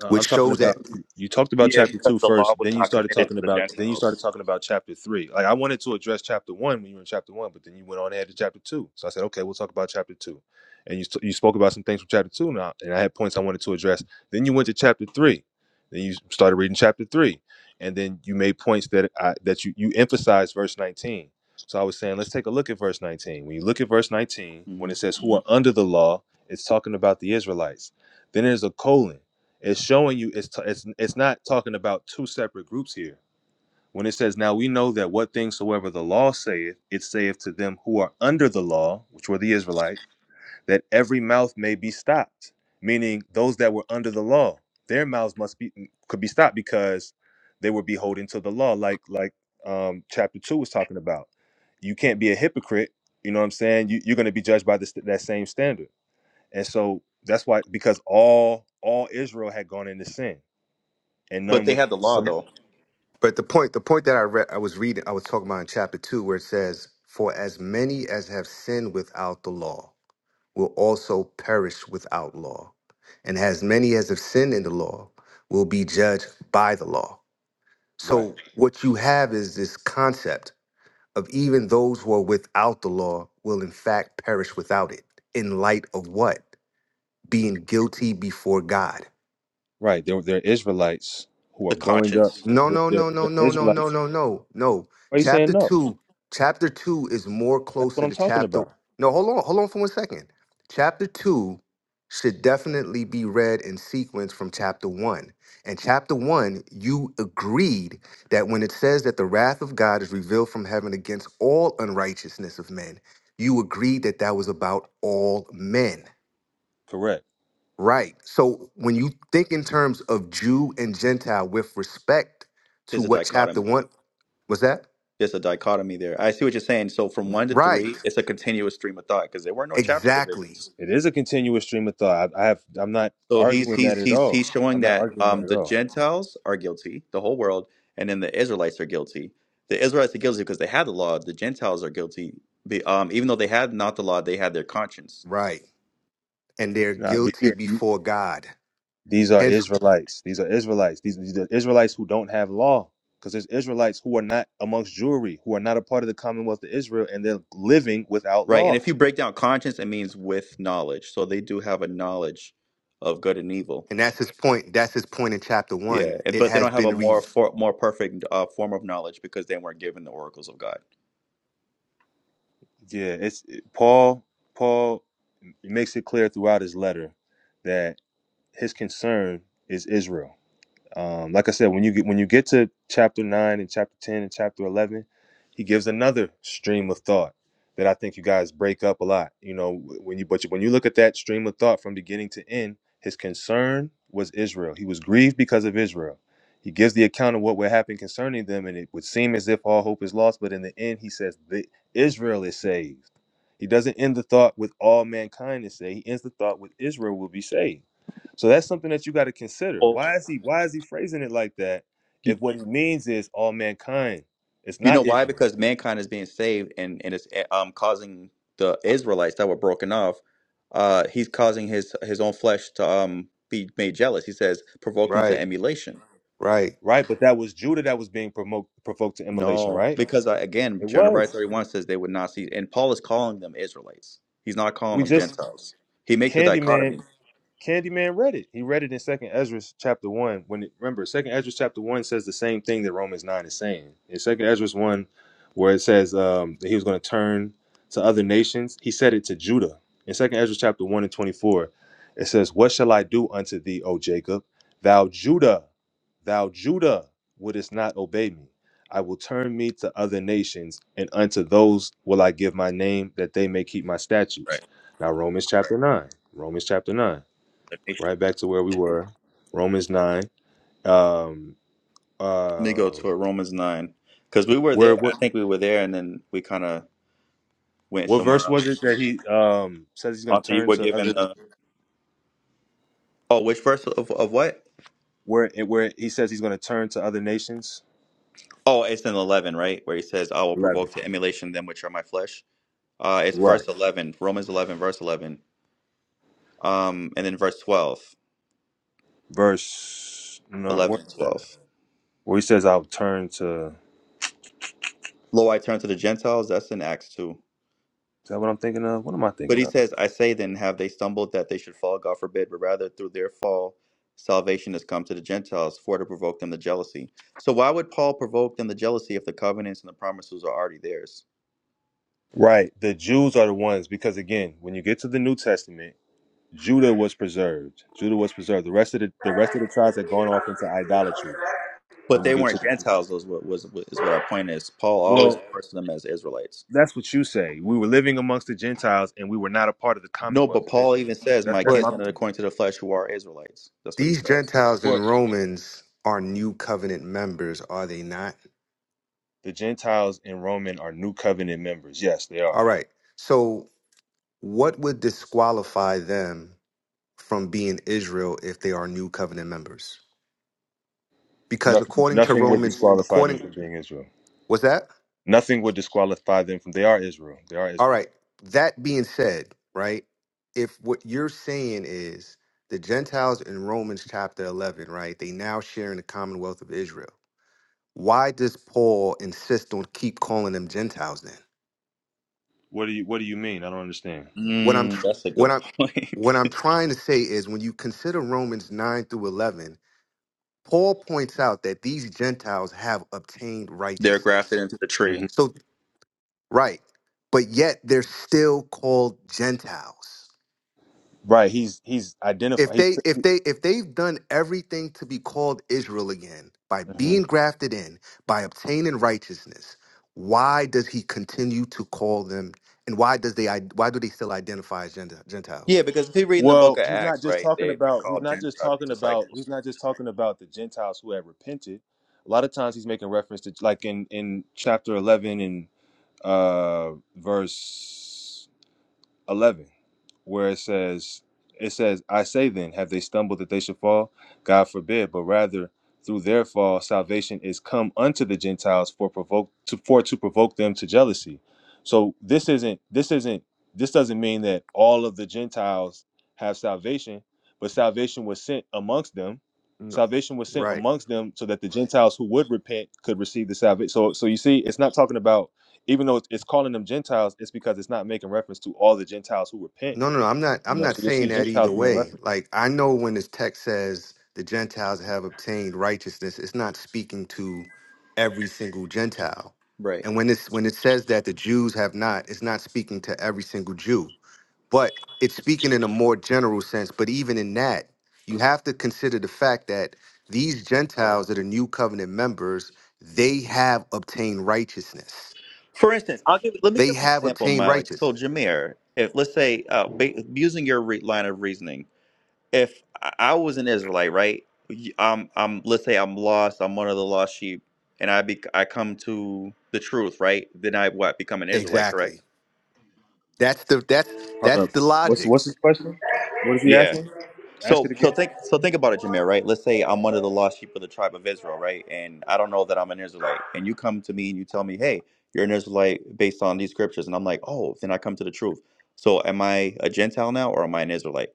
B: Uh, I'm
J: which
B: talking
J: shows
B: about
J: that.
B: you talked about
A: Yeah,
B: chapter two
A: because the law
B: first,
A: was
B: then you
A: not
B: started
A: committed
B: talking
A: to the
B: about then you started
A: Gentiles.
B: talking about chapter three. Like I wanted to address chapter one when you were in chapter one, but then you went on ahead to chapter two. So I said, okay, we'll talk about chapter two, and you st- you spoke about some things from chapter two now, and I had points I wanted to address. Then you went to chapter three, then you started reading chapter three, and then you made points that I, that you you emphasized verse 19. So I was saying, let's take a look at verse 19. When you look at verse 19, when
A: hmm
B: it says who are under the law, it's talking about the Israelites. Then there's a colon it's showing you it's t- it's it's not talking about two separate groups here. When it says, "Now we know that what things soever the law saith, it saith to them who are under the law, which were the Israelites, that every mouth may be stopped." Meaning, those that were under the law, their mouths must be mm, could be stopped because they were beholden to the law, like like um, chapter two was talking about. You can't be a hypocrite. You know what I'm saying? You, you're going to be judged by this that same standard, and so that's why because all all Israel had gone into sin and
A: But
B: none
A: they
B: was
A: had the
B: righteous
A: law,
B: among them.
A: though.
J: But the point, the point that I read, I was reading, I was talking about in chapter two, where it says, "For as many as have sinned without the law will also perish without law, and as many as have sinned in the law will be judged by the law."
B: Right,
J: So what you have is this concept of even those who are without the law will in fact perish without it. In light of what? being guilty before God.
B: right. There, there are Israelites who are
A: The
B: growing up.
A: conscience.
J: No,
B: There,
J: no,
B: there,
J: no, no,
B: there are
J: no, no, no,
B: Israelites.
J: no, no, no.
B: Why are you saying
J: Chapter
B: no?
J: two, chapter two is more
B: That's what
J: closer
B: I'm
J: to
B: talking
J: chapter.
B: about.
J: No, hold on, hold on for one second. Chapter two should definitely be read in sequence from chapter one. And chapter one, you agreed that when it says that the wrath of God is revealed from heaven against all unrighteousness of men, you agreed that that was about all men.
B: Correct.
J: Right. So when you think in terms of Jew and Gentile with respect to
A: There's a
J: what chapter
A: dichotomy.
J: one was that?
A: There's a dichotomy there. I see what you're saying. So from 1 to
J: Right.
A: 3, it's a continuous stream of thought because there were no chapter divisions.
J: Exactly.
B: It is a continuous stream of thought. I, I have. I'm not
A: So he's
B: arguing that
A: he's
B: at
A: he's
B: all.
A: he's
B: I'm
A: showing
B: not
A: that
B: arguing that
A: um,
B: at
A: the
B: all.
A: Gentiles are guilty, the whole world, and then the Israelites are guilty. The Israelites are guilty because they had the law. The Gentiles are guilty, be- um, even though they had not the law, they had their conscience,
J: Right. And they're
B: Nah, but
J: guilty
B: you- you-
J: before God.
B: these are
J: Hence,
B: Israelites. These are Israelites. These, these are Israelites who don't have law. Because there's Israelites who are not amongst Jewry, who are not a part of the Commonwealth of Israel, and they're living without
A: right? And
B: law.
A: if you break down conscience, it means with knowledge. So they do have a knowledge of good and evil.
J: and that's his point. That's his point in chapter
A: Yeah,
J: one.
A: and-
J: It
A: but they
J: has
A: don't have a
J: been re.
A: more for, more perfect uh, form of knowledge because they weren't given the oracles of God.
B: Yeah, it's it- Paul. Paul. He makes it clear throughout his letter that his concern is Israel. Um, like I said, when you get when you get to chapter nine and chapter ten and chapter eleven, he gives another stream of thought that I think you guys break up a lot. You know, when you but you- when you look at that stream of thought from beginning to end, his concern was Israel. He was grieved because of Israel. He gives the account of what would happen concerning them, and it would seem as if all hope is lost. But in the end, he says, "The Israel is saved." He doesn't end the thought with all mankind is saved. He ends the thought with Israel will be saved. So that's something that you got to consider.
A: Oh.
B: Why is he why is he phrasing it like that? If what he means is all mankind, it's
A: You know
B: not
A: why?
B: Israel,
A: Because mankind is being saved and, and it's eh, um causing the Israelites that were broken off, uh, he's causing his his own flesh to um be made jealous. He says, provoking to
J: Right.
A: emulation.
J: Right.
B: right? But that was Judah that was being promote, provoked to immolation,
A: No,
B: right?
A: because I, again,
B: It
A: Jeremiah
B: was.
A: 31 says they would not see, and Paul is calling them Israelites. He's not calling
B: We
A: them
B: just
A: Gentiles. He makes a
B: Candyman.
A: dichotomy.
B: Candyman read it. He read it in Second Ezra chapter one. When it, remember, Second Ezra chapter one says the same thing that Romans nine is saying. In Second Ezra one, where it says um, that he was going to turn to other nations, he said it to Judah. In Second Ezra chapter one and twenty four, it says, "What shall I do unto thee, O Jacob? Thou Judah, thou Judah, wouldest not obey me." I will turn me to other nations, and unto those will I give my name, that they may keep my statutes.
A: Right.
B: Now, Romans chapter 9. Romans chapter 9 right back to where we were romans 9 um
A: Let me go
B: um
A: to uh, Romans 9 because we were
B: where
A: there.
B: what
A: I think we were there, and then we kind of went
B: what
A: somewhere
B: verse was it
A: else.
B: that he um says he's going to
A: Until you
B: turn
A: were
B: to
A: given
B: other
A: the oh, which verse of, of what?
B: where it where he says he's going to turn to other nations
A: Oh, it's in 11, right? Where he says, I will
B: 11
A: provoke to emulation them which are my flesh. Uh, it's
B: right
A: verse 11, Romans 11, verse 11. Um, and then verse 12,
B: verse no what
A: 11
B: is
A: and
B: that?
A: 12.
B: where he says i'll turn to is
A: Lo, I turn to the Gentiles. That's in Acts 2.
B: that what i'm thinking of what am i
A: But
B: thinking
A: he
B: of
A: says, I say then, have they stumbled that they should fall? God forbid. But rather through their fall, salvation has come to the Gentiles for to provoke them to jealousy. So why would Paul provoke them to jealousy if the covenants and the promises are already theirs?
B: right the jews are the ones because again when you get to the new testament judah was preserved judah was preserved the rest of the the rest of the tribes had gone off into idolatry
A: But
B: when you
A: they
B: get to
A: weren't
B: the new
A: Gentiles,
B: testament
A: is what, was, is what our point is. Paul always
B: well
A: refers to them as Israelites.
B: That's what you say. We were living amongst the Gentiles and we were not a part of the
A: No,
B: Commonwealth
A: but
B: of
A: Paul
B: Israel.
A: even says,
B: That's
A: "My
B: that's
J: But
B: my
A: kinsmen are
B: point.
A: according to the flesh, who are Israelites." That's what he
J: these
A: says.
J: Gentiles
B: Well,
J: and Romans are new covenant members, are they not?
B: The Gentiles and Roman are new covenant members. Yes, they are.
J: All right. So what would disqualify them from being Israel if they are new covenant members? because
B: Nothing
J: according to
B: nothing would
J: Romans,
B: disqualify them
J: according
B: from being Israel.
J: was that
B: Nothing would disqualify them from they are Israel. They are
J: all right?
B: Israelites.
J: That being said, right? If what you're saying is the Gentiles in Romans chapter 11, right? They now share in the commonwealth of Israel. Why does Paul insist on keep calling them Gentiles then?
B: What do you what do you mean? I don't understand.
J: What I'm
A: Mm,
J: tr-
A: that's a
J: what
A: good
J: I'm
A: point.
J: what I'm trying to say is when you consider Romans 9 through 11, Paul points out that these Gentiles have obtained
A: *laughs* They're grafted
J: righteousness.
A: into the
B: hmm
A: tree.
J: So Right. But yet they're still called Gentiles.
B: Right. He's he's
J: If
B: identified.
J: they if they if they've done everything to be called Israel again by
B: He's,
J: being grafted in, by obtaining righteousness, why does he continue to call them and why does they why do they still identify as Gent- Gentiles?
A: Yeah, because if you read in the book
B: Well,
A: of
B: he's not
A: Acts,
B: just
A: right,
B: talking
A: they they
B: about he's
A: call
B: not just
A: Gentile
B: talking about he's
A: disciples,
B: not just talking about the Gentiles who had repented. A lot of times he's making reference to like in in chapter 11 and uh verse 11 where it says it says i say then have they stumbled that they should fall god forbid but rather through their fall salvation is come unto the gentiles for provoke to for to provoke them to jealousy so this isn't this isn't this doesn't mean that all of the gentiles have salvation but salvation was sent amongst them
J: No.
B: salvation was sent
J: Right.
B: amongst them so that the gentiles who would repent could receive the salvation so so you see it's not talking about even though it's it's calling them Gentiles, it's because it's not making reference to all the Gentiles who repent.
J: No, no, no. I'm not.
B: You
J: I'm
B: know,
J: not
B: so you'll
J: saying
B: see
J: that either
B: Gentiles being
J: way.
B: referenced.
J: Like I know when this text says the Gentiles have obtained righteousness, it's not speaking to every single Gentile.
A: right?
J: And when it's when it says that the Jews have not, it's not speaking to every single Jew. But it's speaking in a more general sense. But even in that, you have to consider the fact that these Gentiles that are new covenant members, they have obtained righteousness.
A: For instance, I'll give. Let me
J: They
A: give an
J: have
A: example,
J: obtained
A: Malik.
J: righteousness.
A: So, Jameer, if let's say, uh, ba- using your re- line of reasoning, if I I was an Israelite, right, y- I'm, I'm, let's say I'm lost, I'm one of the lost sheep, and I be, I come to the truth, right? Then I what become an Israelite,
J: Exactly.
A: correct?
J: That's the that's that's
B: Hold up.
J: the
B: What's
J: logic.
B: what's his question? What is he
A: Yeah.
B: asking? Ask it
A: So so
B: again.
A: think so think about it, Jameer, right? Let's say I'm one of the lost sheep of the tribe of Israel, right? And I don't know that I'm an Israelite. And you come to me and you tell me, hey, you're an Israelite based on these scriptures. And I'm like, oh, then I come to the truth. So am I a Gentile now or am I an Israelite?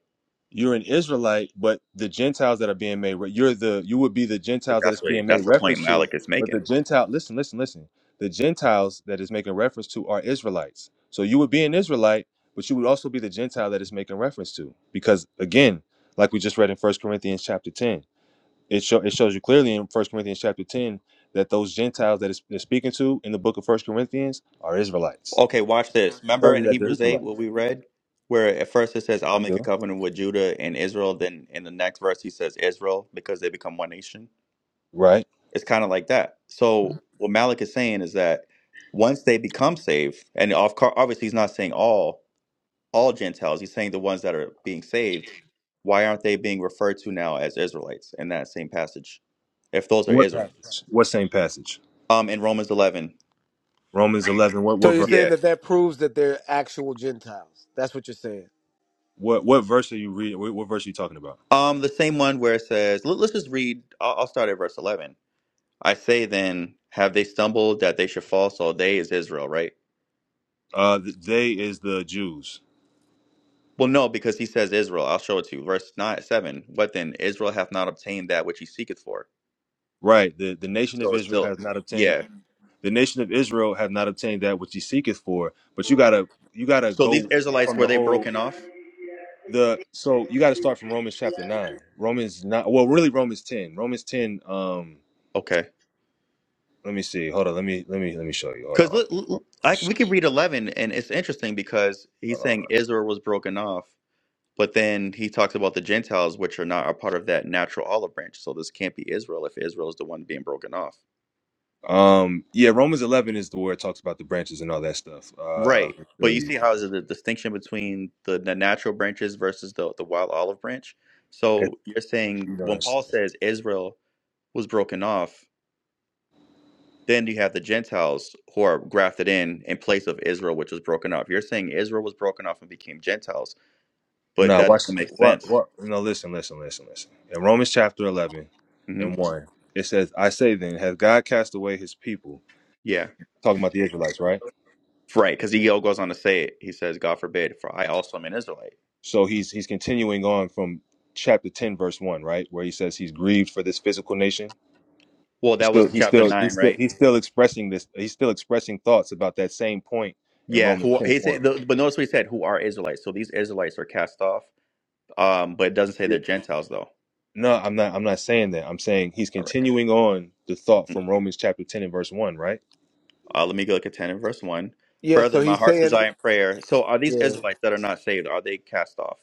B: You're an Israelite, but the Gentiles that are being made, re- you're the you would be the
A: But
B: Gentiles that
A: that's
B: it's
A: what
B: being made
A: that's the point
B: reference to.
A: Malik is
B: But the
A: making.
B: Gentile, listen, listen, listen. The Gentiles that is making reference to are Israelites. So you would be an Israelite, but you would also be the Gentile that is making reference to, because again, like we just read in First Corinthians chapter ten. it, show, it shows you clearly in First Corinthians chapter 10 that those Gentiles that it's speaking to in the book of First Corinthians are Israelites.
A: Okay, watch this.
B: It
A: Remember
B: tells
A: in
B: you that they're
A: Hebrews 8
B: Israelites.
A: what we read? Where at first it says,
B: I
A: I'll make a
B: do.
A: covenant with Judah and Israel, then in the next verse he says Israel because they become one nation.
B: Right.
A: It's kind of like that. So what Malik is saying is that once they become saved, and of cour- obviously he's not saying all all Gentiles. He's saying the ones that are being saved. Why aren't they being referred to now as Israelites in that same passage? If those are
B: What
A: Israelites,
B: passage? What same passage?
A: um, in Romans eleven,
B: Romans 11. What
F: So
B: what
F: you're
B: verse?
F: saying
A: yeah,
F: that that proves that they're actual Gentiles. That's what you're saying.
B: What what verse are you reading? What, what verse are you talking about?
A: um, the same one where it says, let, us just read. I'll, I'll start at verse eleven. I say then, have they stumbled that they should fall? So they is Israel, right?
B: Uh, th- they is the Jews.
A: Well, no, because he says Israel. I'll show it to you. Verse nine, seven. What then? Israel hath not obtained that which he seeketh for.
B: Right. The the nation of
A: So it's
B: Israel
A: still,
B: has not obtained
A: yeah.
B: the nation of Israel have not obtained that which he seeketh for. But you gotta you gotta
A: So these
B: go
A: Israelites
B: from
A: were
B: the
A: they
B: whole.
A: broken off?
B: the so you got to start from Romans chapter 9. Romans 9 well really Romans 10. Romans 10 um
A: Okay,
B: let me see. Hold on. Let me let me let me show you.
A: because
B: Hold on. Romans-
A: we could read eleven, and it's interesting because he's
B: Hold on.
A: saying Israel was broken off, but then he talks about the Gentiles, which are not a part of that natural olive branch. So this can't be Israel if Israel is the one being broken off.
B: Um yeah, Romans 11 is the where it talks about the branches and all that stuff. Uh
A: Right.
B: let me show
A: But you
B: you.
A: see how is it the distinction between the, the natural branches versus the, the wild olive branch?
B: It's,
A: So you're saying
B: you know
A: when
B: it's,
A: Paul says Israel was broken off, then you have the Gentiles who are grafted in in place of Israel, which was broken off. You're saying Israel was broken off and became Gentiles, but
B: no,
A: that
B: watch
A: doesn't make
B: what
A: sense.
B: what no listen listen listen listen. In Romans chapter 11
A: hmm
B: and 1 it says I say then has God cast away his people
A: Yeah.
B: talking about the Israelites, right?
A: Right. Because he goes on to say it. He says, God forbid, for I also am an Israelite.
B: So he's he's continuing on from chapter 10 verse 1, right? Where he says he's grieved for this physical nation.
A: Well,
B: He's
A: that
B: still
A: was
B: he's
A: chapter
B: still he's
A: 9,
B: still
A: right?
B: he's still expressing this he's still expressing thoughts about that same point in
A: Yeah.
B: Romans
A: Who,
B: 10
A: he
B: and 1.
A: said, the, but notice what he said, who are Israelites. So these Israelites are cast off Um, but it doesn't say
B: Yeah.
A: they're Gentiles though.
B: No, I'm not I'm not saying that. I'm saying he's
A: All right.
B: continuing on the thought from Romans chapter 10 and verse 1, right?
A: Uh, let me go look at ten and verse one.
F: Yeah. So
A: Brethren, my
F: he's
A: heart's
F: saying,
A: desire and prayer. So are these
F: yeah,
A: Israelites that are not saved? Are they cast off?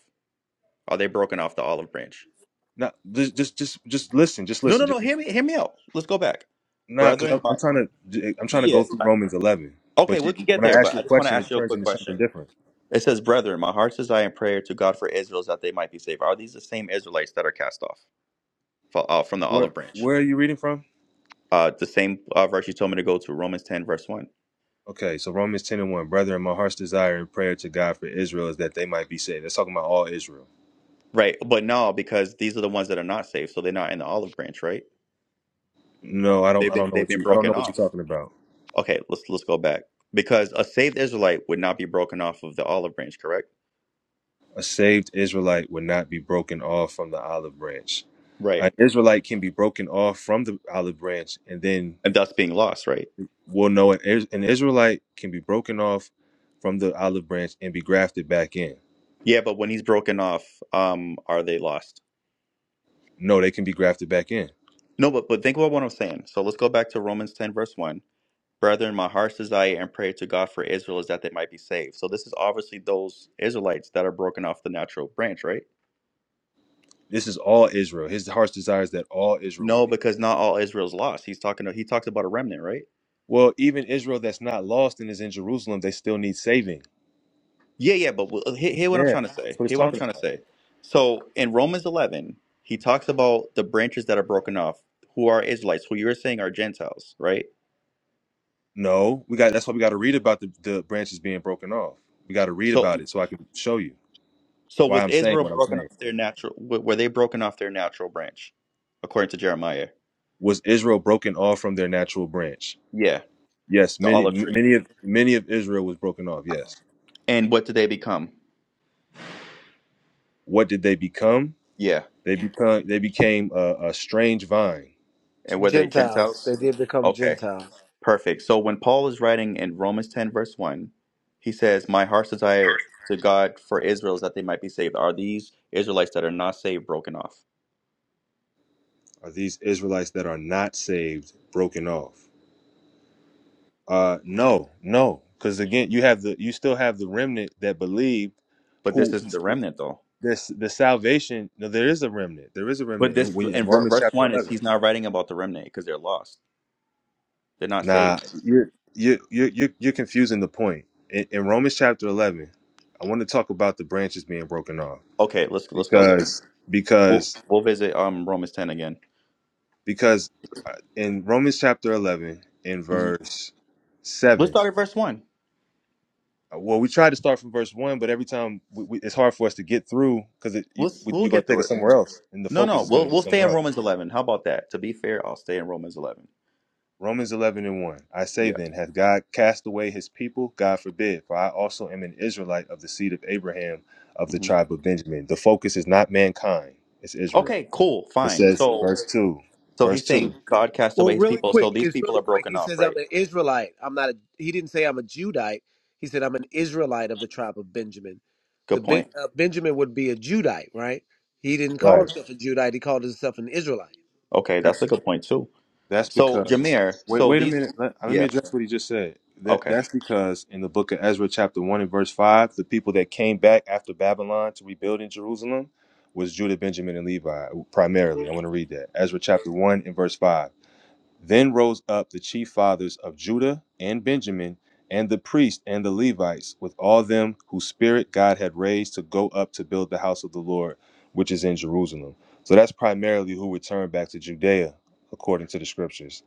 A: Are they broken off the olive branch?
B: Not just just just just listen, just
A: No,
B: listen.
A: no,
B: Just
A: no. Hear me. Hear me out. Let's go back.
B: nah, because
A: Brethren,
B: I'm,
A: my
B: I'm trying to I'm trying to
A: yeah.
B: go through Romans 11.
A: Okay,
B: But
A: we
B: you,
A: can get
B: when
A: there,
B: I ask
A: but
B: you
A: I
B: a
A: just want to
B: question,
A: ask
B: it
A: you a
B: turns
A: quick
B: into something
A: question.
B: different.
A: It says, "Brethren, my heart's desire and prayer to God for Israel is that they might be saved." Are these the same Israelites that are cast off fo- uh, from the
B: Where
A: olive branch?
B: where are you reading from?
A: Uh, the same uh, verse you told me to go to, Romans ten, verse one.
B: Okay, so Romans 10 and 1. Brethren, my heart's desire and prayer to God for Israel is that they might be saved. That's talking about all Israel.
A: Right, but no, because these are the ones that are not saved, so they're not in the olive branch, right?
B: No, I don't
A: They've
B: I
A: been
B: don't know
A: they've
B: what
A: been
B: you I don't know
A: broken
B: what you're
A: off.
B: talking about.
A: Okay, let's let's go back because a saved Israelite would not be broken off of the olive branch, correct?
B: A saved Israelite would not be broken off from the olive branch.
A: Right,
B: An Israelite can be broken off from the olive branch, and then
A: and thus being lost, right?
B: we'll know an, Is- an Israelite can be broken off from the olive branch and be grafted back in.
A: Yeah, but when he's broken off, um, are they lost?
B: No, they can be grafted back in.
A: No, but but think about what I'm saying. So let's go back to Romans ten verse one. Brethren, my heart's desire and prayer to God for Israel is that they might be saved. So this is obviously those Israelites that are broken off the natural branch, right?
B: This is all Israel. His heart's desire is that all Israel will
A: No,
B: be.
A: because not all Israel's lost. He's talking. He talks about a remnant, right?
B: Well, even Israel that's not lost and is in Jerusalem, they still need saving
A: Yeah, yeah, but well, hear, hear what I'm
B: Yeah,
A: trying to
B: that's
A: say.
B: what he's
A: Hear what I'm
B: talking
A: trying to
B: about.
A: say. So in Romans 11, he talks about the branches that are broken off, who are Israelites, who you're saying are Gentiles, right?
B: No, we got. That's why we got to read about the, the branches being broken off. We got to read
A: So,
B: about it so I can show you
A: so
B: why
A: was
B: I'm saying
A: Israel
B: what I'm
A: broken
B: saying.
A: off their natural? w- Were they broken off their natural branch, according to Jeremiah?
B: Was Israel broken off from their natural branch?
A: Yeah,
B: Yes,
A: the
B: many
A: olive
B: m-
A: tree.
B: many of many of Israel was broken off. Yes.
A: And what did they become?
B: What did they become?
A: Yeah,
B: They become they became a, a strange vine.
A: and were they
F: Gentiles. They
A: Gentiles?
F: did become
A: Okay.
F: Gentiles.
A: Perfect. So when Paul is writing in Romans 10, verse 1, he says, My heart's desire to God for Israel is that they might be saved. Are these Israelites that are not saved broken off?
B: Are these Israelites that are not saved broken off? Uh, no, no, because again, you have the you still have the remnant that believed,
A: But this
B: who
A: isn't the remnant, though.
B: this the salvation no there is a remnant there is a
A: But
B: remnant in,
A: this
B: when, in
A: in ver-
B: romans
A: verse
B: chapter
A: 1 is
B: 11
A: he's not writing about the remnant because they're lost. They're not
B: nah
A: saved.
B: you're you you you're, you're confusing the point in, in romans chapter 11 i want to talk about the branches being broken off
A: Okay, let's let's go there.
B: because
A: We'll,
B: because
A: we'll visit um Romans 10 again.
B: because uh, in romans chapter 11 in
A: Mhm.
B: verse
A: Let's
B: 7
A: start at verse 1.
B: uh, well we tried to start from verse 1 but every time we, we, it's hard for us to get through because you,
A: Let's we'll
B: you're going
A: get
B: to take
A: through
B: us
A: it.
B: somewhere else and the
A: No,
B: focus
A: no,
B: is going
A: we'll
B: to be
A: we'll stay in
B: somewhere else
A: Romans 11. How about that? To be fair, I'll stay in Romans 11.
B: Romans 11 and 1. I say
A: Yeah.
B: then, hath God cast away his people? God forbid, for I also am an Israelite of the seed of Abraham of the
A: hmm
B: tribe of Benjamin. The focus is not mankind, it's Israel.
A: Okay, cool,
B: It
A: fine.
B: says,
A: So
B: verse 2.
A: So
B: Verse
A: he's
B: 2.
A: saying God cast
F: Well,
A: away his
F: really
A: people. So
F: quick,
A: these
F: it's
A: people
F: really
A: are
F: quick. He
A: broken off,
F: says, "I'm
A: right?
F: an Israelite. I'm not a." He didn't say I'm a Judite. He said, "I'm an Israelite of the tribe of Benjamin." The
A: Good
F: ben,
A: point.
F: uh, Benjamin would be a Judite, right? He didn't call
B: Right.
F: himself a Judite. He called himself an Israelite.
A: Okay, that's
B: That's,
A: a good point too.
B: that's
A: So
B: because,
A: Jameer,
B: wait,
A: so
B: wait a
A: these
B: minute. Let, uh, let me
A: yeah,
B: address what he just said. That,
A: okay.
B: that's because in the book of Ezra, chapter 1 and verse 5, the people that came back after Babylon to rebuild in Jerusalem was Judah, Benjamin, and Levi primarily. I want to read that. Ezra chapter 1 and verse 5. Then rose up the chief fathers of Judah and Benjamin, and the priests and the Levites, with all them whose spirit God had raised to go up to build the house of the Lord, which is in Jerusalem. So that's primarily who returned back to Judea, according to the scriptures.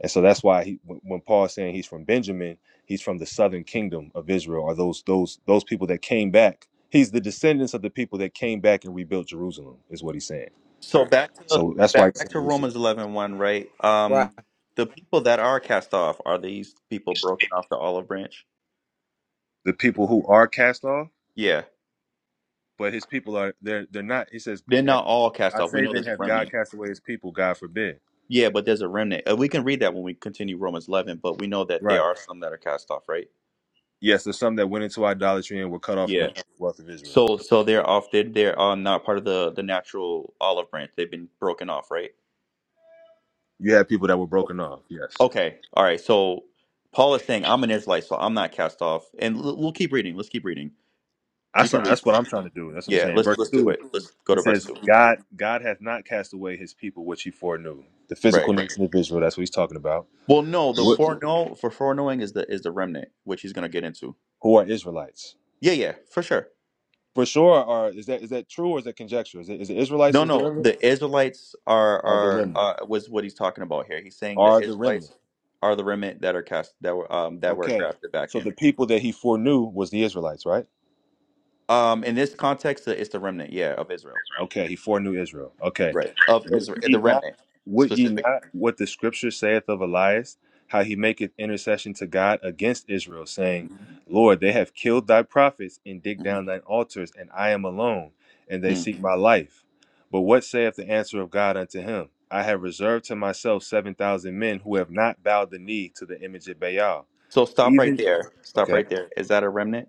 B: And so that's why he, when when Paul is saying he's from Benjamin, he's from the southern kingdom of Israel, or those those those people that came back. He's the descendants of the people that came back and rebuilt Jerusalem, is what he's saying.
A: So back to
B: So that's why he's
A: back to Romans eleven one, right?
F: Right.
A: Um the people that are cast off, are these people broken off the olive branch?
B: the people who are cast off
A: Yeah.
B: but his people are they're they're not. He says,
A: They're not
B: "I
A: all cast off. We
B: say
A: know
B: then,
A: there's a
B: have God
A: remnant.
B: cast away His people? God forbid."
A: Yeah, but there's a remnant. Uh, We can read that when we continue Romans 11, but we know that there
B: Right.
A: are some that are cast off, right?
B: Yes, there's some that went into idolatry and were cut off from
A: Yeah.
B: the commonwealth of Israel.
A: So so they're off. They they're uh, not part of the the natural olive branch. They've been broken off, right?
B: You had people that were broken off. Yes,
A: Okay. All right. So Paul is saying I'm an Israelite, so I'm not cast off. And l- we'll keep reading. Let's keep reading. You
B: that's
A: can read.
B: that's what I'm trying to do. That's what I'm
A: Yeah.
B: saying.
A: Let's
B: Verse
A: let's do
B: two,
A: it. Let's go
B: it
A: to verse
B: says,
A: two.
B: "God God hath not cast away His people, which He foreknew." The physical
A: Right.
B: nation of Israel. That's what He's talking about.
A: Well, no. The
B: What?
A: foreknow for foreknowing is the is the remnant, which he's gonna get into.
B: Who are Israelites?
A: Yeah. Yeah. For sure.
B: For sure. Are is that is that true or is that conjecture? Is it is it Israelites
A: No.
B: is the
A: No.
B: remnant?
A: The Israelites are
B: Are the
A: are
B: remnant?
A: uh, was what he's talking about here. He's saying the
B: Are the remnant?
A: Israelites are the remnant that are cast that were um that were
B: Okay.
A: grafted back
B: So
A: in.
B: the people that he foreknew was the Israelites, right?
A: Um, in this context, it's the remnant, yeah, of Israel,
B: Okay, he foreknew Israel. Okay.
A: right? Of
B: Would
A: Israel, the
B: ye not
A: remnant
B: would ye
A: specific.
B: not what the scripture saith of Elias, how he maketh intercession to God against Israel, saying,
A: Mhm.
B: Lord, they have killed thy prophets and digged
A: Mhm.
B: down thine altars, and I am alone, and they
A: Hmm.
B: seek my life. But what saith the answer of God unto him? I have reserved to myself seven thousand men who have not bowed the knee to the image of Baal.
A: So stop right
B: Even
A: there. Stop
B: okay,
A: right there. Is that a remnant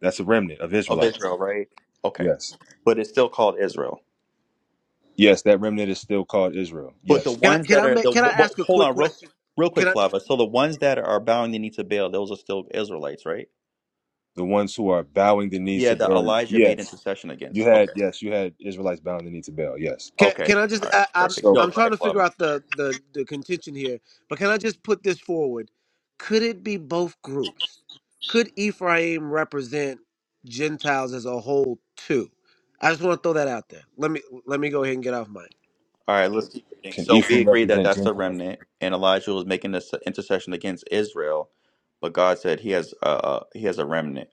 B: that's a remnant of
A: of
B: Israelites.
A: Israel, right? Okay,
B: Yes.
A: but it's still called Israel.
B: Yes, that remnant is still called Israel.
A: But the
B: Yes.
F: Can I
A: ones
F: can
A: that
F: I
A: are
F: make,
A: the
F: can I
A: well,
F: ask a
A: hold
F: quick
A: on, real
F: question?
A: real
F: Can
A: quick,
F: I just
A: Flava. So the ones that are bowing the knee to Baal, those are still Israelites, right?
B: The ones who are bowing the knee
A: Yeah,
B: to
A: that
B: Baal.
A: Elijah made
B: Yes.
A: intercession
B: You
A: against.
B: had
A: Okay,
B: yes, you had Israelites bowing the knee to Baal. Yes.
F: can,
A: okay,
F: can I just
A: all right,
F: I, I'm
A: perfect.
B: So
A: Yo,
F: I'm
A: go
F: trying
A: ahead,
F: to
A: Flava.
F: figure out the, the the contention here, but can I just put this forward? Could it be both groups? Could Ephraim represent Gentiles as a whole too? I just want to throw that out there. Let me let me go ahead and get off mic.
A: All right, let's keep reading.
B: can
A: So we
B: Ephraim
A: agree that
B: represent
A: that's the
B: Gentiles?
A: remnant, and Elijah was making this intercession against Israel, but God said he has uh uh, he has a remnant,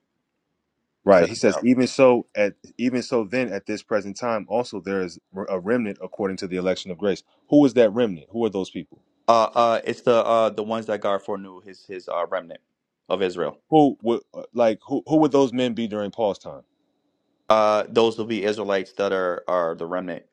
B: Right. He
A: seven
B: says
A: thousand.
B: even so at even so then at this present time also there is a remnant according to the election of grace. Who is that remnant? Who are those people?
A: Uh uh, it's the uh the ones that God foreknew his his uh remnant of Israel.
B: Who would uh, like who who would those men be during Paul's time?
A: Uh, those will be Israelites that are are the remnant.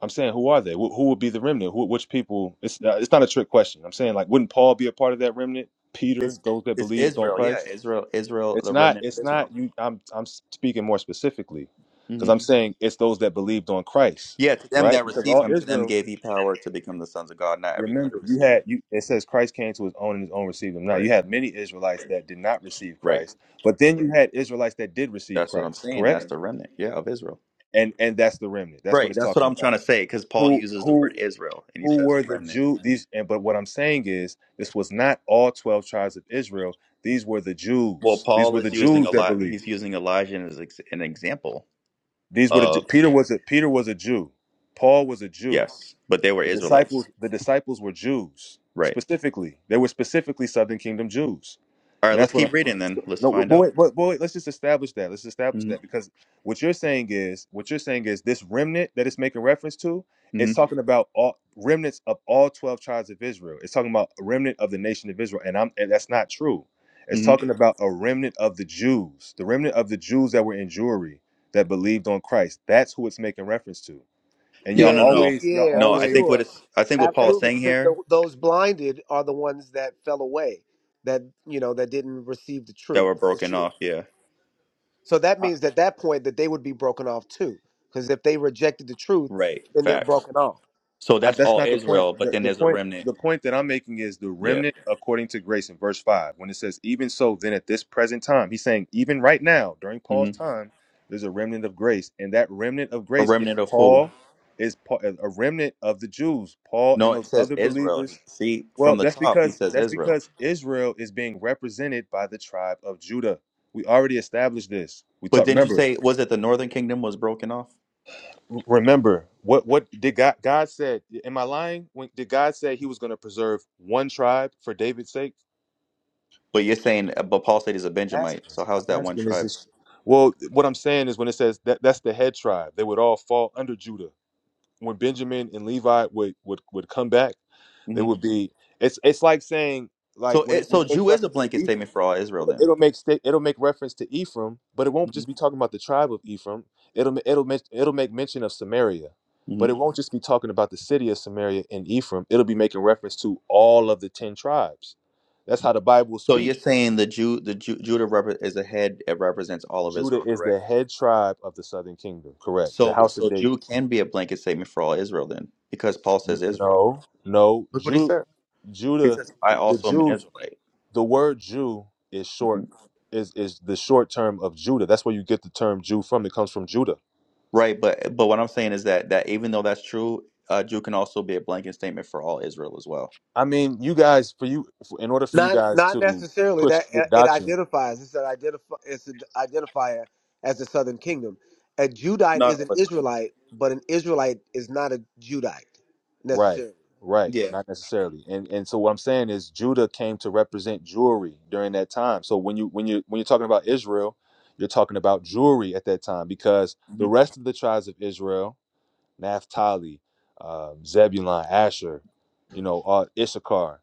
B: I'm saying, who are they? Wh- who would be the remnant? Who, which people? It's uh, it's not a trick question. I'm saying, like, wouldn't Paul be a part of that remnant? Peter,
A: It's
B: those that
A: it's
B: believed on
A: Israel, yeah,
B: Christ.
A: Israel, Israel,
B: It's
A: the
B: not.
A: remnant of
B: It's
A: Israel.
B: not. You. I'm. I'm speaking more specifically, because
A: hmm
B: I'm saying it's those that believed on Christ,
A: Yeah, to them
B: right?
A: that
B: Because
A: receive
B: all
A: him, to them
B: Israel.
A: gave he power to become the sons of God. Not everybody
B: Remember, you
A: received. him.
B: had you. It says Christ came to his own, and his own received him. Now you
A: Right,
B: had many Israelites that did not receive
A: right.
B: Christ, but then you had Israelites that did receive
A: That's what I'm
B: Christ,
A: saying.
B: correct?
A: That's the remnant, yeah, of Israel.
B: And and that's the remnant. That's what
A: Right,
B: it's
A: that's what
B: talking
A: I'm
B: about
A: trying to say because Paul
B: who
A: uses the
B: who
A: word Israel and he
B: who
A: says
B: were
A: a
B: the
A: remnant.
B: Jew these and but what I'm saying is this was not all 12 tribes of Israel these were the
A: Well,
B: Jews these
A: Paul
B: were the
A: is using
B: Jews
A: a
B: that
A: lot.
B: believed
A: He's using Elijah as ex- an example
B: these were the
A: of
B: Ju- Peter was a Peter was a Jew Paul was a Jew
A: yes, but they were
B: The
A: Israelites,
B: disciples, the disciples were Jews
A: right?
B: specifically. They were specifically Southern Kingdom Jews,
A: All
B: and
A: right,
B: that's
A: let's
B: what. I'm,
A: keep reading then. Let's
B: no,
A: find
B: but
A: out.
B: wait, but, but wait, let's just establish that. Let's establish
A: Mm-hmm,
B: that because what you're saying is what you're saying is this remnant that it's making reference to. It's talking about all remnants of all twelve tribes of Israel. It's talking about a remnant of the nation of Israel, and I'm and that's not true. It's
A: hmm
B: talking about a remnant of the Jews, the remnant of the Jews that were in Jewry that believed on Christ. That's who it's making reference to and y'all
A: No,
F: Yeah,
A: no,
F: he,
A: no,
B: always y'all
F: yeah,
A: no.
F: for
A: I think
B: always
A: what
F: sure,
A: it's. I think
B: skip
A: what Paul is
B: past
F: absolutely.
B: that.
A: saying
F: Because
A: here
F: tho- those blinded are the ones that fell away, that you know, that didn't receive the
A: that
F: truth,
A: we're
F: for
A: broken
F: sure.
A: off. Yeah,
F: So that
B: I,
F: means at that point that they would be broken off too, because if they rejected the truth,
A: right.
F: then they're
A: Facts.
F: broken off.
A: So
B: I,
A: that's
B: that's
A: all
B: not the point.
A: Israel, but
B: The,
A: then
B: the
A: there's a
B: point
A: remnant.
B: the point that I'm making is the
A: Yeah.
B: remnant according to grace in verse five when it says even so then at this present time he's saying even right now during Paul's
A: hmm
B: time there's a remnant of grace and that remnant of
A: A
B: grace is
A: remnant of who?
B: Paul is Paul, a remnant of the Jews Paul
A: No,
B: and
A: it
B: those
A: says
B: other
A: Israel.
B: believers.
A: See, from
B: Well,
A: the
B: that's
A: top, he
B: because
A: says
B: that's
A: Israel.
B: because Israel is being represented by the tribe of Judah. We already established this. We
A: But
B: talk.
A: didn't you
B: Remember,
A: say was it the northern kingdom was broken off?
B: remember what what did God God said? Am I lying? When did God say He was going to preserve one tribe for David's sake?
A: But you're saying, uh, but Paul said he's a
B: I'm
A: Benjamite.
B: asking,
A: So how's
B: I'm
A: that one
B: asking, is
A: tribe?
B: this? Well, what I'm saying is when it says that that's the head tribe, they would all fall under Judah. When Benjamin and Levi would would would come back, It
A: hmm
B: would be it's it's like saying like
A: So
B: when it
A: it,
B: when
A: so
B: it makes
A: Jew is a
B: reference to
A: blanket
B: Ephraim,
A: statement for all Israel
B: it'll,
A: then.
B: it'll make sta- it'll make reference to Ephraim, but it won't
A: hmm
B: just be talking about the tribe of Ephraim. It'll ma- it'll men- it'll make mention of Samaria,
A: hmm
B: but it won't just be talking about the city of Samaria and Ephraim. It'll be making reference to all of the ten tribes. That's how the Bible
A: So you're
B: speaks.
A: saying the Jew the Jew, Judah repre- is a head it represents all of
B: Judah
A: Israel,
B: is the
A: correct?
B: head tribe of the southern kingdom, correct? The
A: So
B: house of
A: so Jew
B: David.
A: can be a blanket statement for all Israel then because Paul
B: N-
A: says Israel.
B: No, no,
A: Look what he
B: Ju-
A: said. He
B: Judah,
A: says, "I
B: the
A: also am an
B: Jews
A: Israelite."
B: the word Jew is short
A: Mhm.
B: is is the short term of Judah. That's where you get the term Jew from. It comes from Judah.
A: Right, but but what I'm saying is that that even though that's true, uh, Jew can also be a blanket statement for all Israel as well.
B: I mean, you guys for you for, in order for you
F: Not
B: guys
F: not
B: to
F: necessarily
B: push
F: that uh,
B: your
F: it
B: doctrine,
F: identifies. It's an identify. It's an identifier as the Southern Kingdom. A Judite
A: Not
F: is
A: all
F: an
A: the time.
F: Israelite, but an Israelite is not a Judite
B: right?
F: necessarily.
B: Right,
A: Yeah.
B: not necessarily. And and so what I'm saying is Judah came to represent jewelry during that time. So when you when you when you're talking about Israel, you're talking about jewelry at that time because the
A: Mm-hmm.
B: rest of the tribes of Israel Naphtali, um, Zebulon, Asher, you know, uh, Issachar.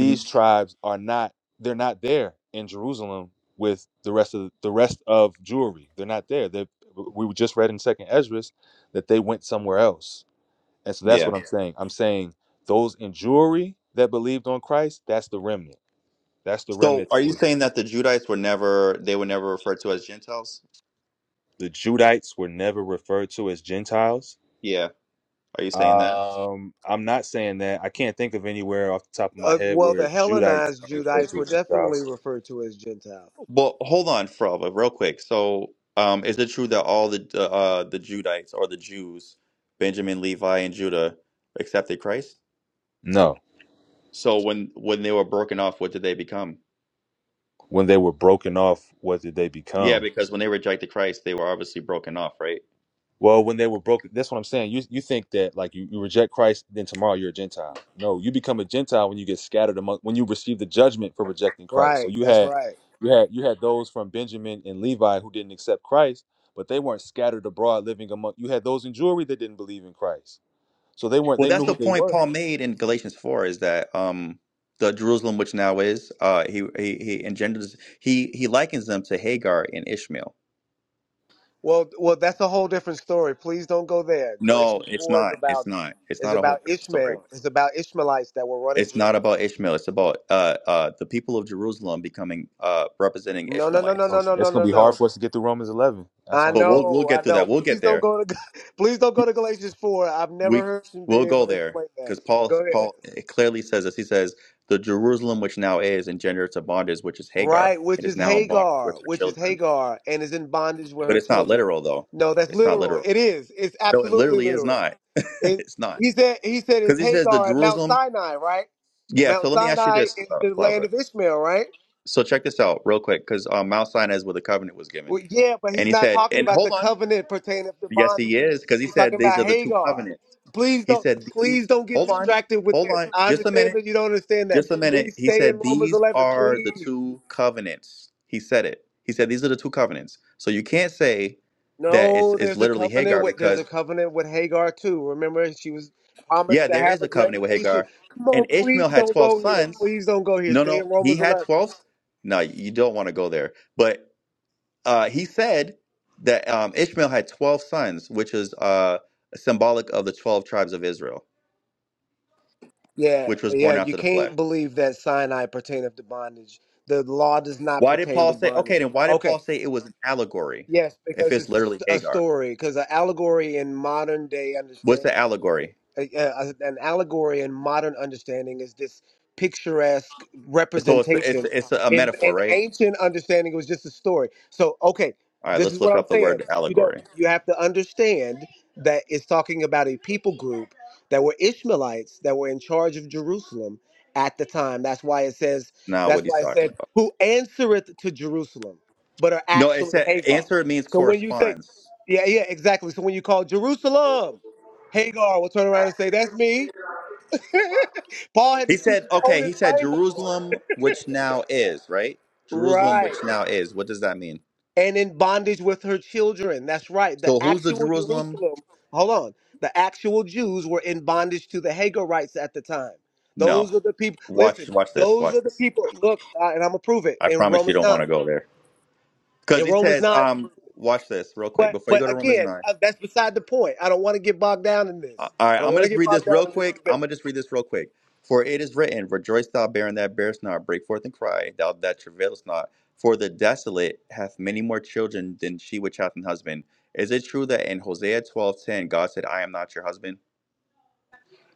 A: hmm
B: tribes are not; they're not there in Jerusalem with the rest of the rest of Jewry. They're not there. They, we just read in Second Esdras that they went somewhere else, and so that's
A: Yeah.
B: what I'm saying. I'm saying those in Jewry that believed on Christ, that's the remnant. That's the
A: So
B: remnant
A: are
B: that
A: you
B: was
A: saying that the Judites were never they were never referred to as Gentiles?
B: the Judites were never referred to as Gentiles
A: Yeah. Are you saying that?
B: Um, I'm not saying that. I can't think of anywhere off the top of my
F: Uh,
B: head
F: well,
B: where
F: the
B: Judites
F: Hellenized
B: are referred
F: Judites
B: to
F: were
B: as
F: definitely
B: Gentiles.
F: referred to as Gentiles.
A: Well, hold on, Frolva, real quick. So, um, is it true that all the uh, the Judites or the Jews, Benjamin, Levi, and Judah, accepted Christ?
B: No.
A: So when when they were broken off, what did they become?
B: When they were broken off, what did they
A: Yeah,
B: become?
A: because when they rejected Christ, they were obviously broken off, right?
B: Well, when they were broken, that's what I'm saying. You you think that like you, you reject Christ, then tomorrow you're a Gentile. No, you become a Gentile when you get scattered among when you receive the judgment for rejecting Christ. So
F: Right.
B: you
F: That's
B: had
F: right.
B: you had you had those from Benjamin and Levi who didn't accept Christ, but they weren't scattered abroad living among you had those in Jewry that didn't believe in Christ. So they weren't
A: Well,
B: they knew
A: that's
B: who
A: the
B: they
A: point
B: were
A: Paul made in Galatians four is that um, the Jerusalem which now is uh, he, he he engenders he he likens them to Hagar and Ishmael.
F: Well, well, that's a whole different story. Please don't go there.
A: No,
F: Galatians
A: it's
F: four is
A: not. It's
F: about
A: not. It's
F: is
A: not a
F: about
A: whole different story.
F: Ishmael. It's about Ishmaelites that were running
A: It's not
F: Jerusalem.
A: about Ishmael. It's about uh, uh, the people of Jerusalem becoming uh, representing
F: No, no, no, no,
B: So
A: Ishmaelites.
F: no, no,
B: I'm-
F: no,
B: It's gonna
F: no,
B: be hard
F: no.
B: for us to get through Romans eleven. That's
F: I
B: what I'm
A: But
B: saying.
A: we'll we'll
F: know, I
A: get through that.
F: know.
A: We'll get
F: Please don't
A: there.
F: go to *laughs* please don't go to Galatians four. I've never
A: We
F: heard you be
A: we'll go
F: able to
A: there
F: explain that.
A: because Paul
F: Go ahead.
A: Paul clearly says this. He says the Jerusalem which now is engendered to bondage, which is Hagar.
F: Right,
A: It
F: which
A: is
F: is
A: now in bondage
F: Hagar,
A: with her
F: which is
A: children.
F: Hagar, and is in bondage with
A: But
F: her
A: it's not
F: children.
A: literal though.
F: No, that's
A: It's not
F: literal.
A: literal.
F: It is. It's
A: No, it
F: absolutely
A: literally is
F: literal.
A: not. *laughs*
F: It,
A: it's not
F: he said he said it's
A: because he says the
F: Hagar at Mount
A: Jerusalem.
F: Sinai, right?
A: Yeah. So
F: Mount
A: let me ask you
F: Sinai
A: this,
F: is
A: uh,
F: the land
A: Flava.
F: of Ishmael, right?
A: So check this out real quick because um, Mount Sinai is where the covenant was given,
F: Well, yeah, but
A: and
F: he's
A: he
F: not
A: said,
F: talking
A: and
F: about
A: hold
F: the
A: on.
F: covenant pertaining to
A: Yes, he
F: bondage.
A: is because he
F: He's
A: said
F: talking
A: these
F: about
A: are the two
F: Hagar.
A: covenants.
F: Please
A: He
F: don't
A: said
F: please
A: these.
F: don't get
A: Hold on,
F: distracted with
A: hold
F: this.
A: on,
F: I
A: just a
F: understand
A: minute,
F: that you don't understand that.
A: just a minute.
F: Please
A: He
F: stay in
A: said
F: Romans
A: these
F: 11,
A: are the
F: please.
A: two covenants. He said it. He said these are the two covenants. So you can't say that it's
F: No,
A: it's
F: there's a
A: literally
F: covenant
A: Hagar
F: with there's
A: because.
F: a covenant with Hagar too. Remember, she was promised
A: Yeah,
F: to
A: there
F: have
A: is
F: a
A: a
F: great
A: covenant with
F: nation.
A: Hagar.
F: Come
A: And
F: on,
A: Ishmael
F: please
A: had
F: don't
A: 12
F: go here.
A: sons.
F: Please don't go here.
A: No,
F: Stay
A: no,
F: in
A: he
F: Romans
A: had
F: 11.
A: 12. No, you don't want to go there. But uh, he said that um, Ishmael had 12 sons, which is uh, symbolic of the 12 tribes of Israel,
F: Yeah,
A: which was
F: yeah,
A: born
F: you
A: after the flesh.
F: can't believe that Sinai pertaineth to bondage. The law does not
A: Why did
F: pertain
A: Paul
F: to
A: say,
F: bondage.
A: okay, then why did Paul
F: Okay,
A: say it was an allegory
F: yes,
A: if
F: because
A: it's
F: it's a,
A: literally
F: st- a
A: Hagar?
F: story, because an allegory in modern day
A: What's the
F: understanding
A: allegory?
F: a, a, an allegory in modern understanding is this picturesque
A: So it's, it's,
F: representation.
A: it's a
F: In
A: metaphor,
F: in
A: right?
F: ancient understanding, it was just a story. So, okay,
A: All right,
F: this is
A: let's
F: what
A: look
F: I'm
A: up the
F: saying.
A: word
F: You don't.
A: allegory.
F: You have to understand that it's talking about a people group that were Ishmaelites that were in charge of Jerusalem at the time. That's why it says.
A: Now,
F: That's
A: what he's
F: why it
A: talking
F: said,
A: about.
F: "Who answereth to Jerusalem," but are
A: No, it
F: actually
A: said
F: Hagar.
A: answer means
F: So when you say,
A: corresponds.
F: yeah, yeah, exactly. So when you call Jerusalem. Hagar will turn around and say, That's me. *laughs* Paul had
A: He
F: to speak
A: said,
F: in
A: okay,
F: coded
A: he said
F: language.
A: Jerusalem, which now is, right? Jerusalem, which
F: Right.
A: now is. What does that mean?
F: And in bondage with her children. That's right. The
A: So who's the
F: actual
A: Jerusalem?
F: Jerusalem, hold on. The actual Jews were in bondage to the Hagarites at the time.
A: No.
F: Those are the people,
A: Watch
F: listen,
A: watch this.
F: those
A: Watch
F: are the
A: this.
F: people, look, uh, and I'm going to prove it
A: I
F: in
A: promise you
F: Romans
A: don't
F: 9.
A: want to go there. Because
F: In
A: he
F: Romans
A: says,
F: 9,
A: um, watch this real quick
F: but
A: before you
F: but
A: go to Romans
F: again,
A: 9.
F: uh, that's beside the point. I don't want to get bogged down in
A: Uh,
F: this.
A: all right,
F: I
A: I'm
F: don't
A: going to
F: want to
A: just
F: get
A: read
F: bogged
A: this
F: down
A: real
F: in this
A: quick. I'm
F: debate.
A: going to just read this real quick. For it is written, Rejoice, thou barren that bearest not, break forth and cry, thou that travailest not. For the desolate hath many more children than she which hath an husband. Is it true that in Hosea twelve ten God said, I am not your husband?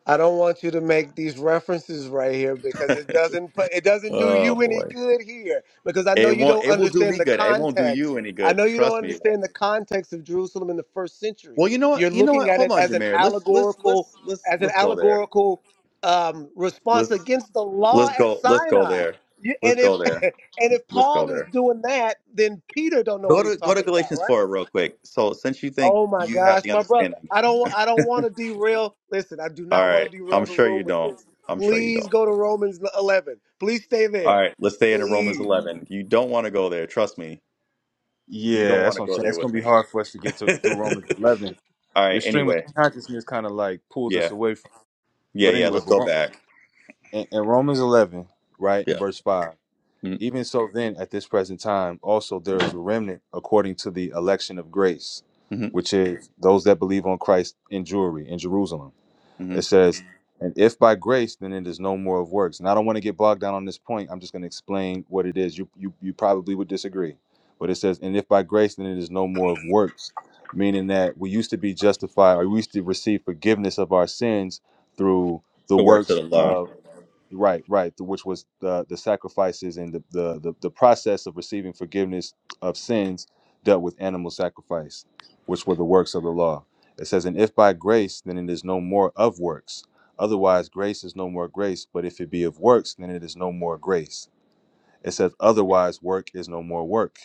F: I don't want you to make these references right here because it doesn't put, it doesn't do
A: Oh
F: you any
A: boy.
F: good here because I know
A: It
F: you
A: won't
F: don't
A: it will do
F: understand
A: me
F: the
A: good. It won't do
F: context.
A: you any
F: I
A: good.
F: know you don't
A: Trust me it won't.
F: understand the context of Jerusalem in the first century.
A: Well, you know
F: You're
A: what? You know
F: looking
A: what?
F: at
A: Hold
F: it
A: on,
F: as an
A: Jameer. Let's let's
F: allegorical
A: let's let's
F: as an
A: let's go there.
F: allegorical um, response
A: Let's
F: against the law
A: let's
F: at
A: go let's go
F: Sinai.
A: there.
F: You,
A: Let's
F: and if
A: go
F: *laughs*
A: there.
F: and if
A: Let's go
F: Paul is
A: there.
F: doing that, then Peter don't know
A: Go
F: what he's
A: to go to
F: talking about,
A: Galatians
F: right?
A: 4 real quick. So since you think
F: Oh my
A: you have
F: gosh,
A: the
F: my brother.
A: understanding.
F: I don't I don't want to derail. Listen, I do
A: All
F: not
A: right.
F: want to derail
A: I'm
F: the
A: sure
F: room
A: you
F: with
A: don't.
F: this.
A: I'm sure you
F: Please
A: don't.
F: go to Romans 11. Please stay
A: All
F: there.
A: right, let's stay in Romans
F: Please.
A: 11. You don't want to go there. Trust me. You
B: Yeah,
A: don't want
B: that's
A: to
B: what I'm
A: go
B: saying.
A: there
B: It's gonna
A: with
B: be
A: me.
B: hard for us to get
A: *laughs*
B: to,
A: All
B: through Romans eleven. Your
A: right,
B: stream of
A: anyway.
B: consciousness kind of like pulls us
A: Yeah.
B: away from.
A: Yeah,
B: But
A: yeah,
B: anyway,
A: let's
B: but
A: go
B: Rom-
A: back.
B: in, in Romans eleven, right in
A: Yeah.
B: verse five. Even so, then at this present time, also there is a remnant according to the election of grace,
A: Mhm.
B: which is those that believe on Christ in Jewry in Jerusalem.
A: hmm
B: It says, and if by grace, then it is no more of works. And I don't want to get bogged down on this point. I'm just going to explain what it is. You, you, you probably would disagree. But it says, and if by grace, then it is no more of works, meaning that we used to be justified or we used to receive forgiveness of our sins through the
A: The works of
B: works
A: the law.
B: of Right, right, th- which was the the sacrifices and the, the the the process of receiving forgiveness of sins dealt with animal sacrifice, which were the works of the law. It says, and if by grace, then it is no more of works. Otherwise, grace is no more grace. But if it be of works, then it is no more grace. It says, otherwise, work is no more work.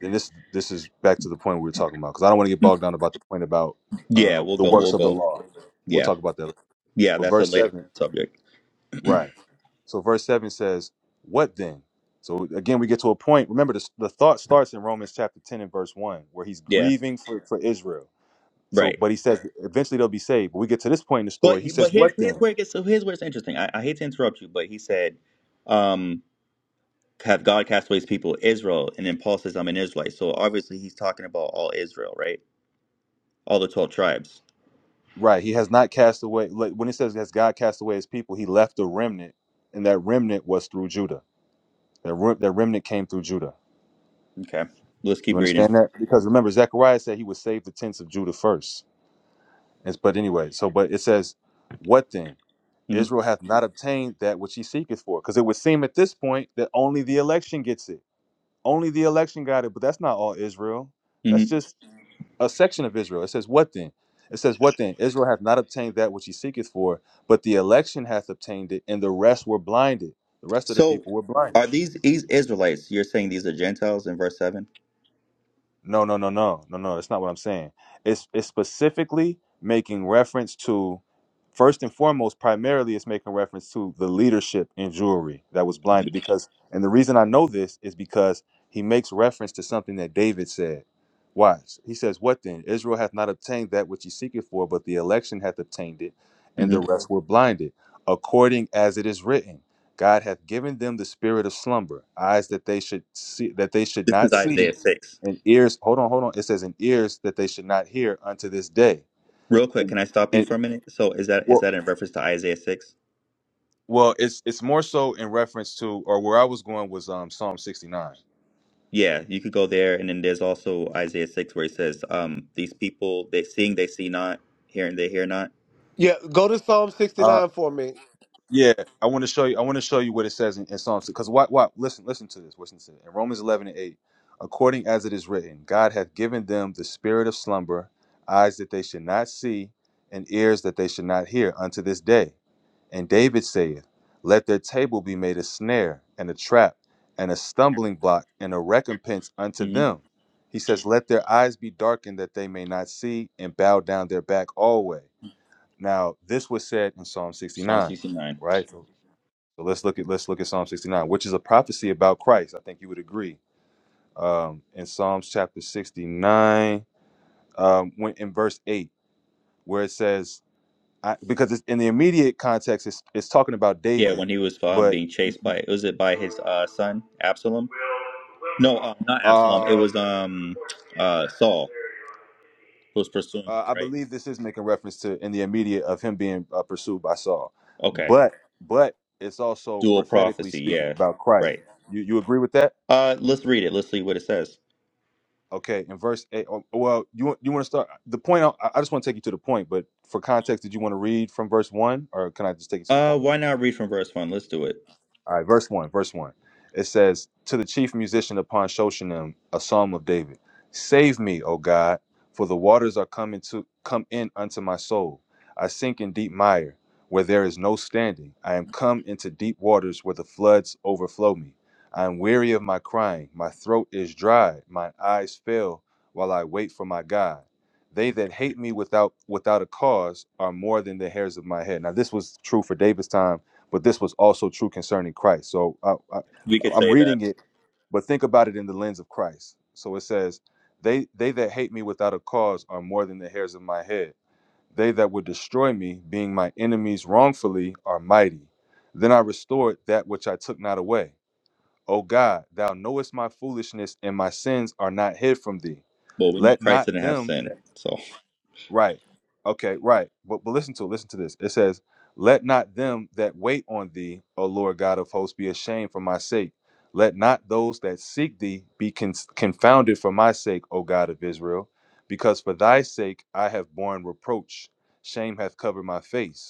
B: And this this is back to the point we were talking about because I don't want to get bogged down about the point about
A: Yeah,
B: uh,
A: we'll
B: the
A: go.
B: works
A: We'll
B: of the
A: go.
B: law. We'll
A: Yeah,
B: talk about that.
A: yeah.
B: But
A: That's a
B: verse
A: later
B: seven.
A: subject.
B: Right. So verse 7 says, What then? So again, we get to a point. Remember, the, the thought starts in Romans chapter 10 and verse 1, where he's
A: Yeah,
B: grieving for, for Israel. So,
A: right.
B: but he says eventually they'll be saved. But we get to this point in the
A: But
B: story. He
A: but
B: says,
A: here's
B: What
A: here's
B: then?
A: where it gets. So here's where it's interesting. I, I hate to interrupt you, but he said, um, "Have God cast away His people, Israel?" And then Paul says, "I'm an Israelite." So obviously he's talking about all Israel, right? All the twelve tribes.
B: Right. He has not cast away. like, When he says, Has God cast away his people? He left a remnant, and that remnant was through Judah. That, re- that remnant came through Judah.
A: Okay. Let's
B: You
A: keep reading.
B: understand that? Because remember, Zechariah said he would save the tents of Judah first. It's, but anyway, so, but it says, What then?
A: hmm
B: Israel hath not obtained that which he seeketh for. Because it would seem at this point that only the election gets it. Only the election got it, but that's not all Israel.
A: hmm
B: That's just a section of Israel. It says, What then? It says, What then? Israel hath not obtained that which he seeketh for, but the election hath obtained it, and the rest were blinded. The rest of the
A: So
B: people were blinded.
A: are these these Israelites? You're saying these are Gentiles in verse 7
B: No, no, no, no, no, no. That's not what I'm saying. It's it's specifically making reference to, first and foremost, primarily it's making reference to the leadership in jewelry that was blinded.
A: Mm-hmm.
B: Because, and the reason I know this is because he makes reference to something that David said. Watch. He says, "What then? Israel hath not obtained that which he seeketh for, but the election hath obtained it, and
A: Mm-hmm.
B: the rest were blinded, according as it is written." God hath given them the spirit of slumber, eyes that they should see that they should
A: This
B: not
A: is
B: see,
A: Isaiah six.
B: and ears hold on hold on it says in ears that they should not hear unto this day
A: Real quick,
B: and
A: can I stop you
B: and
A: for a minute? So is that is
B: well,
A: that in reference to Isaiah six?
B: well it's it's more so in reference to or where i was going was um psalm 69
A: Yeah, you could go there, and then there's also Isaiah six where he says, um, "These people they seeing they see not, hearing they hear not."
F: Yeah, go to Psalm
B: uh
F: 69 for me.
B: yeah i want to show you i want to show you what it says in, in psalm because what what listen listen to this listen to it in romans 11 and 8 according as it is written god hath given them the spirit of slumber eyes that they should not see and ears that they should not hear unto this day And David saith, Let their table be made a snare and a trap and a stumbling block and a recompense unto
A: hmm
B: them. He says, Let their eyes be darkened that they may not see and bow down their back alway. Now, this was said in Psalm
A: Psalm
B: 69,
A: sixty nine.
B: right? So, so let's look at let's look at Psalm 69, which is a prophecy about Christ. I think you would agree. Um, in Psalms chapter 69, um, when in verse 8, where it says, I, because it's in the immediate context, it's, it's talking about
A: Yeah,
B: David,
A: when he was um
B: but
A: being chased by was it by his uh son Absalom? No, um, not Absalom. It
B: Um,
A: was um uh Saul who was pursuing
B: uh,
A: him,
B: I
A: right?
B: believe this is making reference to in the immediate of him being uh, pursued by Saul,
A: Okay,
B: but but it's also
A: dual
B: prophetically
A: prophecy.
B: speaking
A: Yeah,
B: about Christ.
A: right.
B: You you agree with that?
A: Uh, let's read it. Let's see what it says.
B: Okay, in verse eight. oh, Well, you want- you want to start the point? I, I just want to take you to the point, but for context, did you want to read from verse one, or can I just take you to the
A: Uh,
B: point?
A: why not read from verse one? Let's do it.
B: All right, verse one, verse one. It says, To the chief musician upon Shoshanim, a psalm of David. Save me, O God, for the waters are coming to come in unto my soul. I sink in deep mire, where there is no standing. I am come into deep waters where the floods overflow me. I am weary of my crying, my throat is dry, my eyes fail while I wait for my God. They that hate me without without a cause are more than the hairs of my head. Now this was true for David's time but this was also true concerning Christ. So I, I,
A: We could
B: I'm
A: say that.
B: reading it, but think about it in the lens of Christ. So it says, "They they that hate me without a cause are more than the hairs of my head. They that would destroy me, being my enemies wrongfully, are mighty. Then I restored that which I took not away. O God, thou knowest my foolishness, and my sins are not hid from thee.
A: Well, we know
B: Let
A: Christ
B: not
A: didn't have
B: them
A: sin, so
B: Right. Okay, right. But but listen to listen to this. It says, Let not them that wait on thee, O Lord God of hosts, be ashamed for my sake. Let not those that seek thee be con- confounded for my sake, O God of Israel, because for thy sake I have borne reproach. Shame hath covered my face.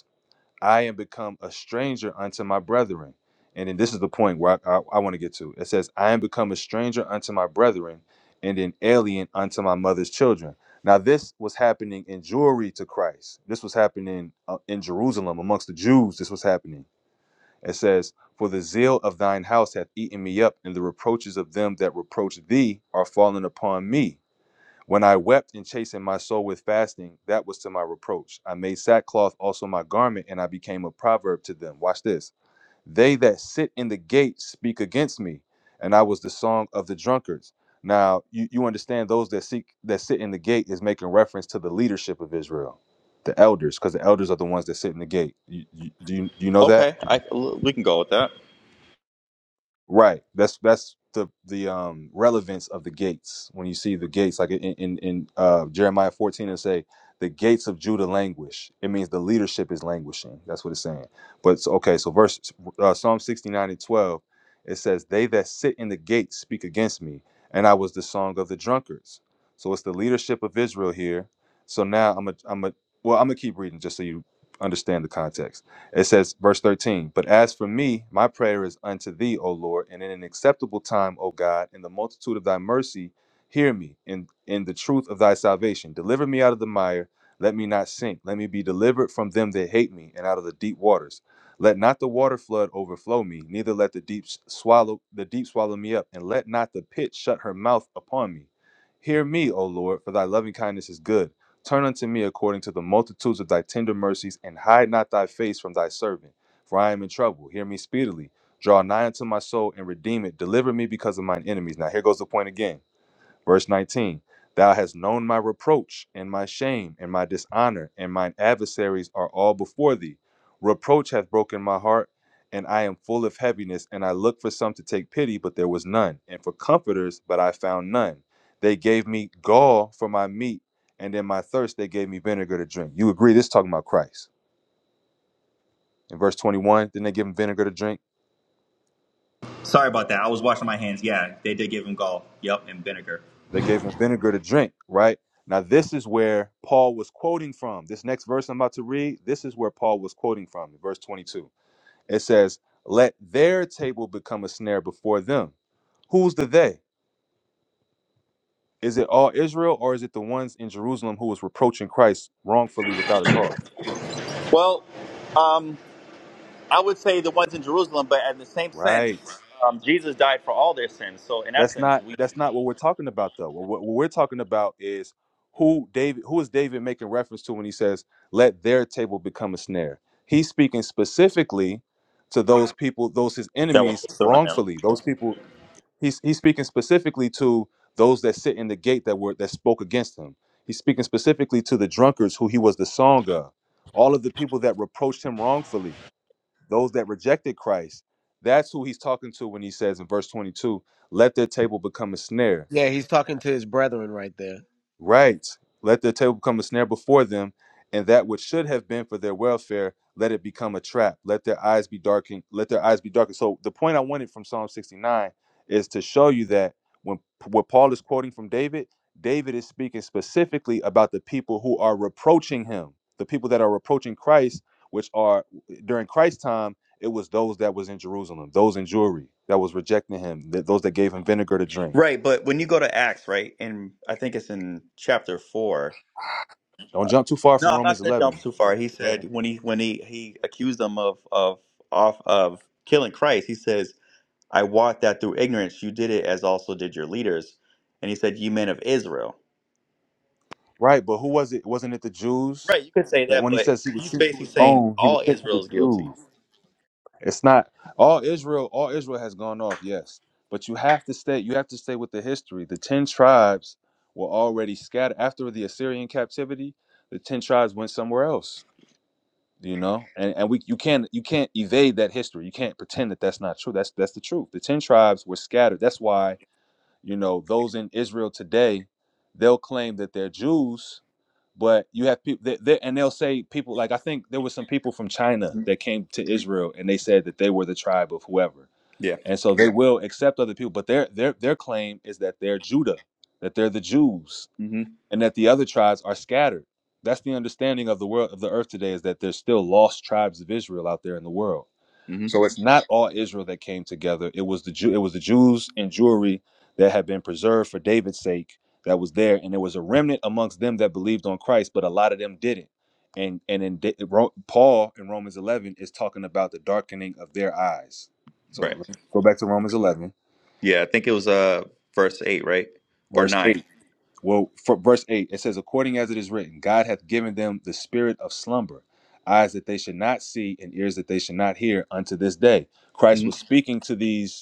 B: I am become a stranger unto my brethren. And then this is the point where I, I, I want to get to. It says, I am become a stranger unto my brethren and an alien unto my mother's children. Now, this was happening in Jewry to Christ. This was happening uh, in Jerusalem amongst the Jews. This was happening. It says, For the zeal of thine house hath eaten me up, and the reproaches of them that reproach thee are fallen upon me. When I wept and chastened my soul with fasting, that was to my reproach. I made sackcloth also my garment, and I became a proverb to them. Watch this. They that sit in the gate speak against me, and I was the song of the drunkards. Now you, you understand those that seek that sit in the gate is making reference to the leadership of Israel, the elders, because the elders are the ones that sit in the gate. You, you, do you do you know that?
A: okay, I we can go with that.
B: Right. That's that's the the um relevance of the gates. When you see the gates, like in in, in uh, Jeremiah fourteen, and say the gates of Judah languish. It means the leadership is languishing. That's what it's saying. But so- okay, so verse uh, Psalm sixty nine and twelve, it says, "They that sit in the gates speak against me, and I was the song of the drunkards." So it's the leadership of Israel here. So now I'm a I'm a well I'm gonna keep reading just so you understand the context. It says, verse 13, But as for me, my prayer is unto thee, O Lord, and in an acceptable time, O God, in the multitude of thy mercy, hear me in, in the truth of thy salvation. Deliver me out of the mire, let me not sink. Let me be delivered from them that hate me, and out of the deep waters. Let not the water flood overflow me, neither let the deep s- swallow the deep swallow me up, and let not the pit shut her mouth upon me. Hear me, O Lord, for thy loving kindness is good Turn unto me according to the multitudes of thy tender mercies, and hide not thy face from thy servant. For I am in trouble. Hear me speedily. Draw nigh unto my soul and redeem it. Deliver me because of mine enemies. Now, here goes the point again. Verse 19 Thou hast known my reproach and my shame and my dishonor, and mine adversaries are all before thee. Reproach hath broken my heart, and I am full of heaviness. And I looked for some to take pity, but there was none, and for comforters, but I found none. They gave me gall for my meat, and in my thirst they gave me vinegar to drink. You agree, this is talking about Christ. In verse 21, then they give him vinegar to drink.
A: Sorry about that. I was washing my hands. Yeah, they did give him gall. Yep, and vinegar.
B: They gave him vinegar to drink, right? Now, this is where Paul was quoting from. This next verse I'm about to read, this is where Paul was quoting from, verse 22. It says, Let their table become a snare before them. Who's the they? Is it all Israel or is it the ones in Jerusalem who was reproaching Christ wrongfully without a cause?
A: Well, um, I would say the ones in Jerusalem, but in the same sense,
B: Right.
A: um, Jesus died for all their sins. So in
B: That's
A: essence,
B: not
A: we
B: that's not what we're talking about though. What, what we're talking about is who David who is David making reference to when he says, "Let their table become a snare." He's speaking specifically to those people, those his
A: That was
B: enemies
A: pursuing him.
B: wrongfully. Those people he's he's speaking specifically to those that sit in the gate that were that spoke against him. He's speaking specifically to the drunkards who he was the song of, all of the people that reproached him wrongfully those that rejected Christ. That's who he's talking to when he says in verse 22, let their table become a snare
F: Yeah, he's talking to his brethren right there.
B: Right. Let their table become a snare before them, and that which should have been for their welfare, let it become a trap. Let their eyes be darkened. Let their eyes be darkened. So the point I wanted from Psalm 69 is to show you that when what Paul is quoting from David, David is speaking specifically about the people who are reproaching him, the people that are reproaching Christ, which are during Christ's time, it was those that was in Jerusalem, those in Jewry that was rejecting him, th- those that gave him vinegar to drink.
A: Right, but when you go to Acts, right, and I think it's in chapter four.
B: Don't jump too far
A: No,
B: from
A: I'm
B: Romans
A: not going to jump
B: 11.
A: too far. He
B: Go ahead.
A: said when he when he he accused them of of off of killing Christ. He says I wot that through ignorance you did it as also did your leaders. And he said, Ye men of Israel.
B: Right, but who was it? Wasn't it the Jews?
A: Right, you could say
B: That
A: that,
B: when he
A: but
B: says he was
A: he's
B: sent to
A: basically
B: his
A: saying
B: own, he was
A: all
B: sent to
A: Israel
B: the
A: is guilty.
B: Jews. It's not all Israel. All Israel has gone off, yes, but you have to stay. You have to stay with the history. The ten tribes were already scattered after the Assyrian captivity. The ten tribes went somewhere else. You know, and and we you can't you can't evade that history. You can't pretend that that's not true. That's that's the truth. The ten tribes were scattered. That's why you know those in Israel today, they'll claim that they're Jews but you have people that, that and they'll say people like i think there were some people from china
A: Mhm.
B: that came to israel and they said that they were the tribe of whoever
A: Yeah.
B: and so they will accept other people but their their their claim is that they're judah that they're the jews
A: hmm
B: and that the other tribes are scattered that's the understanding of the world of the earth today is that there's still lost tribes of israel out there in the world
A: hmm
B: so it's not all Israel that came together. It was the Jew, it was the Jews and Jewry that had been preserved for David's sake that was there, and there was a remnant amongst them that believed on Christ, but a lot of them didn't. And and in Da- Ro- Paul in Romans 11 is talking about the darkening of their eyes. So
A: Right.
B: go back to Romans 11,
A: Yeah, I think it was uh verse eight, right? Or
B: verse
A: 9
B: 8. Well, for verse 8, it says, According as it is written, God hath given them the spirit of slumber, eyes that they should not see, and ears that they should not hear unto this day. Christ
A: hmm
B: was speaking to these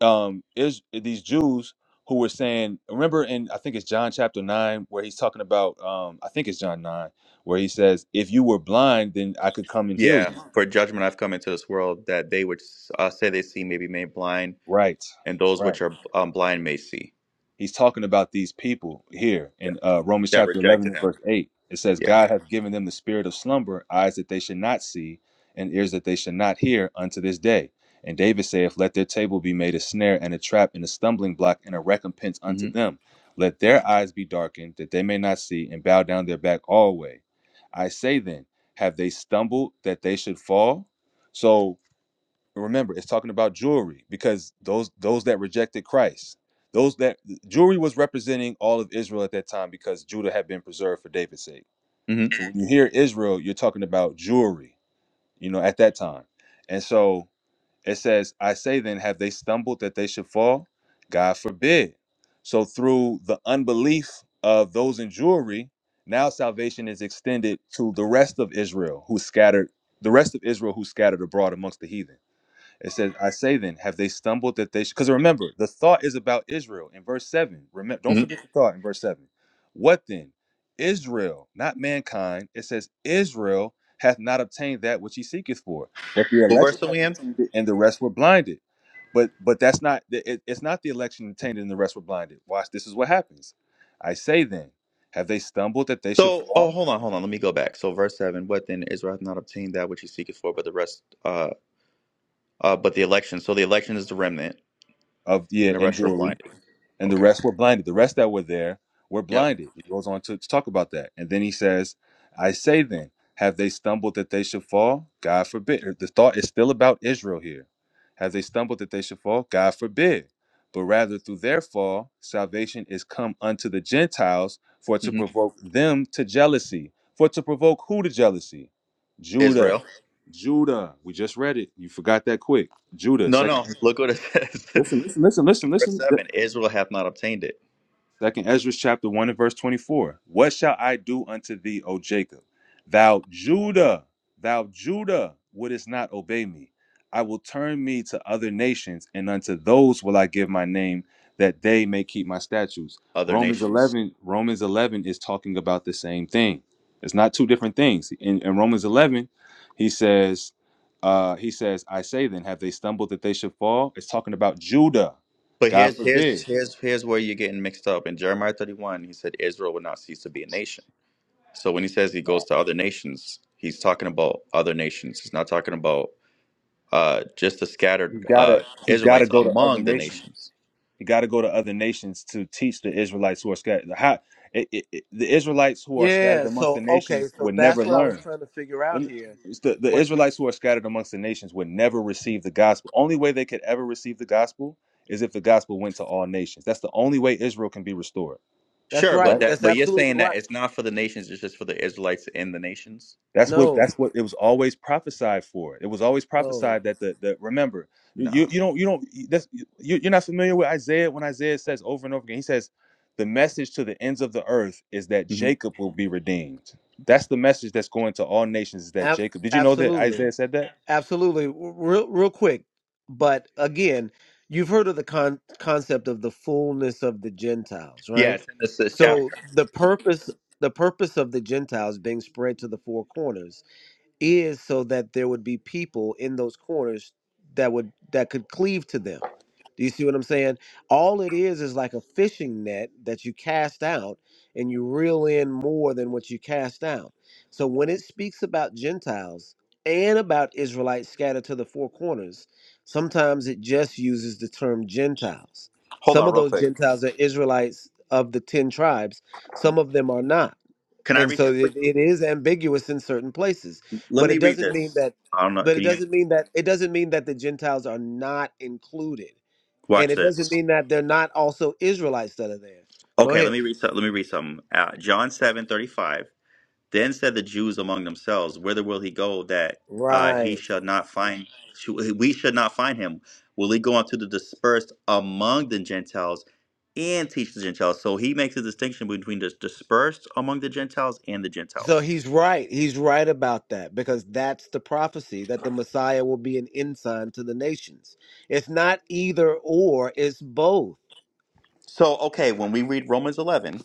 B: um is eh, these Jews who were saying remember in I think it's John chapter 9 where he's talking about um I think it's John 9 where he says if you were blind then I could come and heal
A: Yeah.
B: you.
A: For judgment I've come into this world that they which uh, say they see may be made blind,
B: Right.
A: and those
B: right.
A: which are um, blind may see.
B: He's talking about these people here
A: Yeah.
B: in uh, Romans
A: That
B: chapter 11
A: rejected
B: and
A: him.
B: verse 8. It says,
A: Yeah.
B: God hath given them the spirit of slumber, eyes that they should not see, and ears that they should not hear unto this day. And David saith, Let their table be made a snare and a trap and a stumbling block and a recompense unto
A: hmm
B: them. Let their eyes be darkened, that they may not see, and bow down their back alway. I say then, have they stumbled that they should fall? So remember it's talking about jewelry because those those that rejected christ those that jewelry was representing all of israel at that time because judah had been preserved for david's sake
A: hmm
B: when you hear israel you're talking about jewelry you know at that time and so it says i say then have they stumbled that they should fall god forbid so through the unbelief of those in jewelry now salvation is extended to the rest of israel who scattered the rest of israel who scattered abroad amongst the heathen it says, I say then, have they stumbled that they should? Because remember, the thought is about Israel in verse 7. Remember, don't
A: hmm
B: forget the thought in verse 7. What then? Israel, not mankind. It says, Israel hath not obtained that which he seeketh for, but the
A: What
B: election
A: verse are we
B: hath
A: in?
B: obtained it, and the rest were blinded. But but that's not it, it's not the election obtained and the rest were blinded. Watch, this is what happens. I say then, have they stumbled that they should
A: So, oh,
B: fall?
A: hold on, hold on. Let me go back. So, verse seven. What then? Israel hath not obtained that which he seeketh for, but the rest, uh, uh, but the election. So the election is the remnant,
B: Of yeah,
A: and the
B: in
A: rest were
B: jewelry.
A: blinded.
B: and the
A: Okay.
B: rest were blinded. The rest that were there were
A: Yep.
B: blinded. He goes on to, to talk about that. And then he says, I say then, have they stumbled that they should fall? God forbid. Er, The thought is still about Israel here. Have they stumbled that they should fall? God forbid. But rather through their fall, salvation is come unto the Gentiles for to
A: hmm
B: provoke them to jealousy. For to provoke who to jealousy? Judah.
A: Israel.
B: Judah. We just read it. You forgot that quick. Judah.
A: No, no.
B: Second.
A: Look what it says. *laughs*
B: Listen,
A: in
B: listen, listen, listen,
A: verse
B: listen.
A: seven. Israel hath not obtained it.
B: Second Ezra chapter 1 and verse 24. What shall I do unto thee, O Jacob? Thou Judah, thou Judah, wouldest not obey me. I will turn me to other nations, and unto those will I give my name, that they may keep my statutes.
A: Other
B: Romans
A: nations.
B: 11, Romans 11 is talking about the same thing. It's not two different things. In, in Romans 11, he says, uh, he says, I say then, have they stumbled that they should fall? It's talking about Judah.
A: But
B: God
A: here's here's
B: forbid.
A: here's here's where you're getting mixed up. In Jeremiah 31, he said Israel would not cease to be a nation. So when he says he goes to other nations, he's talking about other nations. He's not talking about uh, just the scattered uh,
B: He's got to
A: Israelites
B: go.
A: among the
B: to
A: nations.
B: You got to go to other nations to teach the Israelites who are scattered. How, it, it, it- the Israelites who are scattered
F: Yeah,
B: amongst the
F: so okay,
B: nations
F: so
B: would never
F: that's what I was
B: learn.
F: trying to figure
B: Let
F: out
B: me-
F: here.
B: it's the, the
F: What
B: Israelites who are scattered amongst the nations would never receive the gospel. Only way they could ever receive the gospel is if the gospel went to all nations. That's the only way Israel can be restored.
F: That's
A: Sure,
B: Right.
A: but
F: right.
A: that
F: That's
A: but you're
F: absolutely
A: saying that
F: right.
A: it's not for the nations; it's just for the Israelites in the nations.
B: That's what
F: No.
B: that's what it was always prophesied for. It was always
F: No.
B: prophesied that the the remember you
A: No.
B: you don't you don't that's you, you're not familiar with Isaiah when Isaiah says over and over again he says the message to the ends of the earth is that
A: Mhm.
B: Jacob will be redeemed. That's the message that's going to all nations is that
F: Ab-
B: Jacob. Did you know that
F: absolutely.
B: Isaiah said that?
F: Absolutely. Real, real quick. But again, you've heard of the con- concept of the fullness of the Gentiles,
A: Yeah,
F: right?
A: it's in this, this
B: Right.
A: chapter.
F: So the purpose the purpose of the Gentiles being spread to the four corners is so that there would be people in those corners that would that could cleave to them. Do you see what I'm saying? All it is is like a fishing net that you cast out and you reel in more than what you cast out. So when it speaks about Gentiles and about Israelites scattered to the four corners, sometimes it just uses the term Gentiles.
A: Hold
F: Some
A: on,
F: of
A: real
F: those
A: quick.
F: Gentiles are Israelites of the 10 tribes, some of them are not
A: Can I
F: and
A: read something?
F: so
A: for
F: it,
A: you?
F: it is ambiguous in certain places
A: Let
F: but
A: me
F: it
A: read
F: doesn't mean
A: this.
F: that
A: I don't know.
F: but it
A: Can you
F: doesn't mean that it doesn't mean that the gentiles are not included and
A: watch
F: it doesn't
A: this?
F: mean that they're not also israelites that are there go
A: Okay, let
F: ahead
A: me read. some- Let me read something. Uh, John seven thirty five. Then said the Jews among themselves, Whither will he go that uh, he
F: right
A: shall not find? sh- We should not find him. Will he go unto the dispersed among the Gentiles and teach the Gentiles? So he makes a distinction between the dispersed among the Gentiles and the
F: so
A: Gentiles.
F: he's right he's right about that because that's the prophecy that the messiah will be an ensign to the nations it's not either or it's both
A: So okay, when we read Romans eleven,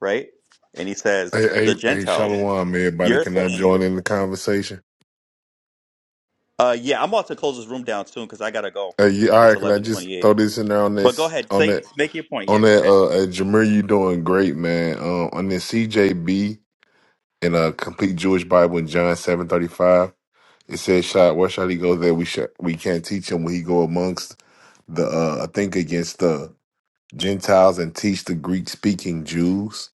A: right, and he says
K: Hey,
A: the
K: hey, hey,
A: Gentiles,
K: Shalom, everybody.
A: you're
K: Can I
A: saying,
K: join in the conversation?
A: uh, yeah, I'm about to close this room down soon because I gotta go.
K: Hey, you, all
A: It's
K: right, can I
A: eleven
K: just
A: twenty eight.
K: throw this in there on
A: But go
K: this,
A: ahead,
K: on
A: say
K: that,
A: make your point. Yeah,
K: on
A: go
K: that,
A: ahead.
K: uh, uh Jameer, you doing great, man. Um, on this CJB in a complete Jewish Bible in John 735, it says, shot, where shall he go that we shall, we can't teach him when he go amongst the, uh, I think against the Gentiles and teach the Greek speaking Jews.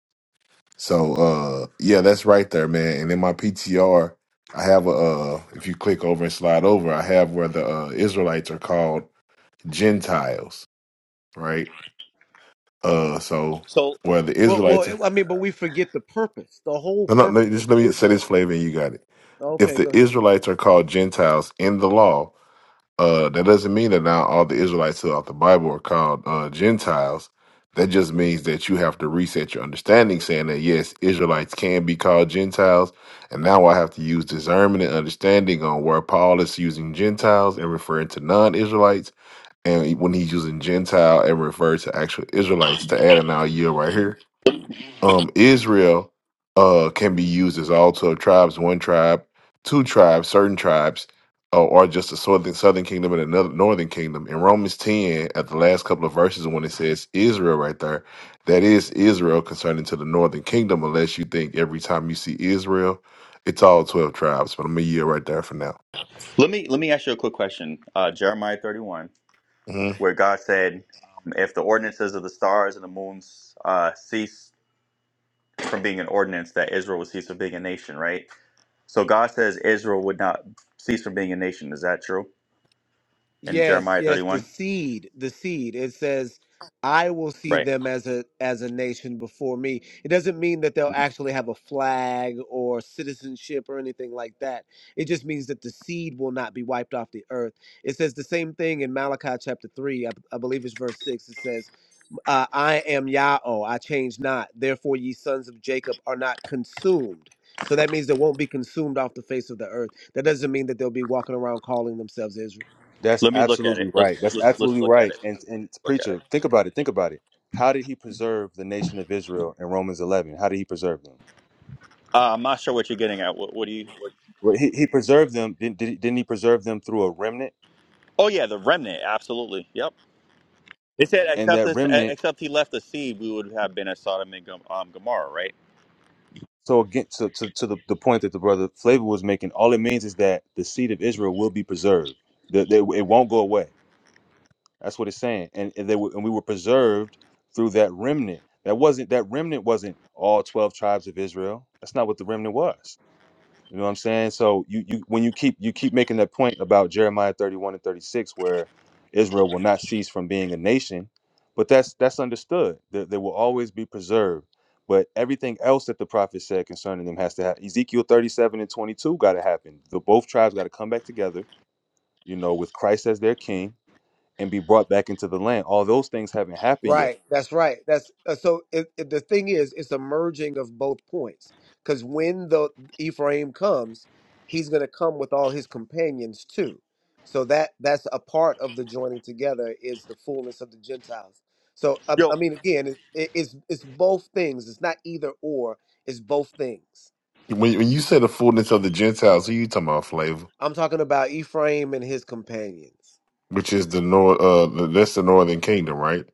K: So uh yeah, that's right there, man. And in my PTR, I have a uh if you click over and slide over, I have where the uh Israelites are called Gentiles, right? Uh so
A: So.
K: where the
F: well
K: Israelites
F: well i mean but we forget the purpose the whole
K: no no no,
F: purpose of
K: just let me say this
F: israel
K: flavor and you got it. If
F: okay
K: the
F: go ahead
K: Israelites are called Gentiles in the law, Uh, that doesn't mean that now all the Israelites throughout the Bible are called uh, Gentiles. That just means that you have to reset your understanding, saying that yes, Israelites can be called Gentiles, and now I have to use discernment and understanding on where Paul is using Gentiles and referring to non-Israelites, and when he's using Gentile and referred to actual Israelites to add an our year right here um, Israel uh, can be used as all 12 tribes, one tribe, two tribes, certain tribes, uh, or just a southern, southern kingdom and another northern kingdom. In Romans 10, at the last couple of verses, when it says Israel right there, that is Israel concerning to the northern kingdom, unless you think every time you see Israel, it's all 12 tribes. But I'm a year right there for now.
A: Let me let me ask you a quick question. Uh, Jeremiah thirty one,
K: hmm
A: where God said, um, "If the ordinances of the stars and the moons uh, cease from being an ordinance, that Israel would cease from being a nation." Right. So God says Israel would not cease from being a nation. Is that true in
F: Yes,
A: Jeremiah thirty
F: yes, the
A: one?
F: seed, the seed. It says, "I will see
A: Right.
F: them as a as a nation before me." It doesn't mean that they'll actually have a flag or citizenship or anything like that. It just means that the seed will not be wiped off the earth. It says the same thing in Malachi chapter three, I, I believe it's verse six. It says, uh, "I am Yahweh; I change not. Therefore, ye sons of Jacob are not consumed." So that means they won't be consumed off the face of the earth. That doesn't mean that they'll be walking around calling themselves Israel.
B: That's
A: Let me look at
B: absolutely
A: it. Let's
B: right. That's
A: let's let's
B: absolutely
A: look at
B: right.
A: it.
B: And and
A: Look at it.
B: preacher, think about it. Think about it. How did he preserve the nation of Israel in Romans 11? How did he preserve them?
A: Uh, I'm not sure what you're getting at. What, what do you? What,
B: Well, He, he preserved them. Didn't, did- didn't he preserve them through a remnant?
A: oh yeah, the remnant. Absolutely. Yep. It said,
B: and
A: except
B: that
A: this, e-,
B: remnant
A: except he left the seed, we would have been at Sodom and Gom- um, Gomorrah, right?
B: so again to, to, to the, the point that the brother flavor was making all it means is that the seed of israel will be preserved that they, it won't go away that's what it's saying and, and they were, and we were preserved through that remnant that wasn't that remnant wasn't all 12 tribes of israel that's not what the remnant was You know what I'm saying? So you you when you keep you keep making that point about Jeremiah 31 and 36, where Israel will not cease from being a nation, but that's that's understood. That they will always be preserved. But everything else that the prophet said concerning them has to happen. Ezekiel 37 and 22 got to happen. The both tribes got to come back together, you know, with Christ as their king and be brought back into the land. All those things haven't happened yet.
F: Right, that's right. That's uh, so. It, it- the thing is, it's a merging of both points. Because when the Ephraim comes, he's going to come with all his companions too. So that that's a part of the joining together is the fullness of the Gentiles. So I,
A: Yo.
F: I mean, again, it, it, it's it's both things. It's not either or. It's both things.
K: When, when you say the fullness of the Gentiles, who you talking about, Flavor?
F: I'm talking about Ephraim and his companions,
K: Which is the north? Uh, the, that's the northern kingdom, right?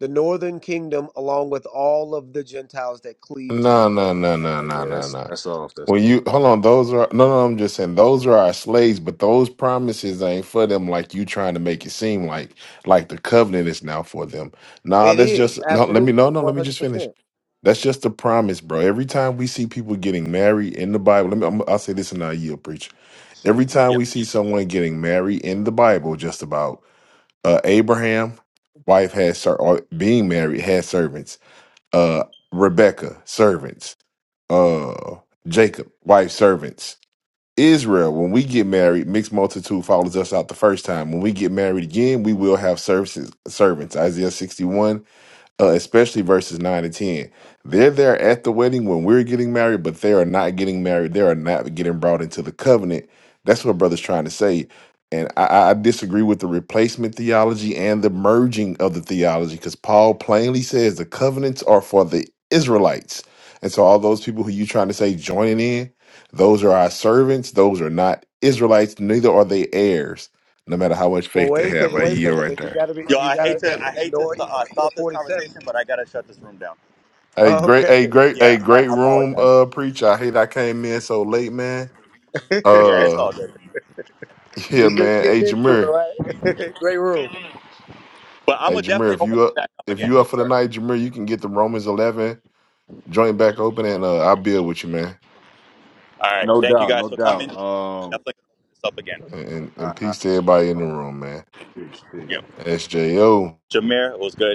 F: the northern kingdom, along with all of the Gentiles that cleave to the
K: No, no,
F: northern
K: no,
F: kingdom.
K: no,
B: Uh,
K: no,
B: yeah,
K: no,
B: that's
K: no.
B: that's all. That's
K: Well, you hold on. Those are no, no. I'm just saying those are our slaves, but those promises ain't for them. Like you trying to make it seem like like the covenant is now for them. Nah,
F: It
K: that's just
F: is
K: no. Let me
F: absolutely
K: no, no.
F: one
K: Let me
F: hundred
K: just finish.
F: percent.
K: That's just the promise, bro. Every time we see people getting married in the Bible, let me. I'm, I'll say this and I yield, preacher.
F: Sure.
K: Every time we see someone getting married in the Bible, just about uh, Abraham, wife had ser- or being married had servants. Uh, Rebecca servants. Uh, Jacob wife servants Israel, when we get married, mixed multitude follows us out the first time. When we get married again, we will have services servants. Isaiah 61 uh, especially verses 9 and 10. They're there at the wedding when we're getting married, but they are not getting married. They are not getting brought into the covenant. That's what brother's trying to say. And I, I I disagree with the replacement theology and the merging of the theology because Paul plainly says the covenants are for the Israelites. And so, all those people who you trying to say joining in, those are our servants. Those are not Israelites. Neither are they heirs, no matter how much
F: Well,
K: faith they
F: wait a
K: have.
F: second.
K: A
F: Wait a
K: year
F: second.
K: right
F: Then you
K: there.
F: gotta be.
A: Yo,
F: You
A: I
F: gotta
A: hate to I hate to
F: ignore
A: st- uh,
F: Ezekiel
A: stop this
F: forty-seven.
A: conversation, but I gotta shut this room down.
K: Hey, great,
F: Okay.
K: hey, great,
A: Yeah,
K: hey,
A: I, I
K: great room,
A: apologize.
K: uh, preacher. I hate I came in so late, man.
F: *laughs*
A: Yeah, it's
K: Uh,
A: all good.
K: *laughs* yeah,
F: We're just
K: man. Hey,
F: getting into
K: Jameer,
F: it, right? *laughs* Great room.
A: But I'm
K: hey,
A: gonna
K: Jameer,
A: definitely
K: if
A: open
K: you
A: this
K: up,
A: back up
K: if
A: again
K: you up
A: for
K: for the
A: sure.
K: night, Jameer, you can get the Romans eleven joint back open, and uh, I'll build with you, man.
A: All right,
B: no
A: thank you
B: doubt,
A: guys
B: no
A: for coming.
B: doubt. Um,
A: Definitely gonna open this up again.
K: And,
B: I,
K: and
B: I,
K: peace to everybody in
B: I,
K: the room, man.
B: peace, peace.
A: Yeah,
K: SJO.
A: Jameer, it was good.